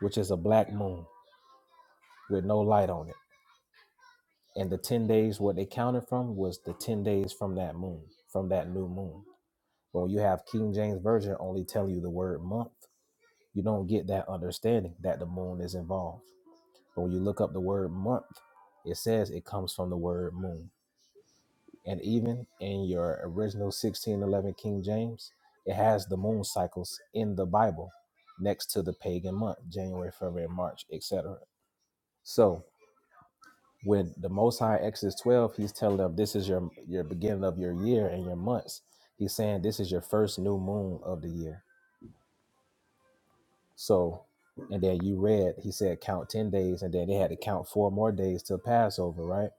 which is a black moon with no light on it. And the 10 days, what they counted from was the 10 days from that moon, from that new moon. But when you have King James Version only telling you the word month, you don't get that understanding that the moon is involved. But when you look up the word month, it says it comes from the word moon. And even in your original 1611 King James, it has the moon cycles in the Bible next to the pagan month, January, February, March, etc. So when the Most High Exodus 12, he's telling them this is your your beginning of your year and your months. He's saying this is your first new moon of the year So, and then you read, he said count 10 days, and then they had to count four more days till Passover, right?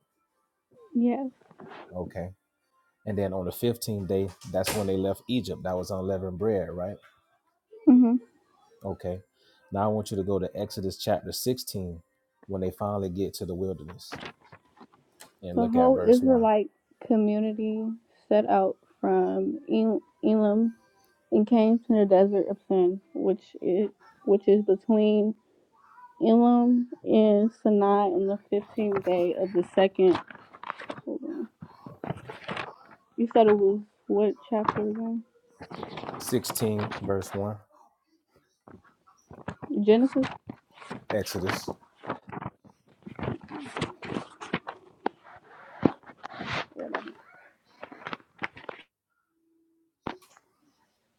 Yes. Okay. And then on the 15th day, that's when they left Egypt. That was unleavened bread, right? Mm-hmm. Okay. Now I want you to go to Exodus chapter 16 when they finally get to the wilderness and The look at whole verse 1. Israelite community set out from El- Elam and came to the desert of Sin, which is which is between Elam and Sinai on the fifteenth day of the second. Hold on. You said it was what chapter again? 16, verse 1. Genesis. Exodus.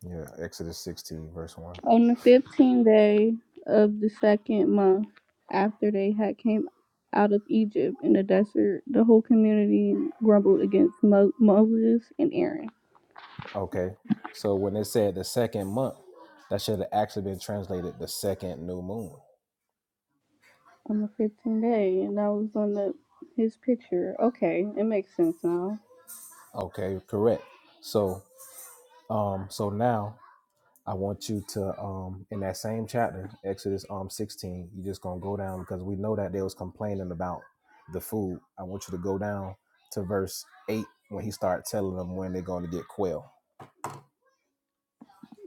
Yeah, Exodus 16, verse 1. On the fifteenth day of the second month after they had came out of Egypt in the desert, the whole community grumbled against Mo- Moses and Aaron. Okay. So when it said the second month, that should have actually been translated the second new moon on the 15th day, and I was on the his picture. Okay, it makes sense now. Okay, correct. So, um, so now I want you to, um, in that same chapter, Exodus, um, sixteen, you're just gonna go down because we know that they was complaining about the food. I want you to go down to verse eight when he started telling them when they're going to get quail.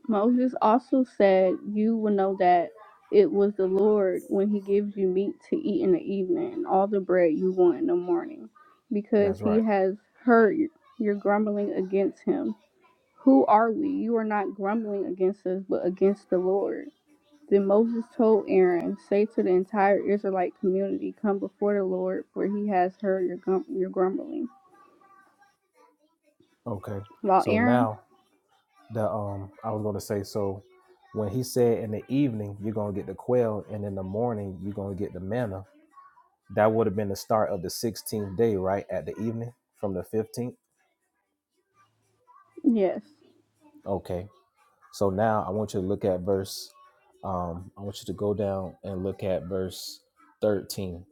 Moses also said, "You will know that it was the Lord when He gives you meat to eat in the evening, and all the bread you want in the morning, because That's He right. has heard your grumbling against Him. Who are we? You are not grumbling against us, but against the Lord." Then Moses told Aaron, "Say to the entire Israelite community, 'Come before the Lord, for He has heard your grum- your grumbling." Okay. While So Aaron, now the um, I was gonna say so when he said in the evening you're gonna get the quail and in the morning you're gonna get the manna That would have been the start of the 16th day, right? At the evening from the 15th. yes, Okay. So now I want you to look at verse, um, I want you to go down and look at verse 13,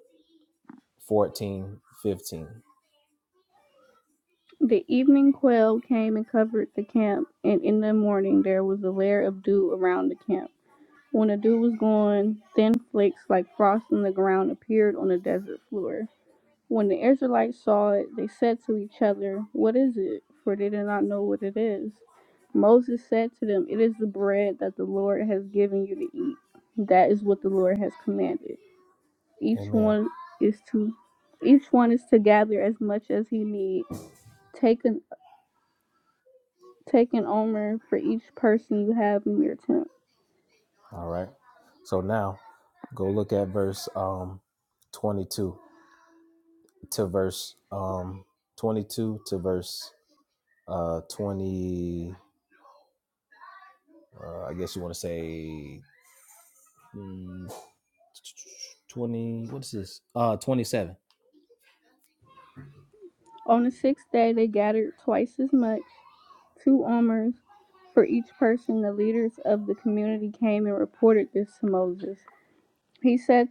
14, 15. the evening quail came and covered the camp, and in the morning there was a layer of dew around the camp. When the dew was gone, thin flakes like frost on the ground appeared on the desert floor. When the Israelites saw it, they said to each other, What is it? For they did not know what it is. Moses said to them, It is the bread that the Lord has given you to eat. That is what the Lord has commanded. Each Amen. one is to each one is to gather as much as he needs Take an take an omer for each person you have in your tent. All right. So now go look at verse um 22 to verse um 22 to verse uh 20 uh, I guess you want to say mm, 20 what is this? Uh 27. On the sixth day they gathered twice as much, two omers for each person. The leaders of the community came and reported this to Moses. He said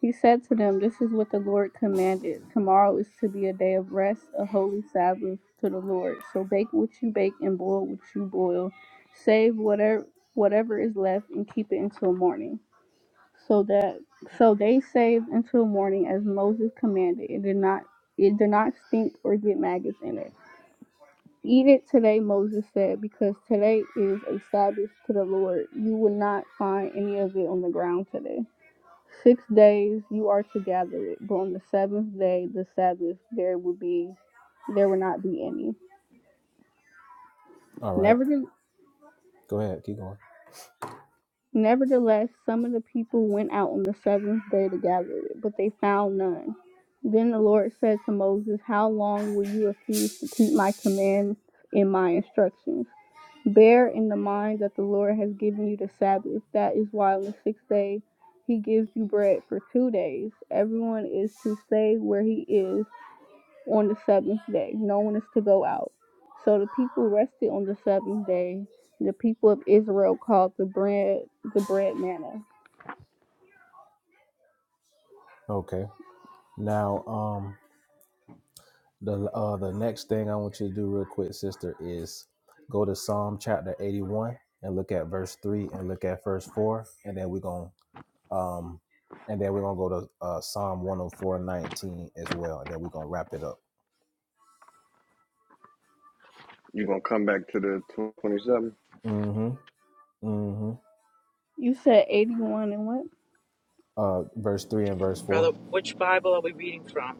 he said to them, This is what the Lord commanded. Tomorrow is to be a day of rest, a holy Sabbath to the Lord. So bake what you bake and boil what you boil. Save whatever whatever is left and keep it until morning. So that so they saved until morning as Moses commanded. It did not it did not stink or get maggots in it. Eat it today, Moses said, because today is a Sabbath to the Lord. You will not find any of it on the ground today. Six days you are to gather it, but on the seventh day, the Sabbath, there will be there will not be any. All right. Never Go ahead. Keep going. Nevertheless, some of the people went out on the seventh day to gather it, but they found none. Then the Lord said to Moses, How long will you refuse to keep my commands and my instructions? Bear in the mind that the Lord has given you the Sabbath. That is why on the sixth day he gives you bread for two days. Everyone is to stay where he is on the seventh day. No one is to go out. So the people rested on the seventh day. The people of Israel called the bread the bread manna. Okay. Now, um, the uh, the next thing I want you to do real quick, sister, is go to Psalm chapter eighty-one and look at verse three and look at verse four, and then we're gonna um, and then we're gonna go to uh, Psalm one hundred four nineteen as well, and then we're gonna wrap it up. You gonna come back to the twenty seven? Mm-hmm. Mm-hmm. You said eighty one and what? Uh, verse three and verse Brother, four. which Bible are we reading from?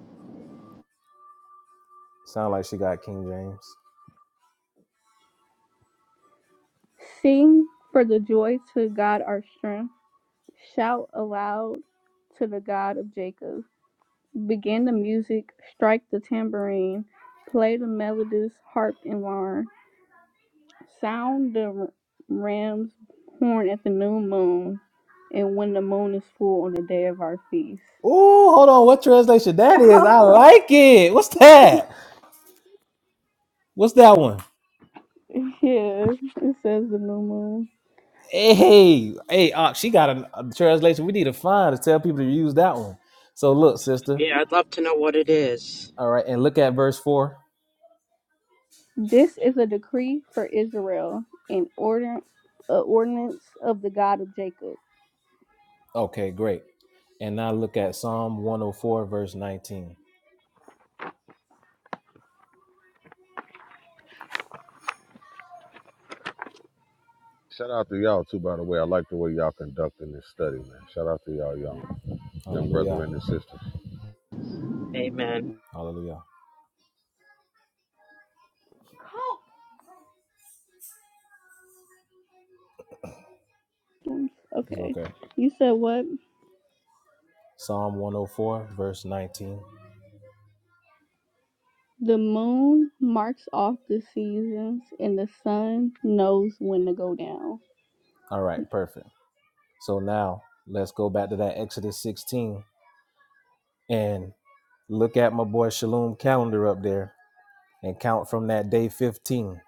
Sound like she got King James. Sing for the joy to God our strength. Shout aloud to the God of Jacob. Begin the music, strike the tambourine, play the melodies, harp and lyre. Sound the ram's horn at the new moon, and when the moon is full on the day of our feast. Ooh, hold on. What translation that is? I like it. What's that? What's that one? Yeah, it says the new moon. Hey, hey, uh, she got a, a translation. We need to find to tell people to use that one. So look, sister. Yeah, I'd love to know what it is. All right, and look at verse four. This is a decree for Israel, an order, a ordinance of the God of Jacob. Okay, great. And now look at Psalm 104, verse 19. Shout out to y'all too, by the way. I like the way y'all conducting this study, man. Shout out to y'all young young Hallelujah. brethren and sisters. Amen. Hallelujah. It's Okay, okay. you said what? Psalm 104, verse 19. The moon marks off the seasons, and the sun knows when to go down. All right, perfect. So now let's go back to that Exodus 16 and look at my boy Shalom calendar up there and count from that day 15.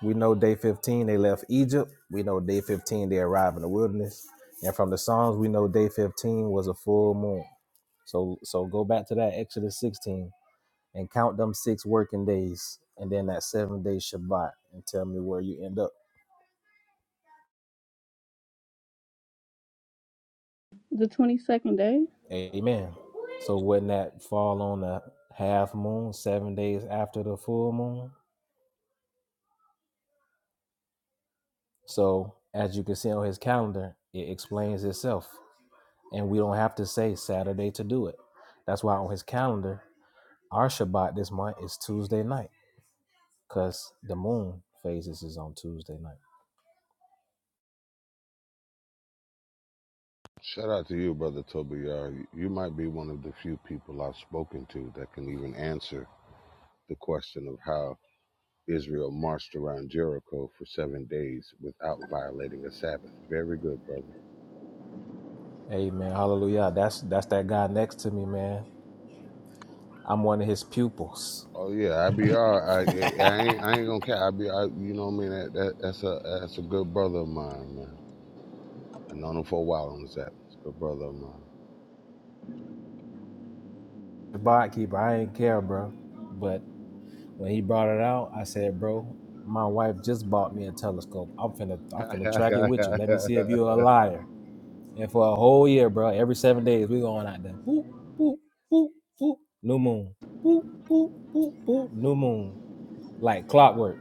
We know day 15 they left Egypt. We know day 15 they arrived in the wilderness. And from the Psalms, we know day 15 was a full moon. So so go back to that Exodus 16 and count them six working days and then that seven day Shabbat and tell me where you end up. The twenty-second day. Amen. So wouldn't that fall on the half moon, seven days after the full moon? So as you can see on his calendar, it explains itself. And we don't have to say Saturday to do it. That's why on his calendar Our Shabbat this month is Tuesday night because the moon phases is on Tuesday night. Shout out to you, brother Tobiah. You might be one of the few people I've spoken to that can even answer the question of how Israel marched around Jericho for seven days without violating a Sabbath. Very good, brother. Amen. Hallelujah. That's that's that guy next to me, man. I'm one of his pupils. Oh yeah, I be all. I, I I ain't I ain't gonna care. I be I, you know what I mean. That, that that's a that's a good brother of mine, man. I known him for a while on this app. It's a good brother of mine. Shabbat keeper. I ain't care, bro. But when he brought it out, I said, bro, my wife just bought me a telescope. I'm finna I'm hey, finna track it with you. Let me see if the you're a liar. And for a whole year, bro, every seven days we going out there. Boop, boop, boop, boop, new moon. Boop, boop, boop, boop, new moon. Like clockwork.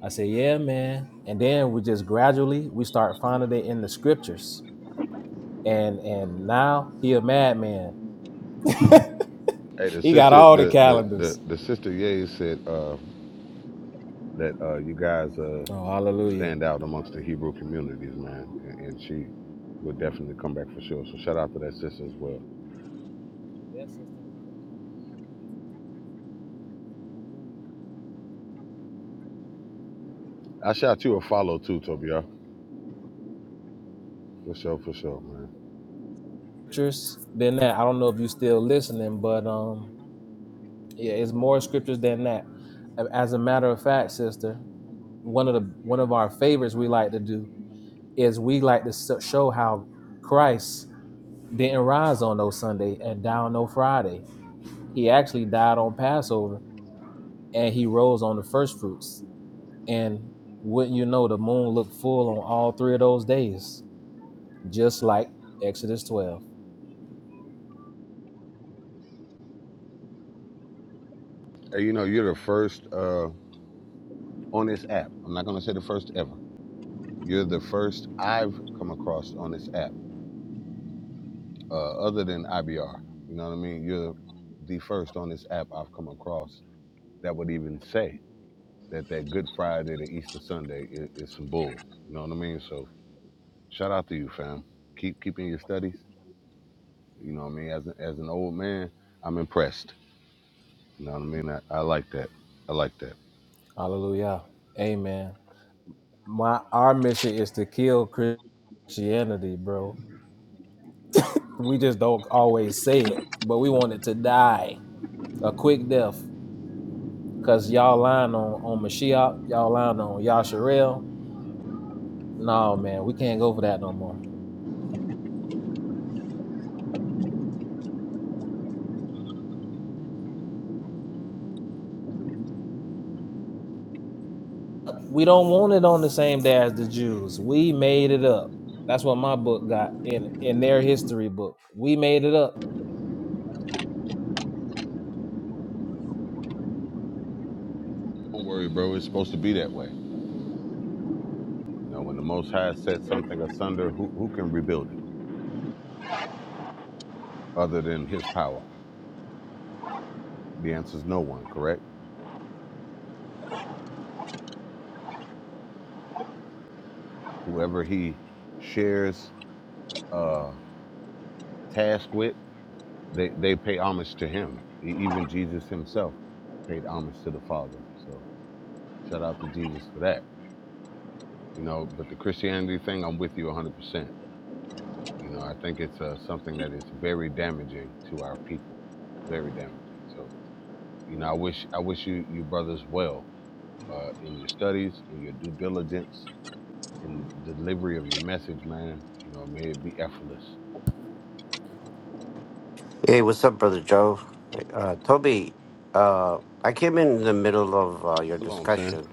I said, "Yeah, man." And then we just gradually we start finding it in the scriptures, and and now he a madman. Yeah, He got sister, do all the the the uh, the, calendars. the sister Ye said uh, that uh, you guys uh, Oh, hallelujah! stand out amongst the Hebrew communities, man, and, and she will definitely come back for sure. So shout out to that sister as well. I shout you a follow too, Tobiah, for sure, for sure, man. Scriptures than that. I don't know if you still listening, but um, yeah, it's more scriptures than that. As a matter of fact, sister, one of the one of our favorites we like to do is we like to s- show how Christ didn't rise on no Sunday and die on no Friday. He actually died on Passover and he rose on the first fruits. And wouldn't you know, the moon looked full on all three of those days, just like Exodus 12. Hey, you know you're the first uh, on this app. I'm not gonna say the first ever. You're the first I've come across on this app, uh, other than IBR. You know what I mean? You're the first on this app I've come across that would even say. that that Good Friday to Easter Sunday is, is some bull. You know what I mean? So shout out to you, fam. Keep keeping your studies. You know what I mean? As a, as an old man, I'm impressed. You know what I mean? I, I like that. I like that. Hallelujah. Amen. My our mission is to kill Christianity, bro. We just don't always say it, but we want it to die a quick death. Cause y'all lying on on Mashiach, y'all lying on Yasharel. No man, we can't go for that no more. We don't want it on the same day as the Jews. We made it up. That's what my book got in in their history book. We made it up. Don't worry, bro. It's supposed to be that way. You know, when the Most High set something asunder, who who can rebuild it other than His power? The answer is no one. Correct? Whoever He shares a task with, they they pay homage to Him. E- Even Jesus Himself paid homage to the Father. So Shout out to Jesus for that. You know, but the Christianity thing, I'm with you 100%. You know, I think it's uh, something that is very damaging to our people, very damaging. So, you know, I wish I wish you you brothers well uh, in your studies, in your due diligence, in the delivery of your message, man. You know, may it be effortless. Hey, what's up, Brother Joe? Uh, Toby, uh, I came in the middle of uh, your Hello, I'm saying. discussion.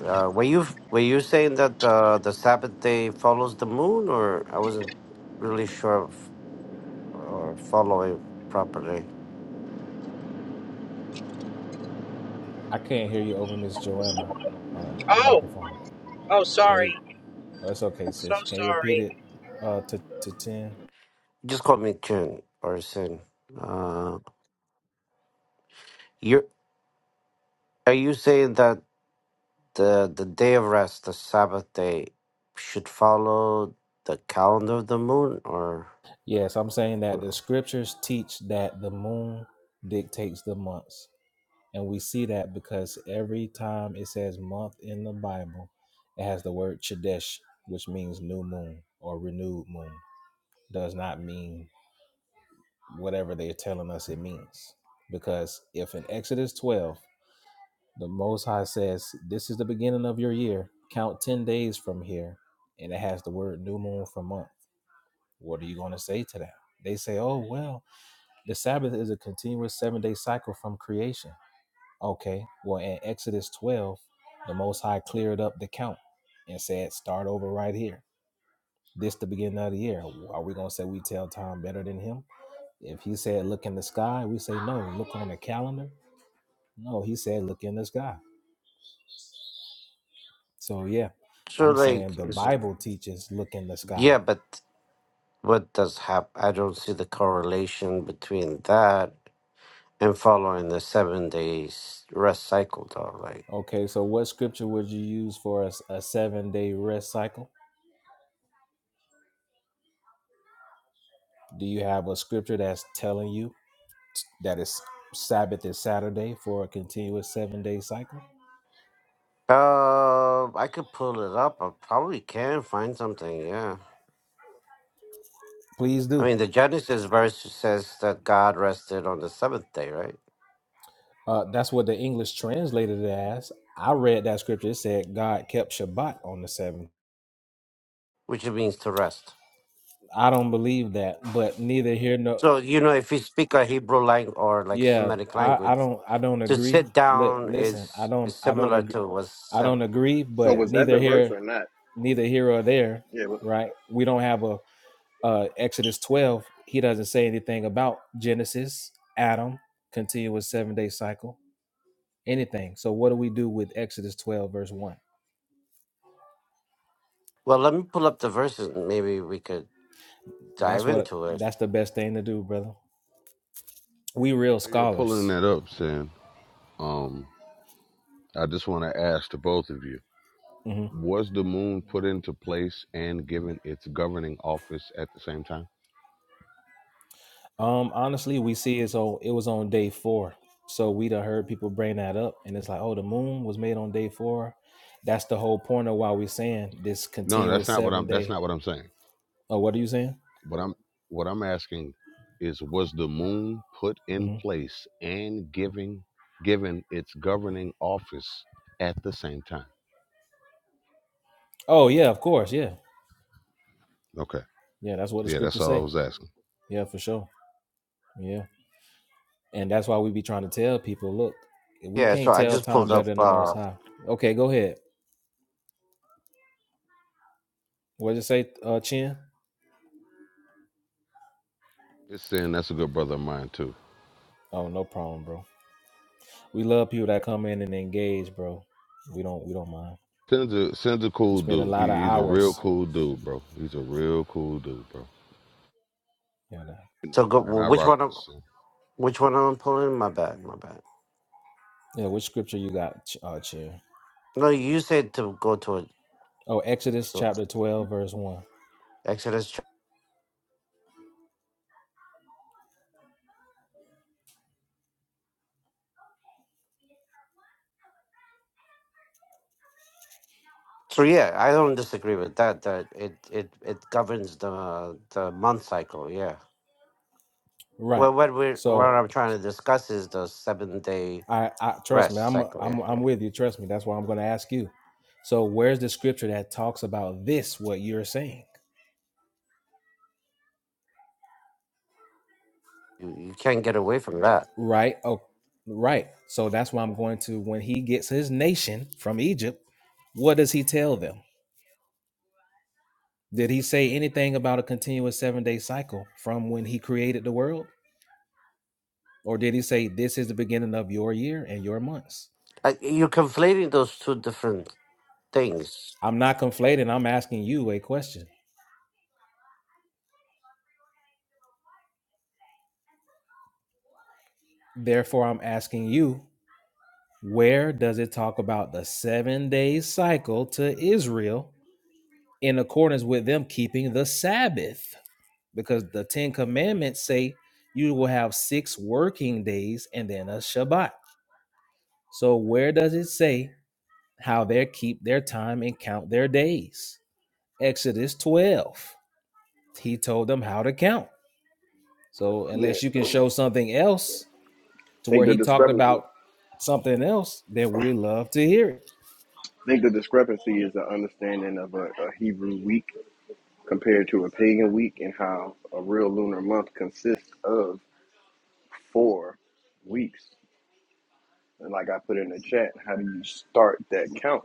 Uh, were you were you saying that uh, the Sabbath day follows the moon, or I wasn't really sure of, or following properly? I can't hear you over Miss Joanna uh, Oh, microphone. oh, Okay, sorry. oh, that's okay, So sis. Can you repeat sorry. it uh, to to ten? Just call me Chin or Sin. Uh, you are you saying that the the day of rest, the Sabbath day, should follow the calendar of the moon, or Yes, I'm saying that the scriptures teach that the moon dictates the months, and we see that because every time it says month in the Bible, it has the word chodesh, which means new moon or renewed moon. does not mean whatever they're telling us it means. Because if in Exodus 12, the Most High says, This is the beginning of your year, count 10 days from here, and it has the word new moon for month, what are you going to say to that? They say, Oh, well, the Sabbath is a continuous seven day cycle from creation. Okay, well, in Exodus 12, the Most High cleared up the count and said, Start over right here. This the beginning of the year. Are we going to say we tell time better than him? If he said look in the sky, we say no, look on the calendar. No, he said look in the sky. So yeah, so I'm like saying the is it? Bible teaches look in the sky. Yeah, but What does happen? I don't see the correlation between that and following the seven days rest cycle, though. Like, Okay, so what scripture would you use for a, s- a seven day rest cycle? Do you have a scripture that's telling you that it's Sabbath is Saturday for a continuous seven day cycle? uh, I could pull it up. I probably can find something. Yeah. Please I do. mean, the Genesis verse says that God rested on the seventh day, right? Uh, that's what the English translated it as. I read that scripture. It said God kept Shabbat on the seventh. Which it means to rest. I don't believe that, but neither here nor So, you know, if you speak a Hebrew language or like Yeah, Semitic I, I language, don't I don't to agree. sit Li- down listen, I is don't is I don't similar agree to what's I don't seven. agree, So but Yeah. was that neither diverse here or not? neither here or there, Yeah, but- right? We don't have a uh Exodus 12. He doesn't say anything about Genesis, Adam, continuous 7-day cycle, anything. So what do we do with Exodus 12 verse 1? Well, let me pull up the verses and maybe we could That's dive what into it. that's the best thing to do, brother. We real While You're scholars. pulling that up, Sam. Um, I just want to ask to both of you: Mm-hmm. Was the moon put into place and given its governing office at the same time? Um, honestly, we see it's on it was on day four. So we done heard people bring that up and it's like, oh, the moon was made on day four. That's the whole point of why we're saying this No, that's continuous not what seven I'm. That's day. not what I'm saying. Oh, what are you saying? What I'm what I'm asking is, was the moon put in hmm place and giving given its governing office at the same time? Oh, yeah, of course, yeah. Okay, Yeah, that's what the yeah, that's scriptures all I say. was asking. Yeah, for sure. Yeah. And that's why we be trying to tell people, look, we Yeah, so can't I tell just time pulled up. better than the most Uh, high. Okay, go ahead. what did you say, uh Chin? It's saying that's a good brother of mine too. Oh, no problem, bro. We love people that come in and engage, bro. We don't we don't mind. Sin's a Sin's a We cool spend a dude. lot of He, he's a real hours. cool dude, bro. He's a real cool dude, bro. You know. You so know, go. man, Well, I which rock one? with am- Sin. Which one am I pulling? My bad. My bad. Yeah, which scripture you got, Ch- uh, Chair? No, you said to go to a, Oh, Exodus chapter twelve, verse one. Exodus. ch- So yeah, I don't disagree with that. That it it it governs the the month cycle. Yeah. Right. Well, what we are what So I'm trying to discuss is the seven day I, I trust me. rest I'm, cycle. Yeah. I'm, I'm yeah. with you. Trust me. That's why I'm going to ask you. So where's the scripture that talks about this? What you're saying? You you can't get away from that. Right. Oh, right. So that's why I'm going to. When he gets his nation from Egypt, what does he tell them? Did he say anything about a continuous seven day cycle from when he created the world? Or did he say, This is the beginning of your year and your months? I, you're conflating those two different things. I'm not conflating, I'm asking you a question. Therefore, I'm asking you, where does it talk about the seven day cycle to Israel in accordance with them keeping the Sabbath? Because the Ten Commandments say you will have six working days and then a Shabbat. So, where does it say how they keep their time and count their days? Exodus 12. He told them how to count. So yeah. unless you can show something else I to where think the he talked discrepancy. about something else, then we love to hear it. I think the discrepancy is the understanding of a, a Hebrew week compared to a pagan week, and how a real lunar month consists of four weeks. And like I put in the chat, how do you start that count?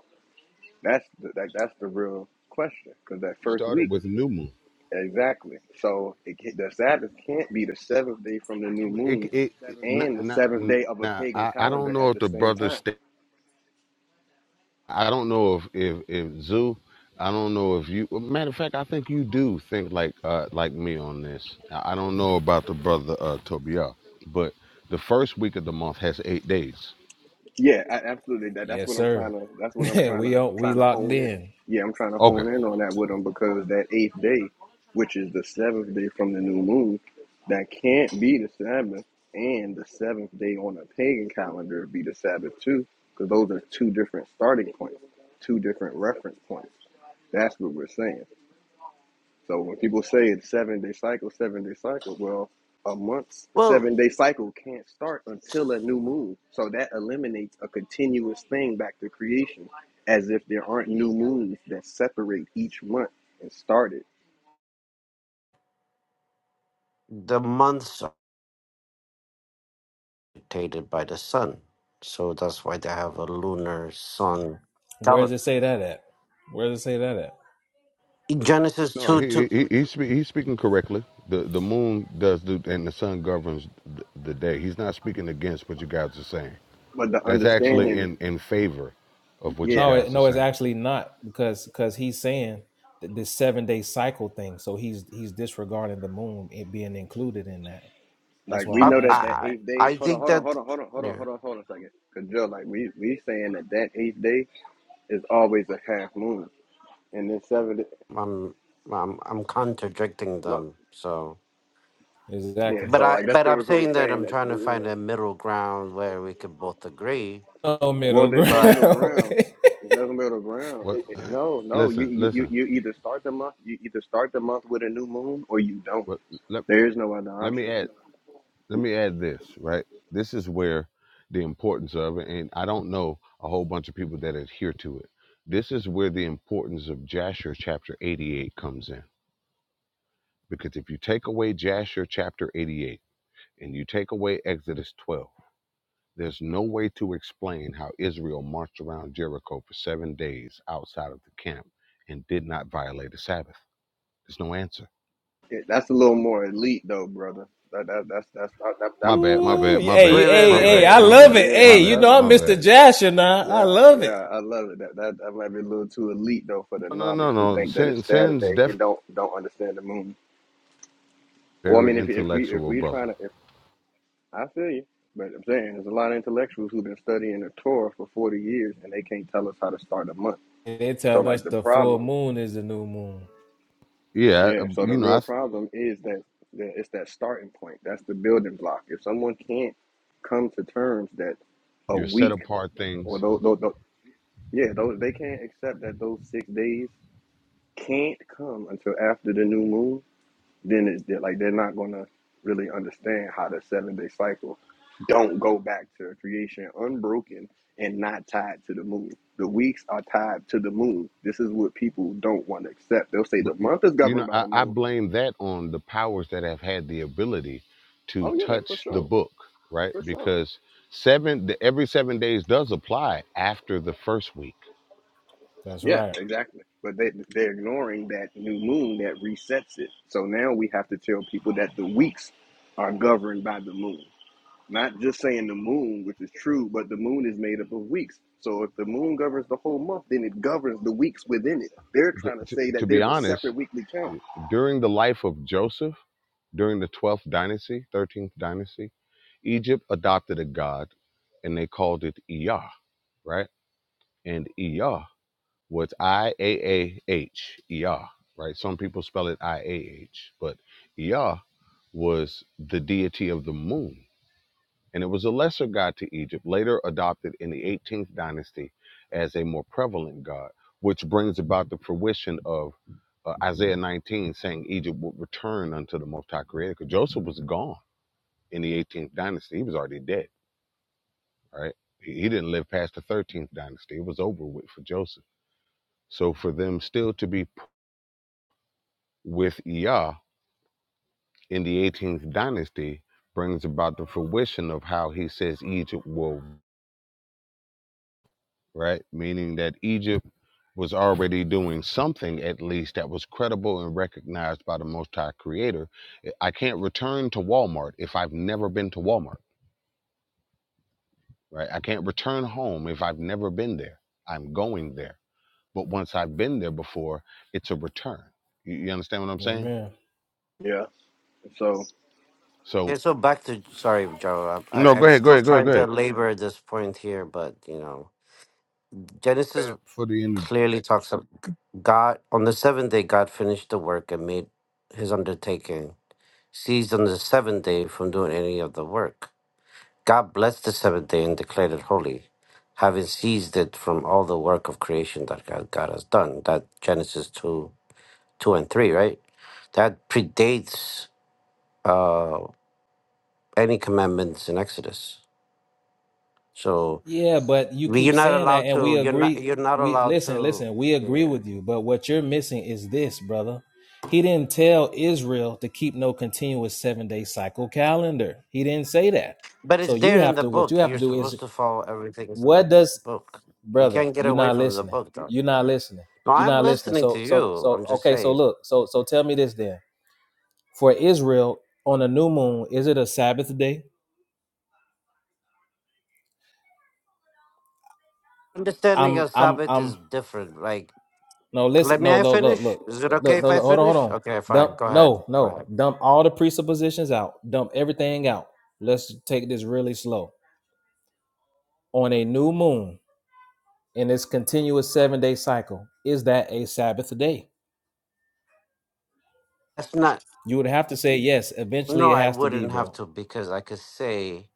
That's the, that, that's the real question. Because that We first started week. with New Moon. Exactly. So it, ca- the Sabbath can't be the seventh day from the new It, moon it, it not, and the not, seventh day of a now pagan I, I don't calendar know at if the the same brother time. stayed I don't know if if if Zoo, I don't know if you. Matter of fact, I think you do think like uh like me on this. I I don't know about the brother uh Tobiah, but the first week of the month has eight days. Yeah, I, absolutely. That, that's Yes, what I'm trying sir. to. That's what I'm trying we to are, we trying to locked hone in. in. Yeah, I'm trying to Okay. hone in on that with them because that eighth day, which is the seventh day from the new moon, that can't be the Sabbath, and the seventh day on a pagan calendar be the Sabbath too, because those are two different starting points, two different reference points. That's what we're saying. So when people say it's seven day cycle, seven day cycle, well, a month's Well, seven day cycle can't start until a new moon. So that eliminates a continuous thing back to creation, as if there aren't new moons that separate each month and start it. the months rotated by the sun. So that's why they have a lunar sun Where does calendar. it say that at? Where does it say that at? In Genesis No, 2 he he, 2, he he's spe- he's speaking correctly. The the moon does do, and the sun governs the, the day. He's not speaking against what you guys are saying. But the That's No, actually understanding, in in favor of what you yeah, no, it, guys are no. It's saying. actually not because because he's saying th- this seven day cycle thing. So he's he's disregarding the moon it being included in that. That's like why we I, I'm know that that asking. I, eighth day. I Hold on, think hold on, that, hold on, hold on, hold on, yeah, hold on, hold on a second. Cause Joe, like we we saying that that eighth day is always a half moon, and then seven. I'm, I'm, I'm contradicting them. So, Yeah, Exactly. but so I, like that's but pretty I'm much what we're saying that saying I'm that trying to there is find no a middle ground where we could both agree. No middle Well, there's no But middle ground. ground. There's no middle ground. What? It, it, no, no. You, Listen, you you listen. you either start the month you either start the month with a new moon or you don't. What? Let There is no other let me option. add. let me add this right this is where the importance of it and i don't know a whole bunch of people that adhere to it this is where the importance of jasher chapter 88 comes in because if you take away jasher chapter 88 and you take away exodus 12 there's no way to explain how israel marched around jericho for seven days outside of the camp and did not violate the sabbath there's no answer It, that's a little more elite though, brother. That that that's that's that, that, my that, bad that my might be. Ooh, bad yeah, my hey, bad wait, wait, my hey, That, wait, bad hey, wait, I wait. my love bad So, it. yeah, my I Hey, you bad love know it. I'm my Mr. bad Jasher now. I Yeah, love it. yeah, I love it. That, that that might be a little too elite though for the no no no novice who no think that sin, it's sin's Saturday definitely and don't don't understand the moon. Well, I very mean, if if we if intellectual we brother. trying to I feel you. But I'm saying there's a lot of intellectuals who've been studying the Torah for 40 years and they can't tell us how to start a month. They So, tell us like, the the full problem, moon is the new moon. Yeah, uh, yeah, so you the know, I real problem is that, that it's that starting point. That's the building block. If someone can't come to terms that a you're set week apart or things, those, those, those yeah, those, they can't accept that those six days can't come until after the new moon, then it's they're like they're not gonna really understand how the seven day cycle don't go back to creation unbroken and not tied to the moon. The weeks are tied to the moon. This is what people don't want to accept. They'll say but the y- month is you know, governed by I, the I moon. blame that on the powers that have had the ability to Oh yeah, for touch the sure, book, right? for sure. Because seven, the, every seven days does apply after the first week. That's Yeah, right. exactly. But they they're ignoring that new moon that resets it. So now we have to tell people that the weeks are governed by the moon. Not just saying the moon, which is true, but the moon is made up of weeks. So if the moon governs the whole month, then it governs the weeks within it. They're Th- trying to t- say to that be there's a honest, separate weekly count. during the life of Joseph, during the twelfth dynasty, thirteenth dynasty, Egypt adopted a god, and they called it Iyah, right? And Iyah Well, it's I A A H E R, right? Some people spell it I A H, but Ea was the deity of the moon, and it was a lesser god to Egypt, later adopted in the 18th dynasty as a more prevalent god, which brings about the fruition of uh, Isaiah 19 saying Egypt would return unto the Most High Creator, because Joseph was gone in the 18th dynasty; he was already dead, right? he didn't live past the 13th dynasty; it was over with for Joseph. So for them still to be with Ea in the 18th dynasty brings about the fruition of how he says Egypt will, right? Meaning that Egypt was already doing something at least that was credible and recognized by the Most High Creator. I can't return to Walmart if I've never been to Walmart, right? I can't return home if I've never been there. I'm going there. But once I've been there before, it's a return. You, you understand what I'm saying? Amen. Yeah. So So, okay, so back to sorry, Joe. I, no, I, go I'm ahead, go still ahead, go ahead, trying to go labor this point here, but you know, Genesis ahead. For the end. clearly talks about God on the seventh day God finished the work and made his undertaking, ceased on the seventh day from doing any of the work. God blessed the seventh day and declared it holy, having ceased it from all the work of creation that God, God has done. That Genesis two two and three, right? That predates uh, any commandments in Exodus. So Yeah, but you we- keep you're not saying that allowed and to. we You're not. agree. You're not We allowed listen, to. listen, we agree Yeah. with you, but what you're missing is this, brother. He didn't tell Israel to keep no continuous seven day cycle calendar. He didn't say that. But So it's you there in have the to what you book. have to You're do is supposed to follow everything is in the what does book. You brother, can't get you're away not from the listening. book, though. You're not listening. No, You're I'm not listening. listening to So so you. so I'm just okay, so saying. look, so so tell me this then. For Israel on a new moon, is it a Sabbath day? Understanding I'm of I'm Sabbath is I'm different. Like, no listen let me no I no look finish. look Is it okay look no, if I look hold on hold finish? on. Okay, Dump fine. Go ahead. no Go no ahead. dump all the presuppositions out. Dump everything out. Let's take this really slow. On a new moon in this continuous seven day cycle, is that a Sabbath day? That's not. You would have to say yes. Eventually, No, it I has to be, wouldn't have bro. to because I could say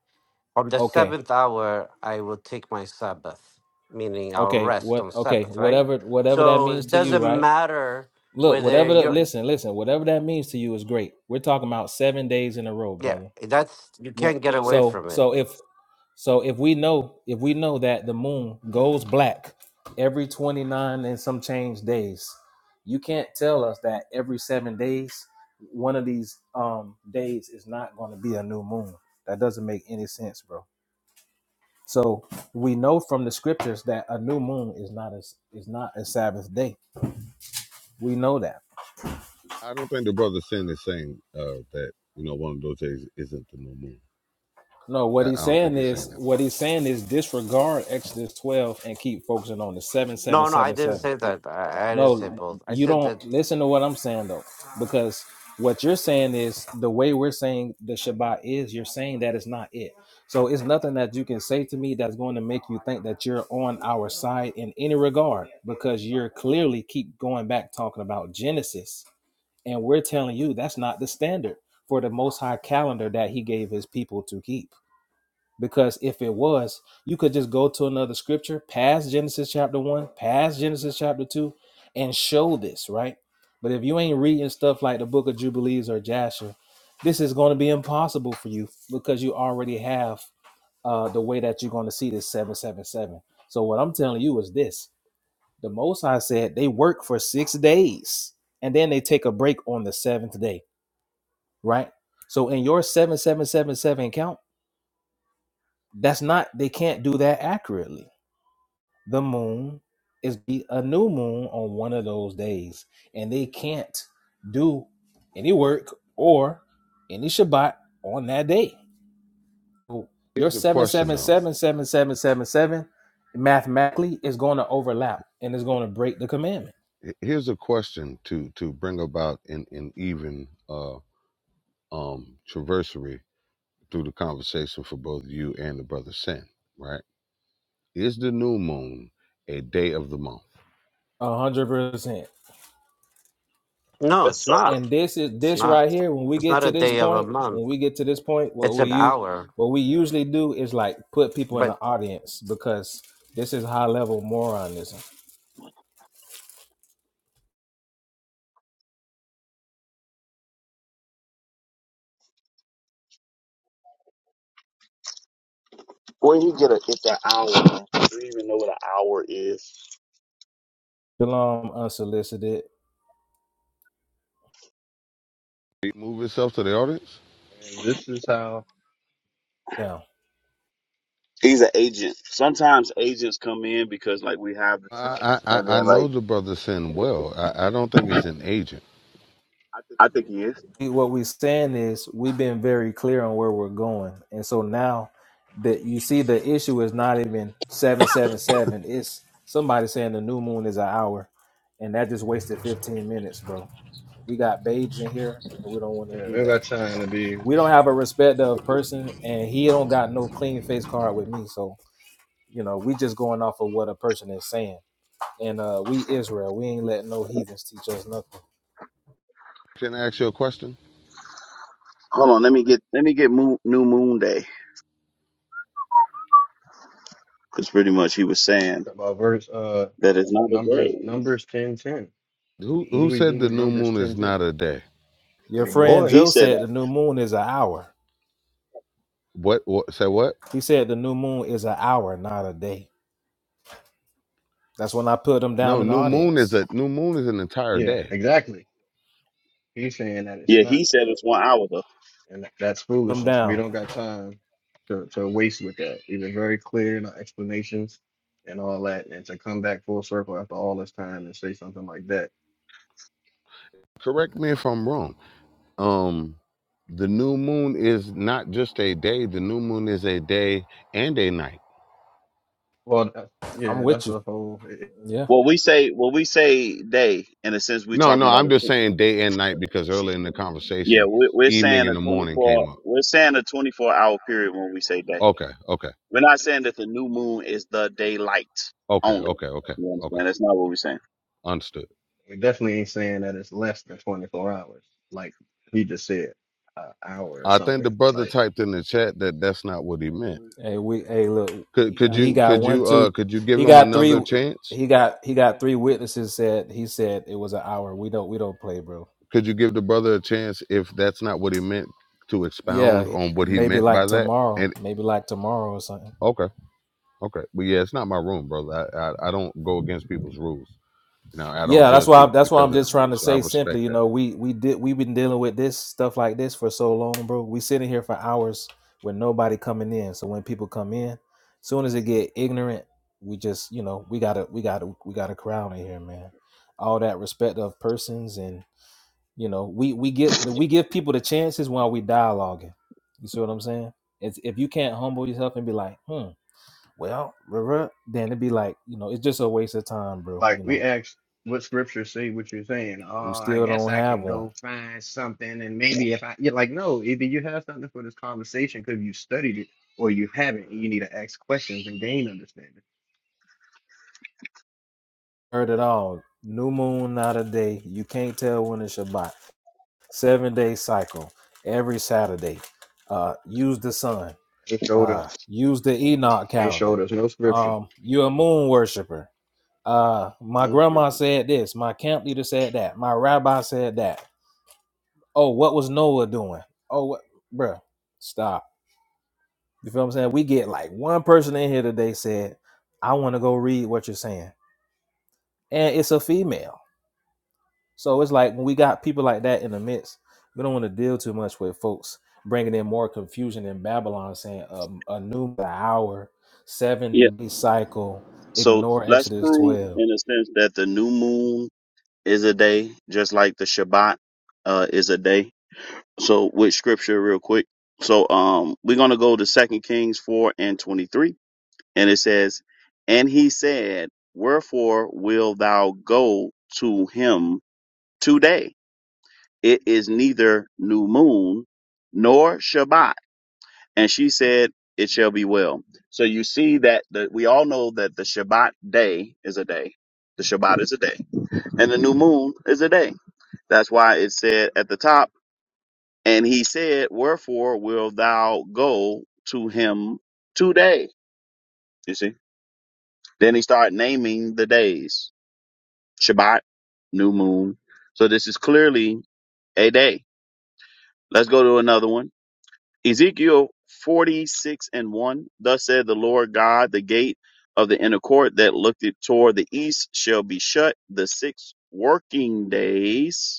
on the Okay seventh hour I will take my Sabbath, meaning I'll Okay, rest what on okay, Sabbath, right? whatever whatever that So means it to you, doesn't right? matter Look, whether whatever the you're listen, listen, whatever that means to you is great. We're talking about 7 days in a row, Yeah, brother. that's you When can't get away so from it. so if so if we know if we know that the moon goes black every 29 and some change days, you can't tell us that every 7 days one of these um days is not going to be a new moon. That doesn't make any sense, bro. So we know from the scriptures that a new moon is not a, is not a Sabbath day. We know that. I don't think the brother sin is saying uh, that you know one of those days isn't the new moon. No, what I, I he's don't think saying he's is saying that. what he's saying is disregard Exodus 12 and keep focusing on the No, no, I didn't 7777. say that. I, I didn't say No, both. I you said don't that. listen to what I'm saying though, because what you're saying is the way we're saying the Shabbat is, you're saying that it's not it. So it's nothing that you can say to me that's going to make you think that you're on our side in any regard because you're clearly keep going back talking about Genesis And we're telling you that's not the standard for the most high calendar that he gave his people to keep. Because if it was, you could just go to another scripture past Genesis chapter one, past Genesis chapter two, and show this, right? But if you ain't reading stuff like the book of Jubilees or Jasher, this is going to be impossible for you because you already have uh, the way that you're going to see this 777. So, what I'm telling you is this the Most High said they work for six days and then they take a break on the seventh day right? So in your 7777 count, that's not they can't do that accurately. The moon is be a new moon on one of those days and they can't do any work or any Shabbat on that day. So Your Here's a seven question seven though. seven seven seven seven seven mathematically is going to overlap and it's going to break the commandment Here's a question to to bring about an, an even uh, um traversary through the conversation for both you and the brother sin. Right? Is the new moon a day of the month? 100%. No, Yes, it's sir. not. and this is It's this Yeah. not. right here when we It's get not to a this day of a point month. when we get to this point what It's we an use hour. what we usually do is like put people in But. the audience because this is high level moronism Where you get a it's an hour? Do you even know what an hour is? Shalom, unsolicited. Did he move itself to the audience? And this is how, Yeah He's an agent. Sometimes agents come in because like we have the truth. I I I and I then, like. know the brother sin well. I, I don't think it's an agent. I think he is. what we're saying is we've been very clear on where we're going and so now that you see the issue is not even 777 it's somebody saying the new moon is an hour and that just wasted 15 minutes bro we got babes in here and we don't want to yeah, do we that got you time know to be we don't have a respect of person and he don't got no clean face card with me so you know we just going off of what a person is saying and uh we israel we ain't letting no heathens teach us nothing Can I ask you a question? Hold on, let me get let me get moon, New Moon Day because pretty much he was saying about verse, uh, that it's not a numbers, day. numbers 10, 10. Who What do who we said do the with new numbers moon 10, is 10? not a day? your Your friend boy. He joe said said that. the new moon is an hour What what say what? He said the new moon is an hour, not a day. That's when I put him No, down in the new moon is audience. a new moon is an entire Yeah, day. exactly. He's saying that it's Yeah, not. he said it's one hour though. and that's Put him foolishness. We down. don't got time to, to waste with that. We've been very clear in our explanations and all that, and to come back full circle after all this time and say something like that. Correct me if I'm wrong. Um the new moon is not just a day, the new moon is a day and a night. Well, that's, I'm yeah, with that's you. a whole. It, it- Yeah. Well, we say well we say day in a sense we're No, talking no, about I'm a just tw- saying day and night because early in the yeah conversation, we're, we're evening saying and the a twenty morning four came up. we're saying a twenty four hour period when we say day. Okay, okay, We're not saying that the new moon is the daylight okay, only. okay, okay, You okay. understand? That's not what we're saying. Understood. we definitely ain't saying that it's less than 24 hours, like he just said, an hour or I think the something. brother Like typed in the chat that that's not what he meant. Hey, we hey look, Could could we he you got could one, you uh two, could you give he him got another three chance? he got he got three witnesses said he said it was an hour. We don't we don't play, bro. Could you give the brother a chance if that's not what he meant to Yeah, expound he- on what he maybe meant by like that? tomorrow. And Maybe like tomorrow or something. okay, okay, but yeah, it's not my room, brother. I I, I don't go against people's rules. You know, I don't Yeah, that's judge why. I'm, people that's why because I'm of their just trying beliefs, to so I say respect simply, you that. know, we we did we've been dealing with this stuff like this for so long, bro. We sitting here for hours with nobody coming in. So when people come in, soon as it get ignorant, we just you know we gotta we gotta we gotta crowd in here, man. All that respect of persons, and you know we we get we give people the chances while we dialoguing. You see what I'm saying? It's, if you can't humble yourself and be like, hmm, well, ruh-roh," then it'd be like, you know, it's just a waste of time, bro. Like You know we asked what scriptures say what you're saying. Oh, We I still guess don't I have can one. go find something and maybe if I you're like, no, either you have something for this conversation because you studied it or you haven't and you need to ask questions and gain understanding. Heard it all. New moon, not a day. You can't tell when it's Shabbat. Seven day cycle every Saturday. Uh, use the sun. They showed us Uh, use the Enoch they showed calendar. us no scripture. Um, you're a moon worshiper. Uh, my No grandma scripture. said this. My camp leader said that. My rabbi said that. Oh, what was Noah doing? Oh, what, bruh, stop. You feel what I'm saying? We get like one person in here today said, I want to go read what you're saying. And it's a female So it's like when we got people like that in the midst, we don't want to deal too much with folks bringing in more confusion than Babylon, saying um, a new hour, Yeah. seven day cycle, So ignore let's Exodus prove 12. in a sense that the new moon is a day, just like the Shabbat uh, is a day So with scripture real quick. So um we're gonna go to Second Kings four and twenty three, and it says, And he said, Wherefore will thou go to him today? It is neither new moon nor Shabbat. And she said, It shall be well. So you see that the, we all know that the Shabbat day is a day. The Shabbat is a day. And the new moon is a day. That's why it said at the top And he said, Wherefore wilt thou go to him today? You see? Then he started naming the days Shabbat, new moon. So this is clearly a day. Let's go to another one. Ezekiel 46 and 1. Thus said the Lord God, the gate of the inner court that looked toward the east shall be shut the six working days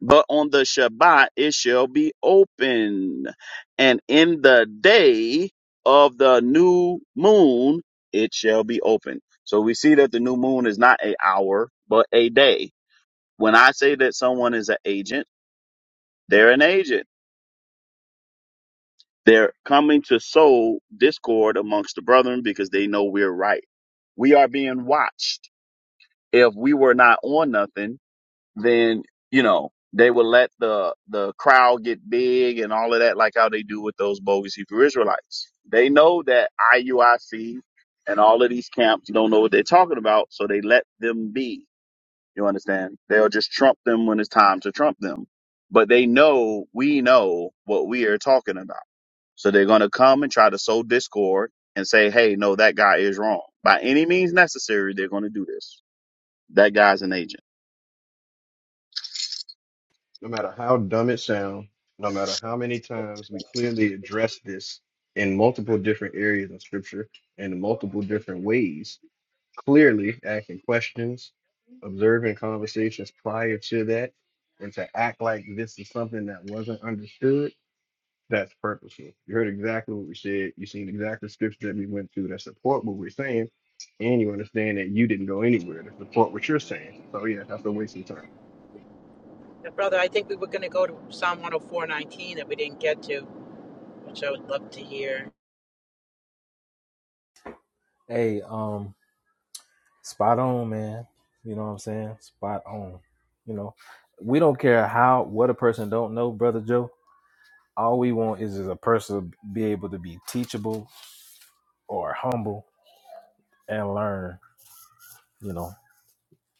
But on the Shabbat it shall be open, and in the day of the new moon it shall be open. So we see that the new moon is not a hour, but a day. When I say that someone is an agent, they're an agent. They're coming to sow discord amongst the brethren because they know we're right. We are being watched. If we were not on nothing, then you know they will let the the crowd get big and all of that, like how they do with those bogus Hebrew Israelites. They know that IUIC and all of these camps don't know what they're talking about, so they let them be. You understand? They'll just trump them when it's time to trump them. But they know we know what we are talking about. So they're gonna come and try to sow discord and say, hey, no, that guy is wrong. By any means necessary, they're gonna do this. That guy's an agent. No matter how dumb it sounds, no matter how many times we clearly address this in multiple different areas of scripture and in multiple different ways. clearly asking questions, observing conversations prior to that, and to act like this is something that wasn't understood, that's purposeful. You heard exactly what we said. You seen exactly the scriptures that we went through that support what we're saying, and you understand that you didn't go anywhere to support what you're saying. So yeah, that's a waste of time. Yeah, Brother, I think we were going to go to Psalm 104.19 that we didn't get to, which I would love to hear. Hey, um, spot on, man. You know what I'm saying? Spot on. You know, we don't care how, what a person don't know, Brother Joe. All we want is, is a person to be able to be teachable or humble and learn, you know.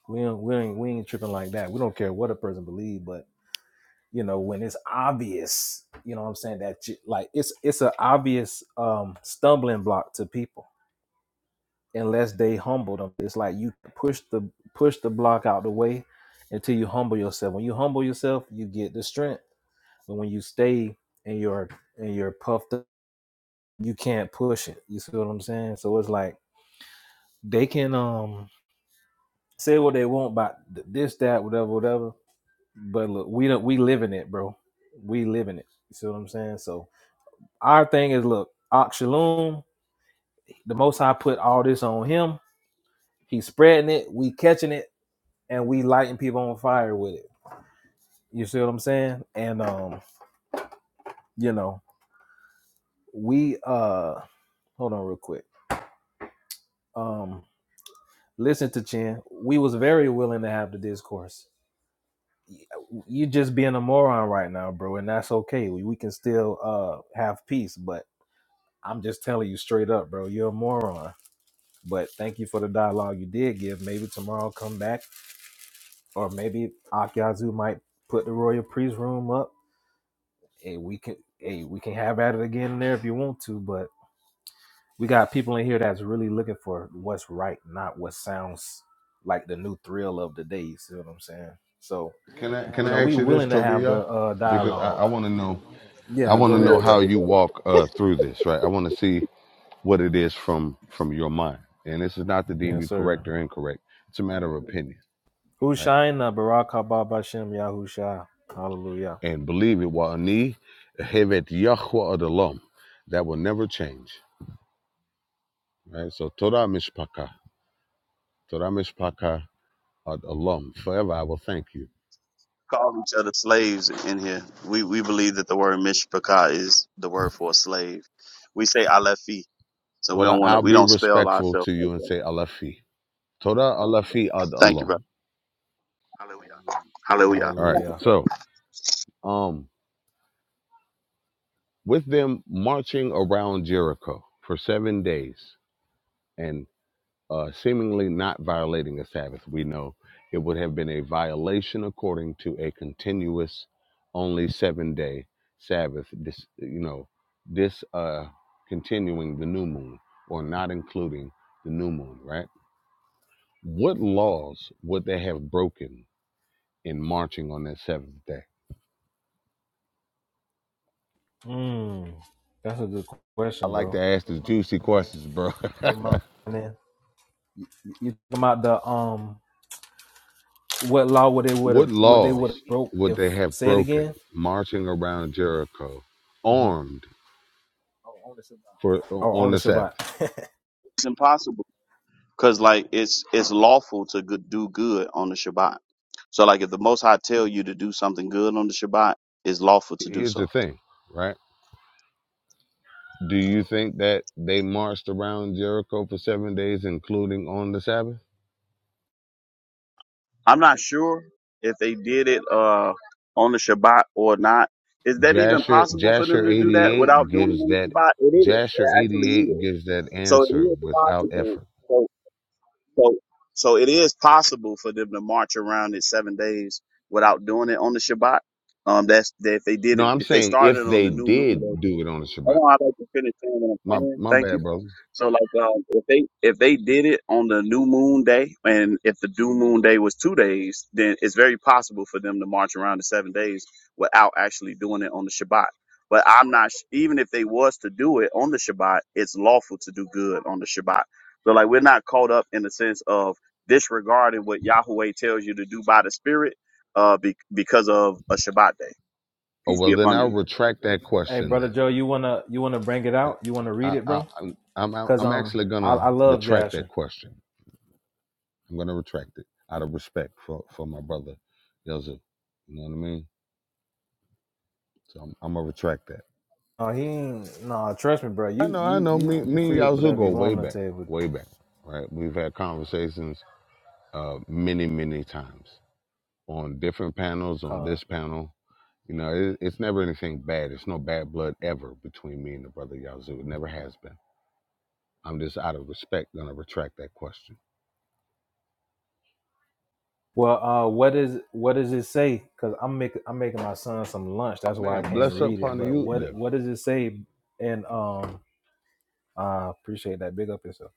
We don't, we ain't we ain't tripping like that. We don't care what a person believe, but you know when it's obvious, you know what I'm saying that you, like it's it's an obvious um stumbling block to people unless they humble them. It's like you push the push the block out the way until you humble yourself. When you humble yourself, you get the strength. But when you stay in your in your puffed up, you can't push it. You see what I'm saying? So it's like they can um say what they want about this, that, whatever, whatever But look, we don't we live in it, bro. We live in it. You see what I'm saying? So our thing is look, Oxalum, the most high put all this on him. He's spreading it, we catching it, and we lighting people on fire with it. You see what I'm saying? And um, you know, we uh hold on real quick. Um listen to Chin. We was very willing to have the discourse. Y- You just being a moron right now, bro, and that's okay. We, we can still uh have peace, but I'm just telling you straight up, bro. You're a moron. But thank you for the dialogue you did give. Maybe tomorrow I'll come back, or maybe Akyazu might put the royal priest room up. Hey, we can hey we can have at it again in there if you want to. But we got people in here that's really looking for what's right, not what sounds like the new thrill of the day. You see what I'm saying? So Can I can you know I we ask you this, willing to Toby? have the Y'all, uh, because I, I dialogue. want to know. I Yeah, want to go know ahead, how bro. you walk uh, through this, right? I want to see what it is from from your mind. And this is not to deem Yes, you sir. correct or incorrect. It's a matter of opinion, right? Hushaina Barak Haba Bashem Yahushua. Hallelujah. And believe it, wa'ani hevet yahwa adalom. That will never change, right? So Torah mishpaka, Torah mishpaka adalom Forever I will thank you. call each other slaves in here. We we believe that the word mishpachah is the word for a slave. We say alefi, so we Well, I, don't want to. I'll We be don't spell respectful ourselves to like you and that. say alafi. Toda alafi ad Thank you, Allah. brother. Hallelujah. All right. Hallelujah. So, um, with them marching around Jericho for seven days and uh, seemingly not violating a Sabbath, we know it would have been a violation according to a continuous, only seven day Sabbath. This, you know, this uh, continuing the new moon or not including the new moon, right? What laws would they have broken in marching on that seventh day? Mm, that's a good I question, like to bro. ask the juicy questions, bro. From my man, you talking about the um, what law would they would what have would they would laws have broke would they if have say it broken again? marching around Jericho Mm-hmm. armed for Oh, on on the the Sabbath? Shabbat. It's impossible because like it's it's lawful to go- do good on the Shabbat. So like if the Most High tell you to do something good on the Shabbat, it's lawful to do Here's the so. thing, right? Do you think that they marched around Jericho for seven days, including on the Sabbath? I'm not sure if they did it uh on the Shabbat or not. Is that even Jasher possible for them Jasher to do that 88 without doing it gives on the that Shabbat? It is. It Jasher actually is. 88 gives that So it answer is without possible. effort. So, so, so it is possible for them to march around it seven days without doing it on the Shabbat. Um, that's that if they did No, it, I'm if they saying if started on they the new moon day. did do it on the Shabbat. Hold on, i like to finish saying what I'm My saying. my Thank bad, you. brother. So, like, um, if they if they did it on the new moon day, and if the new moon day was two days, then it's very possible for them to march around the seven days without actually doing it on the Shabbat. But I'm not sh- even if they was to do it on the Shabbat, it's lawful to do good on the Shabbat. So, like, we're not caught up in the sense of disregarding what Yahweh tells you to do by the Spirit, uh, be- because of a Shabbat day. Oh Peace be well, then upon I'll you. retract that hey, question. brother Then Joe, you wanna you wanna bring it out? You wanna read Uh, it, I, I, bro? I'm, I'm, Cause I'm um, actually I, gonna I love retract that Jasher. question. I'm gonna retract it out of respect for, for my brother, Yazoo. You know what I mean? So I'm, I'm gonna retract that. No, he ain't. No, trust me, bro. I You know, I you know. you Me, you me and free with Yazoo whatever go you way want on the back, table, way back. Right? We've had conversations uh, many, many times on different panels, on Con. this panel. You know, it, it's never anything bad. It's no bad blood ever between me and the brother Yazoo. It never has been I'm just out of respect gonna retract that question. Well, uh, what is what does it say? Because I'm making I'm making my son some lunch. Oh That's why I man, can't bless up read it. on the But youth what there. what does it say? And um, I appreciate that. Big up yourself.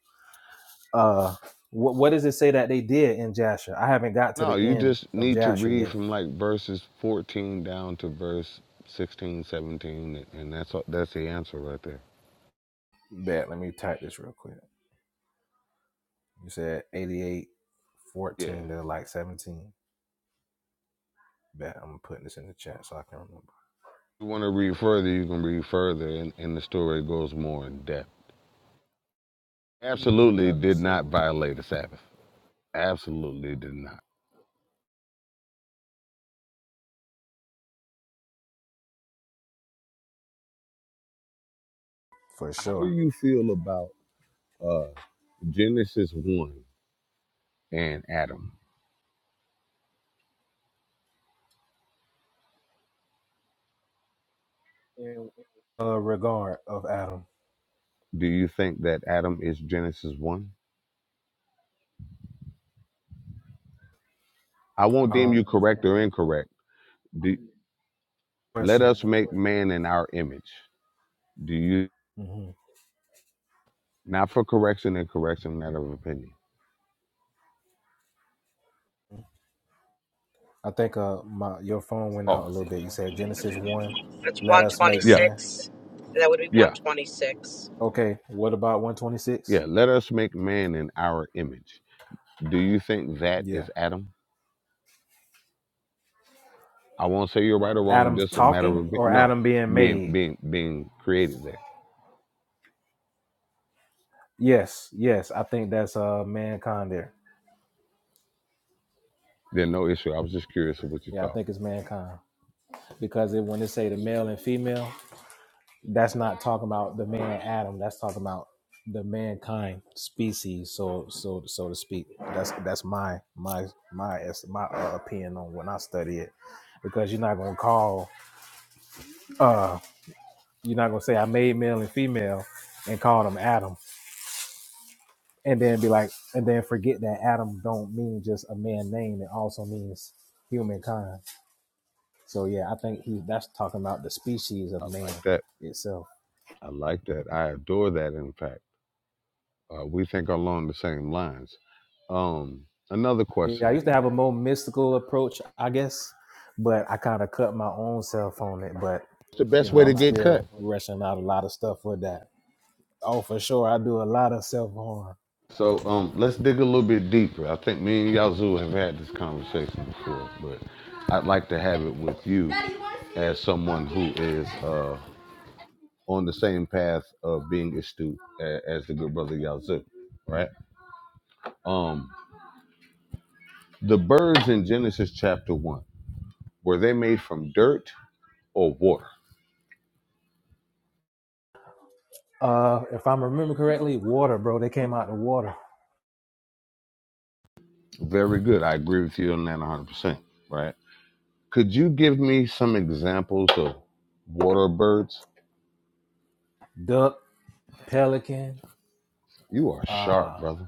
Uh, what what does it say that they did in Jasher? I haven't got to No, the you end just of need to Jasher read yet. from like verses 14 down to verse 16, 17, and that's all, that's the answer right there. Bet. Let me type this real quick. You said eighty-eight, Yeah. fourteen to If like 17. Bet. I'm putting this in the chat so I can remember you want to read further, you can read further, and, and the story goes more in depth. Absolutely did not violate the Sabbath. Absolutely did not. for How do sure. you feel about uh, Genesis 1 and Adam? Uh, regard of Adam. Do you think that Adam is Genesis 1? I won't deem Um, you correct or incorrect. Do, let question. us make man in our image. Do you Mhm. not for correction and correction, not of opinion. I think uh my your phone went Oh, out a little bit. You said Genesis one, That's let us make yeah, man. 126. That would be yeah, 126. Okay, what about one twenty six? yeah. Let us make man in our image. Do you think that Yeah, is Adam? I won't say you're right or wrong. Adam's Just a matter talking of or no Adam being being made? being being created there. Yes, yes. I think that's uh mankind there. There's no issue. I was just curious of what you Yeah, I thought. think it's mankind because it, when they say the male and female, that's not talking about the man Adam. That's talking about the mankind species. So so so to speak. That's that's my my my es- my uh, opinion on when I study it because you're not gonna call. uh. You're not gonna say I made male and female and call them Adam, and then be like, and then forget that Adam don't mean just a man name. It also means humankind. So yeah, I think he that's talking about the species of I man like that. itself. I like that. I adore that. In fact, uh, we think along the same lines. Um, another Yeah, I used to question. have a more mystical approach, I guess, but I kind of cut my own self on it. But It's the you best know, way to I'm get cut. still rushing out a lot of stuff with that. Oh, for sure, I do a lot of self harm. So um, let's dig a little bit deeper. I think me and Yazoo have had this conversation before, but I'd like to have it with you as someone who is uh, on the same path of being astute a- as the good brother Yazoo, right? Um, the birds in Genesis chapter one were they made from dirt or water? Uh, if I'm remember correctly, water, bro. They came out the water. Very good. I agree with you on that 100%. Right? Could you give me some examples of water birds? Duck Pelican. You are sharp, Ah, brother.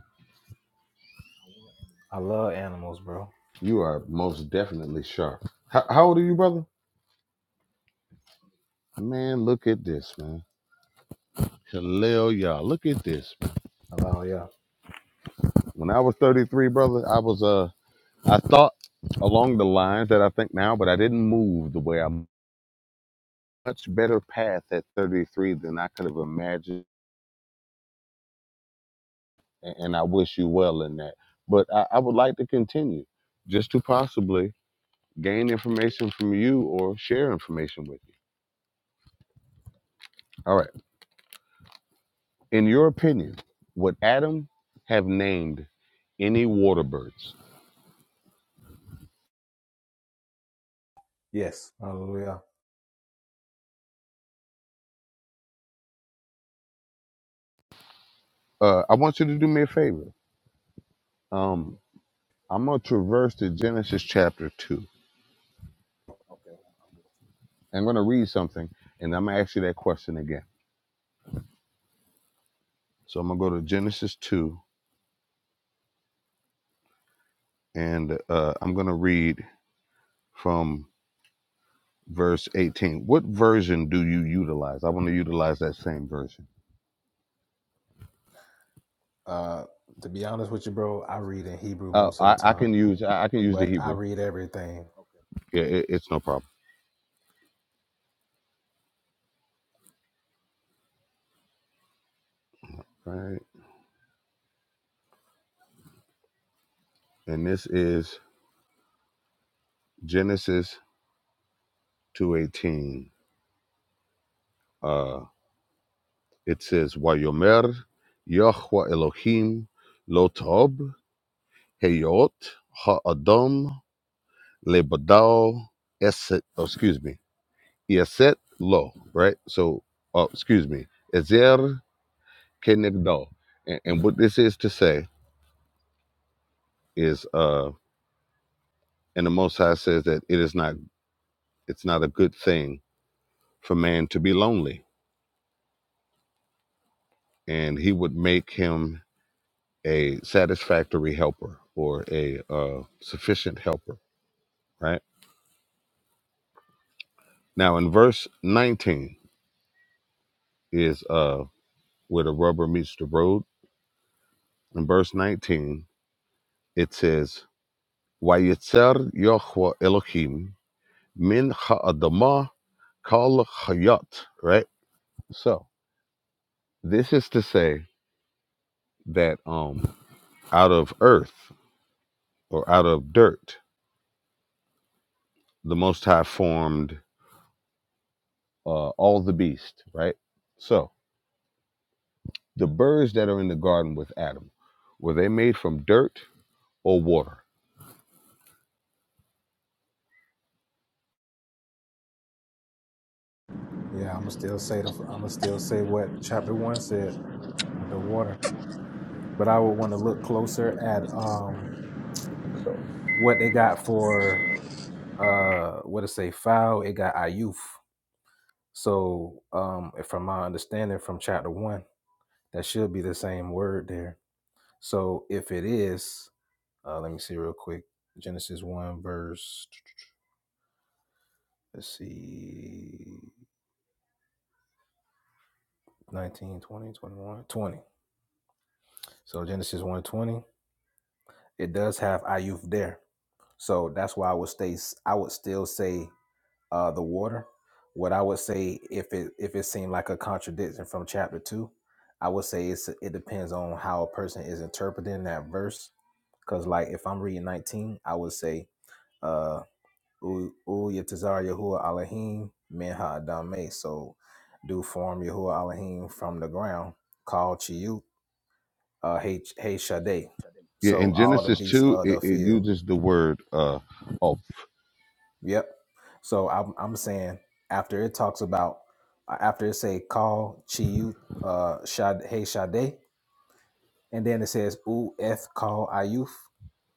I love animals, bro. You are most definitely sharp. How, how old are you, brother? Man, look at this, man. Hallel, y'all. Look at this. Hallelujah. When I was 33, brother, I was uh, I thought along the lines that I think now, but I didn't move the way I'm. Much better path at 33 than I could have imagined, and, and I wish you well in that. But I, I would like to continue, just to possibly gain information from you or share information with you. All right. In your opinion, would Adam have named any water birds? Yes. Hallelujah. Uh, I want you to do me a favor. Um, I'm going to traverse to Genesis chapter 2. I'm going to read something and I'm going to ask you that question again. So I'm going to go to Genesis 2 and uh, I'm going to read from verse 18. What version do you utilize? I want to utilize that same version. Uh, to be honest with you, bro, I read in Hebrew Uh, most of the I, I time, can use I I can use the but I Hebrew. read everything. Yeah, it, it's no problem. Right. And this is Genesis 218. Uh, it says, Wayomer Yahweh Elohim lo t'ob Heyot Ha'adam Lebadao Eset, oh, excuse me, Eset Lo, right? So, uh, excuse me, Ezer Kenegdo. And, and what this is to say is, uh, and the Most High says that it is not, it's not a good thing for man to be lonely. And he would make him a satisfactory helper or a uh, sufficient helper, right? Now, in verse 19 is uh, where the rubber meets the road. In verse 19, it says, "Vayetzer Yahweh Elohim min ha'adamah kal hayat," right? So, this is to say that um, out of earth or out of dirt, the Most High formed uh, all the beast, right? So, The birds that are in the garden with Adam, were they made from dirt or water? Yeah, I'ma still say the I'ma still say what chapter one said with the water. but I would want to look closer at um what they got for uh what to say foul. It got Ayuf. So um from my understanding from chapter one, that should be the same word there. So if it is, uh let me see real quick. Genesis one verse let's see 19 20 21 20 So Genesis 120, it does have Ayuf there. So that's why I would stay I would still say uh, the water. What I would say, if it if it seemed like a contradiction from chapter two, I would say it's it depends on how a person is interpreting that verse. Because like if I'm reading 19, I would say, uh, "U U Yatazar Yahuwah Elohim Men Ha'adameh." So, do form Yahuwah Elohim from the ground. Called Chiyut, uh, Hey Hey Shaddai. Yeah, So in all the Genesis beasts 2, of it, the it field. uses the word, uh, oh, Yep. So I'm I'm saying after it talks about uh, after it say call Chiyu uh Shad hey Sade and then it says ooh eth call Ayuf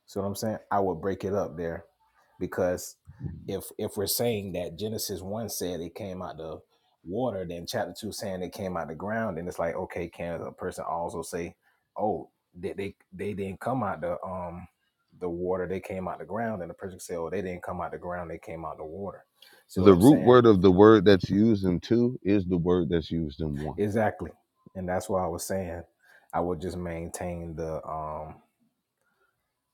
See what I'm saying? I would break it up there because if if we're saying that Genesis one said it came out the water, then chapter two saying it came out the ground, and it's like okay, can a person also say, oh, they they, they didn't come out the um the water, they came out the ground, and the person can say, oh, they didn't come out the ground, they came out the water. See what the I'm root saying? word of the word that's used in 2 is the word that's used in 1. Exactly, and that's why I was saying I would just maintain the um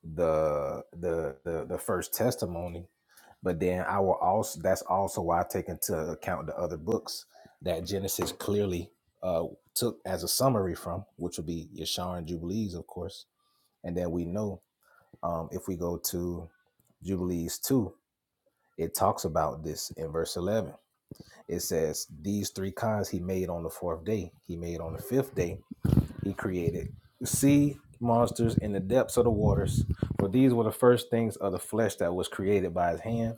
the the the, the first testimony but then i will also that's also why i take into account the other books that genesis clearly uh took as a summary from which would be yeshar and jubilees of course and then we know um if we go to jubilees 2 it talks about this in verse 11 it says these three kinds he made on the fourth day he made on the fifth day he created sea monsters in the depths of the waters for these were the first things of the flesh that was created by his hand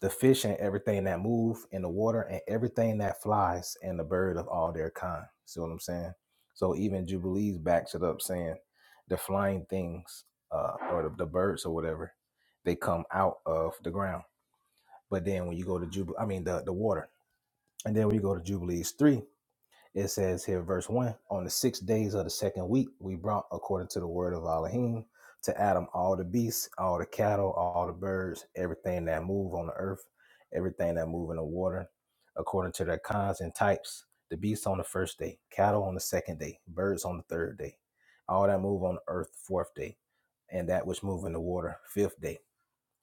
the fish and everything that move in the water and everything that flies and the bird of all their kind see what i'm saying so even jubilees backs it up saying the flying things uh, or the, the birds or whatever they come out of the ground but then when you go to jubilee i mean the, the water and then when you go to jubilees 3 it says here, verse 1 On the six days of the second week, we brought, according to the word of Elohim, to Adam all the beasts, all the cattle, all the birds, everything that move on the earth, everything that move in the water, according to their kinds and types. The beasts on the first day, cattle on the second day, birds on the third day, all that move on the earth, fourth day, and that which move in the water, fifth day.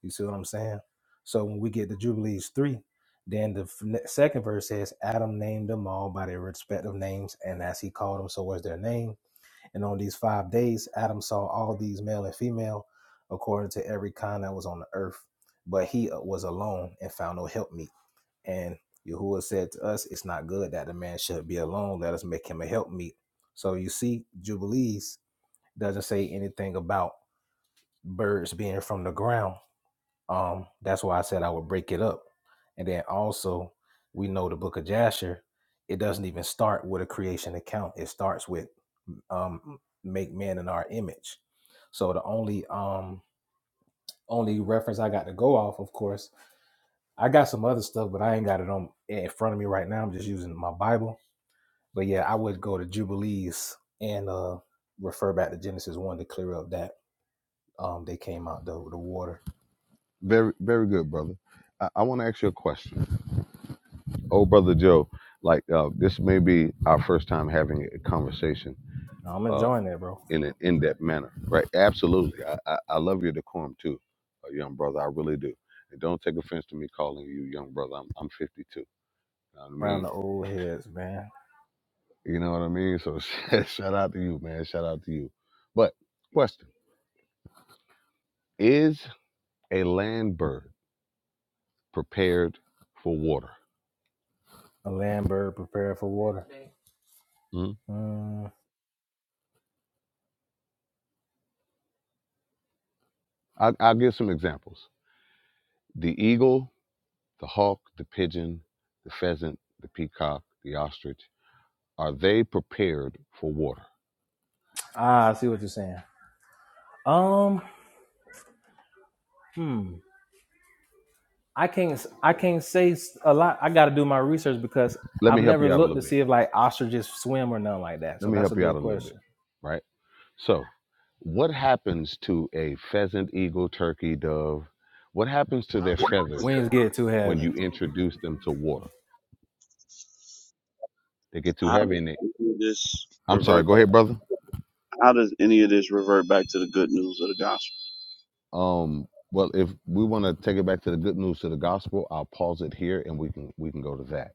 You see what I'm saying? So when we get to Jubilees 3, then the f- ne- second verse says, Adam named them all by their respective names, and as he called them, so was their name. And on these five days, Adam saw all these male and female, according to every kind that was on the earth. But he uh, was alone and found no helpmeet. And Yahuwah said to us, It's not good that the man should be alone. Let us make him a helpmeet. So you see, Jubilees doesn't say anything about birds being from the ground um, that's why I said I would break it up. And then also, we know the book of Jasher, it doesn't even start with a creation account. It starts with um make man in our image. So the only um only reference I got to go off, of course, I got some other stuff, but I ain't got it on in front of me right now. I'm just using my Bible. But yeah, I would go to Jubilees and uh refer back to Genesis one to clear up that um they came out the the water. Very, very good, brother. I, I want to ask you a question. Oh, brother Joe, like uh, this may be our first time having a conversation. Now, I'm uh, enjoying that, bro. in an in-depth manner, right? Absolutely. I, I, I love your decorum too, uh, young brother. I really do. And don't take offense to me calling you young brother. I'm I'm 52. You know what I Around mean? the old heads, man. You know what I mean? So shout shout out to you, man. Shout out to you. But question: Is a land bird prepared for water? A land bird prepared for water. Hmm? Mm, I, I'll give some examples: the eagle, the hawk, the pigeon, the pheasant, the peacock, the ostrich. Are they prepared for water? ah, I see what you're saying. Um, hmm. I can't. I can't say s- a lot. I got to do my research because Let I've me help never you out a little looked to bit see if like ostriches swim or nothing like that. Let So me that's a help you out a good little bit, question. right? So, what happens to a pheasant, eagle, turkey, dove? What happens to How their does Israel feathers Wings get too when heavy. you introduce them to water? They get too How heavy does and they. any of this I'm sorry. revert? Go ahead, brother. How does any of this revert back to the good news of the gospel? Um. Well, if we want to take it back to the good news to the gospel, I'll pause it here and we can we can go to that.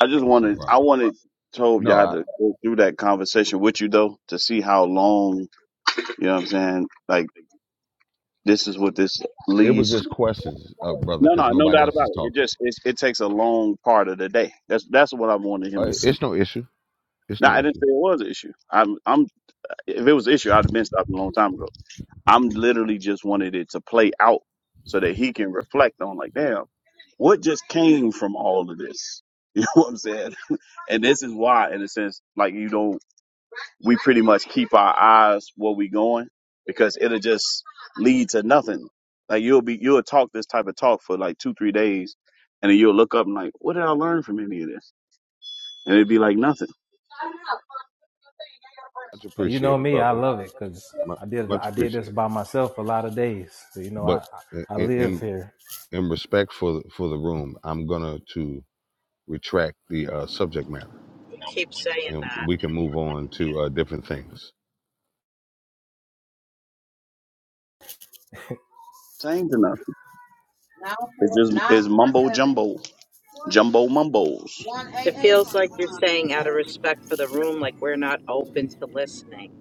I just It's no wanted, problem. I wanted Tove No, y'all I, to go through that conversation with you though, to see how long, you know what I'm saying? Like this is what this it was leads to. just questions, uh, brother, No, because no, no nobody doubt else about is it. It talking. just it, it takes a long part of the day. That's that's what I wanted him to Uh, see. it's no issue. It's Now no I didn't issue. say it was an issue. I'm I'm if it was an issue, I'd have been stopped a long time ago. I'm literally just wanted it to play out so that he can reflect on like, damn, what just came from all of this? You know what I'm saying? And this is why, in a sense, like you know, we pretty much keep our eyes where we going because it'll just lead to nothing. Like you'll be you'll talk this type of talk for like two, three days and then you'll look up and like, what did I learn from any of this? And it'd be like nothing. Much Now, you know appreciated, me. brother. I love it because Mu- I did. Much I did this appreciated. by myself a lot of days. So you know, but I I I in live in, here. in respect for the, for the room, I'm gonna to retract the uh, subject matter, You keep saying and that. we can move on to uh, different things. Same to nothing. Now It's for just now it's for mumbo seven. jumbo, jumbo mumbles. One AA. It feels like you're saying out of respect for the room, like we're not open to listening.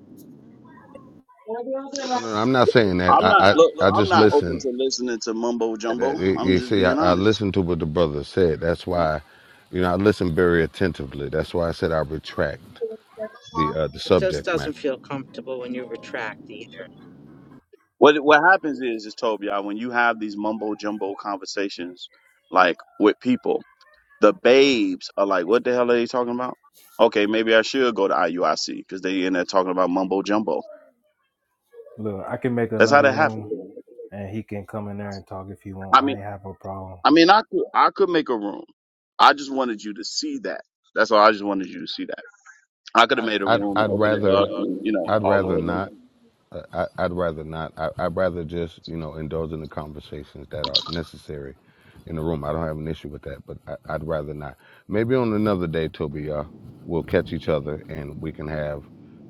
No, right? no, no, I'm not saying that. I'm I not look. I, I I'm just not open listen. to listening to mumbo jumbo. That, you I'm you just see, I, being I honest. listened to what the brother said. That's why, you know, I listened very attentively. That's why I said I retract the uh, the It just subject doesn't matter. feel comfortable when you retract either. What what happens is, is Tobiah, when you have these mumbo jumbo conversations, like with people, the babes are like, "What the hell are they talking about?" Okay, maybe I should go to IUIC because they in there talking about mumbo jumbo. Look, I can make That's how another that happens. room, and he can come in there and talk if he want. I ain't have a problem. I mean, I could I could make a room. I just wanted you to see that. That's all. I just wanted you to see that. I could have made a I'd room and I'd opened it rather up, and you know, I'd all of rather it. not. I, I- would rather not. I, I'd rather just, you know, indulge in the conversations that are necessary in the room. I don't have an issue with that, but I, I'd rather not. Maybe on another day, Toby, uh, we'll catch each other and we can have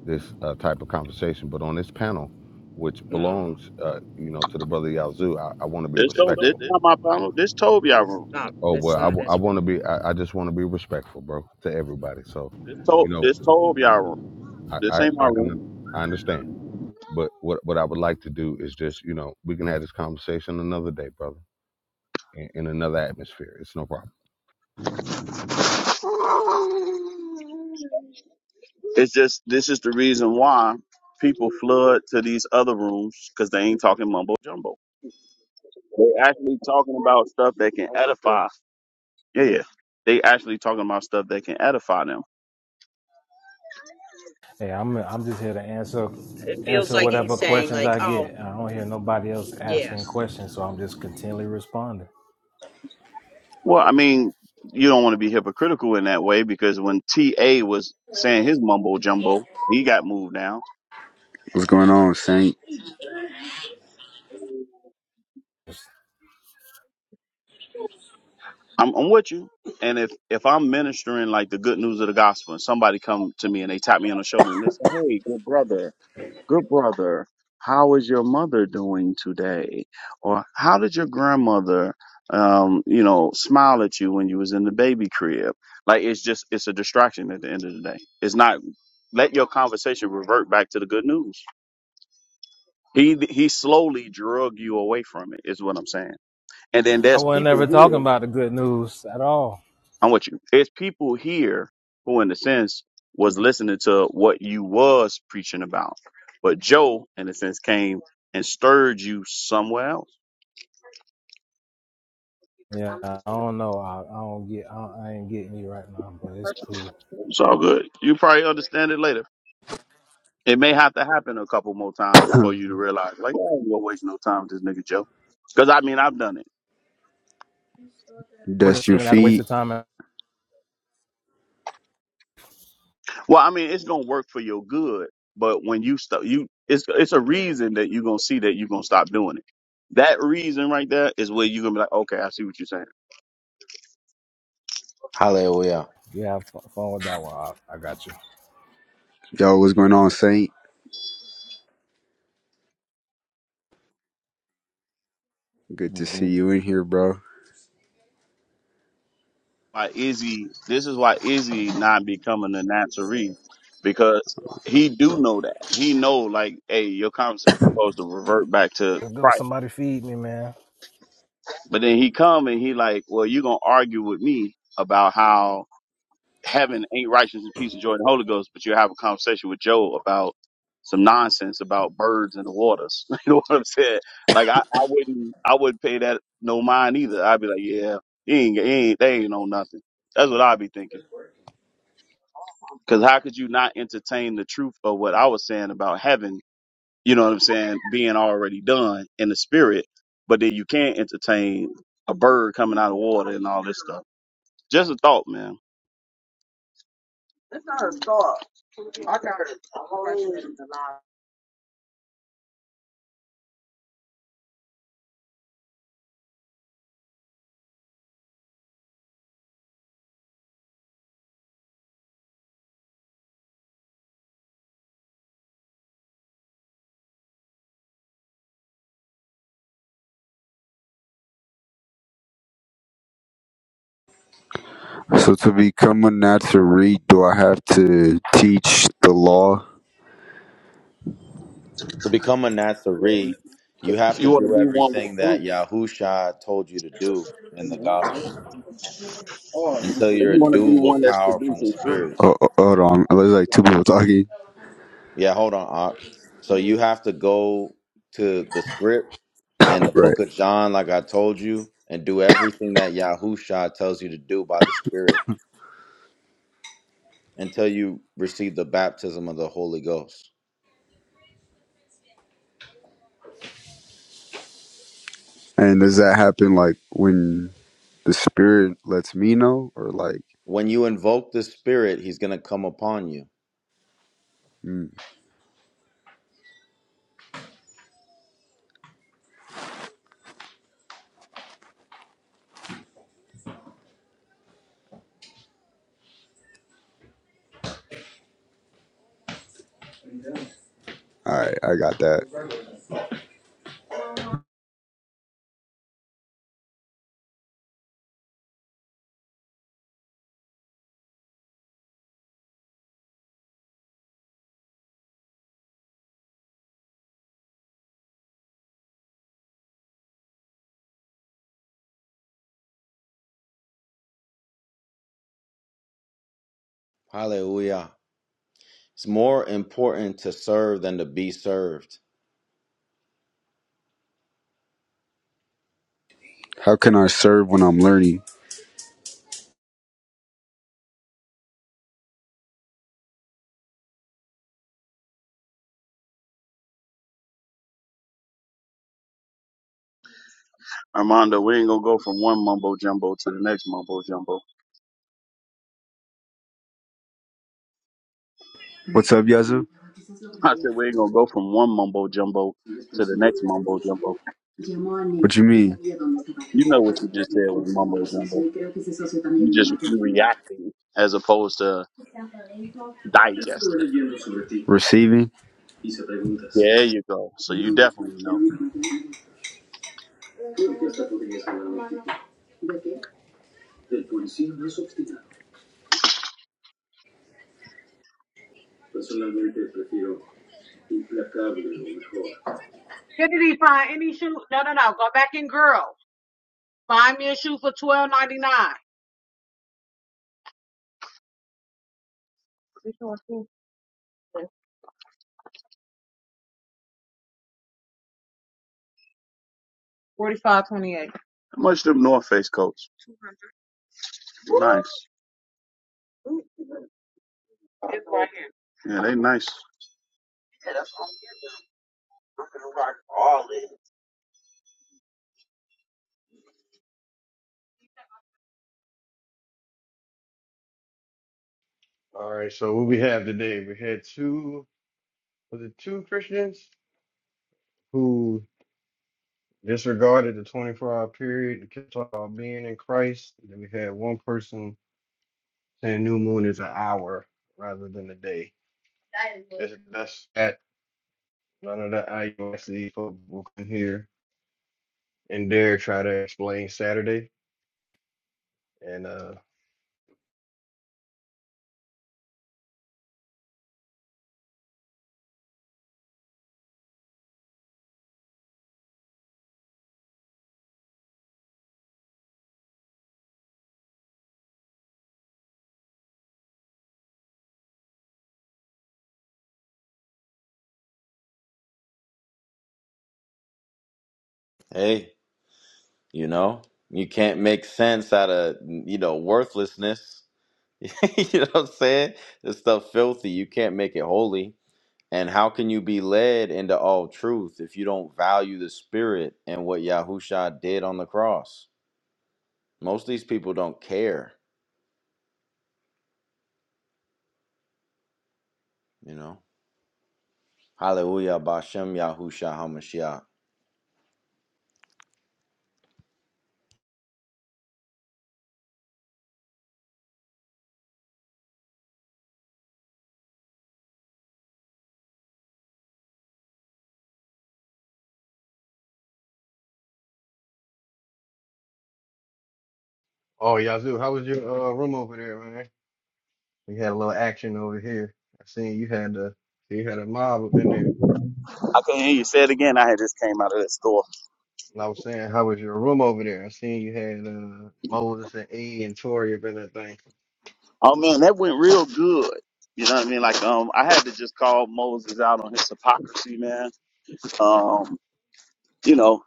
this uh, type of conversation. But on this panel, which No, belongs, uh, you know, to the brother Yazoo, I, I want to be There's This no. don't. This respectful. There, not my problem. This Tobiah room. no, Oh well, it's I, w- not I as want to be. room. I, I just want to be respectful, bro, to everybody. So, This to you know, This Tobiah room. I, This I, ain't my I room. can, I understand. But what what I would like to do is just you know we can have this conversation another day, brother, in, in another atmosphere. It's no problem. It's just this is the reason why people flood to these other rooms because they ain't talking mumbo jumbo. they actually talking about stuff that can edify Yeah, yeah. They actually talking about stuff that can edify them. Hey, I'm I'm just here to answer It Feels answer like whatever he's saying, questions like, I oh, get. I don't hear nobody else yeah. asking questions, so I'm just continually responding. Well, I mean, you don't want to be hypocritical in that way because when TA was saying his mumbo jumbo, he got moved down. What's going on, Saint? I'm, I'm with you. And if, if I'm ministering like the good news of the gospel and somebody come to me and they tap me on the shoulder and they say, Hey, good brother. Good brother, how is your mother doing today? Or how did your grandmother, um, you know, smile at you when you was in the baby crib? Like it's just it's a distraction at the end of the day. It's not let your conversation revert back to the good news. He he slowly drug you away from it. Is what I'm saying. And then I there's wasn't ever people talking here. about the good news at all. I'm with you. It's people here who, in a sense, was listening to what you was preaching about, but Joe, in a sense, came and stirred you somewhere else. Yeah, I don't know. I, I don't get. I, I ain't getting you right now, but it's cool. It's all good. You probably understand it later. It may have to happen a couple more times before you to realize, like, oh, we're wasting no time with this nigga Joe. Because I mean, I've done it. Wasn't Dust your seeing it as a waste feet. of time. Well, I mean, it's gonna work for your good, but when you stop, you it's it's a reason that you're gonna see that you're gonna stop doing it. That reason right there is where you're gonna be like, okay, I see what you're saying. Hallelujah. You have f- fun with that one. I, I got you. Yo, what's going on, Saint? Good to hmm see you in here, bro. Why Izzy? This is why Izzy not becoming a Nazarene because he do know that he know like, hey, your conversation supposed to revert back to Let's go. Christ, Somebody feed me, man. but then he come and he like, well, you're gonna argue with me about how. heaven ain't righteousness, and peace, and joy in the Holy Ghost, but you have a conversation with Joe about some nonsense about birds in the waters. you know what I'm saying? Like I, I wouldn't I wouldn't pay that no mind either. I'd be like, yeah, he ain't, he ain't they ain't on nothing. That's what I'd be thinking. Because how could you not entertain the truth of what I was saying about heaven? You know what I'm saying? Being already done in the spirit, but then you can't entertain a bird coming out of water and all this stuff. Just a thought, man. It's not a thought. I got a question So, to become a Nazarene, do I have to teach the law? To become a Nazarene, you have If to you want to do be one with everything that fruit, Yahusha told you to do in the gospel Or you until if you're you want to be endued one with that's power from the producing fruit, Spirit. Oh, oh, hold on. There's like two people talking. Yeah, hold on, Op. So you have to go to the script and the Right. book of John, like I told you, and do everything that Yahusha tells you to do by the Spirit until you receive the baptism of the Holy Ghost. And does that happen like when the Spirit lets me know? Or like, When you invoke the Spirit, He's going to come upon you. mm, all right, I got that. Hallelujah. It's more important to serve than to be served. How can I serve when I'm learning? Armando, we ain't gonna go from one mumbo jumbo to the next mumbo jumbo. What's up, Yazoo? I said we ain't gonna go from one mumbo jumbo to the next mumbo jumbo. What you mean? You know what you just said was mumbo jumbo. You just you reacting as opposed to digesting. Receiving? Yeah, There you go. So you definitely know. did he find any shoe? No, no, no. Go back and girl. Find me a shoe for twelve ninety nine. Forty-five twenty-eight. How much them North Face coats? nice. It's right here. Yeah, they nice. Yeah, that's what I'm gonna rock all in. All right, so what we have today, we had two, was it two Christians who disregarded the 24 hour period, kept on being in Christ. And then we had one person saying new moon is an hour rather than a day. That's, that's that. None of the I U S C folk can hear and dare try to explain Saturday. And uh, Hey, you know, you can't make sense out of, you know, worthlessness. you know what I'm saying? This stuff filthy. You can't make it holy. And how can you be led into all truth if you don't value the spirit and what Yahusha did on the cross? Most of these people don't care, you know. Hallelujah, Bashem Yahusha HaMashiach. oh, Yazoo, how was your uh, room over there, man? We had a little action over here. I seen you had the you had a mob up in there. I couldn't hear you say it again. I had just came out of that store. And I was saying, how was your room over there? I seen you had uh, Moses and E and Tori up in that thing. Oh man, that went real good. You know what I mean? Like um, I had to just call Moses out on his hypocrisy, man. Um, you know,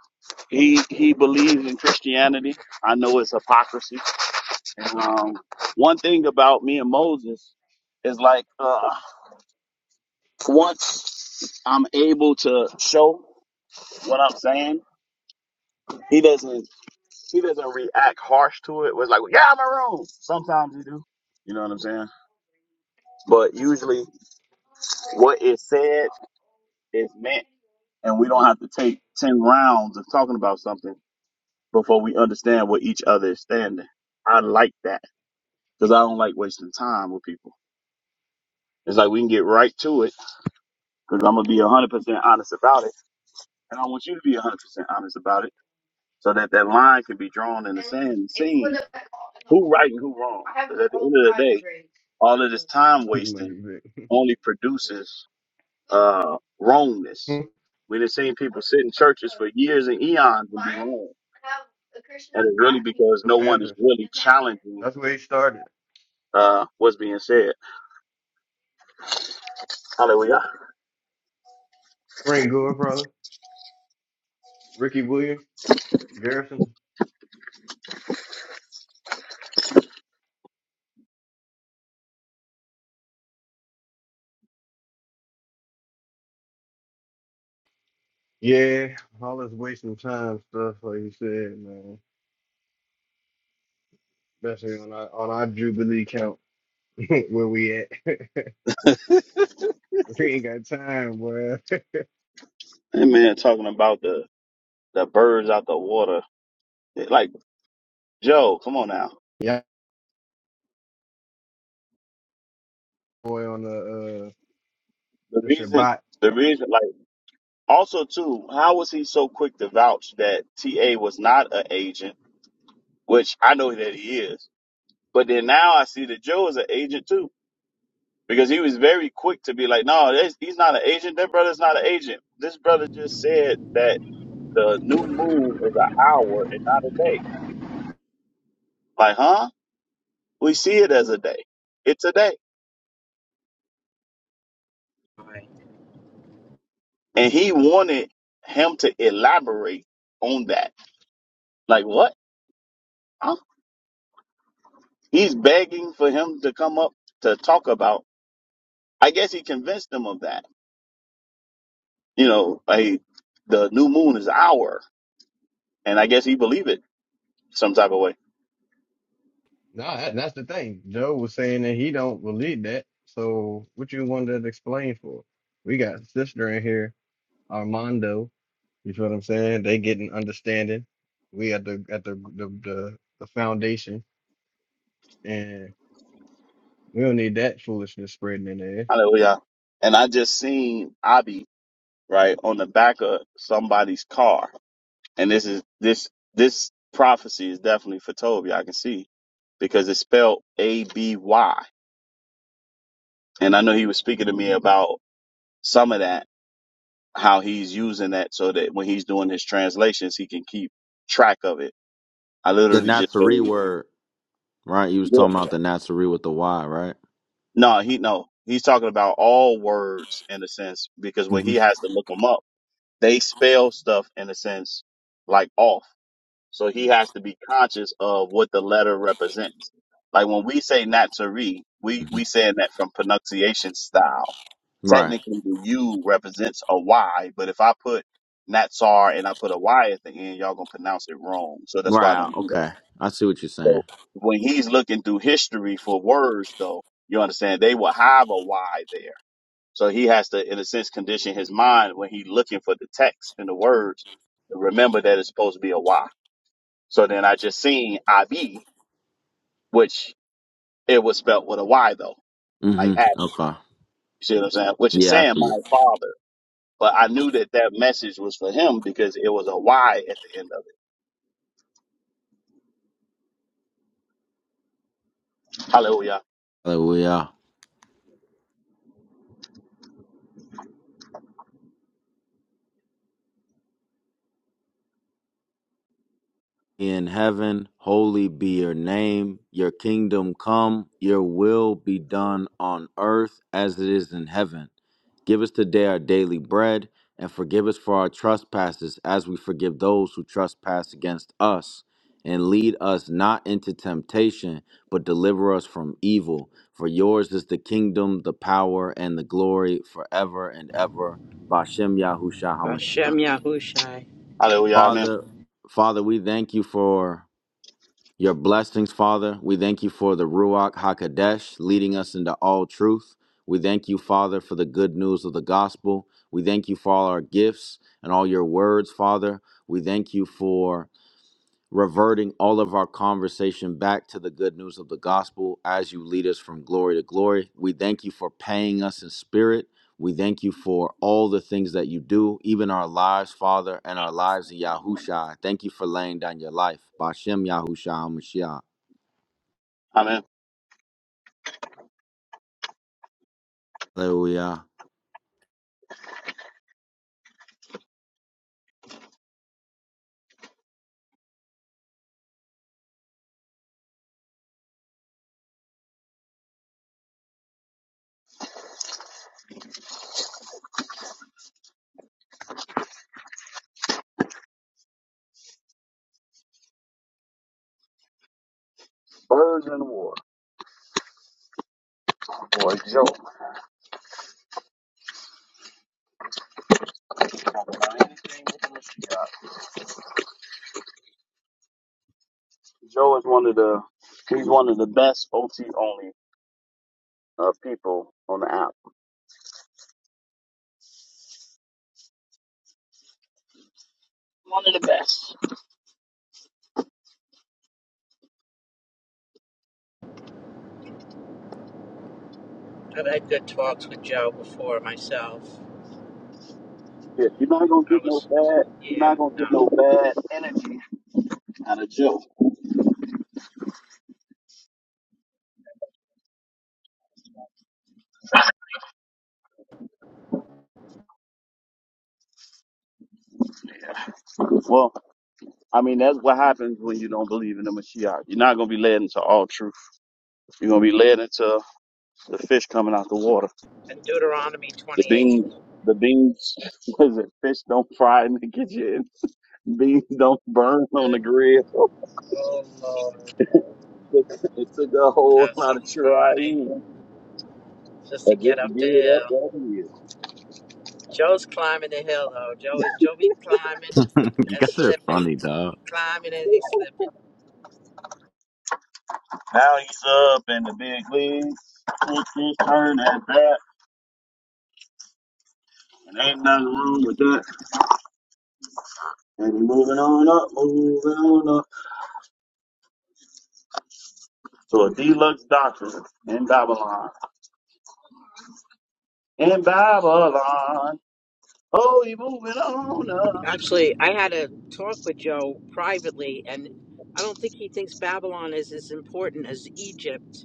he he believes in Christianity. I know it's hypocrisy. And, um, one thing about me and Moses is like uh, once I'm able to show what I'm saying, he doesn't he doesn't react harsh to it. Was like, "Well, yeah, I'm wrong. Sometimes he do. You know what I'm saying? But usually, what is said is meant, and we don't have to take ten rounds of talking about something before we understand what each other is standing. I like that because I don't like wasting time with people. It's like we can get right to it because I'm gonna be 100% honest about it, and I want you to be 100% honest about it so that that line can be drawn in the sand, seen who right and who wrong. Because at the end of the day, all of this time Like, wasting only produces uh, wrongness. the We have seen people sit in churches for years and eons and be wrong, and it's really because no one is Panthers. really challenging That's where he started. uh, what's being said. Hallelujah. Frank Gore, brother. Ricky Williams. Garrison? Yeah, all this wasting time stuff, like you said, man. Especially on our on our Jubilee count where we at. we ain't got time, boy. That man Talking about the the birds out the water, like Joe, come on now. Yeah, boy on the uh The the reason, Shabbat. the reason, like. Also, too, how was he so quick to vouch that TA was not an agent, which I know that he is. But then now I see that Joe is an agent too, because he was very quick to be like, no, that's- he's not an agent. That brother's not an agent. This brother just said that the new moon is an hour and not a day. Like, huh? We see it as a day. It's a day. I- And he wanted him to elaborate on that. Like, what? Huh? He's begging for him to come up to talk about. I guess he convinced them of that. You know, like the new moon is our, and I guess he believed it some type of way. No, that, that's the thing. Joe was saying that he don't believe that. So what you wanted to explain for? We got sister in here, Armando. You feel what I'm saying? They getting understanding. We at the at the the the, the foundation and we don't need that foolishness spreading in there. Hallelujah. And I just seen Abi right on the back of somebody's car, and this is this this prophecy is definitely for Toby. I can see because it's spelled A B Y, and I know he was speaking to me about some of that, how he's using that so that when he's doing his translations, he can keep track of it. I The literally just said, Nazarene word, right? You was yeah. talking about the Nazarene with the Y, right? No, he no. He's talking about all words in a sense because when hmm he has to look them up, they spell stuff in a sense like off. So he has to be conscious of what the letter represents. Like when we say Natsuri, we we saying that from pronunciation style. Right. Technically, the U represents a Y, but if I put Natsar and I put a Y at the end, y'all gonna pronounce it wrong. So that's why I Right. don't do that. Okay. I see what you're saying. So when he's looking through history for words, though, you understand they will have a why there. So he has to, in a sense, condition his mind when he's looking for the text and the words. Remember that it's supposed to be a why. So then I just seen IV, which it was spelt with a Y though, like Mm-hmm. Abby. Okay. You see what I'm saying? Which is Yeah, I saying see it. my father. But I knew that that message was for him because it was a Y at the end of it. Hallelujah. Hallelujah. in heaven, holy be your name. Your kingdom come, your will be done on earth as it is in heaven. Give us today our daily bread, and forgive us for our trespasses as we forgive those who trespass against us. And lead us not into temptation, but deliver us from evil. For yours is the kingdom, the power, and the glory forever and ever. Bashem Yahushua Hashem HaMashiach. Yahushai. Hallelujah. Amen. Father, Father, we thank you for your blessings, Father. We thank you for the Ruach HaKodesh leading us into all truth. We thank you, Father, for the good news of the gospel. We thank you for all our gifts and all your words, Father. We thank you for reverting all of our conversation back to the good news of the gospel as you lead us from glory to glory. We thank you for paying us in spirit. We thank you for all the things that you do, even our lives, Father, and our lives in Yahushua. Thank you for laying down your life. Bashem Yahushua HaMashiach. Amen. Hallelujah. Birds in the water or a joke. Joe is one of the he's one of the best OT only uh, people on the app. I've had good talks with Joe before myself. Yeah, you're not gonna I get no was, bad. You're yeah, not gonna get no. no bad out of Joe. Well, I mean that's what happens when you don't believe in the Mashiach. You're not gonna be led into all truth. You're gonna be led into the fish coming out the water. And Deuteronomy The 28. beans, the beans. What is it? Fish don't fry in the kitchen. Beans don't burn on the grill. Oh, Lord. It took a whole That's so lot of funny. trying. Just to But get just to up the give it up hill. what he is. Joe's climbing the hill, though. Joe is, Joe be climbing you and guys are slipping. funny, dog. He climbing and he slipping. Now he's up in the big leagues. Took his turn at bat. And ain't nothing wrong with that. And he moving on up, moving on up. So a deluxe doctor in Babylon. In Babylon. Oh, he moving on up. Actually, I had a talk with Joe privately, and I don't think he thinks Babylon is as important as Egypt.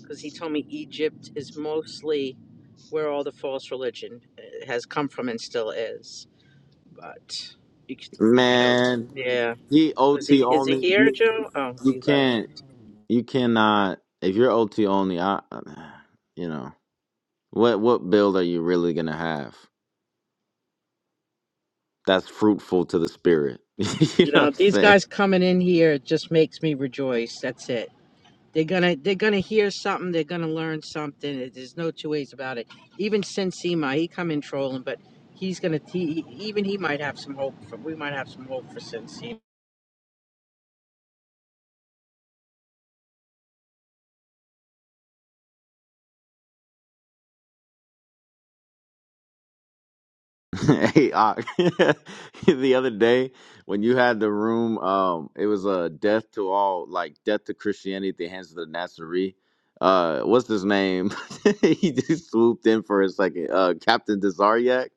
because he told me Egypt is mostly where all the false religion uh, has come from and still is. But you could, you could, uh, Man, yeah. he Is OT he is he only. here, You Joe? Oh, you he left. can't you cannot if you're OT only. I you know what what build are you really gonna have that's fruitful to the spirit? you You know what know, I'm these saying? guys coming in here just makes me rejoice. That's it. They're gonna they're gonna hear something. They're gonna learn something. It- There's no two ways about it. Even Sensima, he come in trolling, but he's gonna he, he- even he might have some hope. For, we might have some hope for Sensima. hey, Ock. the other day when you had the room, um, it was a uh, death to all, like death to Christianity at the hands of the Nazarene. Uh, what's his name? he just swooped in for a second. Uh, Captain Desariac.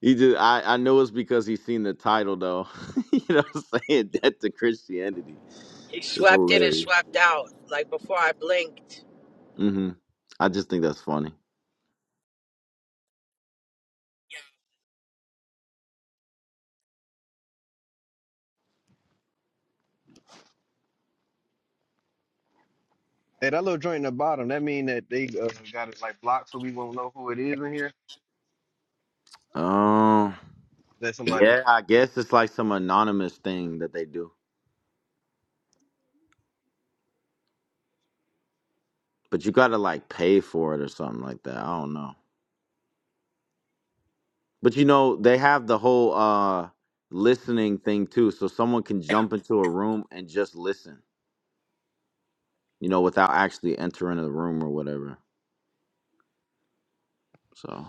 He just, I, I know it's because he's seen the title though. you know what I'm saying? Death to Christianity. He It's swept in and hilarious. swept out, like before I blinked. hmm I just think that's funny. Hey, that little joint in the bottom, that mean that they uh, got it like blocked so we won't know who it is in here? Um, That somebody. yeah, I guess it's like some anonymous thing that they do. but you gotta like pay for it or something like that. I don't know. But you know, they have the whole uh listening thing too, so someone can jump into a room and just listen, you know, without actually entering the room or whatever. So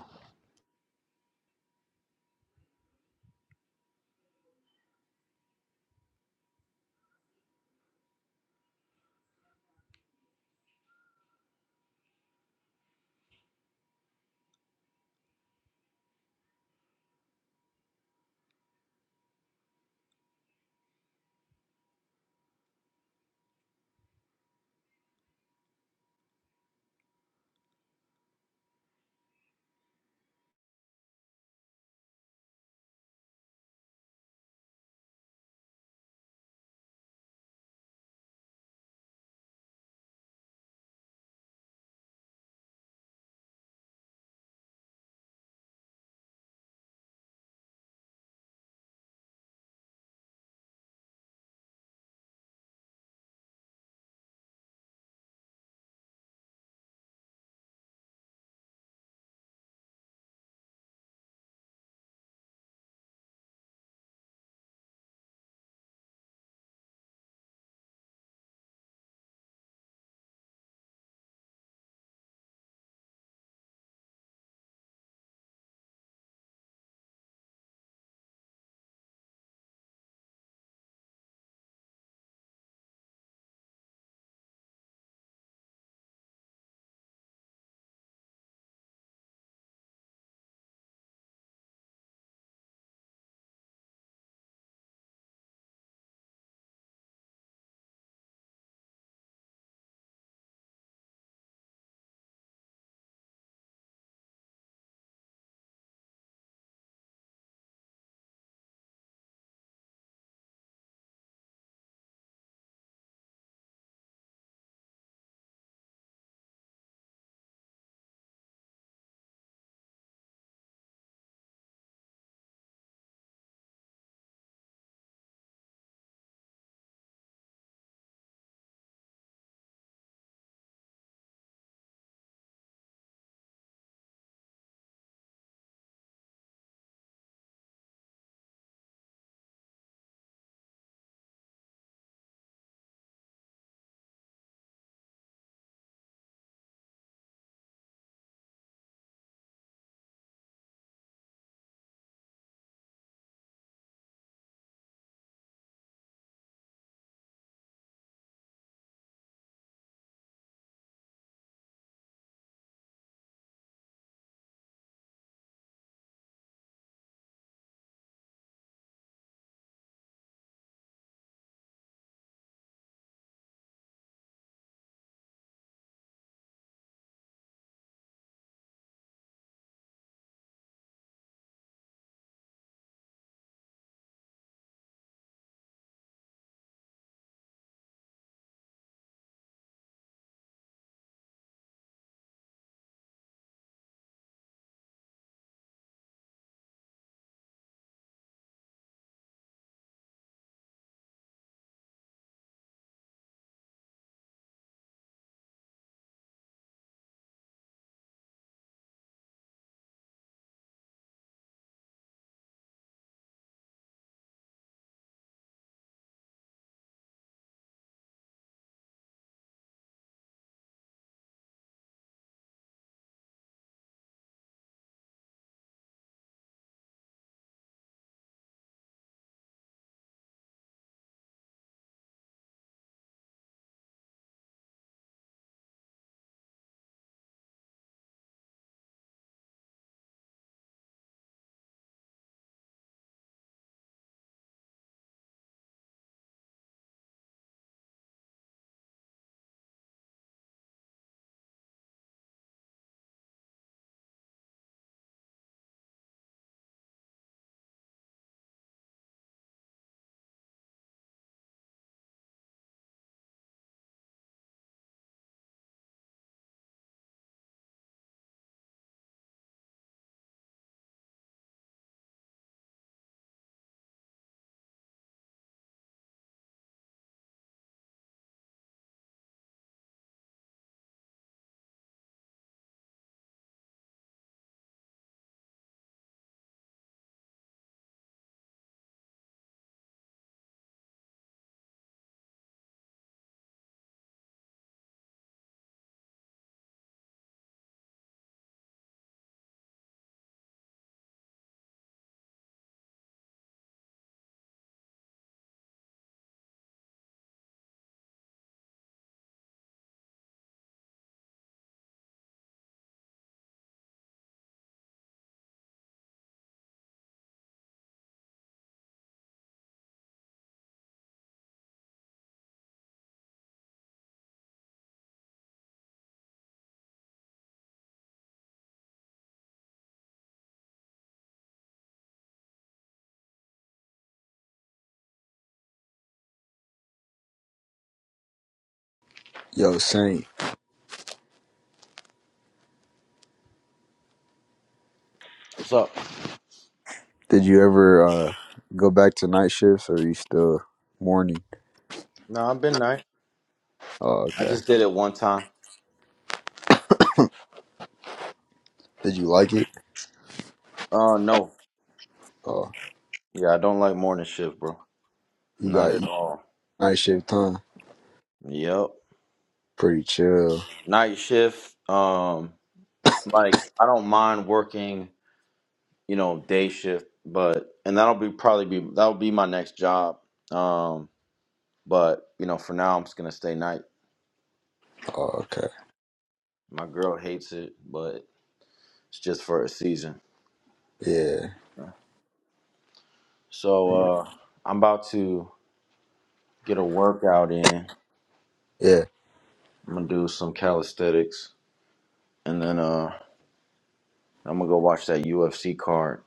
Yo, Saint, what's up? did you ever uh, go back to night shifts or are you still morning? No, I've been nice. Oh, I okay. just did it one time. Did you like it? Uh no. Oh, Yeah, I don't like morning shift, bro. you Not got at you- all. night shift, huh? Yep. Pretty chill. Night shift. Um like I don't mind working you know, day shift, but and that'll be probably be that'll be my next job. Um, but you know, for now I'm just gonna stay night. Oh, okay. My girl hates it, but it's just for a season. Yeah. So uh I'm about to get a workout in. Yeah, I'm gonna do some calisthenics and then uh I'm gonna go watch that UFC card.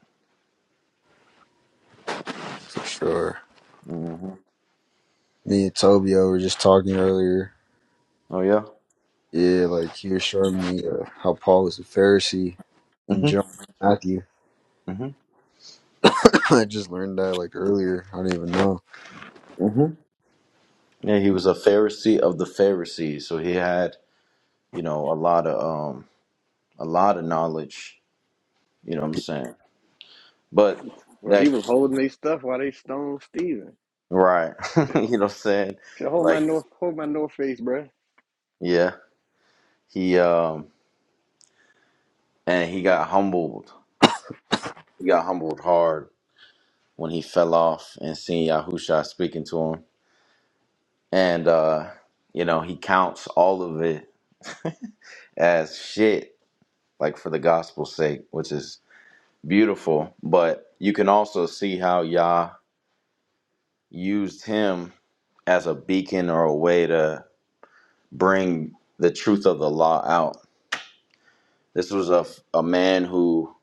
for sure. hmm Me and Tobio were just talking earlier. Oh yeah. Yeah, like he was showing me uh, how Paul was a Pharisee in Mhm. John Matthew. Mhm. I just learned that like earlier. I didn't even know. Mhm. Yeah, he was a Pharisee of the Pharisees, so he had you know a lot of um a lot of knowledge You know what I'm saying? But Bro, he that was holding their stuff while they stoned Steven. right. you know what I'm saying? So hold my Like north, hold my north face, bro. yeah, he um and he got humbled. He got humbled hard when he fell off and seeing Yahusha speaking to him. And uh, you know, he counts all of it as shit, like for the gospel's sake, which is beautiful. But you can also see how Yah used him as a beacon or a way to bring the truth of the law out This was a, a man who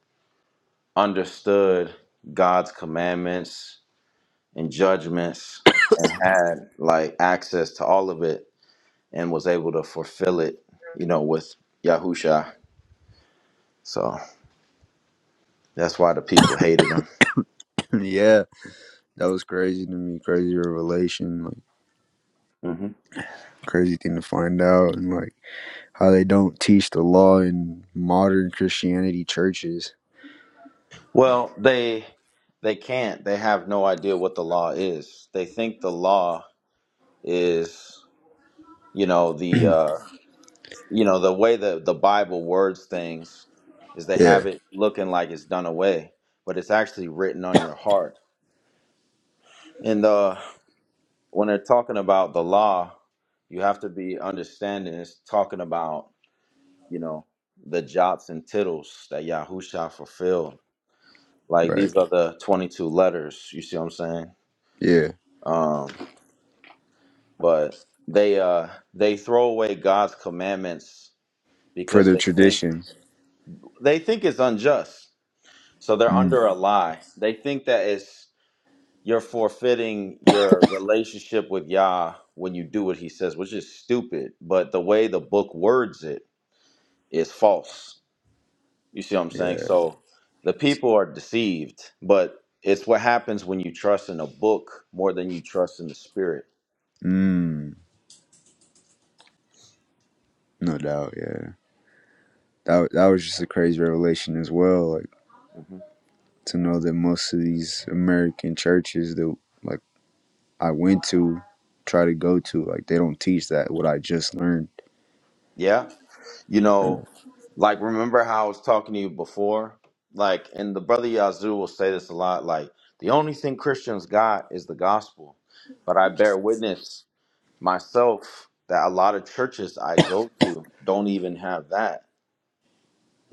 understood God's commandments and judgments and had like access to all of it and was able to fulfill it, you know, with Yahusha. So that's why the people hated him. yeah, that was crazy to me. Crazy revelation, like hmm crazy thing to find out, and like how they don't teach the law in modern Christianity churches. Well, they they can't. They have no idea what the law is. They think the law is, you know, the uh, you know the way the the bible words things is they Yeah, have it looking like it's done away but it's actually written on your heart and the when they're talking about the law you have to be understanding it's talking about you know the jots and tittles that yahusha fulfilled like right. these are the 22 letters you see what i'm saying Yeah, um but they uh they throw away god's commandments for because their they think traditions. they think it's unjust So they're Mm. under a lie. They think that it's you're forfeiting your relationship with Yah when you do what he says, which is stupid. But the way the book words it is false. You see what I'm saying? Yeah. So the people are deceived, but it's what happens when you trust in a book more than you trust in the spirit. Mm. No doubt, yeah. That that was just a crazy revelation as well. Like hmm to know that most of these American churches that like I went to, try to go to, like they don't teach that what I just learned. Yeah. You know, like remember how I was talking to you before? Like, and the brother Yazoo will say this a lot, like, the only thing Christians got is the gospel. But I bear witness myself that a lot of churches I go to don't even have that.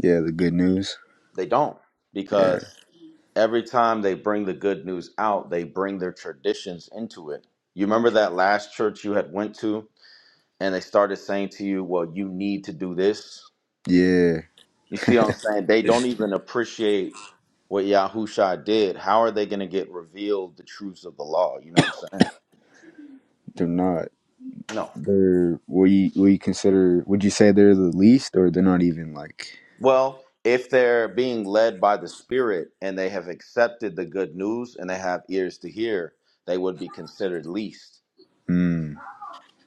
Yeah, the good news. They don't. Yeah, Because every time they bring the good news out, they bring their traditions into it. You remember that last church you had went to and they started saying to you, Well, you need to do this? yeah, You see what I'm saying? They don't even appreciate what Yahusha did. How are they going to get revealed the truths of the law? You know what I'm saying? they're not. No. They're what you what you consider? Would you say they're the least, or they're not even like? Well, if they're being led by the Spirit and they have accepted the good news and they have ears to hear, they would be considered least. Mm,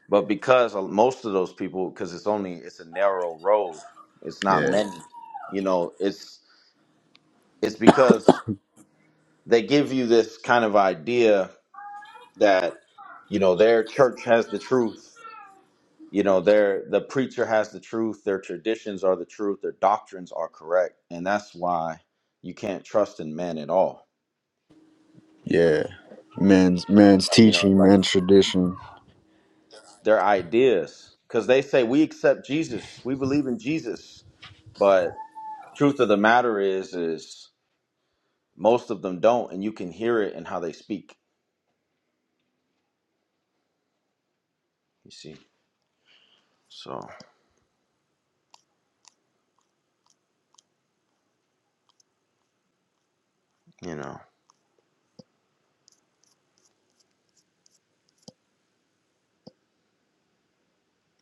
But because of- most of those people, because it's only it's a narrow road, it's not yeah, many. You know, it's it's because they give you this kind of idea that you know their church has the truth you know they're the preacher has the truth their traditions are the truth their doctrines are correct and that's why you can't trust in men at all yeah. Man's man's you know teaching, like man's tradition. their ideas because they say we accept jesus we believe in jesus but truth of the matter is is most of them don't and you can hear it in how they speak you see so you know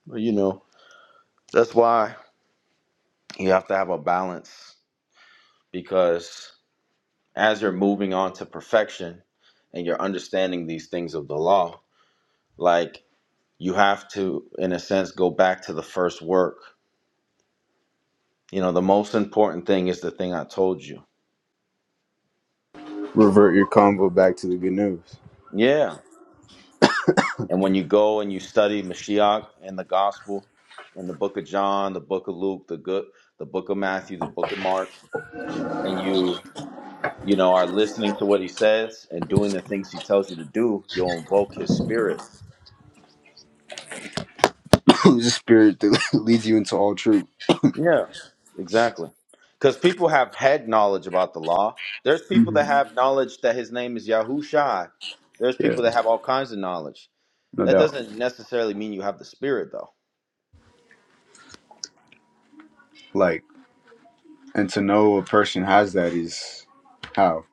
well, you know that's why you have to have a balance because as you're moving on to perfection and you're understanding these things of the law, like you have to, in a sense, go back to the first work. You know, the most important thing is the thing I told you. Revert your convo back to the good news. Yeah. And when you go and you study Mashiach and the gospel and the book of John, the book of Luke, the good the book of Matthew, the book of Mark, and you, you know, are listening to what he says and doing the things he tells you to do, you'll invoke his spirit who's the spirit that leads you into all truth, Yeah, exactly. Because people have had knowledge about the law. There's people that have knowledge that his name is Yahushai. There's people that have all kinds of knowledge. no That doubt. doesn't necessarily mean you have the spirit, though. Like, and to know a person has that is how.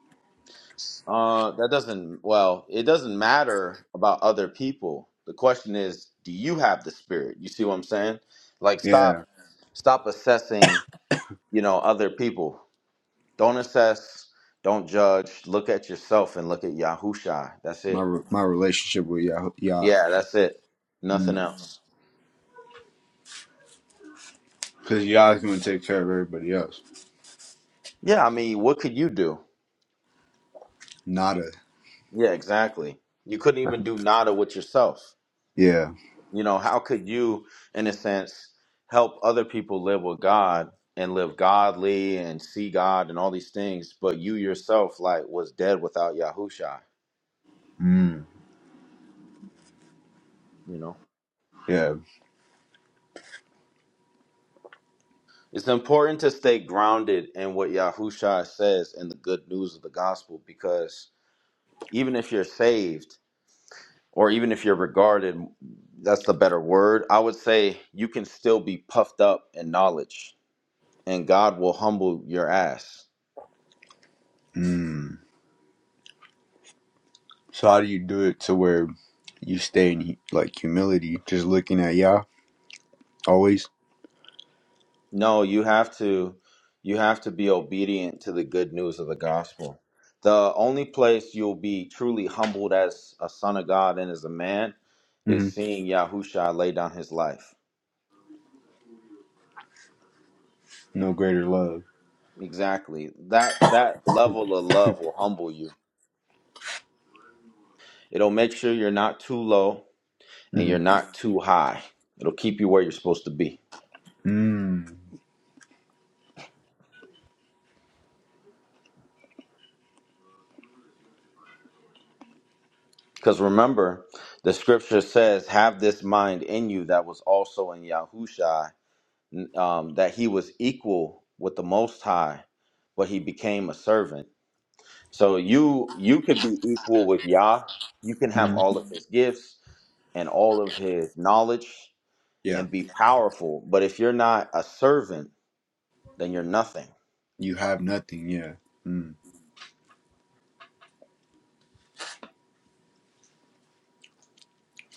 Uh, that doesn't. Well, it doesn't matter about other people. The question is, do you have the spirit? You see what I'm saying? Like, Yeah, stop, stop assessing. You know, other people. Don't assess. Don't judge. Look at yourself and look at Yahushai. That's my it. re- my relationship with Yah, Yah, Yeah, that's it. Nothing mm. else. because Yah is going to take care of everybody else. Yeah, I mean, what could you do? Nada. Yeah, exactly. You couldn't even do nada with yourself. Yeah. You know, how could you, in a sense, help other people live with God and live godly and see God and all these things, but you yourself, like, was dead without Yahusha? Mm. You know, Yeah. it's important to stay grounded in what Yahusha says and the good news of the gospel because even if you're saved, or even if you're regarded, that's the better word. I would say you can still be puffed up in knowledge and God will humble your ass. Mm. So how do you do it to where you stay in like humility, just looking at Yah always? No, you have to you have to be obedient to the good news of the gospel. The only place you'll be truly humbled as a son of God and as a man hmm is seeing Yahusha lay down his life. No greater love. Exactly. That that level of love will humble you. It'll make sure you're not too low and you're Mm-hmm. not too high. It'll keep you where you're supposed to be. Mm. Because remember, the scripture says, Have this mind in you that was also in Yahushua, n- um, that he was equal with the Most High, but he became a servant. So you you could be equal with Yah. You can have hmm all of his gifts and all of his knowledge Yeah. and be powerful. But if you're not a servant, then you're nothing. You have nothing. Yeah. Mm.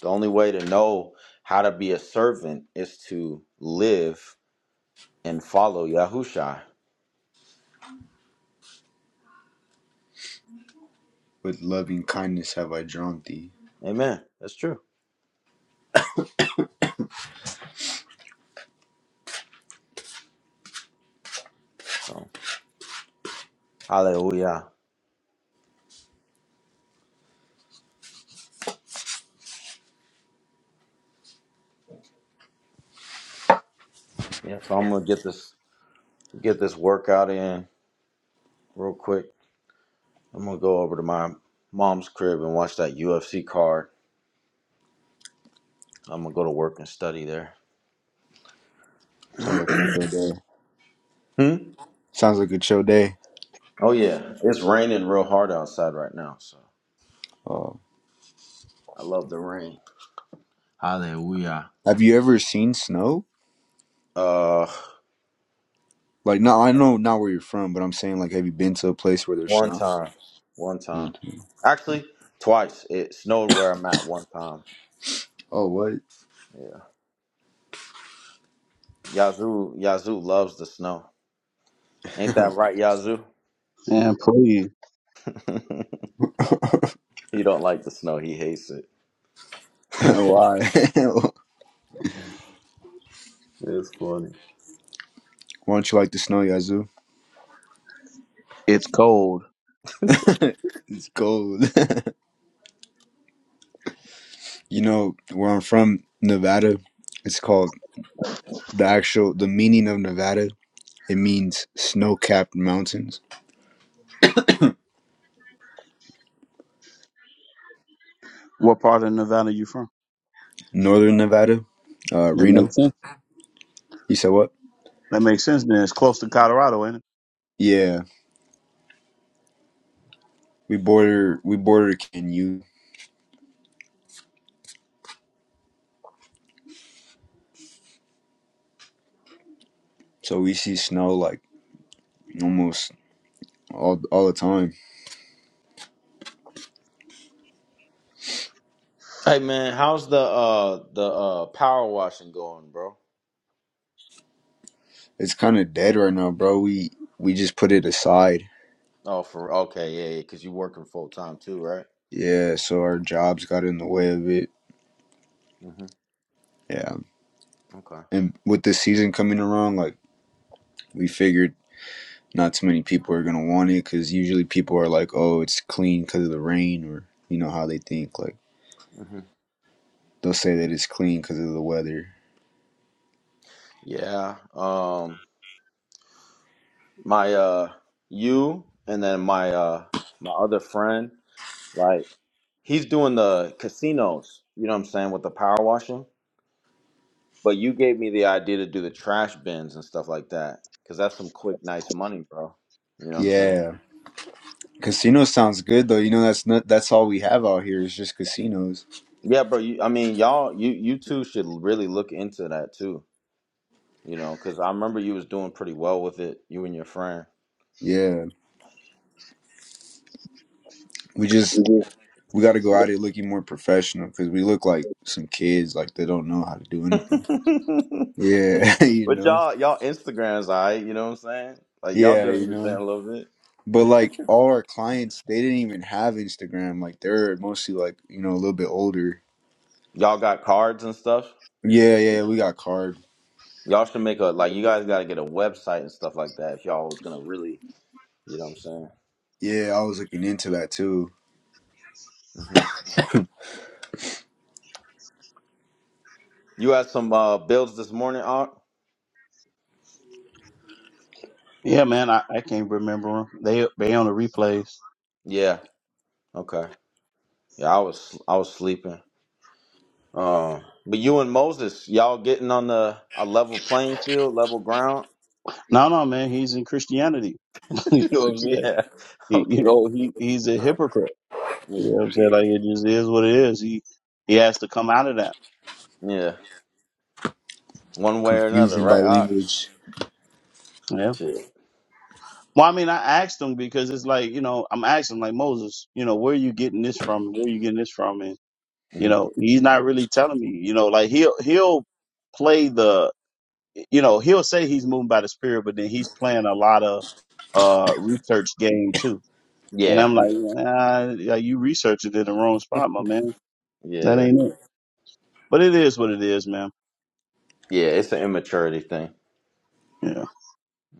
The only way to know how to be a servant is to live and follow Yahusha. With loving kindness have I drawn thee. Amen. That's true. So hallelujah. Yeah, so I'm gonna get this get this workout in real quick. I'm gonna go over to my mom's crib and watch that UFC card. I'm gonna go to work and study there. Sounds like hmm? a chill day. Sounds like a chill day. Oh yeah. It's raining real hard outside right now, so Uh, I love the rain. Hallelujah. have you ever seen snow? Uh Like, no, I know not where you're from, but I'm saying, like, have you been to a place where there's one snow? time. One time. Actually, twice. It snowed where I'm at one time. Oh, what? Yeah. Yazoo Yazoo loves the snow. Ain't that right, Yazoo? And please. he don't like the snow. He hates it. Why? Why it's funny. don't you like the snow, Yazoo? it's cold. you know, where I'm from, Nevada, it's called the actual, the meaning of Nevada. It means snow capped mountains. What part of Nevada you from? Northern Nevada, uh, That makes Reno. sense. You said what? That makes sense then. It's close to Colorado, ain't it? Yeah. we border we border can so we see snow like almost all all the time hey man, how's the uh the uh power washing going, bro? it's kind of dead right now bro we we just put it aside Oh, for okay, yeah, yeah, because you working full time too, right? yeah so our jobs got in the way of it hmm yeah Okay. and with the season coming around like we figured not too many people are gonna want it because usually people are like oh it's clean because of the rain or you know how they think like hmm they'll say that it's clean because of the weather Yeah. Um, my uh, you and then my uh, my other friend, like he's doing the casinos. You know what I'm saying with the power washing. But you gave me the idea to do the trash bins and stuff like that, cause that's some quick, nice money, bro. You know what I'm saying? yeah casino sounds good though you know that's not that's all we have out here is just casinos Yeah, bro. You, I mean, y'all, you you two should really look into that too. You know, cause I remember you was doing pretty well with it, you and your friend. yeah we just we got to go out here looking more professional because we look like some kids like they don't know how to do but anything yeah you know y'all, y'all Instagrams, all right. You know what I'm saying? Like y'all yeah doing you your thing know a little bit. but like all our clients they didn't even have instagram like they're mostly like you know a little bit older Y'all got cards and stuff. yeah yeah yeah, we got card Y'all should make a like. You guys got to get a website and stuff like that if y'all was gonna really. You know what I'm saying? yeah i was looking into that too hmm You had some uh, builds this morning, Art. Yeah, man, I, I can't remember him. They they on the replays. Yeah. Okay. Yeah, I was I was sleeping. Um, but you and Moses, y'all getting on the a level playing field, level ground. No, no, man, he's in Christianity. you know what I'm saying? yeah. He, you Okay. know, he he's a hypocrite. You know what Yeah. I'm saying? Like it just is what it is. He he has to come out of that. Yeah. One way or another, confusion by right? Ock? language Yeah. Shit. Well, I mean, I asked him because it's like, you know, I'm asking like Moses, you know, where are you getting this from? Where are you getting this from? And you hmm know, he's not really telling me. You know, like he'll he'll play the, you know, he'll say he's moving by the spirit, but then he's playing a lot of uh research game too. And Yeah. I'm like, nah, yeah, you researching in the wrong spot, my man. That Yeah. ain't it. But it is what it is, man. Yeah. It's an immaturity thing. Yeah.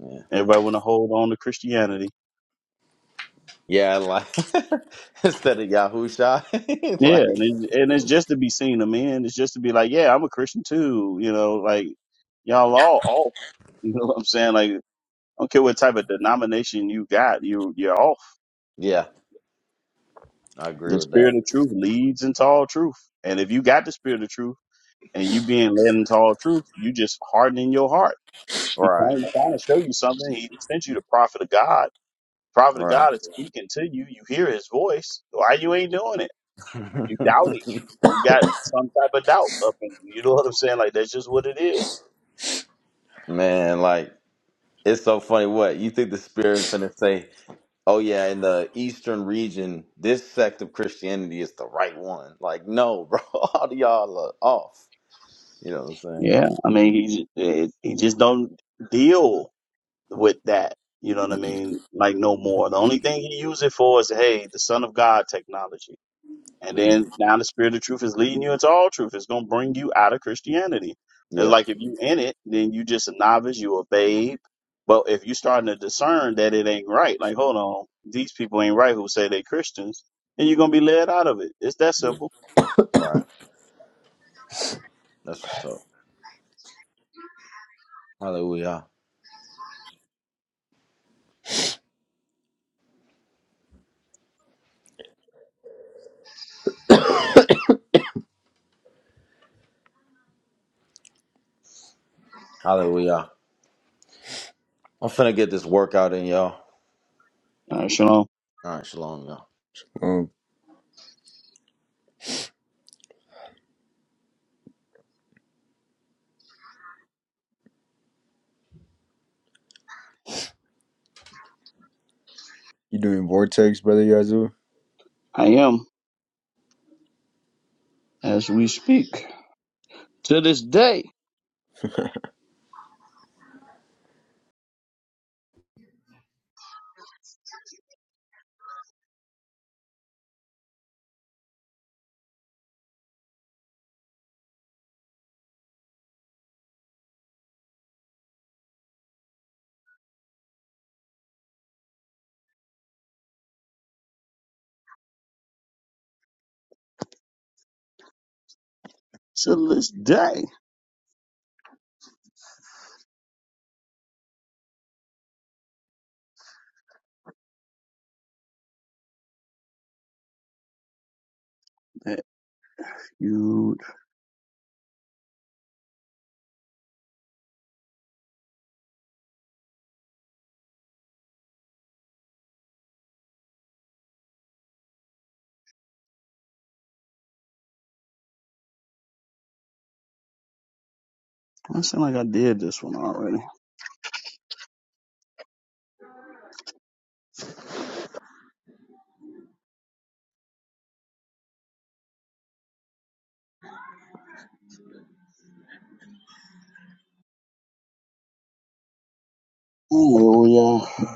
Yeah. Everybody want to hold on to Christianity. Yeah. Like instead of Yahusha, Yeah, like and it, and it's just to be seen a man. It's just to be like, yeah, I'm a Christian too. You know, like y'all all off. You know what I'm saying? Like, I don't care what type of denomination you got, you you're off. yeah, I agree The with spirit that. of truth leads into all truth, and if you got the spirit of truth and you being led into all truth, you just hardening your heart. He Right. trying, trying to show you something. He sent you the prophet of God. Prophet of Right. God is speaking to you. You hear his voice. Why you ain't doing it? You doubting. You got some type of doubt up in you. You know what I'm saying? Like that's just what it is. Man, like It's so funny. What you think the spirit finna say? Oh yeah, in the eastern region, this sect of Christianity is the right one. Like, no, bro, all y'all are off. You know what I'm saying? Yeah, I mean he j- he just don't deal with that. You know what I Mhm. mean? Like no more. The only thing he use it for is hey, the Son of God technology. And Mhm. then now the spirit of truth is leading you into all truth. It's gonna bring you out of Christianity. It's Yeah, like if you in it, then you just a novice, you a babe. But if you starting to discern that it ain't right, like hold on, these people ain't right who say they Christians, then you're gonna be led out of it. It's that yeah, simple. right. That's what's up. Hallelujah, hallelujah. I'm finna get this workout in, y'all. All right, Shalom. All right, shalom, y'all. um you doing vortex brother yazoo I am as we speak. To this day. To this day. That feud. I sound like I did this one already. Oh yeah.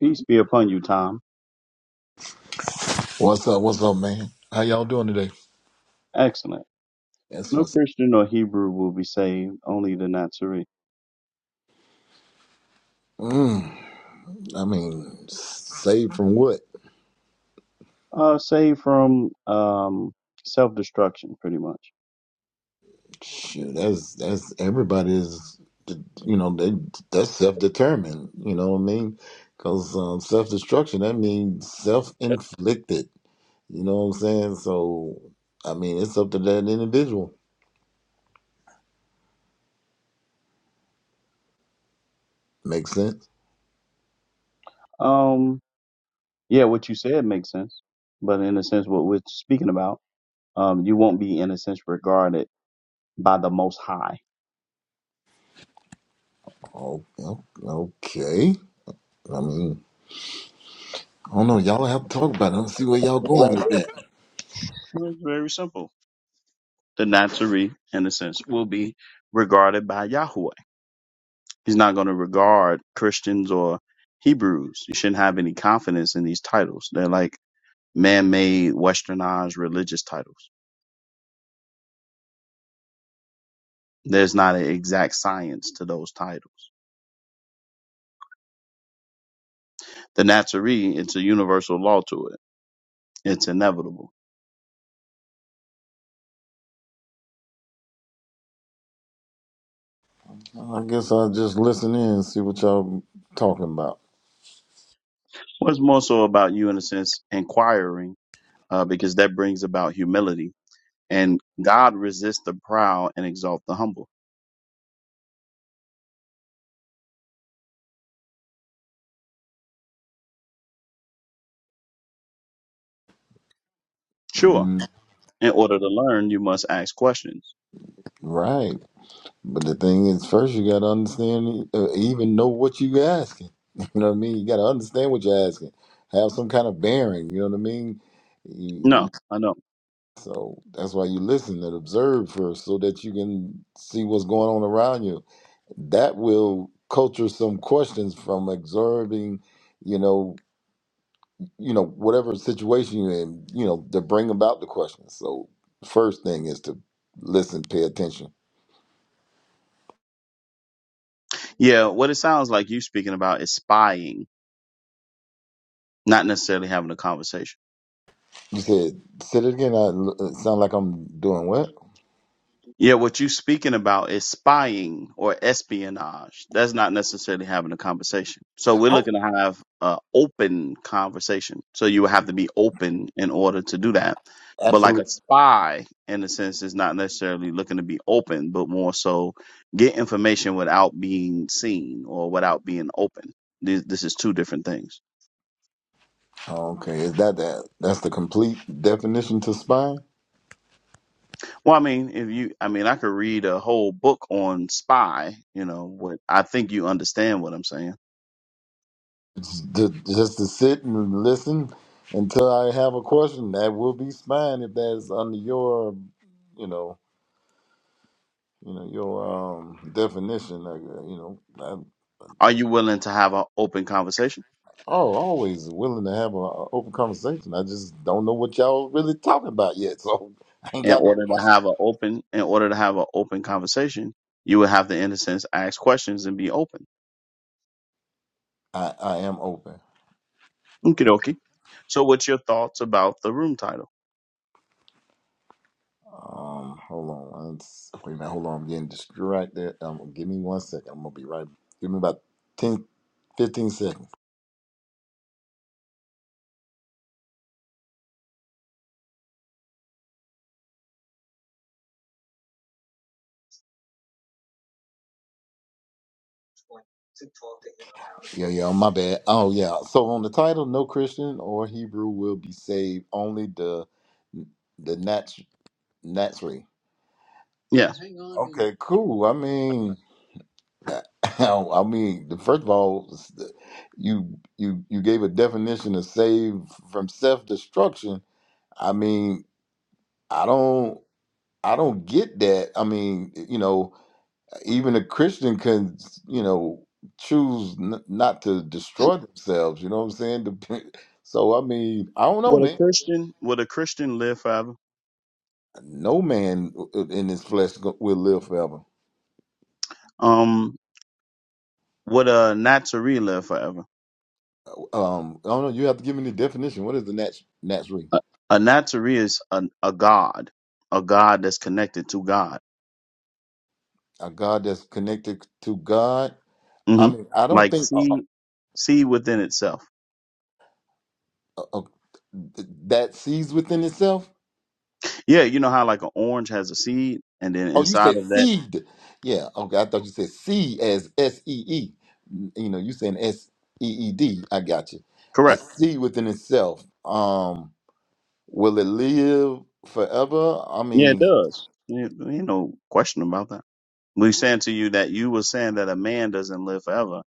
Peace be upon you, Tom. What's up? What's up, man? How y'all doing today? Excellent. That's No what's. Christian or Hebrew will be saved, only the Nazarene. Mm, I mean, saved from what? Uh, saved from um, self destruction, pretty much. Shoot, that's that's everybody is. You know, they that's self determined. You know what I mean? Because um, self destruction that means self inflicted. You know what I'm saying? So, I mean, it's up to that individual. Makes sense. Um, yeah, what you said makes sense. But in a sense, what we're speaking about, um, you won't be, in a sense, regarded by the Most High. Oh, okay. I mean, I don't know. Y'all have to talk about it. Let's see where y'all going with that. Well, It's very simple. The Nazarene, in a sense, will be regarded by Yahweh. He's not going to regard Christians or Hebrews. You shouldn't have any confidence in these titles. They're like man made, westernized religious titles There's not an exact science to those titles. The Nazarene, it's a universal law to it. It's inevitable. I guess I'll just listen in and see what y'all talking about. Well, it's more so about you, in a sense, inquiring, uh, because that brings about humility. And God resists the proud and exalt the humble. Sure. Mm, In order to learn, you must ask questions. Right. But the thing is, first you got to understand, uh, even know what you asking. You know what I mean? You got to understand what you're asking. Have some kind of bearing. You know what I mean? You- you- No, I know. So that's why you listen and observe first so that you can see what's going on around you. That will culture some questions from observing, you know, you know, whatever situation you're in, you know, to bring about the question. So, first thing is to listen, pay attention. Yeah, what it sounds like you speaking about is spying, not necessarily having a conversation. You said, say it again. I it sound like I'm doing what? Yeah, what you're speaking about is spying or espionage. That's not necessarily having a conversation. So we're Oh, looking to have an open conversation. So you would have to be open in order to do that. But like a absolutely. spy, in a sense, is not necessarily looking to be open, but more so get information without being seen or without being open. This, this is two different things. Okay, is that that? That's the complete definition to spy. Well, I mean, if you, I mean, I could read a whole book on spy. You know what? I think you understand what I'm saying. It's to- just to sit and listen until I have a question. That will be spying if that's under your, you know, you know your um definition. Like, uh, you know, Are you willing to have an open conversation? Oh, always willing to have an open conversation. I just don't know what y'all really talking about yet, so I ain't In got no order to question. have an open, in order to have an open conversation, you would have to, in a sense, ask questions and be open. I, I am open. Okie dokie. So, what's your thoughts about the room title? Um, hold on. Let's- Wait a minute. Hold on. I'm getting distracted. Um, give me one second. I'm gonna be right. Give me about ten, fifteen seconds. Yeah, yeah. My bad. Oh, yeah. So on the title, no Christian or Hebrew will be saved. Only the the nat naturally. Yeah. Okay, cool. I mean. I mean, the- first of all, s- the- you you you gave a definition of save from self destruction. I mean, I don't I don't get that. I mean, you know, even a Christian can you know choose n- not to destroy themselves. You know what I'm saying? Dep- So I mean, I don't know, Would a man. Christian would a Christian live forever? No man w- in his flesh go- will live forever. Um, would a Nazarene live forever? Um, I don't know. You have to give me the definition. What is the nat- naturally? A, a Nazarene is a, a god, a god that's connected to God. A God that's connected to God I hmm mean, I don't Like think uh, see see within itself. uh, uh, that sees within itself. Yeah, you know how like an orange has a seed, and then Oh, you inside said of that, seed. Yeah. Okay. I thought you said seed as S E E. You know, you saying S E E D. I got you. A correct? seed within itself. Um, will it live forever? I Yeah, it mean, does. Yeah, Ain't no question about that. We're saying to you that you were saying that a man doesn't live forever,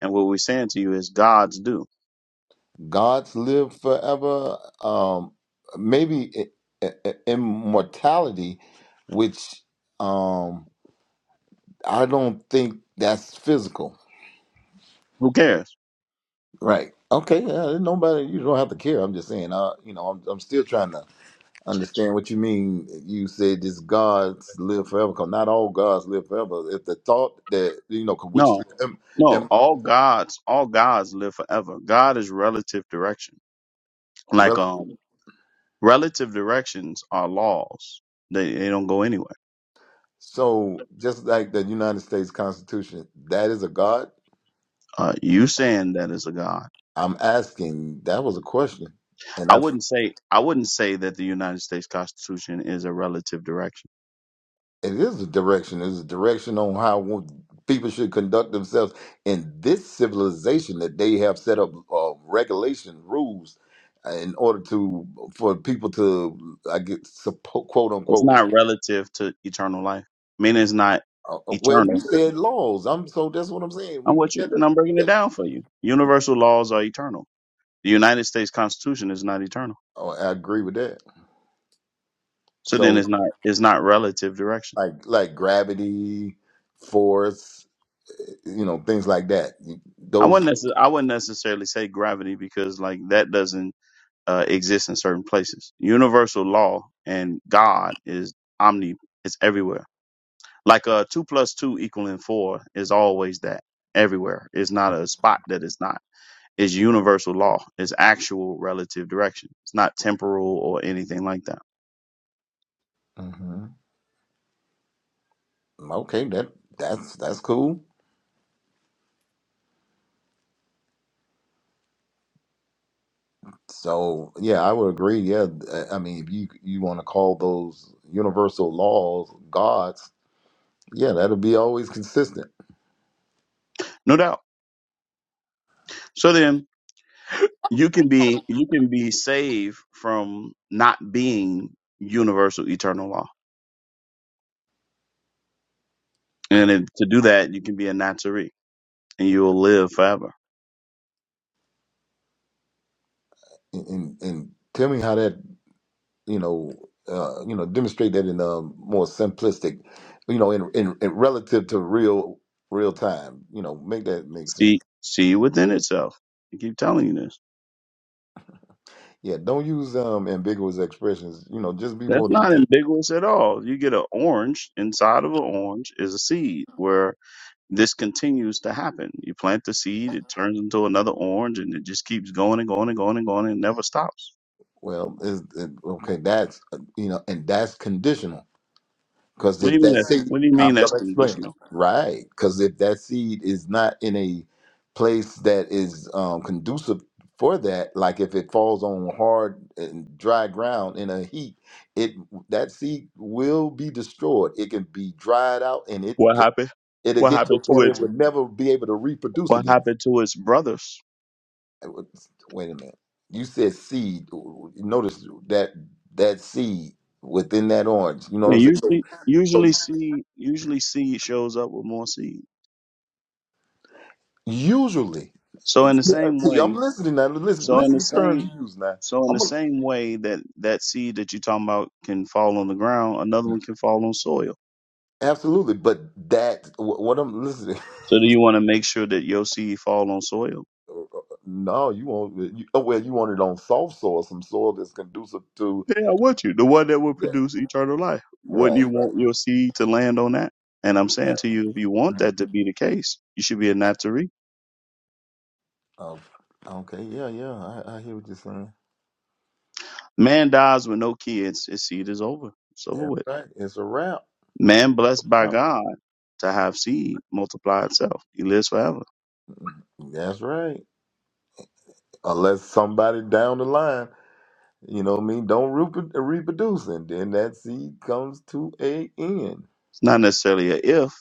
and what we're saying to you is gods do. God's live forever. Um, maybe i- i- i- immortality, which um, I don't think that's physical Who cares? Right. Okay. Yeah. Nobody. You don't have to care. I'm just saying. Uh, you know, I'm, I'm still trying to understand what you mean. You said this gods live forever. Cause not all gods live forever. If the thought that you know, 'cause which is No, um, no. um, All gods, all gods live forever. God is relative direction. Like rel- um, relative directions are laws. They they don't go anywhere. so just like the United States Constitution, that is a god. Uh, you saying that is a god. I'm asking. That was a question, and I I wouldn't say I wouldn't say that the United States Constitution is a relative direction it is a direction. It's a direction on how wo- people should conduct themselves in this civilization that they have set up uh, regulation rules uh, in order to for people to I get suppo- quote It's unquote. not relative to eternal life. Meaning it's not Uh, uh, well, you eternal. said laws. I'm so that's what I'm saying. I'm We we with you got and to. I'm breaking it yeah. down for you. Universal laws are eternal. The United States Constitution is not eternal. Oh, I agree with that. So then So it's not it's not relative direction. like like gravity, force, eh, you know, things like that. I Those. wouldn't necess- I wouldn't necessarily say gravity because like that doesn't uh, exist in certain places. Universal law and God is omni it's everywhere. Like uh two plus two equaling four is always that everywhere. It's not a spot that it's not. is universal law. It's actual relative direction. It's not temporal or anything like that. hmm Okay, that that's that's cool. So yeah, I would agree. Yeah, th- I mean, if you you want to call those universal laws gods, yeah, that'll be always consistent. No doubt. So then you can be you can be saved from not being universal eternal law. And if, to do that, you can be a Nazarene and you will live forever. And and, and tell me how that you know uh, you know demonstrate that in a more simplistic, you know, in, in in relative to real real time. You know, make that make sense. See, see within itself. I keep telling you this. Yeah, don't use um ambiguous expressions. You know, just be That's more not detailed. ambiguous at all. You get an orange, inside of an orange is a seed where this continues to happen. You plant the seed, it turns into another orange, and it just keeps going and going and going and going and never stops. Well, is it, okay? That's uh, you know, and that's conditional Because What do if you mean that that's seed, what do you mean I'm that's going to explain. conditional? Right. Because if that seed is not in a place that is um, conducive for that, like if it falls on hard and dry ground in a heat, it that seed will be destroyed. It can be dried out and it What could, happened? it'll What get to a happened to point it its would never be able to reproduce what again. happened to its brothers? Wait a minute. You said seed. Notice that that seed within that orange. You know Yeah, what I'm saying? So usually so usually seed usually seed shows up with more seed. Usually, So in the yeah, same i I'm way, listening now. Listen, So in listen the to the terms same you use now. so in the I'm a, same way that that seed that you're talking about can fall on the ground, another one can fall on soil. absolutely, but that wh- what I'm listening. So do you want to make sure that your seed fall on soil? No, you want you, oh, well, you want it on soft soil, some soil that's conducive to. Yeah, I want you. The one that will Yeah, produce eternal life. Wouldn't right, you want right. your seed to land on that? And I'm saying to you, if you want Yeah. that to be the case, you should be a Nazarene. Oh, okay, yeah, yeah. I, I hear what you're saying. Man dies with no kids, his seed is over. It's over That's with. right. It's a wrap. Man blessed by Yeah. God to have seed multiply itself. He lives forever. That's right. Unless somebody down the line, you know what I mean, don't reproduce, reproduce and then that seed comes to a end. It's not necessarily a if.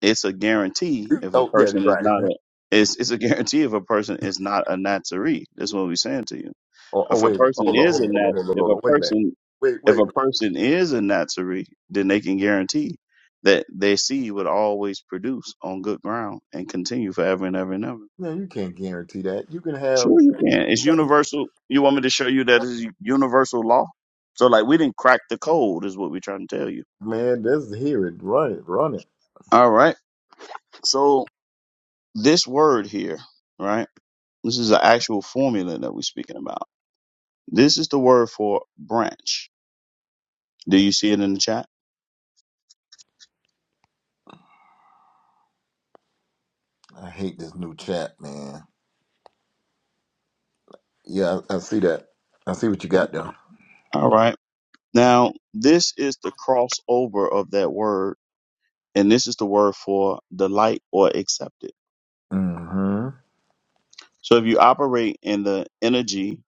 It's a guarantee if a Oh, yeah, person is right. not a it's it's a guarantee if a person is not a Nazarene. That's what we're saying to you. Oh, oh If a wait a minute. person Hold on, is hold a on, hold on, nat hold on, if hold a on. Wait a minute. person Wait, wait if a a minute. person is a Nazarene, then they can guarantee that their seed would always produce on good ground and continue forever and ever and ever. No, you can't guarantee that. You can have, Sure you can. It's universal. You want me to show you that it's universal law? So like we didn't crack the code is what we're trying to tell you. man, let's hear it. Run it, run it. All right. So This word here, right? This is an actual formula that we're speaking about. This is the word for branch. Do you see it in the chat? I hate this new chat, man. Yeah, I, I see that. I see what you got there. All right. Now, this is the crossover of that word, and this is the word for delight or accepted. Mm-hmm. So if you operate in the energy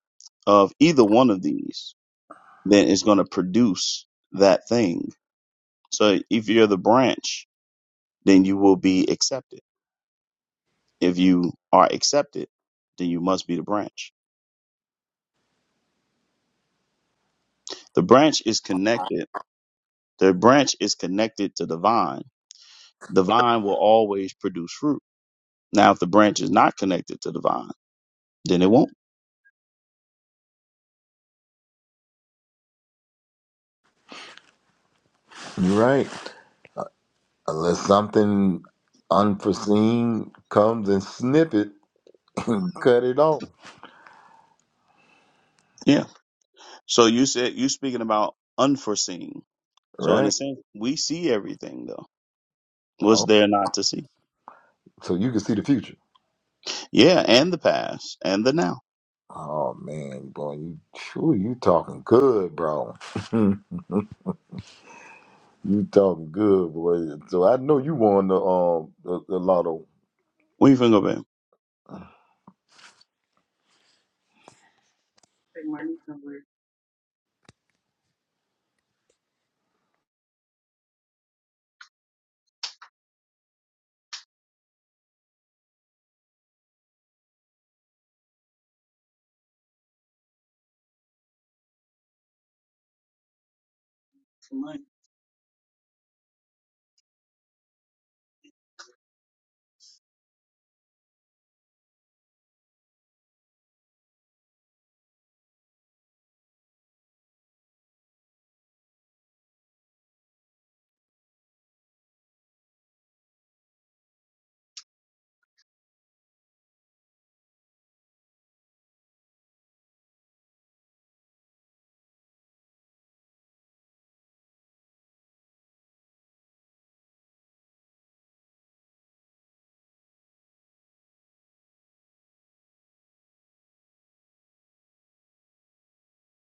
of either one of these, then it's going to produce that thing. So if you're the branch, then you will be accepted. If you are accepted, then you must be the branch. The branch is connected. The branch is connected to the vine. The vine will always produce fruit. Now, if the branch is not connected to the vine, then it won't. You're right. Unless something unforeseen comes and snip it and cut it off, Yeah. So you said you speaking about unforeseen. So in a right? sense, we see everything though. What's Oh, there not to see? so you can see the future. Yeah, and the past and the now. Oh man, boy, you sure you talking good, bro. You talking good, boy. So I know you won the um the, the lotto. Where you finna go, babe?